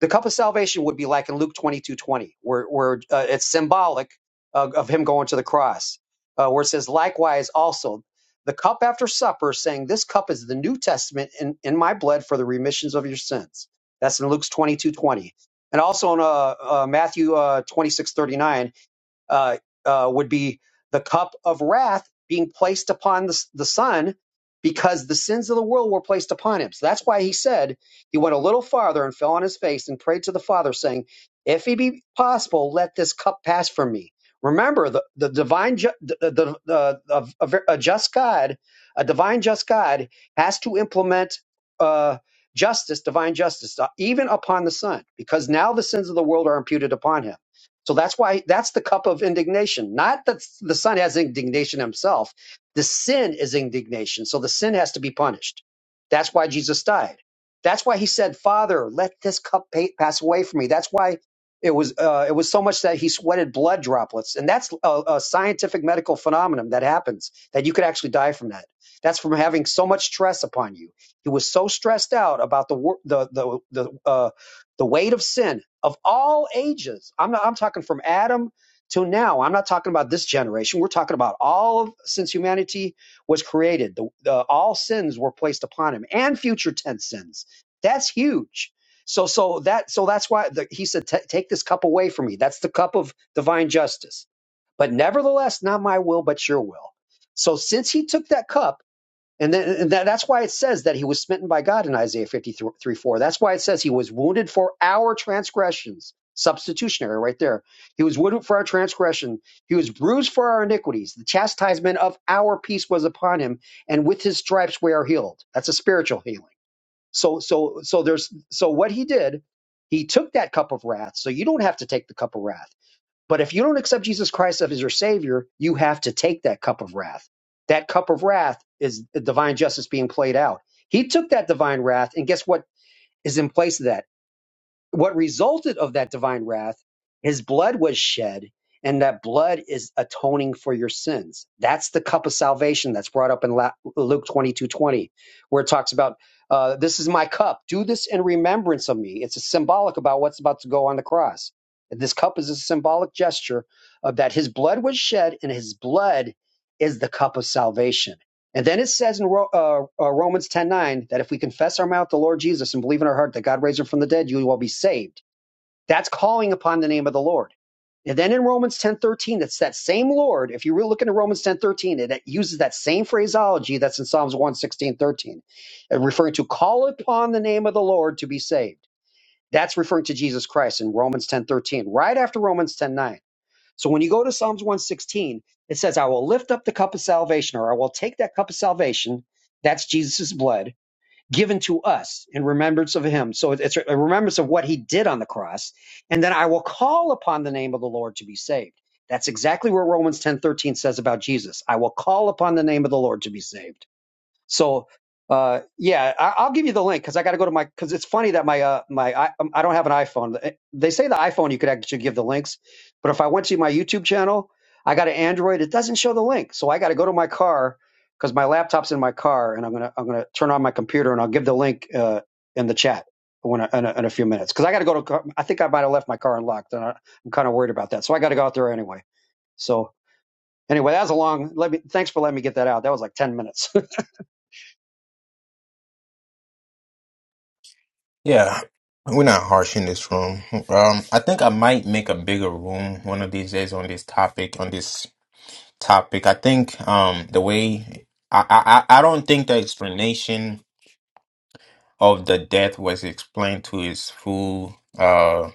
Speaker 5: the cup of salvation would be like in Luke twenty two twenty, where, where uh, it's symbolic of, of him going to the cross, uh, where it says, likewise also, the cup after supper, saying, This cup is the New Testament in, in my blood for the remissions of your sins. That's in Luke twenty two twenty, And also in uh, uh, Matthew uh, 26 thirty-nine uh, uh, would be the cup of wrath being placed upon the, the Son because the sins of the world were placed upon him. So that's why he said he went a little farther and fell on his face and prayed to the Father, saying, If it be possible, let this cup pass from me. Remember, the, the divine, ju- the, the, the, the- a, a a just God, a divine just God has to implement uh, justice, divine justice, uh, even upon the Son, because now the sins of the world are imputed upon him. So that's why that's the cup of indignation. Not that the son has indignation himself. The sin is indignation. So the sin has to be punished. That's why Jesus died. That's why he said, "Father, let this cup pa- pass away from me." That's why it was uh, it was so much that he sweated blood droplets, and that's a, a scientific medical phenomenon that happens that you could actually die from that. That's from having so much stress upon you. He was so stressed out about the wor- the the the, uh, the weight of sin of all ages. I'm not, I'm talking from Adam to now. I'm not talking about this generation. We're talking about all of since humanity was created. The, the all sins were placed upon him and future tense sins. That's huge. So so that so that's why the, he said "Ta- take this cup away from me. That's the cup of divine justice. But nevertheless, not my will but your will. So since he took that cup and, then, that, that's why it says that he was smitten by God in Isaiah 53 4. That's why it says he was wounded for our transgressions. Substitutionary right there. He was wounded for our transgression. He was bruised for our iniquities. The chastisement of our peace was upon him, and with his stripes we are healed. That's a spiritual healing. So, so, so there's, so what he did, he took that cup of wrath. So you don't have to take the cup of wrath. But if you don't accept Jesus Christ as your Savior, you have to take that cup of wrath. That cup of wrath is the divine justice being played out. He took that divine wrath, and guess what is in place of that? what resulted of that divine wrath, his blood was shed, and that blood is atoning for your sins. That's the cup of salvation that's brought up in La- Luke twenty two twenty, where it talks about, uh, This is my cup. Do this in remembrance of me. It's a symbolic about what's about to go on the cross. This cup is a symbolic gesture of that his blood was shed, and his blood is the cup of salvation and then it says in uh, uh, Romans ten nine that if we confess our mouth the Lord Jesus and believe in our heart that God raised him from the dead, you will be saved. That's calling upon the name of the Lord. And then in Romans ten thirteen, it's that same Lord. If you really look into Romans ten thirteen, it, uses that same phraseology that's in Psalms one sixteen thirteen, uh, referring to call upon the name of the Lord to be saved. That's referring to Jesus Christ in Romans ten thirteen, right after Romans ten nine. So when you go to Psalms 116, it says, I will lift up the cup of salvation, or I will take that cup of salvation, that's Jesus' blood, given to us in remembrance of him. So it's a remembrance of what he did on the cross. And then I will call upon the name of the Lord to be saved. That's exactly what Romans 10 13 says about Jesus. I will call upon the name of the Lord to be saved. So uh, yeah, I, I'll give you the link because I got to go to my because it's funny that my uh, my I, um, I don't have an iPhone. They say the iPhone you could actually give the links, but if I went to my YouTube channel, I got an Android. It doesn't show the link, so I got to go to my car because my laptop's in my car, and I'm gonna I'm gonna turn on my computer and I'll give the link uh, in the chat. When I, in, a, in a few minutes, because I got to go to, car- I think I might have left my car unlocked, and I, I'm kind of worried about that. So I got to go out there anyway. So anyway, that was a long. Let me. Thanks for letting me get that out. That was like ten minutes.
Speaker 2: yeah we're not harsh in this room um i think i might make a bigger room one of these days on this topic on this topic. I think um, the way I, I I I don't think the explanation of the death was explained to its full. Uh,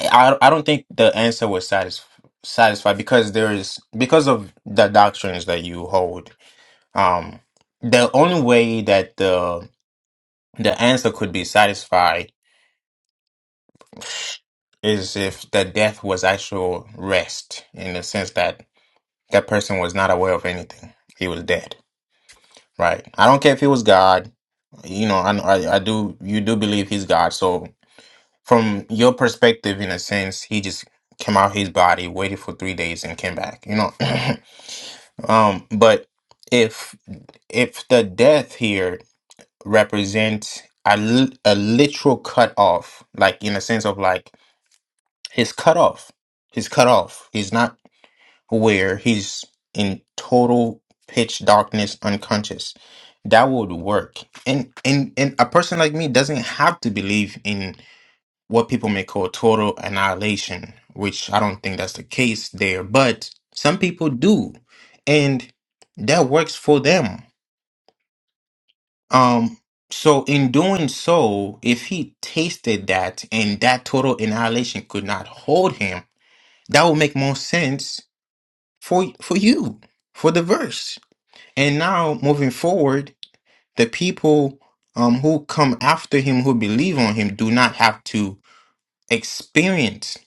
Speaker 2: I I don't think the answer was satisf- satisfied because there is because of the doctrines that you hold. Um, the only way that the the answer could be satisfied is if the death was actual rest in the sense that that person was not aware of anything. He was dead Right. I don't care if he was God. You know, I, I I do. You do believe he's God. So from your perspective, in a sense, he just came out his body, waited for three days, and came back. You know. um. But if if the death here represents a li- a literal cut off, like in a sense of like his cut off, his cut off. where he's in total pitch darkness unconscious that would work and and and a person like me doesn't have to believe in what people may call total annihilation which i don't think that's the case there but some people do and that works for them um so in doing so if he tasted that and that total annihilation could not hold him that would make more sense for for you for the verse And now moving forward, the people um, who come after him, who believe on him, do not have to experience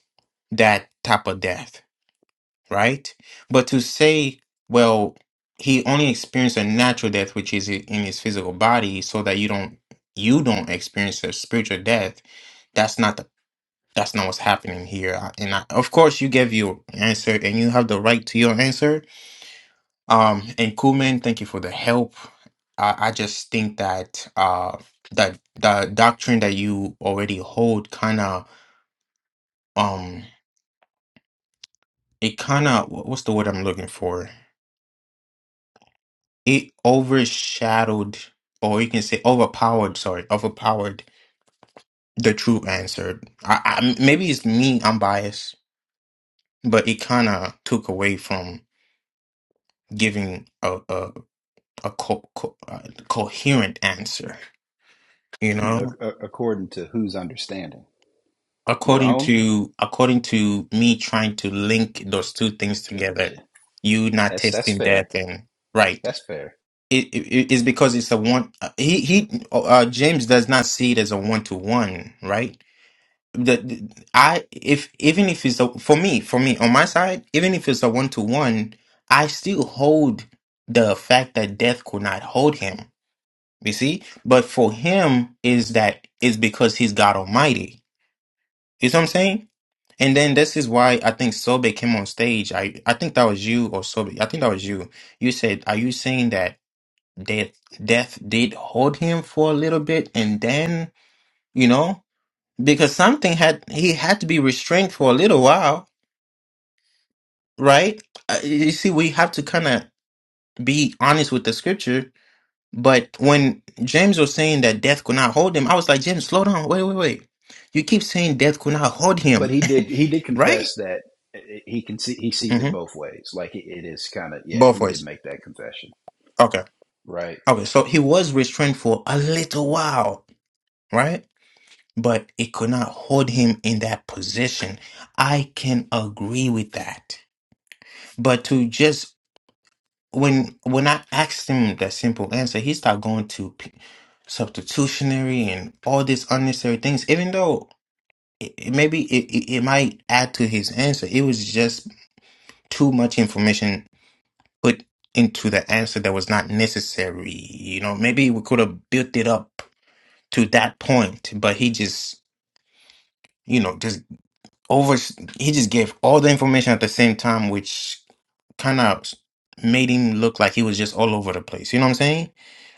Speaker 2: that type of death, right? But to say, well, he only experienced a natural death, which is i- in his physical body, so that you don't you don't experience a spiritual death. That's not the that's not what's happening here. I- And I, of course, you give your answer, and you have the right to your answer Um, and Kuman, thank you for the help. I, I just think that uh that the doctrine that you already hold kind of um it kind of what's the word I'm looking for? It overshadowed, or you can say overpowered. Sorry, overpowered the true answer. I, I maybe it's me. I'm biased, but it kind of took away from giving a a a co- co- uh, coherent answer. You
Speaker 7: You
Speaker 2: know,
Speaker 7: know, ac- according to whose understanding? Your
Speaker 2: according
Speaker 7: own?
Speaker 2: to according to me trying to link those two things together
Speaker 7: Gotcha.
Speaker 2: you not
Speaker 7: That's that's
Speaker 2: tasting
Speaker 7: fair.
Speaker 2: death and right
Speaker 7: That's fair.
Speaker 2: it, it it's because it's a one uh, he he uh uh, james does not see it as a one-to-one right the, the- i if even if it's a, for me for me on my side even if it's a one-to-one i still hold the fact that death could not hold him you see but for him is that is because he's god almighty you see what i'm saying and then this is why I think Sobe came on stage. I, I think that was you or Sobe. I think that was you. You said, "Are you saying that death death did hold him for a little bit, and then you know because something had he had to be restrained for a little while, right? Uh, You see, we have to kind of be honest with the scripture. But when James was saying that death could not hold him, I was like, James, slow down, wait, wait, wait. You keep saying death could not hold
Speaker 7: But
Speaker 2: him,
Speaker 7: he did he did
Speaker 2: right?
Speaker 7: confess that eh, eh, he can see he sees it
Speaker 2: hmm
Speaker 7: both ways. Like it is kind of yeah.
Speaker 2: Both
Speaker 7: He did
Speaker 2: ways.
Speaker 7: make that confession,
Speaker 2: Okay.
Speaker 7: right?
Speaker 2: Okay, so he was restrained for a little while, right? But it could not hold him in that position. I can agree with that. But to just when when I asked him that simple answer, he started going to p- substitutionary and all these unnecessary things. Even though it, it- maybe it, it, it might add to his answer, it was just too much information put into the answer that was not necessary. You know, maybe we could have built it up to that point, but he just, you know, just over, he just gave all the information at the same time, which kind of made him look like he was just all over the place. You know what I'm saying?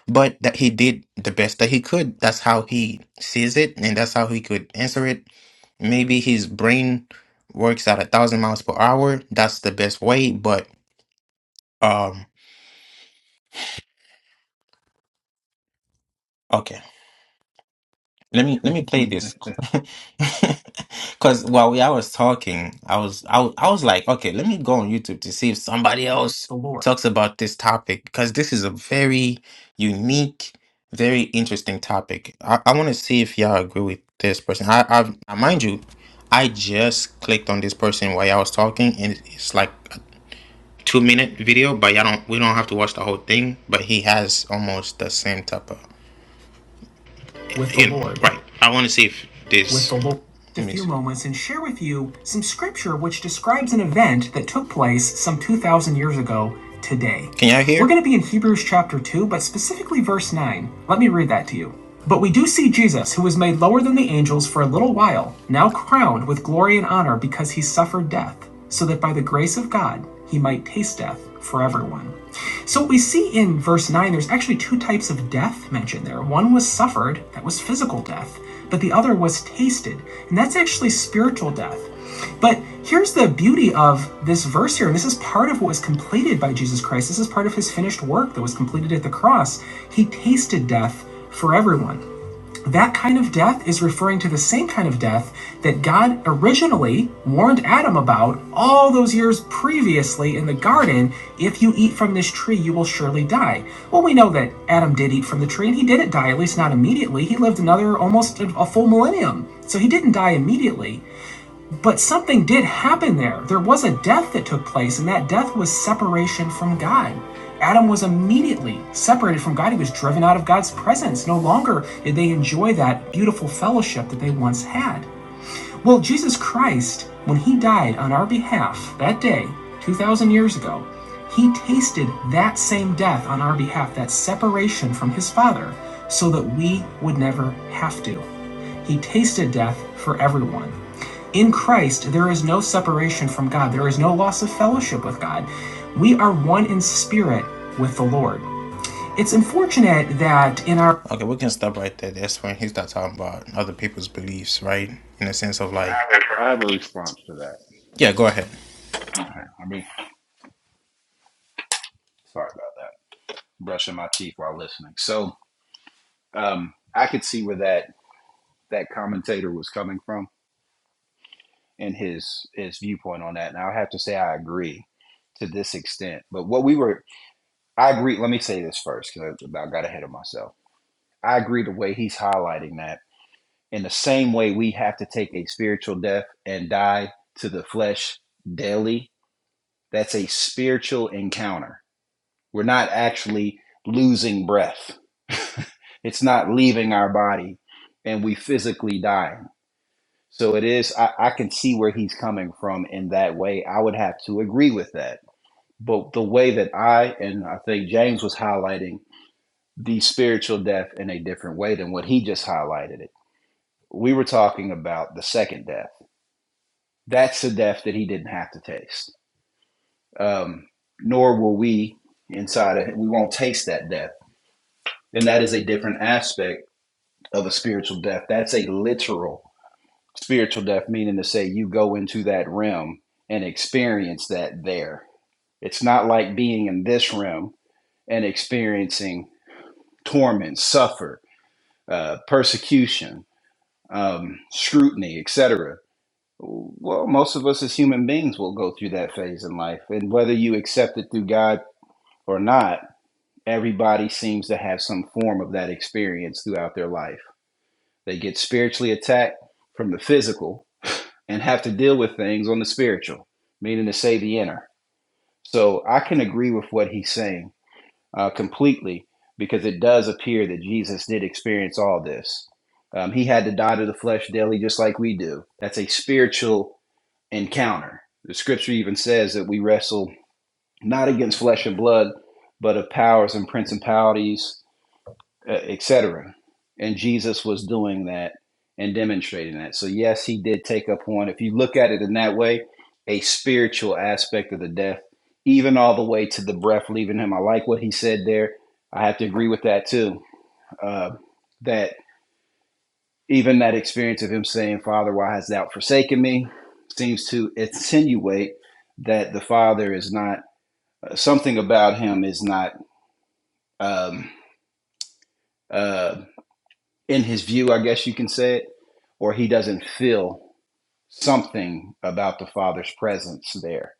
Speaker 2: But that he did the best that he could. That's how he sees it, and that's how he could answer it. Maybe his brain works at a thousand miles per hour. That's the best way. But um, okay. Let me let me play
Speaker 7: I
Speaker 2: this, because while we, I was talking, I was I, wa- I was like, okay, let me go on YouTube to see if somebody else talks about this topic, because this is a very unique, very interesting topic. I, I want to see if y'all agree with this person. I, I I- mind you, I just clicked on this person while I was talking, and it's like a two minute video, but y'all don't we don't have to watch the whole thing. But he has almost the same type of with the you Lord. right. I want to see if this... With the Lord. a few moments and share with you some scripture which describes an event that took place some 2,000 years ago today. Can y'all hear? We're going to be in Hebrews chapter 2, but specifically verse 9. Let me read that to you. But we do see Jesus, who was made lower than the angels for a little while, now crowned with glory and honor because he suffered death, so that by the grace of God he might taste death for everyone. So we see in verse 9 there's actually two types of death mentioned there. One was suffered, that was physical death, but the other was tasted, and that's actually spiritual death. But here's the beauty of this verse here, and this is part of what was completed by Jesus Christ. This is part of his finished work that was completed at the cross. He tasted death for everyone. That kind of death is referring to the same kind of death that God originally warned Adam about all those years previously in the garden. If you eat from this tree, you will surely die. Well, we know that Adam did eat from the tree and he didn't die, at least not immediately. He lived another almost a full millennium. So he didn't die immediately. But something did happen there. There was a death that took place, and that death was separation from God. Adam was immediately separated from God. He was driven out of God's presence. No longer did they enjoy that beautiful fellowship that they once had. Well, Jesus Christ, when he died on our behalf that day, 2,000 years ago, he tasted that same death on our behalf, that separation from his Father, so that we would never have to. He tasted death for everyone. In Christ, there is no separation from God, there is no loss of fellowship with God. We are one in spirit with the Lord. It's unfortunate that in our Okay, we can stop right there. That's when he starts talking about other people's beliefs, right? In the sense of like,
Speaker 7: have a, I have a response to that.
Speaker 2: yeah, go ahead.
Speaker 7: I mean, sorry about that. Brushing my teeth while listening. So um, I could see where that that commentator was coming from and his his viewpoint on that. And I have to say I agree to this extent. But what we were, I agree. Let me say this first because I, I got ahead of myself. I agree the way he's highlighting that In the same way, we have to take a spiritual death and die to the flesh daily. That's a spiritual encounter. We're not actually losing breath, it's not leaving our body, and we physically die. So it is, I, I can see where he's coming from in that way. I would have to agree with that. But the way that I and I think James was highlighting the spiritual death in a different way than what he just highlighted it. We were talking about the second death That's a death that he didn't have to taste. Um, nor will we inside of him. we won't taste that death. And that is a different aspect of a spiritual death. That's a literal spiritual death, meaning to say you go into that realm and experience that there. It's not like being in this realm and experiencing torment, suffer, uh, persecution, um, scrutiny, etc Well, most of us as human beings will go through that phase in life. And whether you accept it through God or not, everybody seems to have some form of that experience throughout their life. They get spiritually attacked from the physical and have to deal with things on the spiritual, meaning to say the inner. So I can agree with what he's saying uh, completely because it does appear that Jesus did experience all this. Um, he had to die to the flesh daily, just like we do. That's a spiritual encounter. The scripture even says that we wrestle not against flesh and blood, but of powers and principalities, uh, etc. And Jesus was doing that and demonstrating that. So, yes, he did take up on, if you look at it in that way, a spiritual aspect of the death, even all the way to the breath leaving him. I like what he said there. I have to agree with that too. Uh, that even that experience of him saying, Father, why hast thou forsaken me? seems to insinuate that the Father is not, something about him is not um, uh, in his view, I guess you can say it, or he doesn't feel something about the Father's presence there.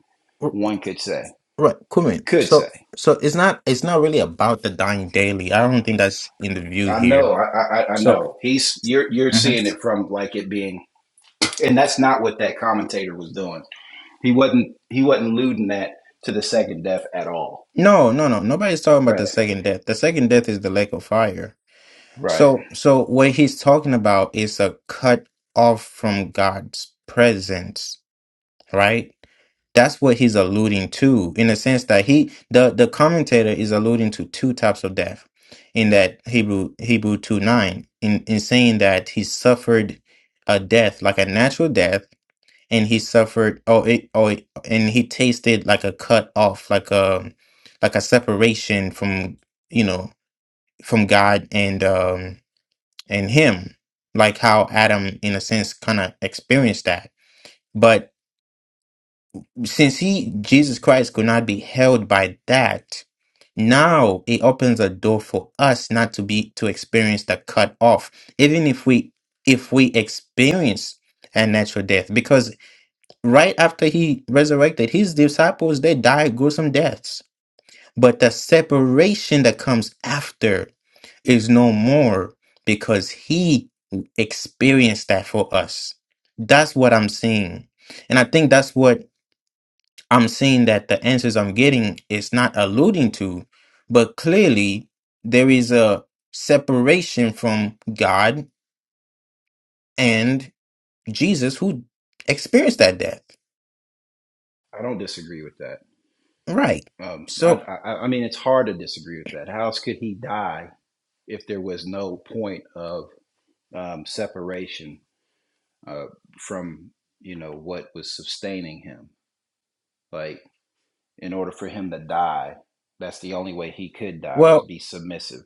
Speaker 7: One could say,
Speaker 2: Right, Kumin.
Speaker 7: could say.
Speaker 2: So, so it's not it's not really about the dying daily. I don't think that's in the view
Speaker 7: I know,
Speaker 2: here.
Speaker 7: I, I, I
Speaker 2: So,
Speaker 7: know. He's you're you're
Speaker 2: Mhm.
Speaker 7: seeing it from like it being, and that's not what that commentator was doing. He wasn't he wasn't alluding that to the second death at all
Speaker 2: no, no, no. Nobody's talking about
Speaker 7: Right.
Speaker 2: the second death. The second death is the lake of fire.
Speaker 7: Right.
Speaker 2: So, so what he's talking about is a cut off from God's presence, right? That's what he's alluding to, in the sense that he, the the commentator, is alluding to two types of death, in that Hebrew Hebrew two nine, in in saying that he suffered a death like a natural death, and he suffered, oh, it, oh, it- and he tasted like a cut off, like a like a separation from you know from God and um and him, like how Adam, in a sense, kind of experienced that. But since he, Jesus Christ, could not be held by that, now it opens a door for us not to be to experience the cut off, even if we if we experience a natural death, because right after he resurrected, his disciples they died gruesome deaths. But the separation that comes after is no more because he Experienced that for us. That's what I'm seeing. And I think that's what I'm seeing that the answers I'm getting is not alluding to, but clearly there is a separation from God and Jesus who experienced that death.
Speaker 7: I don't disagree with that.
Speaker 2: Right.
Speaker 7: Um, I,
Speaker 2: So,
Speaker 7: I, I mean, it's hard to disagree with that. How else could he die if there was no point of um, separation uh, from, you know, what was sustaining him? Like, in order for him to die, that's the only way he could die was
Speaker 2: well,
Speaker 7: be submissive.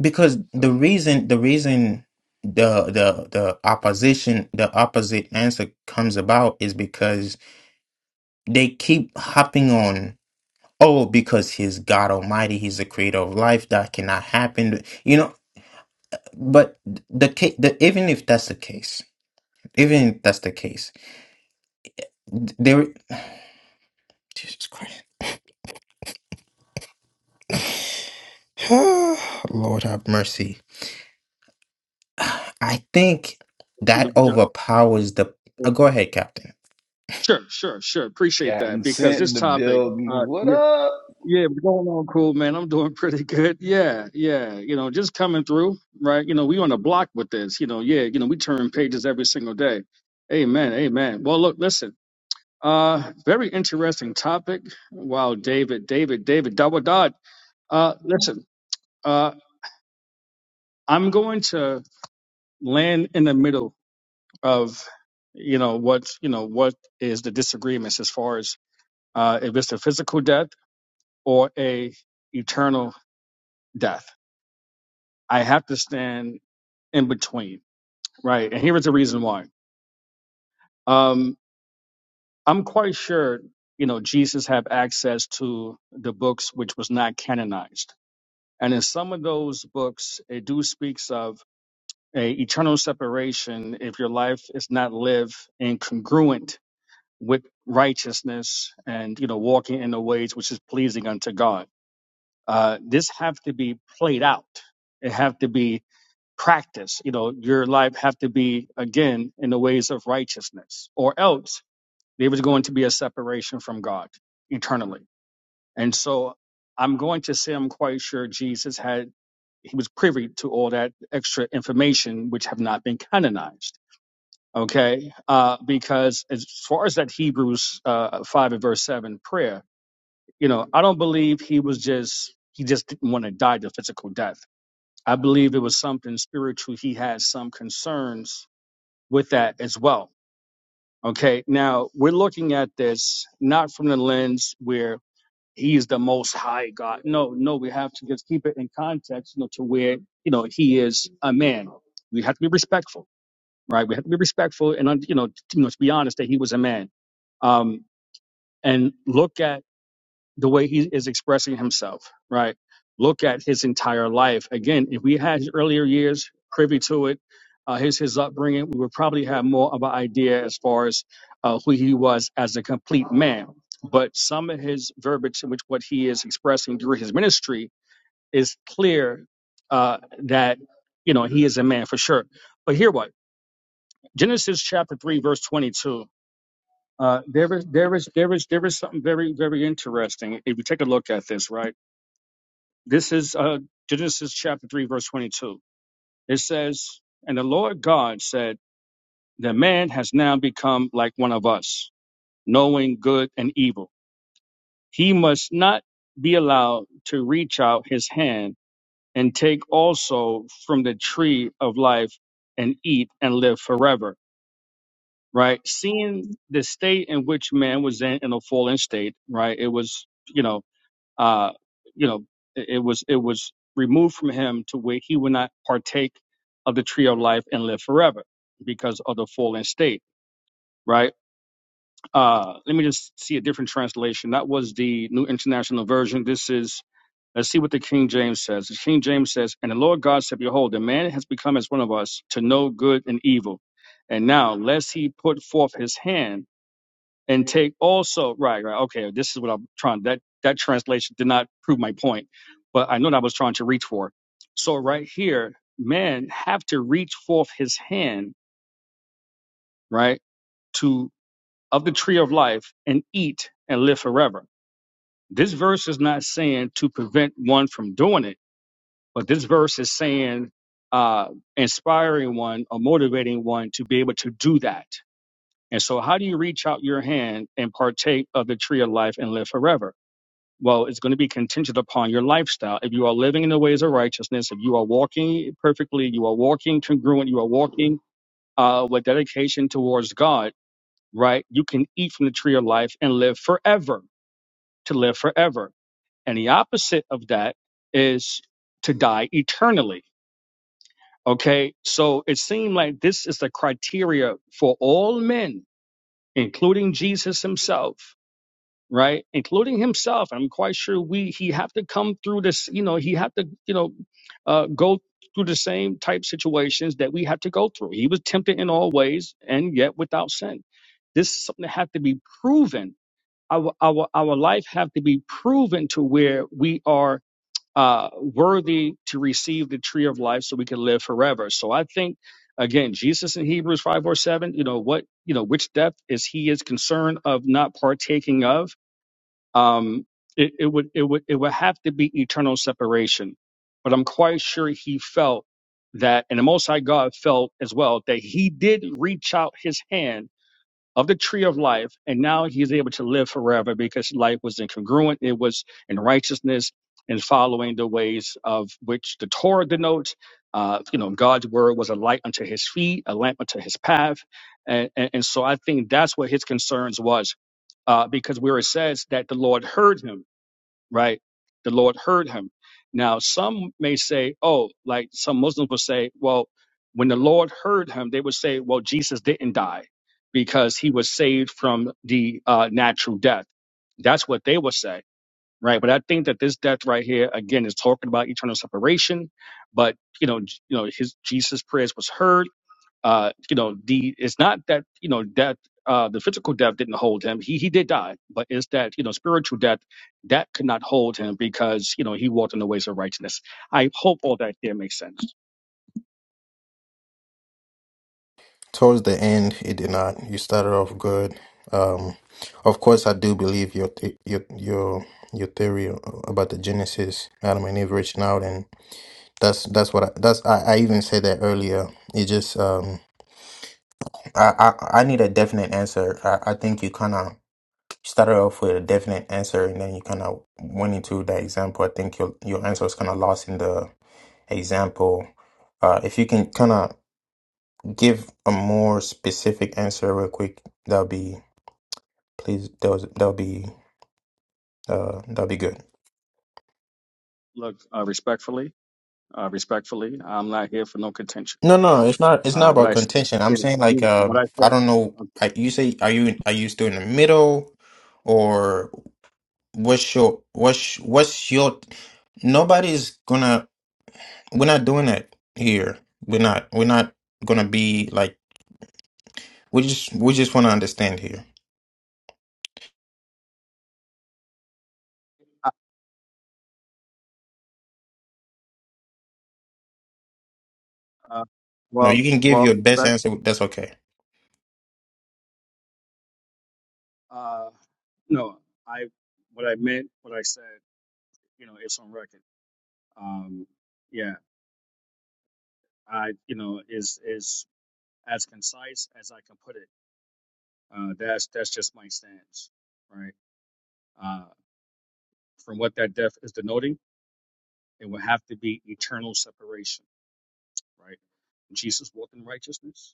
Speaker 2: because the
Speaker 7: So,
Speaker 2: reason, the reason the the the opposition the opposite answer comes about is because they keep hopping on oh, because he's God Almighty, he's the creator of life, that cannot happen. You know, but the case, the, even if that's the case, even if that's the case, th- there, Jesus Christ, Lord have mercy. I think
Speaker 8: you know,
Speaker 2: that
Speaker 8: ju-
Speaker 2: overpowers the. Uh,
Speaker 8: uh,
Speaker 2: go ahead, Captain.
Speaker 8: sure, sure, sure. Appreciate that
Speaker 7: Captain
Speaker 8: because
Speaker 7: sent
Speaker 8: this
Speaker 7: in the
Speaker 8: topic,
Speaker 7: building.
Speaker 8: uh,
Speaker 7: What
Speaker 8: yeah,
Speaker 7: up?
Speaker 8: yeah, we're going on cool, man. I'm doing pretty good. Yeah, yeah. You know, just coming through, right? You know, we on the block with this. You know, yeah. You know, we turn pages every single day. Amen, amen. Well, look, listen. Uh, very interesting topic. Wow, David, David, David, double dot. Uh, listen. Uh, I'm going to land in the middle of, you know, what you know, what is the disagreements as far as uh, if it's a physical death or a eternal death. I have to stand in between, right? And here is the reason why. Um, I'm quite sure, you know, Jesus had access to the books which was not canonized, and in some of those books, it do speaks of a eternal separation if your life is not lived in congruent with righteousness and you know walking in the ways which is pleasing unto God uh, this have to be played out. It have to be practiced. You know, your life have to be again in the ways of righteousness, or else there was going to be a separation from God eternally. And so, I'm going to say I'm quite sure Jesus had he was privy to all that extra information which have not been canonized. Okay, uh, because as far as that Hebrews uh, five and verse seven prayer, you know, I don't believe he was just he just didn't want to die the physical death I believe it was something spiritual. He had some concerns with that as well. Okay. Now we're looking at this not from the lens where he is the most high God. No, no, we have to just keep it in context, you know, to where, you know, he is a man. We have to be respectful, right? We have to be respectful and, you know, you know, to be honest that he was a man. Um, and look at the way he is expressing himself, right? Look at his entire life. Again, if we had his earlier years privy to it, uh, his his upbringing, we would probably have more of an idea as far as uh, who he was as a complete man. But some of his verbiage, in which what he is expressing during his ministry, is clear uh, that you know he is a man for sure. But here, what Genesis chapter three, verse twenty-two. Uh, there is there is there is there is something very very interesting if you take a look at this, right? This is uh, Genesis chapter 3, verse 22. It says, And the Lord God said, The man has now become like one of us, knowing good and evil. He must not be allowed to reach out his hand and take also from the tree of life and eat and live forever. Right? Seeing the state in which man was in in a fallen state, right? It was, you know, uh, you know, it, it was it was removed from him to where he would not partake of the tree of life and live forever because of the fallen state. Right. Uh, let me just see a different translation. That was the New International Version. This is. Let's see what the King James says. The King James says, "And the Lord God said, Behold, the man has become as one of us to know good and evil. And now, lest he put forth his hand." and take also right right okay this is what i'm trying that that translation did not prove my point but i know what i was trying to reach for so right here man have to reach forth his hand right to of the tree of life and eat and live forever this verse is not saying to prevent one from doing it but this verse is saying uh inspiring one or motivating one to be able to do that and so how do you reach out your hand and partake of the tree of life and live forever Well, it's going to be contingent upon your lifestyle. If you are living in the ways of righteousness, if you are walking perfectly, you are walking congruent, you are walking uh, with dedication towards God, right? You can eat from the tree of life and live forever, to live forever. And the opposite of that is to die eternally. Okay. So it seemed like this is the criteria for all men, including Jesus himself right? Including himself. I'm quite sure we he have to come through this, you know, he had to, you know, uh, go through the same type situations that we had to go through. He was tempted in all ways and yet without sin. This is something that had to be proven. Our our our life have to be proven to where we are uh, worthy to receive the tree of life, so we can live forever. So I think again, Jesus in Hebrews five or seven, you know what, you know which death is he is concerned of not partaking of um, it, it would it would it would have to be eternal separation. But I'm quite sure he felt that, and the Most High God felt as well that he did reach out his hand of the tree of life, and now he's able to live forever because life was incongruent. It was in righteousness and following the ways of which the Torah denotes. Uh, you know, God's word was a light unto his feet, a lamp unto his path, and and, and so I think that's what his concerns was, uh, because where it says that the Lord heard him right? The Lord heard him. Now, some may say, oh, like some Muslims will say, well, when the Lord heard him, they would say, well, Jesus didn't die because he was saved from the uh, natural death. That's what they would say, right? But I think that this death right here, again, is talking about eternal separation. But you know, j- you know, his Jesus' prayers was heard uh, you know, the it's not that you know that uh, the physical death didn't hold him. He he did die, but it's that you know spiritual death that could not hold him because you know he walked in the ways of righteousness. I hope all that here makes sense.
Speaker 2: towards the end it did not you started off good um of course i do believe your the your your your theory about the genesis adam and eve reaching out and that's that's what I, that's I, I even said that earlier it just um i i, I need a definite answer i, I think you kind of started off with a definite answer and then you kind of went into the example i think your your answer was kind of lost in the example uh if you can kind of give a more specific answer real quick, that'll be please. That'll, that'll be uh that'll be good.
Speaker 8: Look, uh, respectfully, uh, respectfully, I'm not here for no contention.
Speaker 2: No, no, it's not. It's not
Speaker 8: Uh, what
Speaker 2: about
Speaker 8: I s-
Speaker 2: contention. I'm
Speaker 8: yeah,
Speaker 2: saying
Speaker 8: yeah,
Speaker 2: like uh,
Speaker 8: what I said.
Speaker 2: I don't know.
Speaker 8: Okay.
Speaker 2: I, you say are you are you still in the middle, or what's your what's what's your? Nobody's gonna. We're not doing it here. We're not. We're not gonna be like. We just we just want to understand here.
Speaker 8: Uh, uh,
Speaker 2: No,
Speaker 8: well,
Speaker 2: you can give
Speaker 8: well,
Speaker 2: your best
Speaker 8: respect.
Speaker 2: answer. That's okay.
Speaker 8: Uh, no, I what I meant, what I said, you know, it's on record. Um, yeah, I you know is is as concise as I can put it. Uh, that's that's just my stance, right? Uh, from what that death is denoting, it will have to be eternal separation, right? Jesus walked in righteousness,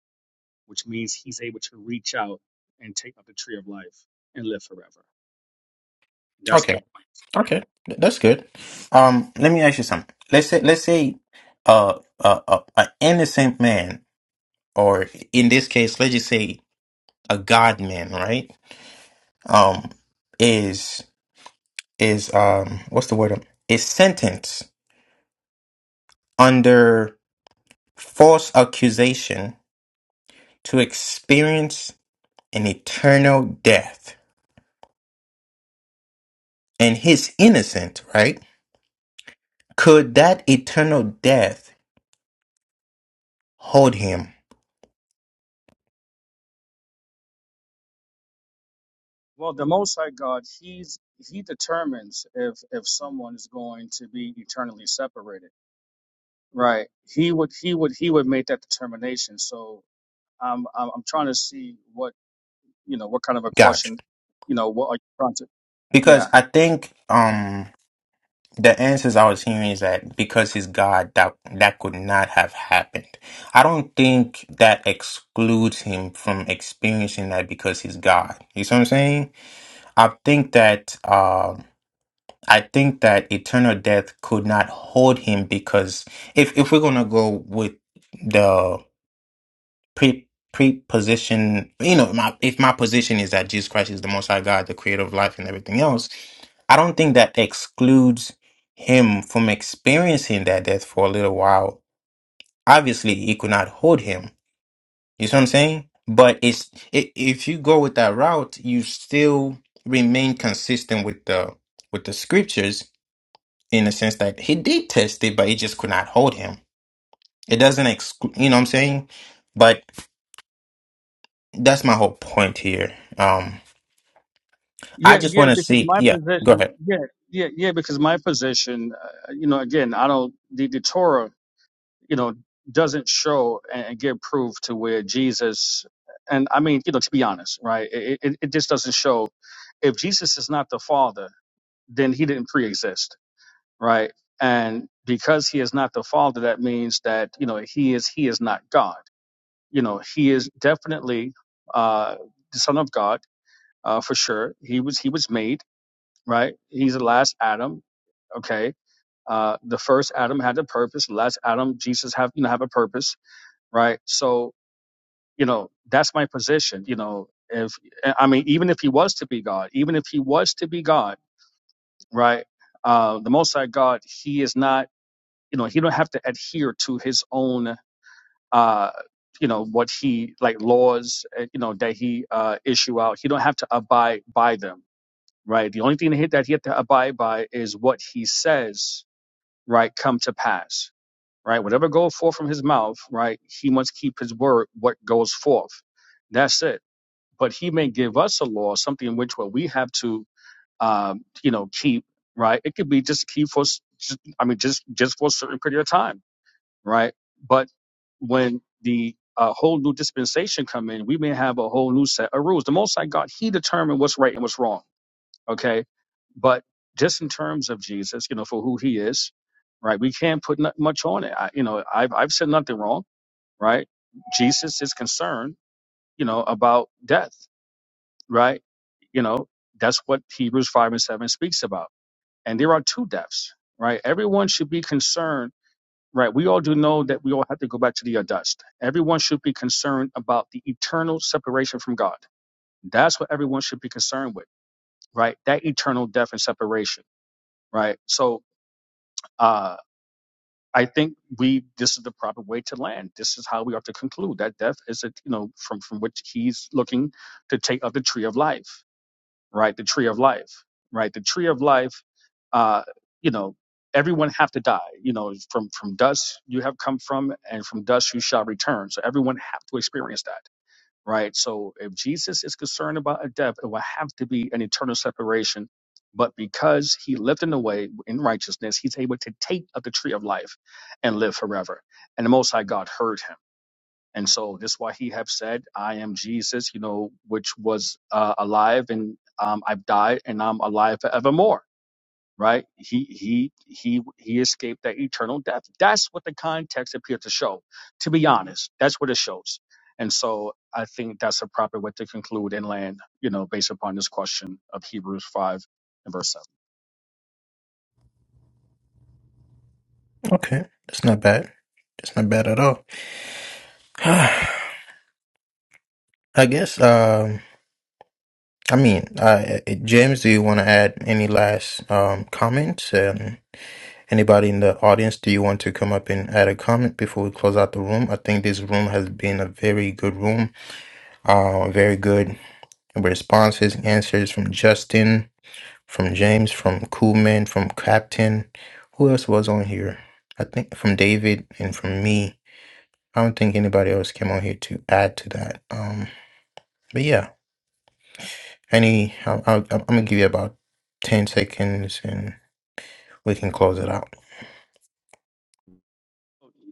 Speaker 8: which means he's able to reach out and take up the tree of life and live forever. That's
Speaker 2: Okay.
Speaker 8: my yeah.
Speaker 2: Okay. Th- That's good. Um, let me ask you something. Let's say let's say uh uh, uh an innocent man, or in this case, let's just say a God man, right? Um, is is um what's the word is sentenced under false accusation to experience an eternal death and he's innocent right could that eternal death hold him
Speaker 8: Well, the Most High God, he's he determines if if someone is going to be eternally separated, right? He would he would he would make that determination. So I'm I'm, I'm trying to see what. you know, what kind of a
Speaker 2: gotcha
Speaker 8: question, you know, what are you trying to? Yeah,
Speaker 2: because i think um the answers i was hearing is that because he's god that that could not have happened i don't think that excludes him from experiencing that because he's god you see what i'm saying I think that um, I think that eternal death could not hold him because if if we're gonna go with the pre preposition, you know, my if my position is that Jesus Christ is the Most High God, the Creator of life and everything else, I don't think that excludes him from experiencing that death for a little while. Obviously, it could not hold him you see what I'm saying? But it's i if you go with that route, you still remain consistent with the with the scriptures in the sense that he did test it, but it just could not hold him. It doesn't exclude, you know what I'm saying? But that's my whole point here. Um, I
Speaker 8: yeah,
Speaker 2: just
Speaker 8: yeah.
Speaker 2: want to
Speaker 8: Because
Speaker 2: see.
Speaker 8: my
Speaker 2: Yeah, go
Speaker 8: position,
Speaker 2: ahead.
Speaker 8: yeah, yeah, yeah. Because my position, uh, you know, again, I don't the, the Torah, you know, doesn't show and, and give proof to where Jesus, and I mean, you know, to be honest, right? It, it, it just doesn't show if Jesus is not the Father, then he didn't pre-exist, right? And because he is not the Father, that means that you know he is he is not God you know he is definitely uh the son of god uh for sure he was he was made right he's the last adam okay uh the first adam had a purpose the last adam jesus have you know have a purpose right so you know that's my position you know if i mean even if he was to be god even if he was to be god right uh the most high god he is not you know he don't have to adhere to his own uh, you know what he like laws uh, you know that he uh, issue out. He don't have to abide by them, right? The only thing that he that he have to abide by is what he says, right? Come to pass, right? Whatever goes forth from his mouth, right? He must keep his word. What goes forth, that's it. But he may give us a law, something in which what we have to, um, you know, keep, right? It could be just keep for, s- just, I mean, just just for a certain period of time right? But when the uh, whole new dispensation come in, we may have a whole new set of rules. The Most High God, He determined what's right and what's wrong. Okay, but just in terms of Jesus, you know, for who He is, right? We can't put not much on it. I, you know, I've I've said nothing wrong, right? Jesus is concerned, you know, about death, right? You know, that's what Hebrews five and seven speaks about. And there are two deaths, right? Everyone should be concerned Right. We all do know that we all have to go back to the uh, dust. Everyone should be concerned about the eternal separation from God. That's what everyone should be concerned with, right? That eternal death and separation, right? So, uh, I think we this is the proper way to land. This is how we have to conclude that death is a you know from from which he's looking to take of the tree of life. right? The tree of life, right? The tree of life, uh, you know, everyone have to die. You know, from from dust you have come from, and from dust you shall return. So everyone have to experience that, right? So if Jesus is concerned about a death, it will have to be an eternal separation. But because he lived in the way in righteousness, he's able to take of the tree of life and live forever. And the Most High God heard him and so this why he have said, I am Jesus, you know, which was uh, alive and um, I've died and I'm alive forevermore. Right. He he he he escaped that eternal death. That's what the context appeared to show. To be honest, that's what it shows. And so I think that's a proper way to conclude and land, you know, based upon this question of Hebrews five and verse seven.
Speaker 2: Okay, that's not bad. That's not bad at all. I guess. Um, I mean, uh, uh, James, do you want to add any last um comments? Um Anybody in the audience, do you want to come up and add a comment before we close out the room? I think this room has been a very good room. Uh, very good responses, answers from Justin, from James, from Coolman, from Captain. Who else was on here? I think from David and from me. I don't think anybody else came on here to add to that. Um, but yeah, any, i i I'm gonna give you about ten seconds and we can close it out.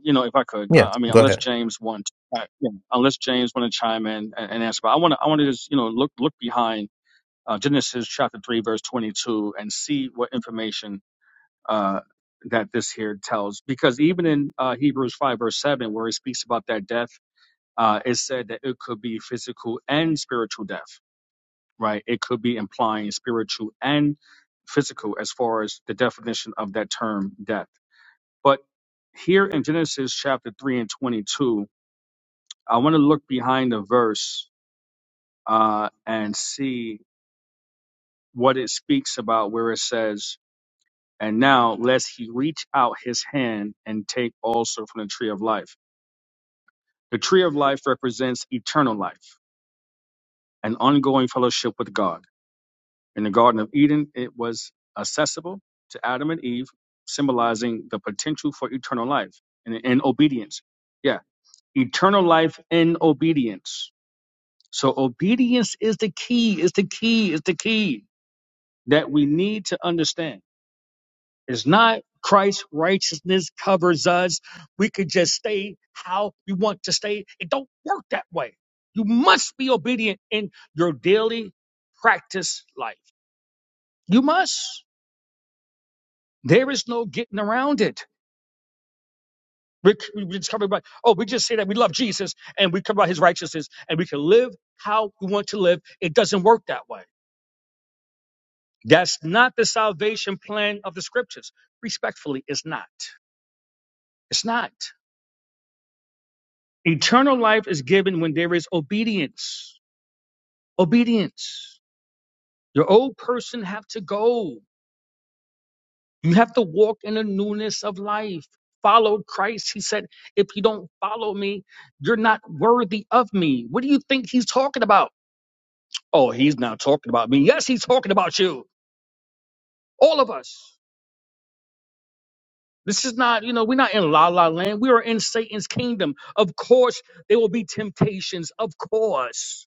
Speaker 8: You know, if I could,
Speaker 2: Yeah,
Speaker 8: I, I mean,
Speaker 2: go
Speaker 8: unless
Speaker 2: ahead.
Speaker 8: James wants, uh, you know, unless James want to chime in and, and answer, but I want to, I want to just, you know, look look behind uh, Genesis chapter 3, verse 22, and see what information uh, that this here tells. Because even in uh, Hebrews 5, verse 7, where it speaks about that death, uh, it said that it could be physical and spiritual death, right? It could be implying spiritual and physical as far as the definition of that term death. But here in Genesis chapter 3 and 22, I want to look behind the verse uh, and see what it speaks about, where it says, And now, lest he reach out his hand and take also from the tree of life. The tree of life represents eternal life, an ongoing fellowship with God. In the Garden of Eden, it was accessible to Adam and Eve, symbolizing the potential for eternal life and, and obedience. Yeah, eternal life in obedience. So, obedience is the key, is the key, is the key that we need to understand It's not Christ's righteousness covers us. We could just stay how we want to stay. It don't work that way. You must be obedient in your daily practice life. You must. There is no getting around it. We, we we just come about, oh, we just say that we love Jesus and we come about his righteousness and we can live how we want to live. It doesn't work that way. That's not the salvation plan of the scriptures. Respectfully, it's not. It's not. Eternal life is given when there is obedience. Obedience. Your old person have to go. You have to walk in the newness of life. Follow Christ. He said, if you don't follow me, you're not worthy of me. What do you think he's talking about? Oh, he's not talking about me. Yes, he's talking about you. All of us. This is not, you know, we're not in la la land. We are in Satan's kingdom. Of course, there will be temptations. Of course.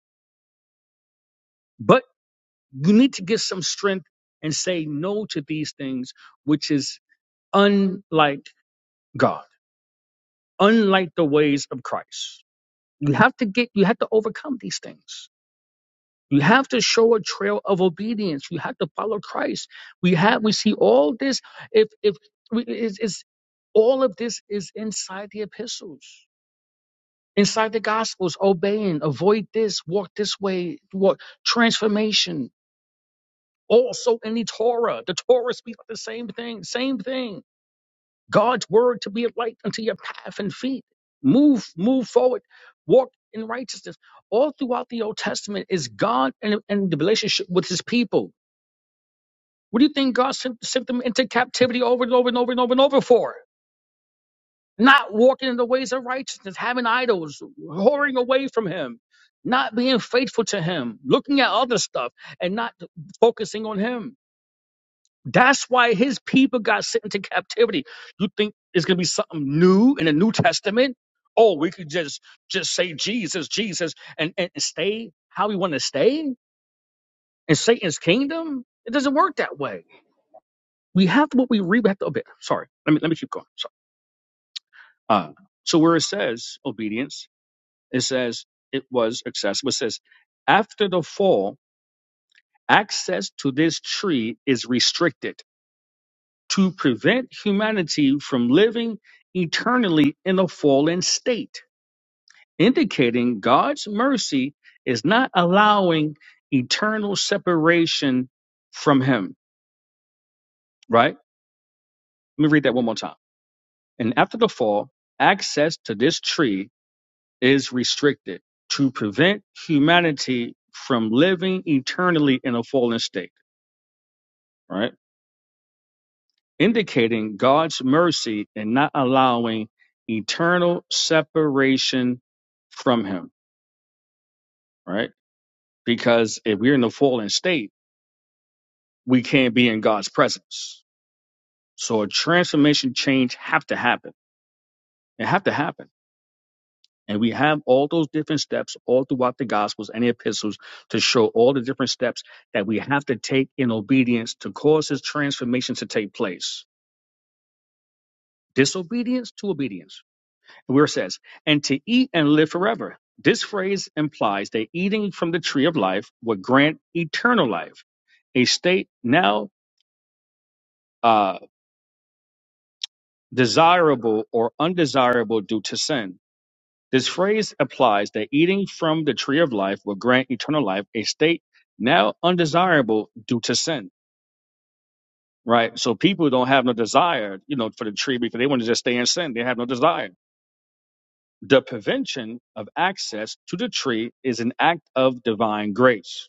Speaker 8: but. You need to get some strength and say no to these things, which is unlike God, unlike the ways of Christ. You have to get, you have to overcome these things. You have to show a trail of obedience. You have to follow Christ. We have, we see all this. If, if, we, is, is all of this is inside the epistles inside the gospels obeying avoid this walk this way walk transformation Also in the Torah, the Torah speaks the same thing, same thing. God's word to be a light unto your path and feet. Move, move forward, walk in righteousness. All throughout the Old Testament is God and, and the relationship with his people. What do you think God sent, sent them into captivity over and over and over and over and over for? Not walking in the ways of righteousness, having idols, whoring away from him, not being faithful to him, looking at other stuff and not focusing on him That's why his people got sent into captivity. You think it's gonna be something new in the New Testament? Oh, we could just just say Jesus, Jesus, and and stay how we want to stay in Satan's kingdom. It doesn't work that way. We have to what we read. We have to obey. Sorry, let me let me keep going. Sorry. Uh, so where it says obedience, it says it was accessible. It says after the fall, access to this tree is restricted to prevent humanity from living eternally in a fallen state, indicating God's mercy is not allowing eternal separation from Him, right? Let me read that one more time. And after the fall, access to this tree is restricted to prevent humanity from living eternally in a fallen state, right? indicating God's mercy and not allowing eternal separation from Him, right? Because if we're in the fallen state, we can't be in God's presence. So a transformation change have to happen. It have to happen. And we have all those different steps all throughout the Gospels and the epistles to show all the different steps that we have to take in obedience to cause this transformation to take place. Disobedience to obedience where it says, and to eat and live forever. This phrase implies that eating from the tree of life would grant eternal life, a state now uh, desirable or undesirable due to sin. This phrase implies that eating from the tree of life will grant eternal life, a state now undesirable due to sin. Right? So people don't have no desire, you know, for the tree because they want to just stay in sin. They have no desire. The prevention of access to the tree is an act of divine grace,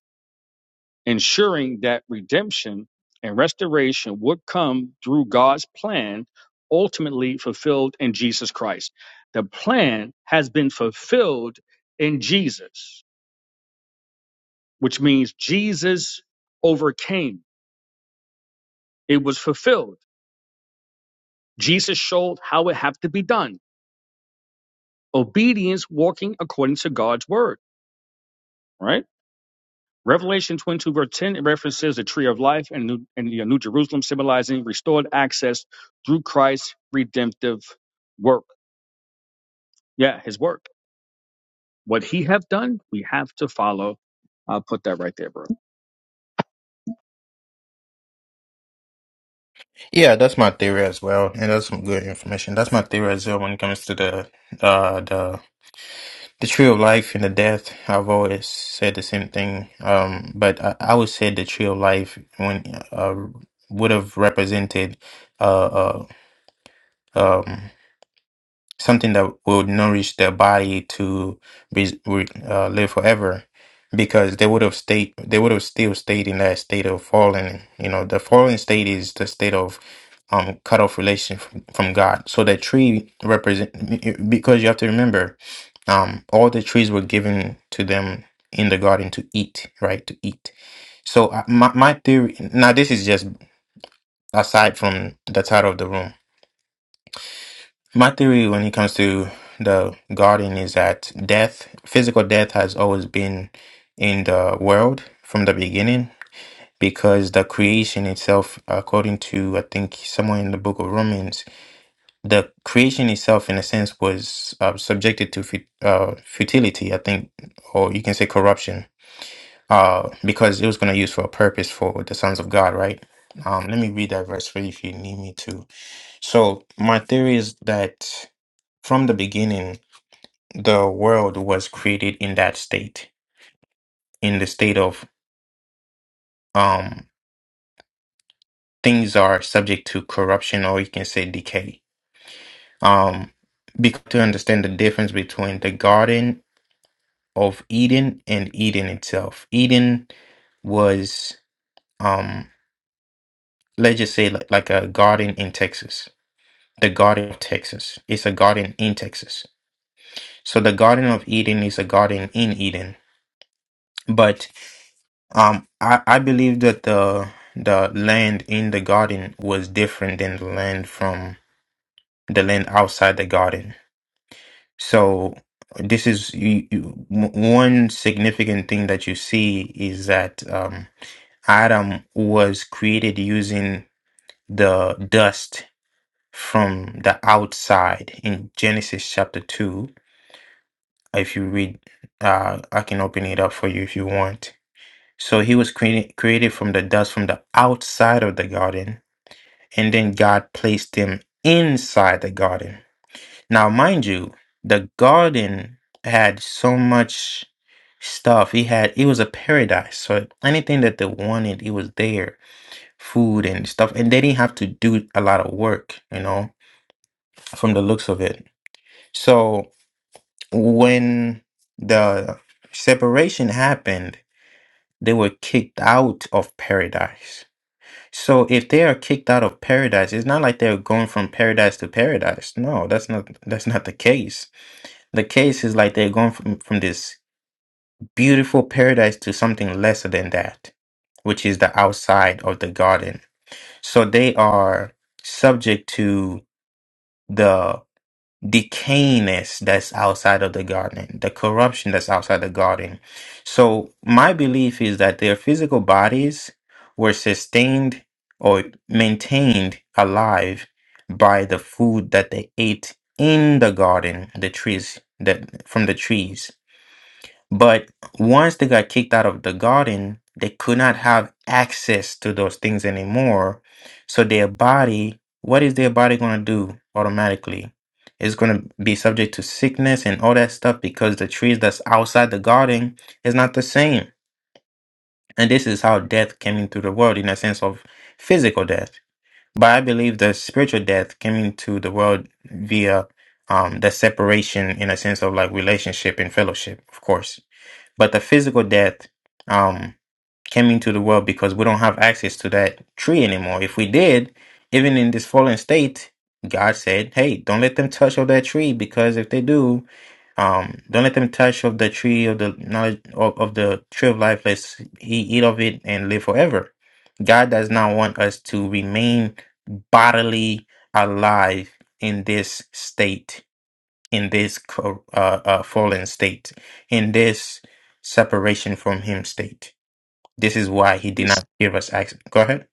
Speaker 8: ensuring that redemption and restoration would come through God's plan, ultimately fulfilled in Jesus Christ. The plan has been fulfilled in Jesus, which means Jesus overcame. It was fulfilled. Jesus showed how it had to be done. Obedience, walking according to God's word, right? Revelation 22 verse 10 references the tree of life and, new, and the New Jerusalem symbolizing restored access through Christ's redemptive work. Yeah, his work. What he have done, we have to follow. I'll put that right there, bro.
Speaker 2: Yeah, that's my theory as well, and that's some good information. That's my theory as well when it comes to the uh the the tree of life and the death. I've always said the same thing. Um, but I, I would say the tree of life when uh would have represented uh, uh um something that will nourish their body to be re- uh, live forever because they would have stayed they would have still stayed in that state of fallen you know the fallen state is the state of um cut off relation from, from god so that tree represent because you have to remember um all the trees were given to them in the garden to eat right to eat so uh, my, my theory now this is just aside from the title of the room my theory when it comes to the garden is that death, physical death, has always been in the world from the beginning because the creation itself, according to I think somewhere in the book of Romans, the creation itself, in a sense, was uh, subjected to fut- uh, futility, I think, or you can say corruption, uh, because it was going to use for a purpose for the sons of God, right? Um, let me read that verse for you if you need me to. So my theory is that from the beginning, the world was created in that state, in the state of um, things are subject to corruption, or you can say decay. Um, because to understand the difference between the Garden of Eden and Eden itself, Eden was um let's just say like, like a garden in Texas. The Garden of Texas. It's a garden in Texas. So the Garden of Eden is a garden in Eden. But Um, I, I believe that the the land in the garden was different than the land from the land outside the garden. So this is you, you, w- one significant thing that you see is that um, Adam was created using the dust from the outside in Genesis chapter two. If you read, uh, I can open it up for you if you want. So he was created, created from the dust from the outside of the garden, and then God placed him inside the garden. Now, mind you, the garden had so much stuff. He had it was a paradise. So anything that they wanted, it was there. Food and stuff. And they didn't have to do a lot of work, you know, from the looks of it. So when the separation happened, they were kicked out of paradise So if they are kicked out of paradise, it's not like they're going from paradise to paradise. No, that's not that's not the case. The case is like they're going from, from this beautiful paradise to something lesser than that, which is the outside of the garden. So they are subject to the decayness that's outside of the garden, the corruption that's outside the garden. So my belief is that their physical bodies were sustained or maintained alive by the food that they ate in the garden, the trees that from the trees. But once they got kicked out of the garden, they could not have access to those things anymore. So their body, what is their body going to do automatically? It's going to be subject to sickness and all that stuff because the trees that's outside the garden is not the same. And this is how death came into the world in a sense of physical death. But I believe the spiritual death came into the world via um, the separation in a sense of like relationship and fellowship, of course. But the physical death um, came into the world because we don't have access to that tree anymore. If we did, even in this fallen state, God said, "Hey, don't let them touch of that tree because if they do, um, don't let them touch of the tree of the knowledge of, of the tree of life. Let's he eat of it and live forever." God does not want us to remain bodily alive in this state in this cor- uh, uh, fallen state, in this separation from Him state. This is why He
Speaker 8: Be-
Speaker 2: did not give us access. Go ahead.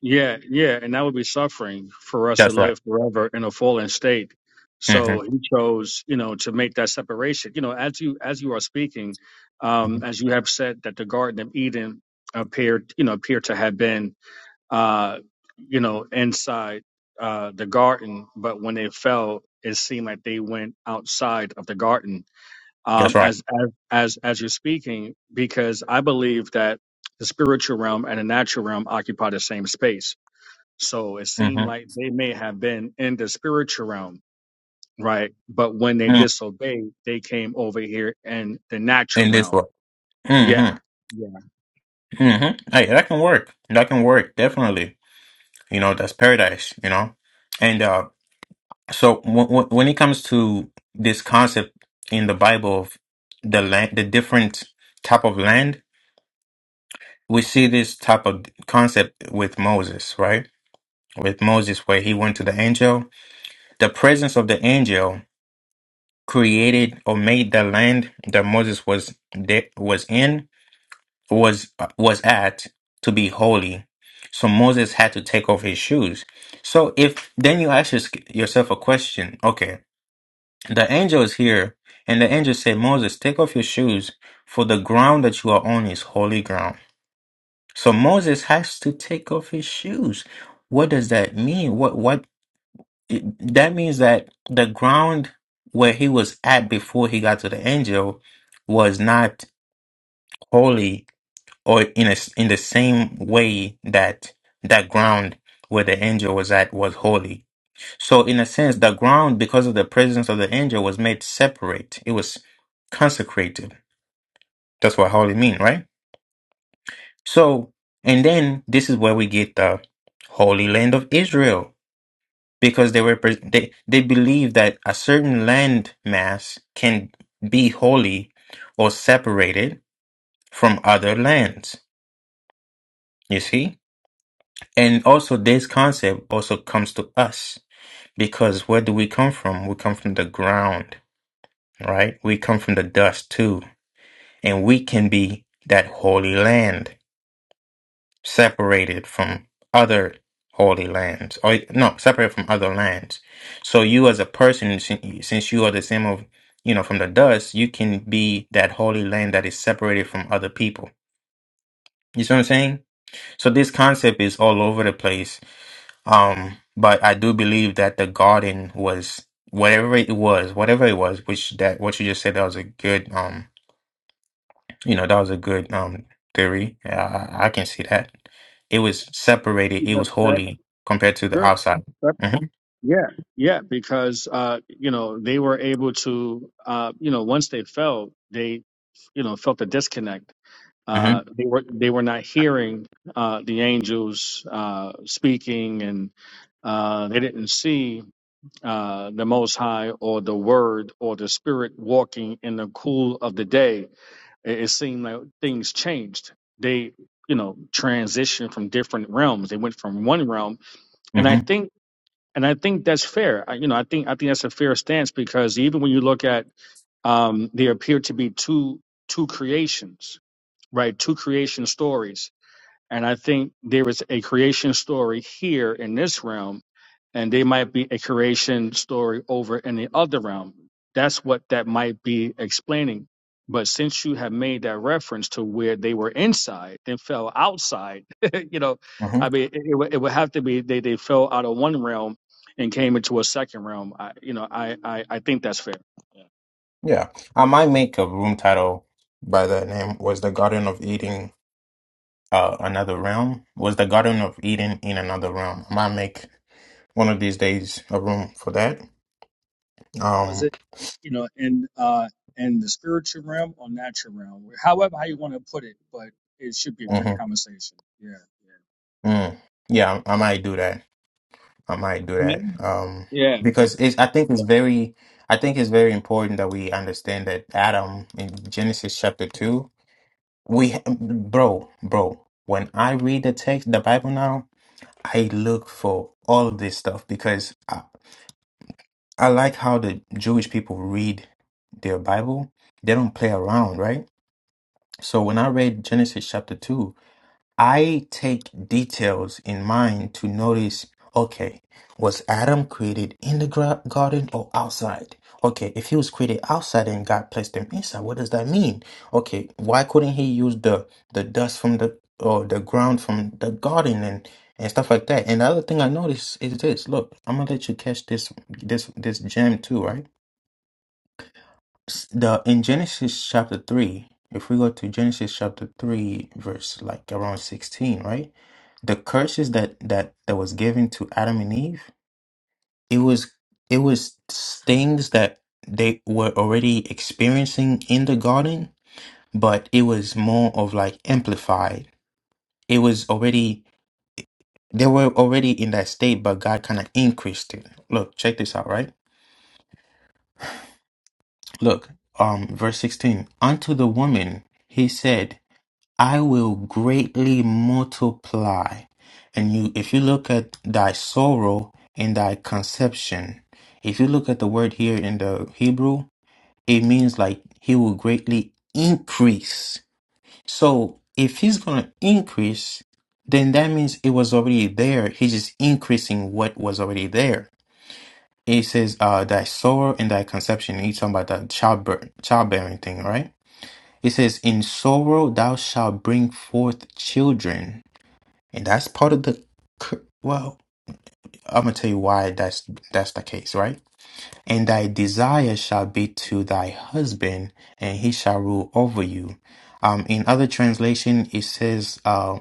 Speaker 8: Yeah, yeah, and that would be suffering for us to
Speaker 2: That's right.
Speaker 8: live forever in a fallen state. So
Speaker 2: hmm
Speaker 8: he chose, you know, to make that separation. You know, as you as you are speaking, um, as you have said that the Garden of Eden appeared, you know, appeared to have been uh, you know, inside uh, the garden, but when they fell, it seemed like they went outside of the garden.
Speaker 2: That's
Speaker 8: Um,
Speaker 2: right.
Speaker 8: as as as as you're speaking, because I believe that the spiritual realm and the natural realm occupy the same space. So it seemed
Speaker 2: hmm
Speaker 8: like they may have been in the spiritual realm, right? But when they
Speaker 2: mm
Speaker 8: disobeyed, they came over here in the natural
Speaker 2: In this
Speaker 8: realm.
Speaker 2: world.
Speaker 8: Yeah.
Speaker 2: hmm
Speaker 8: Yeah.
Speaker 2: hmm Hey, that can work. That can work definitely. You know, that's paradise. You know, and uh, so w- w- when it comes to this concept in the Bible of the land, the different type of land, we see this type of concept with Moses, right? with Moses where he went to the angel. The presence of the angel created or made the land that Moses was de- was in was uh, was at to be holy. So Moses had to take off his shoes. So if then you ask yours- yourself a question, okay, the angel is here and the angel said, Moses, take off your shoes for the ground that you are on is holy ground. So Moses has to take off his shoes. What does that mean? What what that means that the ground where he was at before he got to the angel was not holy or in a, in the same way that that ground where the angel was at was holy so in a sense the ground because of the presence of the angel was made separate it was consecrated that's what holy mean right so and then this is where we get the holy land of israel because they were pre- they they believe that a certain land mass can be holy or separated from other lands you see and also this concept also comes to us because where do we come from we come from the ground right we come from the dust too and we can be that holy land separated from other holy lands or no separated from other lands so you as a person sin- since you are the same of you know from the dust you can be that holy land that is separated from other people you see what i'm saying so this concept is all over the place um but i do believe that the garden was whatever it was whatever it was which that what you just said that was a good um you know, that was a good um theory. Yeah, I, I can see that. It was separated,
Speaker 8: You
Speaker 2: it
Speaker 8: have
Speaker 2: was
Speaker 8: that?
Speaker 2: holy compared to the outside.
Speaker 8: Sure.
Speaker 2: hmm
Speaker 8: Yeah, yeah, because uh, you know they were able to, uh, you know, once they fell, they, you know, felt the disconnect.
Speaker 2: hmm
Speaker 8: Uh, they were they were not hearing uh, the angels uh, speaking, and uh, they didn't see uh, the Most High or the Word or the Spirit walking in the cool of the day. It, it seemed like things changed. They, you know, transitioned from different realms. They went from one realm, and I
Speaker 2: hmm
Speaker 8: think and I think that's fair. I, you know, I think I think that's a fair stance because even when you look at um, there appear to be two two creations, right? Two creation stories and I think there is a creation story here in this realm, and there might be a creation story over in the other realm. That's what that might be explaining. But since you have made that reference to where they were inside, and fell outside, you know,
Speaker 2: hmm
Speaker 8: I mean, it, it, would- it would have to be they, they fell out of one realm and came into a second realm. I, you know, I, I, I think that's fair.
Speaker 2: Yeah. I might make a room title by the name Was the Garden of Eden uh another realm? Was the Garden of Eden in another realm? I might make one of these days a room for that.
Speaker 8: was
Speaker 2: Um
Speaker 8: it uh, you know in uh in the spiritual realm or natural realm however how you want to put it but it should be a great
Speaker 2: mhm.
Speaker 8: conversation yeah
Speaker 2: Mm. Yeah, I, I might do that. I might do
Speaker 8: Yeah.
Speaker 2: that. Um,
Speaker 8: Yeah.
Speaker 2: because it's, I think it's
Speaker 8: Yeah.
Speaker 2: very, I think it's very important that we understand that Adam in Genesis chapter two, we, bro, bro, when I read the text, the Bible now, I look for all of this stuff because I, I like how the Jewish people read their Bible. They don't play around, right? So when I read Genesis chapter two, I take details in mind to notice okay, was Adam created in the gra- garden or outside? Okay, if he was created outside and God placed him inside, what does that mean? Okay, why couldn't he use the the dust from the or the ground from the garden and and stuff like that? And the other thing I noticed is this. Look, I'm gonna let you catch this this this gem too, right? the in Genesis chapter 3, if we go to Genesis chapter 3 verse like around 16, right? The curses that that that was given to Adam and Eve, it was it was things that they were already experiencing in the garden, but it was more of like amplified. It was already they were already in that state, but God kind of increased it. Look, check this out, right? Look, um verse 16. Unto the woman he said I will greatly multiply. And you, if you look at thy sorrow and thy conception, if you look at the word here in the Hebrew, it means like he will greatly increase. So if he's going to increase, then that means it was already there. He's just increasing what was already there. It says, uh, thy sorrow and thy conception. And he's talking about the childbirth, childbearing thing, right? It says, In sorrow thou shalt bring forth children. And that's part of the, cur- well, I'm going to tell you why that's, that's the case, right? And thy desire shall be to thy husband, and he shall rule over you. Um, in other translation, it says, uh,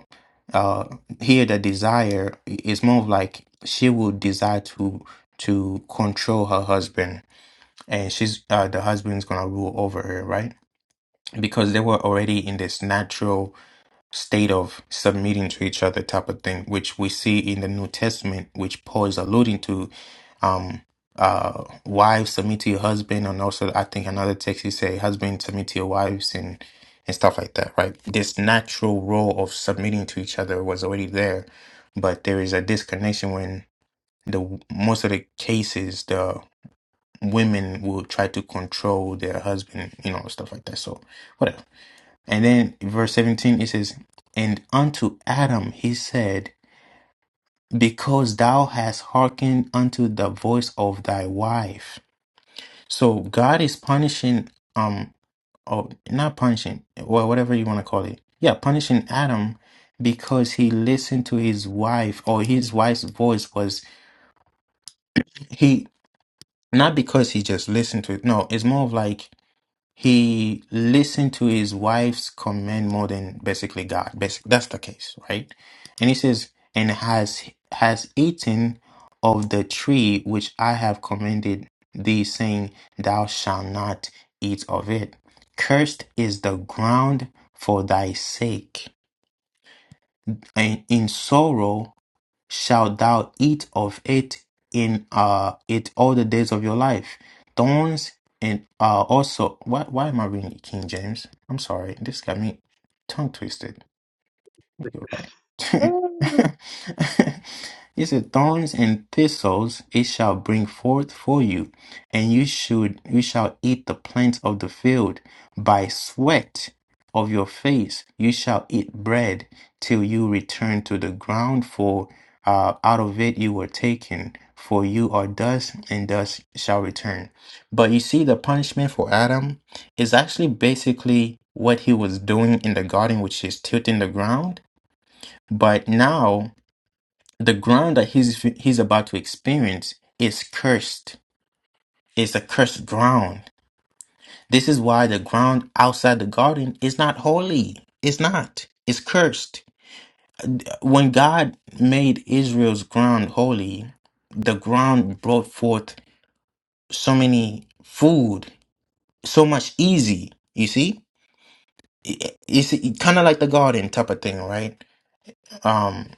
Speaker 2: uh, here the desire is more of like she will desire to, to control her husband and she's, uh, the husband's going to rule over her, right? Because they were already in this natural state of submitting to each other type of thing, which we see in the New Testament, which Paul is alluding to. Um, uh, wives submit to your husband, and also I think another text he say husband submit to your wives and and stuff like that. Right, this natural role of submitting to each other was already there, but there is a disconnection when the most of the cases the women will try to control their husband, you know, stuff like that. So whatever. And then verse 17 it says, And unto Adam he said, Because thou hast hearkened unto the voice of thy wife. So God is punishing um or not punishing, well whatever you want to call it. Yeah, punishing Adam because he listened to his wife or his wife's voice was he not because he just listened to it. No, it's more of like He listened to his wife's command more than basically God. Basic, that's the case, right? And he says, and has has eaten of the tree which I have commanded thee, saying, Thou shalt not eat of it. Cursed is the ground for thy sake and in sorrow shalt thou eat of it in uh it all the days of your life. Thorns and uh also why why am I reading King James? I'm sorry, this got me tongue twisted. You're right.
Speaker 8: Uh,
Speaker 2: He said, Thorns and thistles it shall bring forth for you, and you should you shall eat the plants of the field. By sweat of your face you shall eat bread till you return to the ground, for uh, out of it you were taken, for you are dust, and dust shall return. But you see, the punishment for Adam is actually basically what he was doing in the garden, which is tilting the ground but now the ground that he's he's about to experience is cursed. It's a cursed ground. This is why the ground outside the garden is not holy. It's not. It's cursed. When God made Israel's ground holy, the ground brought forth so many food, so much easy. You see, It- it's kind of like the garden type of thing, right? Um,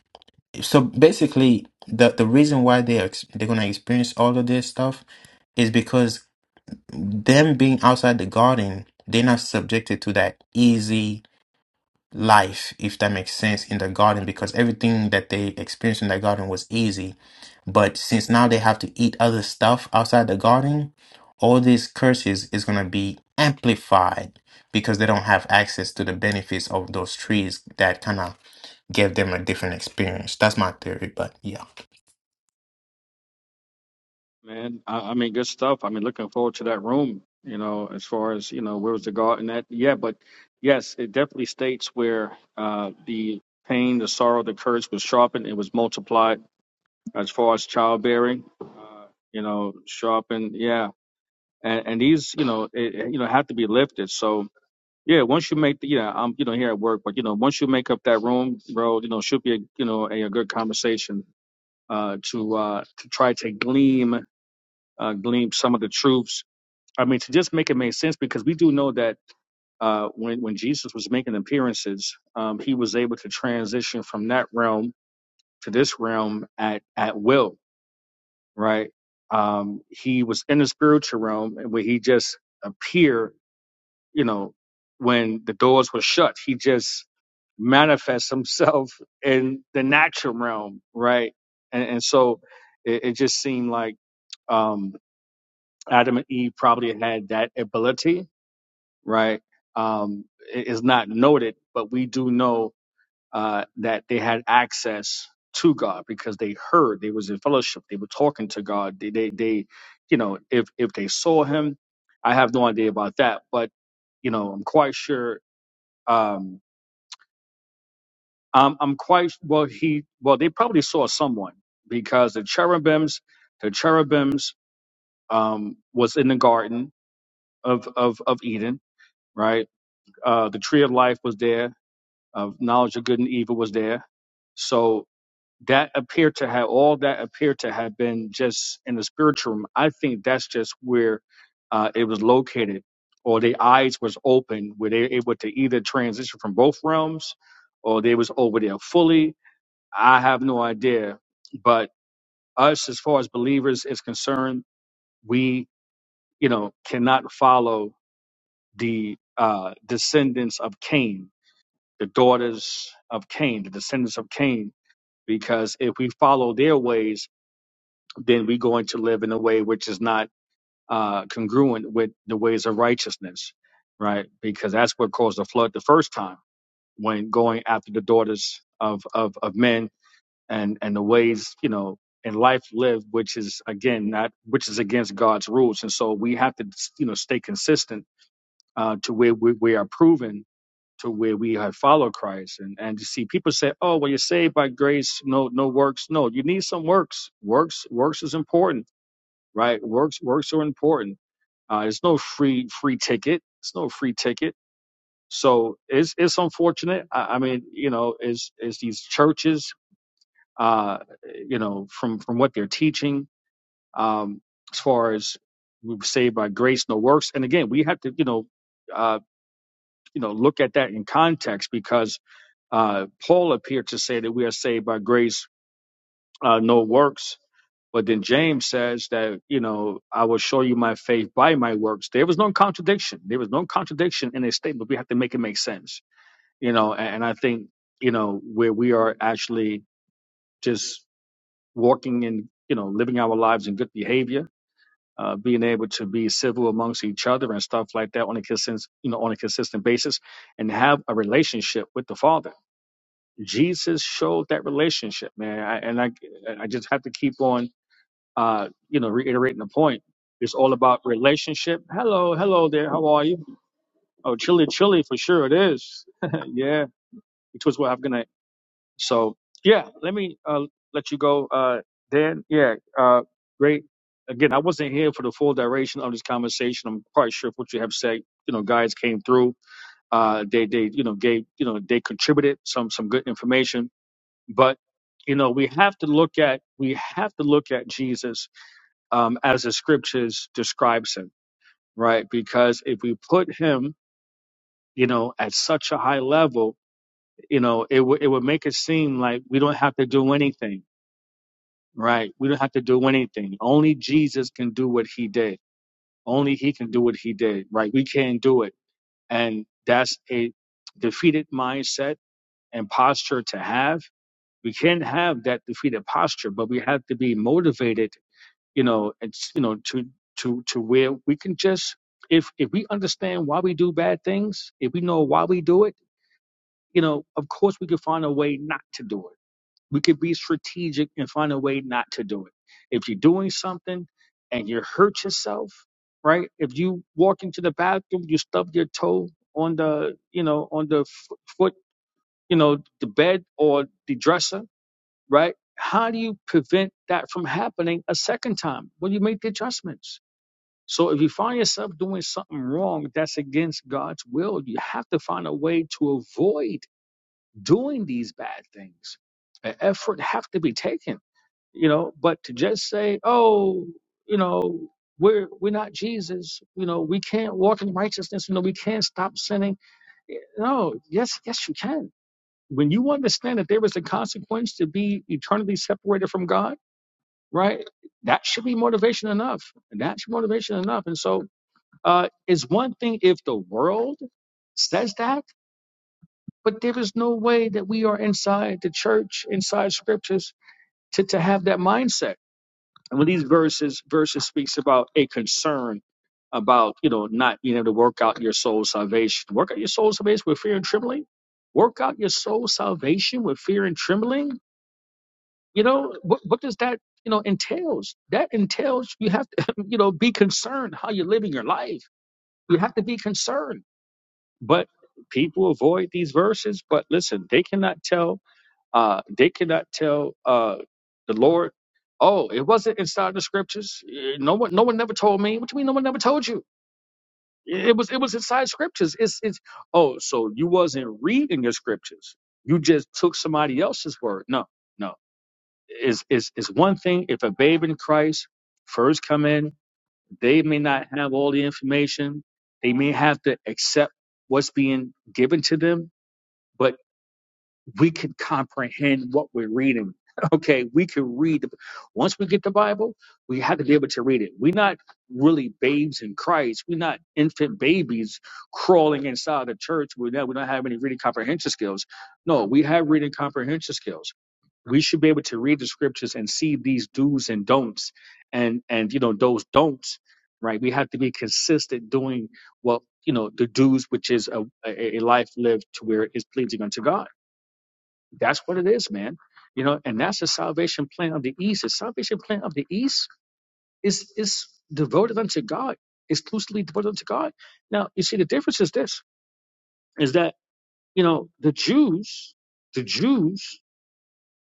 Speaker 2: so basically the the reason why they ex- they're going to experience all of this stuff is because them being outside the garden they're not subjected to that easy life, if that makes sense, in the garden because everything that they experienced in the garden was easy. But since now they have to eat other stuff outside the garden, all these curses is going to be amplified because they don't have access to the benefits of those trees that kind of gave them a different experience. That's my theory, but yeah.
Speaker 8: Man, I, I mean, good stuff. I mean, looking forward to that room, you know, as far as, you know, where was the garden at? Yeah, but yes, it definitely states where uh, the pain, the sorrow, the curse was sharpened, it was multiplied as far as childbearing, uh, you know, sharpened. Yeah, and and these you know it, you know have to be lifted. So yeah, once you make the yeah, I'm you know here at work, but you know once you make up that room, bro, you know should be a, you know a, a good conversation uh, to uh, to try to gleam uh, glean some of the truths. I mean to just make it make sense because we do know that uh, when when Jesus was making appearances, um, he was able to transition from that realm to this realm at at will, right? Um, he was in the spiritual realm where he just appeared you know, when the doors were shut, he just manifests himself in the natural realm, right? And, and so it, it just seemed like um, Adam and Eve probably had that ability, right? Um, it is not noted, but we do know uh, that they had access to God because they heard, they was in fellowship, they were talking to God. They, they, they you know, if if they saw Him, I have no idea about that, but you know, I'm quite sure um, I'm, I'm quite well. He well, they probably saw someone because the cherubims, the cherubims, um, was in the garden of of of Eden, right? Uh, the tree of life was there, of knowledge of good and evil was there. So that appeared to have all that appeared to have been just in the spiritual realm. I think that's just where uh, it was located, or their eyes was open, where they were able to either transition from both realms, or they was over there fully, I have no idea. But us, as far as believers is concerned, we, you know, cannot follow the uh, descendants of Cain, the daughters of Cain, the descendants of Cain, because if we follow their ways, then we're going to live in a way which is not uh, congruent with the ways of righteousness, right? Because that's what caused the flood the first time when going after the daughters of, of, of men and and the ways you know in life lived which is again not which is against god's rules and so we have to you know stay consistent uh to where we, we are proven to where we have followed christ and and to see people say oh well you're saved by grace no no works no you need some works works works is important right works works are important uh it's no free free ticket it's no free ticket so it's it's unfortunate. I, I mean, you know, is is these churches uh, you know, from from what they're teaching, um, as far as we were saved by grace, no works. And again, we have to, you know, uh, you know, look at that in context because uh, Paul appeared to say that we are saved by grace, uh, no works. But then James says that, you know, I will show you my faith by my works. There was no contradiction. There was no contradiction in his statement. We have to make it make sense, you know, and, and I think, you know, where we are actually just walking in, you know, living our lives in good behavior, uh, being able to be civil amongst each other and stuff like that on a consistent, you know, on a consistent basis, and have a relationship with the Father. Jesus showed that relationship, man, I, and I, I just have to keep on, uh, you know, reiterating the point. It's all about relationship. Hello, hello there. How are you? Oh, chilly, chilly for sure it is. yeah, it was what I'm gonna So yeah, let me uh, let you go, uh, Dan. Yeah, uh, great. Again, I wasn't here for the full duration of this conversation. I'm quite sure what you have said. You know, guys came through. Uh, they they you know gave you know they contributed some some good information. But you know we have to look at we have to look at Jesus um, as the scriptures describes him, right? Because if we put him you know at such a high level, you know it would it would make it seem like we don't have to do anything Right. We don't have to do anything. Only Jesus can do what he did. Only he can do what he did. Right. We can't do it. And that's a defeated mindset and posture to have. We can't have that defeated posture, but we have to be motivated, you know, it's, you know, to, to, to where we can just, if, if we understand why we do bad things, if we know why we do it, you know, of course we can find a way not to do it we could be strategic and find a way not to do it. If you're doing something and you hurt yourself, right? If you walk into the bathroom, you stub your toe on the, you know, on the f- foot, you know, the bed or the dresser, right? How do you prevent that from happening a second time? Well, you make the adjustments. So if you find yourself doing something wrong that's against God's will, you have to find a way to avoid doing these bad things. An effort have to be taken you know but to just say oh you know we're we're not jesus you know we can't walk in righteousness you know we can't stop sinning Eh, no yes yes you can when you understand that there is a consequence to be eternally separated from god right that should be motivation enough that should be motivation enough and so uh it's one thing if the world says that but there is no way that we are inside the church inside scriptures to, to have that mindset And when these verses verses speaks about a concern about you know not being able to work out your soul salvation, work out your soul salvation with fear and trembling. Work out your soul salvation with fear and trembling. You know what, what does that you know entails? That entails you have to you know be concerned how you're living your life. You have to be concerned. But people avoid these verses. But listen, they cannot tell uh, they cannot tell uh, the Lord, "Oh, it wasn't inside the scriptures. Eh, No one, no one never told me." What do you mean? No one never told you? It it was, it was inside scriptures. It's, it's. Oh, so you wasn't reading your scriptures. You just took somebody else's word. No, no. It's, it's, it's one thing if a babe in Christ first come in, they may not have all the information. They may have to accept what's being given to them but we can comprehend what we're reading. Okay, we can read. the- Once we get the Bible, we have to be able to read it. We're not really babes in Christ. We're not infant babies crawling inside the church. We don't, we don't have any reading comprehension skills. No, we have reading comprehension skills. We should be able to read the scriptures and see these do's and don'ts, and and you know those don'ts. Right, we have to be consistent doing well. you know the do's, which is a, a, a life lived to where it's pleasing unto God that's what it is, man. You know, and that's the salvation plan of the East. The salvation plan of the East is is devoted unto God, exclusively devoted unto God. Now, you see, the difference is this: is that you know the Jews, the Jews,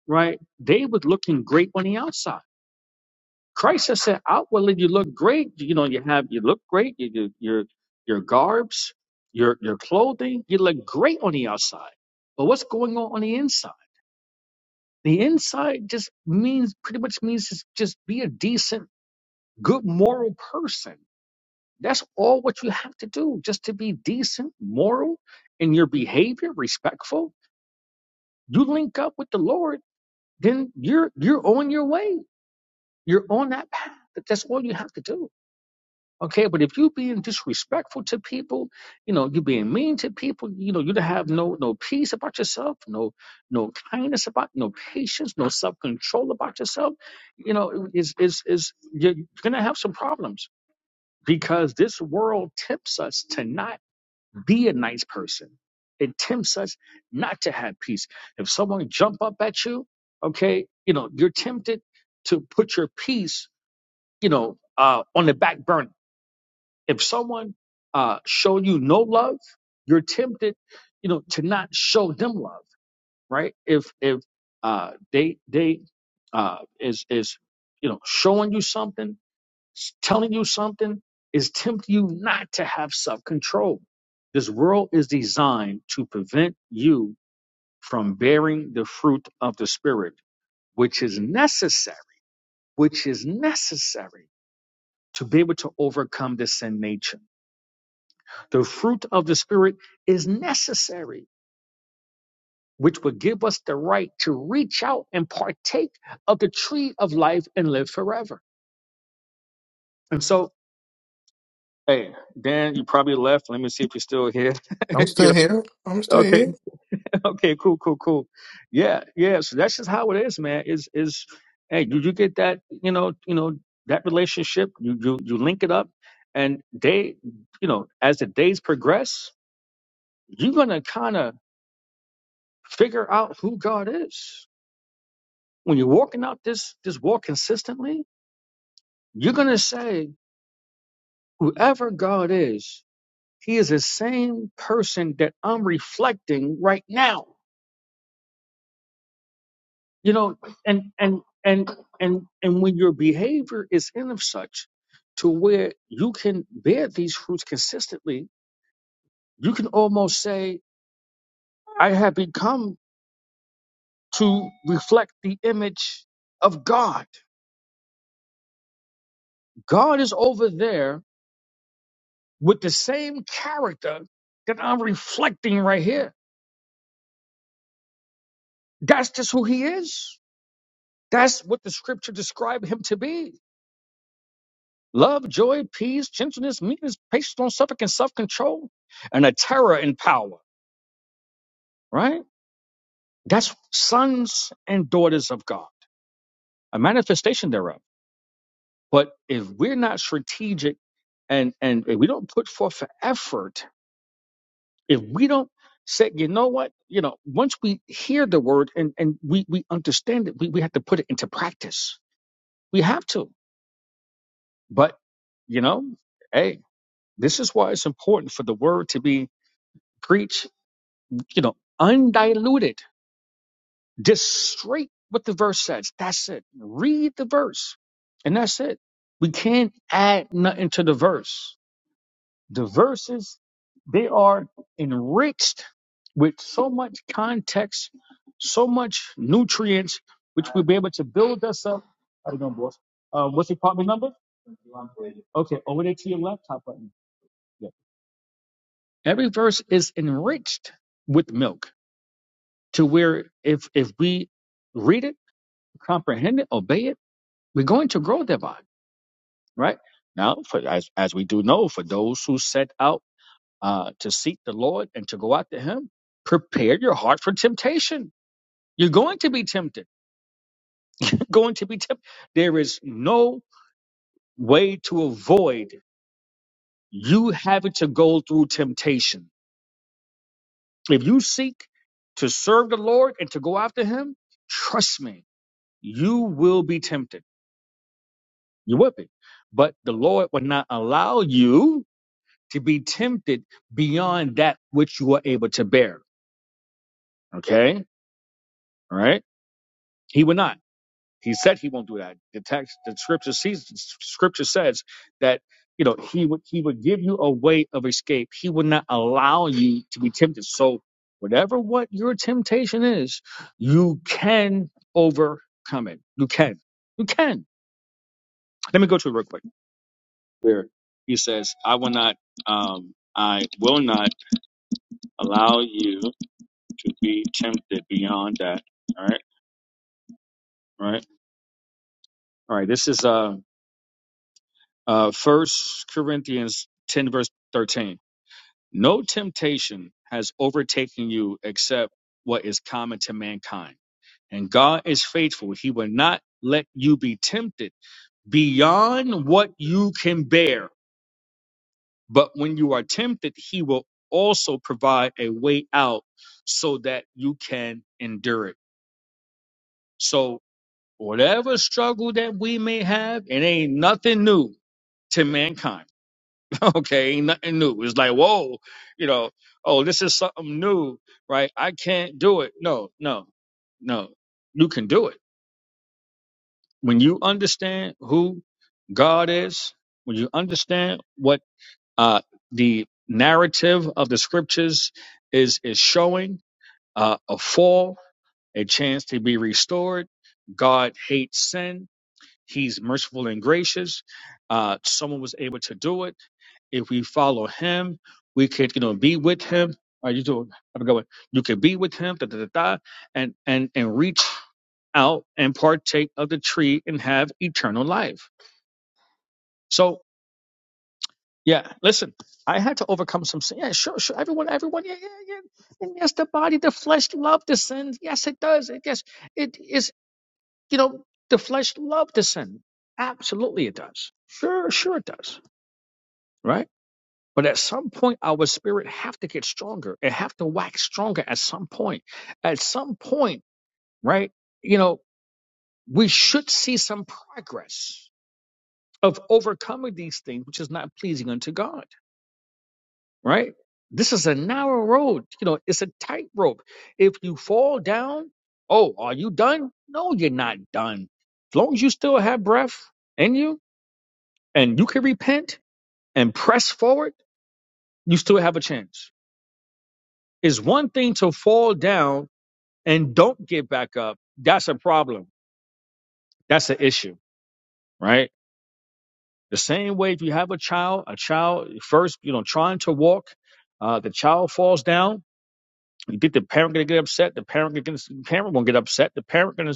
Speaker 8: right? They were looking great on the outside. Christ has said, outwardly you look great. You know, you have you look great. You, you your your garbs, your your clothing, you look great on the outside. But what's going on on the inside? The inside just means pretty much means just, just be a decent, good moral person. That's all what you have to do, just to be decent, moral in your behavior, respectful. You link up with the Lord, then you're you're on your way. You're on that path. That's all you have to do. Okay, but if you're being disrespectful to people, you know, you're being mean to people, you know, you don't have no no peace about yourself, no no kindness about, no patience, no self control about yourself, you know, is is is you're gonna have some problems because this world tempts us to not be a nice person. It tempts us not to have peace. If someone jump up at you, okay, you know, you're tempted to put your peace, you know, uh, on the back burner if someone uh, show you no love, you're tempted, you know, to not show them love, right? If if uh, they they uh, is is you know showing you something, s- telling you something, is tempting you not to have self control. This world is designed to prevent you from bearing the fruit of the spirit, which is necessary, which is necessary to be able to overcome the sin nature. The fruit of the Spirit is necessary, which will give us the right to reach out and partake of the tree of life and live forever. And so, hey, Dan, you probably left. Let me see if you're still here.
Speaker 2: I'm
Speaker 8: you
Speaker 2: still here. I'm
Speaker 8: know,
Speaker 2: still
Speaker 8: okay,
Speaker 2: here.
Speaker 8: okay, cool, cool, cool. Yeah, yeah. So that's just how it is, man. Is is hey, did you get that? You know, you know that relationship. You you you link it up, and they, you know, as the days progress, you're gonna kind of figure out who God is when you're walking out this this walk consistently, you're gonna say, whoever God is, He is the same person that I'm reflecting right now. You know, and and and and and when your behavior is in of such to where you can bear these fruits consistently, you can almost say, I have become to reflect the image of God. God is over there with the same character that I'm reflecting right here. That's just who he is. That's what the scripture described him to be. Love, joy, peace, gentleness, meekness, patience, long suffering, and self control, and a terror in power, right? That's sons and daughters of God, a manifestation thereof. But if we're not strategic and, and if we don't put forth effort if we don't say, you know what, you know, once we hear the word and, and we, we understand it, we, we have to put it into practice. We have to. But, you know, hey, this is why it's important for the word to be preached, you know, undiluted, just straight what the verse says. That's it. Read the verse. And that's it. We can't add nothing to the verse. The verses, they are enriched with so much context, so much nutrients, which will be able to build us up. How you doing, boss? Uh, what's your problem number? Okay, over there to your left, top button. Yeah. Every verse is enriched with milk to where if if we read it, comprehend it, obey it, we're going to grow thereby, right? Now, for, as as we do know, for those who set out uh, to seek the Lord and to go after Him, prepare your heart for temptation. You're going to be tempted. You're going to be tempted. There is no way to avoid you having to go through temptation. If you seek to serve the Lord and to go after Him, trust me, you will be tempted. You will be. But the Lord will not allow you to be tempted beyond that which you are able to bear. Okay? All right? He will not. He said he won't do that. The text, the scripture sees, scripture says that you know he would he would give you a way of escape. He would not allow you to be tempted. So whatever what your temptation is, you can overcome it. You can, you can. Let me go to it real quick. Where he says, "I will not, um, I will not allow you to be tempted beyond that." All right, all right, all right. This is uh. Uh, 1 Corinthians 10, verse 13. No temptation has overtaken you except what is common to mankind. And God is faithful. He will not let you be tempted beyond what you can bear. But when you are tempted, He will also provide a way out so that you can endure it. So, whatever struggle that we may have, it ain't nothing new to mankind okay, ain't nothing new. It's like, whoa, you know, oh, this is something new, right? I can't do it. No, no, no. You can do it. When you understand who God is, when you understand what uh, the narrative of the scriptures is is showing, uh, a fall, a chance to be restored. God hates sin. He's merciful and gracious. Uh, someone was able to do it if we follow him, we could, you know, be with him. All right, you do I a good You could be with him, da, da, da, da, and and and reach out and partake of the tree and have eternal life. So yeah, listen, I had to overcome some sin. Yeah, sure, sure. Everyone, everyone, yeah, yeah, yeah. And yes, the body, the flesh love the sin. Yes, it does. It yes, it is, you know, the flesh love the sin. Absolutely it does. Sure, sure it does. Right? But at some point, our spirit have to get stronger. It have to wax stronger at some point. At some point, right? You know, we should see some progress of overcoming these things, which is not pleasing unto God, right? This is a narrow road. You know, it's a tightrope. If you fall down, oh, are you done? No, you're not done. As long as you still have breath in you and you can repent and press forward, you still have a chance. It's one thing to fall down and don't get back up, that's a problem. That's an issue, right? The same way if you have a child, a child first, you know, trying to walk, uh, the child falls down. You think the parent gonna get upset? The parent gonna parent won't get upset. The parent gonna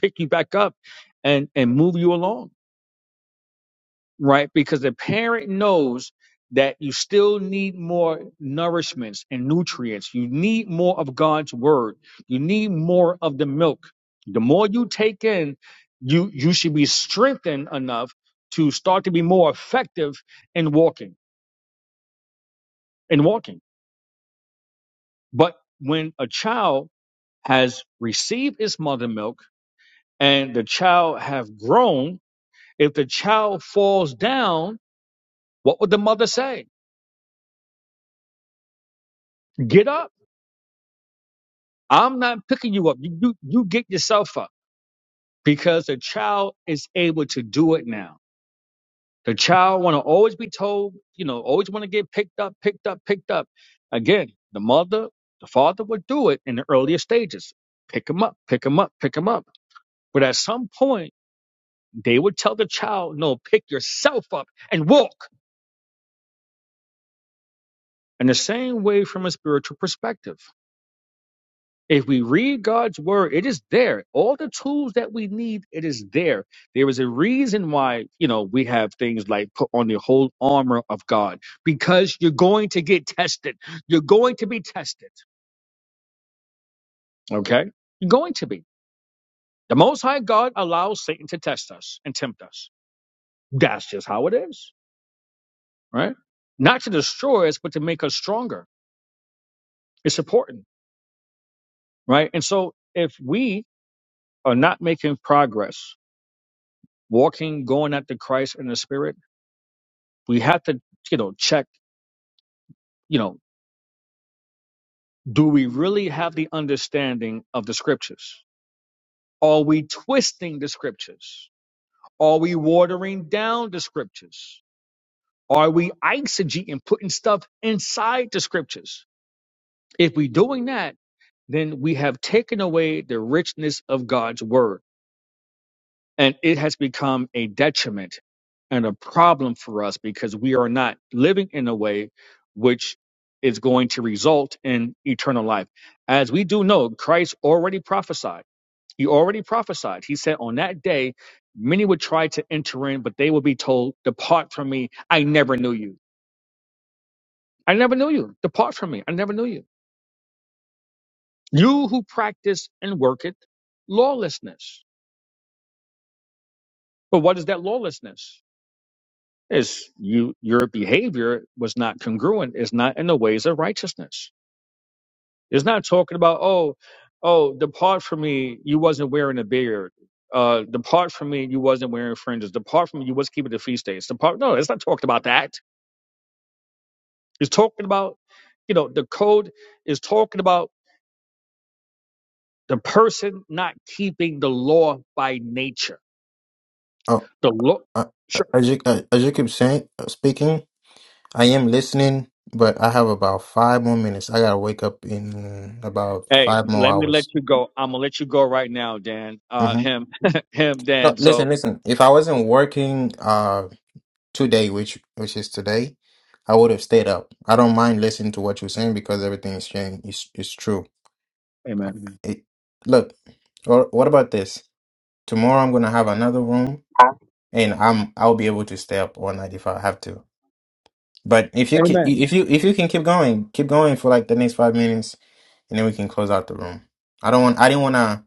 Speaker 8: pick you back up and and move you along right? Because the parent knows that you still need more nourishments and nutrients. You need more of God's word. You need more of the milk. The more you take in, you you should be strengthened enough to start to be more effective in walking in walking. But when a child has received its mother milk and the child have grown, if the child falls down, what would the mother say? Get up I'm not picking you up. You, you, you get yourself up because the child is able to do it now. The child want to always be told, you know, always want to get picked up, picked up, picked up. Again, the mother, the father would do it in the earlier stages. Pick them up, pick them up, pick them up. But at some point, they would tell the child, no, pick yourself up and walk. In the same way from a spiritual perspective. If we read God's word, it is there. All the tools that we need, it is there. There is a reason why, you know, we have things like put on the whole armor of God because you're going to get tested. You're going to be tested. Okay? You're going to be. The Most High God allows Satan to test us and tempt us. That's just how it is, right? Not to destroy us, but to make us stronger. It's important, right? And so if we are not making progress, walking, going after Christ in the Spirit, we have to you know check you know do we really have the understanding of the scriptures are we twisting the scriptures are we watering down the scriptures are we and putting stuff inside the scriptures if we're doing that then we have taken away the richness of god's word and it has become a detriment and a problem for us because we are not living in a way which is going to result in eternal life. As we do know, Christ already prophesied. He already prophesied. He said, On that day, many would try to enter in, but they will be told, Depart from me. I never knew you. I never knew you. Depart from me. I never knew you. You who practice and worketh lawlessness. But what is that lawlessness? is you your behavior was not congruent is not in the ways of righteousness it's not talking about oh oh depart from me you wasn't wearing a beard uh depart from me you wasn't wearing fringes depart from me you was keeping the feast days depart no it's not talking about that it's talking about you know the code is talking about the person not keeping the law by nature
Speaker 2: Oh,
Speaker 8: the law
Speaker 2: I, I,
Speaker 8: sure
Speaker 2: as you uh, as you keep saying, uh, speaking. I am listening, but I have about five more minutes. I gotta wake up in about
Speaker 8: hey
Speaker 2: five more
Speaker 8: let me let
Speaker 2: hours.
Speaker 8: you go i'm gonna let you go right now dan uh
Speaker 2: hmm
Speaker 8: him him
Speaker 2: No,
Speaker 8: dan
Speaker 2: listen,
Speaker 8: so
Speaker 2: listen. If I wasn't working uh today, which which is today, I would have stayed up. I don't mind listening to what you're saying because everything is saying is is true.
Speaker 8: amen
Speaker 2: Mhm. It, look, or what about this? Tomorrow I'm gonna have another room, and I'm I'll be able to stay up all night if I have to. But if you can,
Speaker 8: Amen.
Speaker 2: if you if you can keep going, keep going for like the next five minutes, and then we can close out the room. I don't want I didn't want to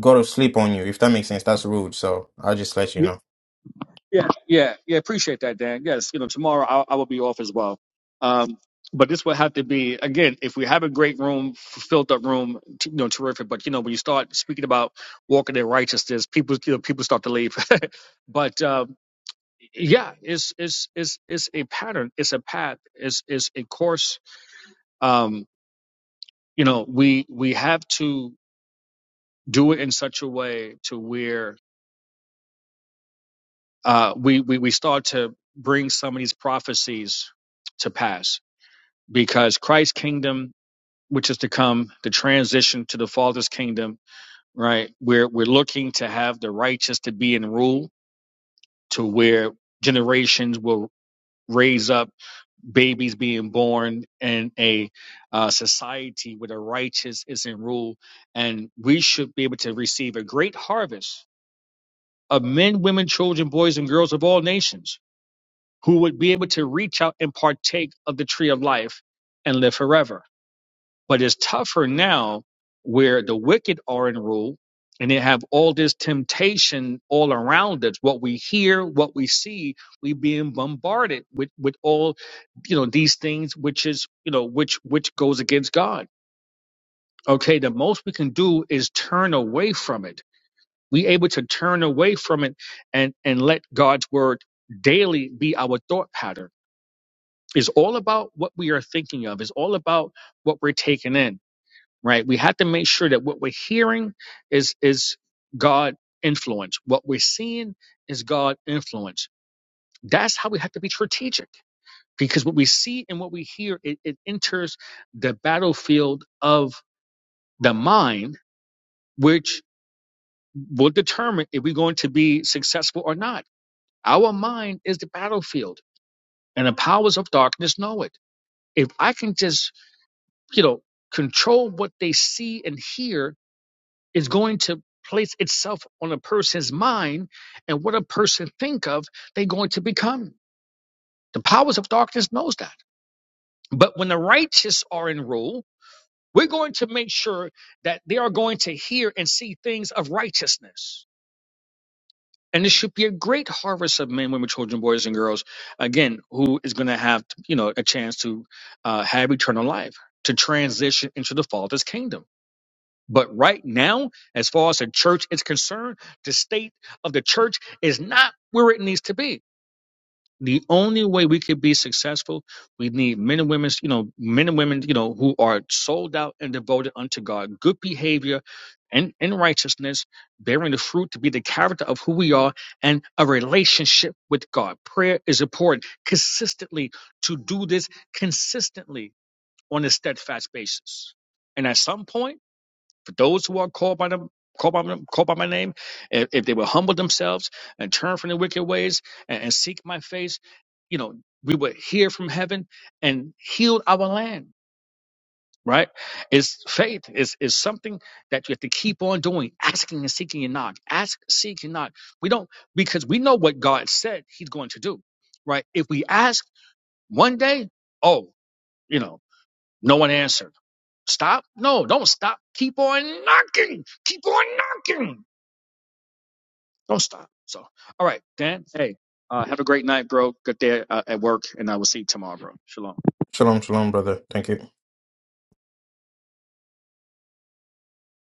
Speaker 2: go to sleep on you. If that makes sense, that's rude. So I'll just let you
Speaker 8: Yeah,
Speaker 2: know.
Speaker 8: yeah, yeah, yeah. Appreciate that, Dan. Yes, you know, tomorrow I, I will be off as well. Um, but this will have to be again. If we have a great room, f- filled up room, t- you know, terrific. But you know, when you start speaking about walking in righteousness, people, you know, people start to leave. but um, yeah, it's it's it's it's a pattern. It's a path. It's it's a course. Um, you know, we we have to do it in such a way to where uh, we, we we start to bring some of these prophecies to pass because Christ's kingdom, which is to come, the transition to the Father's kingdom, right? We're we're looking to have the righteous to be in rule, to where generations will raise up babies being born in a uh, society where the righteous is in rule, and we should be able to receive a great harvest of men, women, children, boys, and girls of all nations who would be able to reach out and partake of the tree of life and live forever. But it's tougher now where the wicked are in rule and they have all this temptation all around us. What we hear, what we see, we being bombarded with, with all, you know, these things, which is, you know, which, which goes against God. Okay. The most we can do is turn away from it. We able to turn away from it and, and let God's word daily be our thought pattern is all about what we are thinking of, is all about what we're taking in, right? We have to make sure that what we're hearing is is God influence. What we're seeing is God influence. That's how we have to be strategic because what we see and what we hear it, it enters the battlefield of the mind, which will determine if we're going to be successful or not. Our mind is the battlefield, and the powers of darkness know it. If I can just you know, control what they see and hear is going to place itself on a person's mind and what a person think of, they're going to become. The powers of darkness knows that. But when the righteous are in rule, we're going to make sure that they are going to hear and see things of righteousness. And there should be a great harvest of men, women, children, boys, and girls, again, who is going to have, you know, a chance to uh, have eternal life, to transition into the Father's kingdom But right now, as far as the church is concerned, the state of the church is not where it needs to be. The only way we could be successful, we need men and women, you know, men and women, you know, who are sold out and devoted unto God, good behavior and, and righteousness, bearing the fruit to be the character of who we are, and a relationship with God. Prayer is important consistently to do this consistently on a steadfast basis. And at some point, for those who are called by them, called by, called by my name, if, if they will humble themselves and turn from their wicked ways and, and seek my face, you know, we would hear from heaven and heal our land. Right? It's faith. It's, it's something that you have to keep on doing, asking and seeking and knock. Ask, seek, and knock. We don't because we know what God said He's going to do. Right? If we ask one day, oh, you know, no one answered Stop? No, don't stop. Keep on knocking. Keep on knocking. Don't stop. So, all right, Dan. Hey, uh, have a great night, bro. Good day uh, at work, and I will see you tomorrow, bro. Shalom.
Speaker 2: Shalom, shalom, brother. Thank you.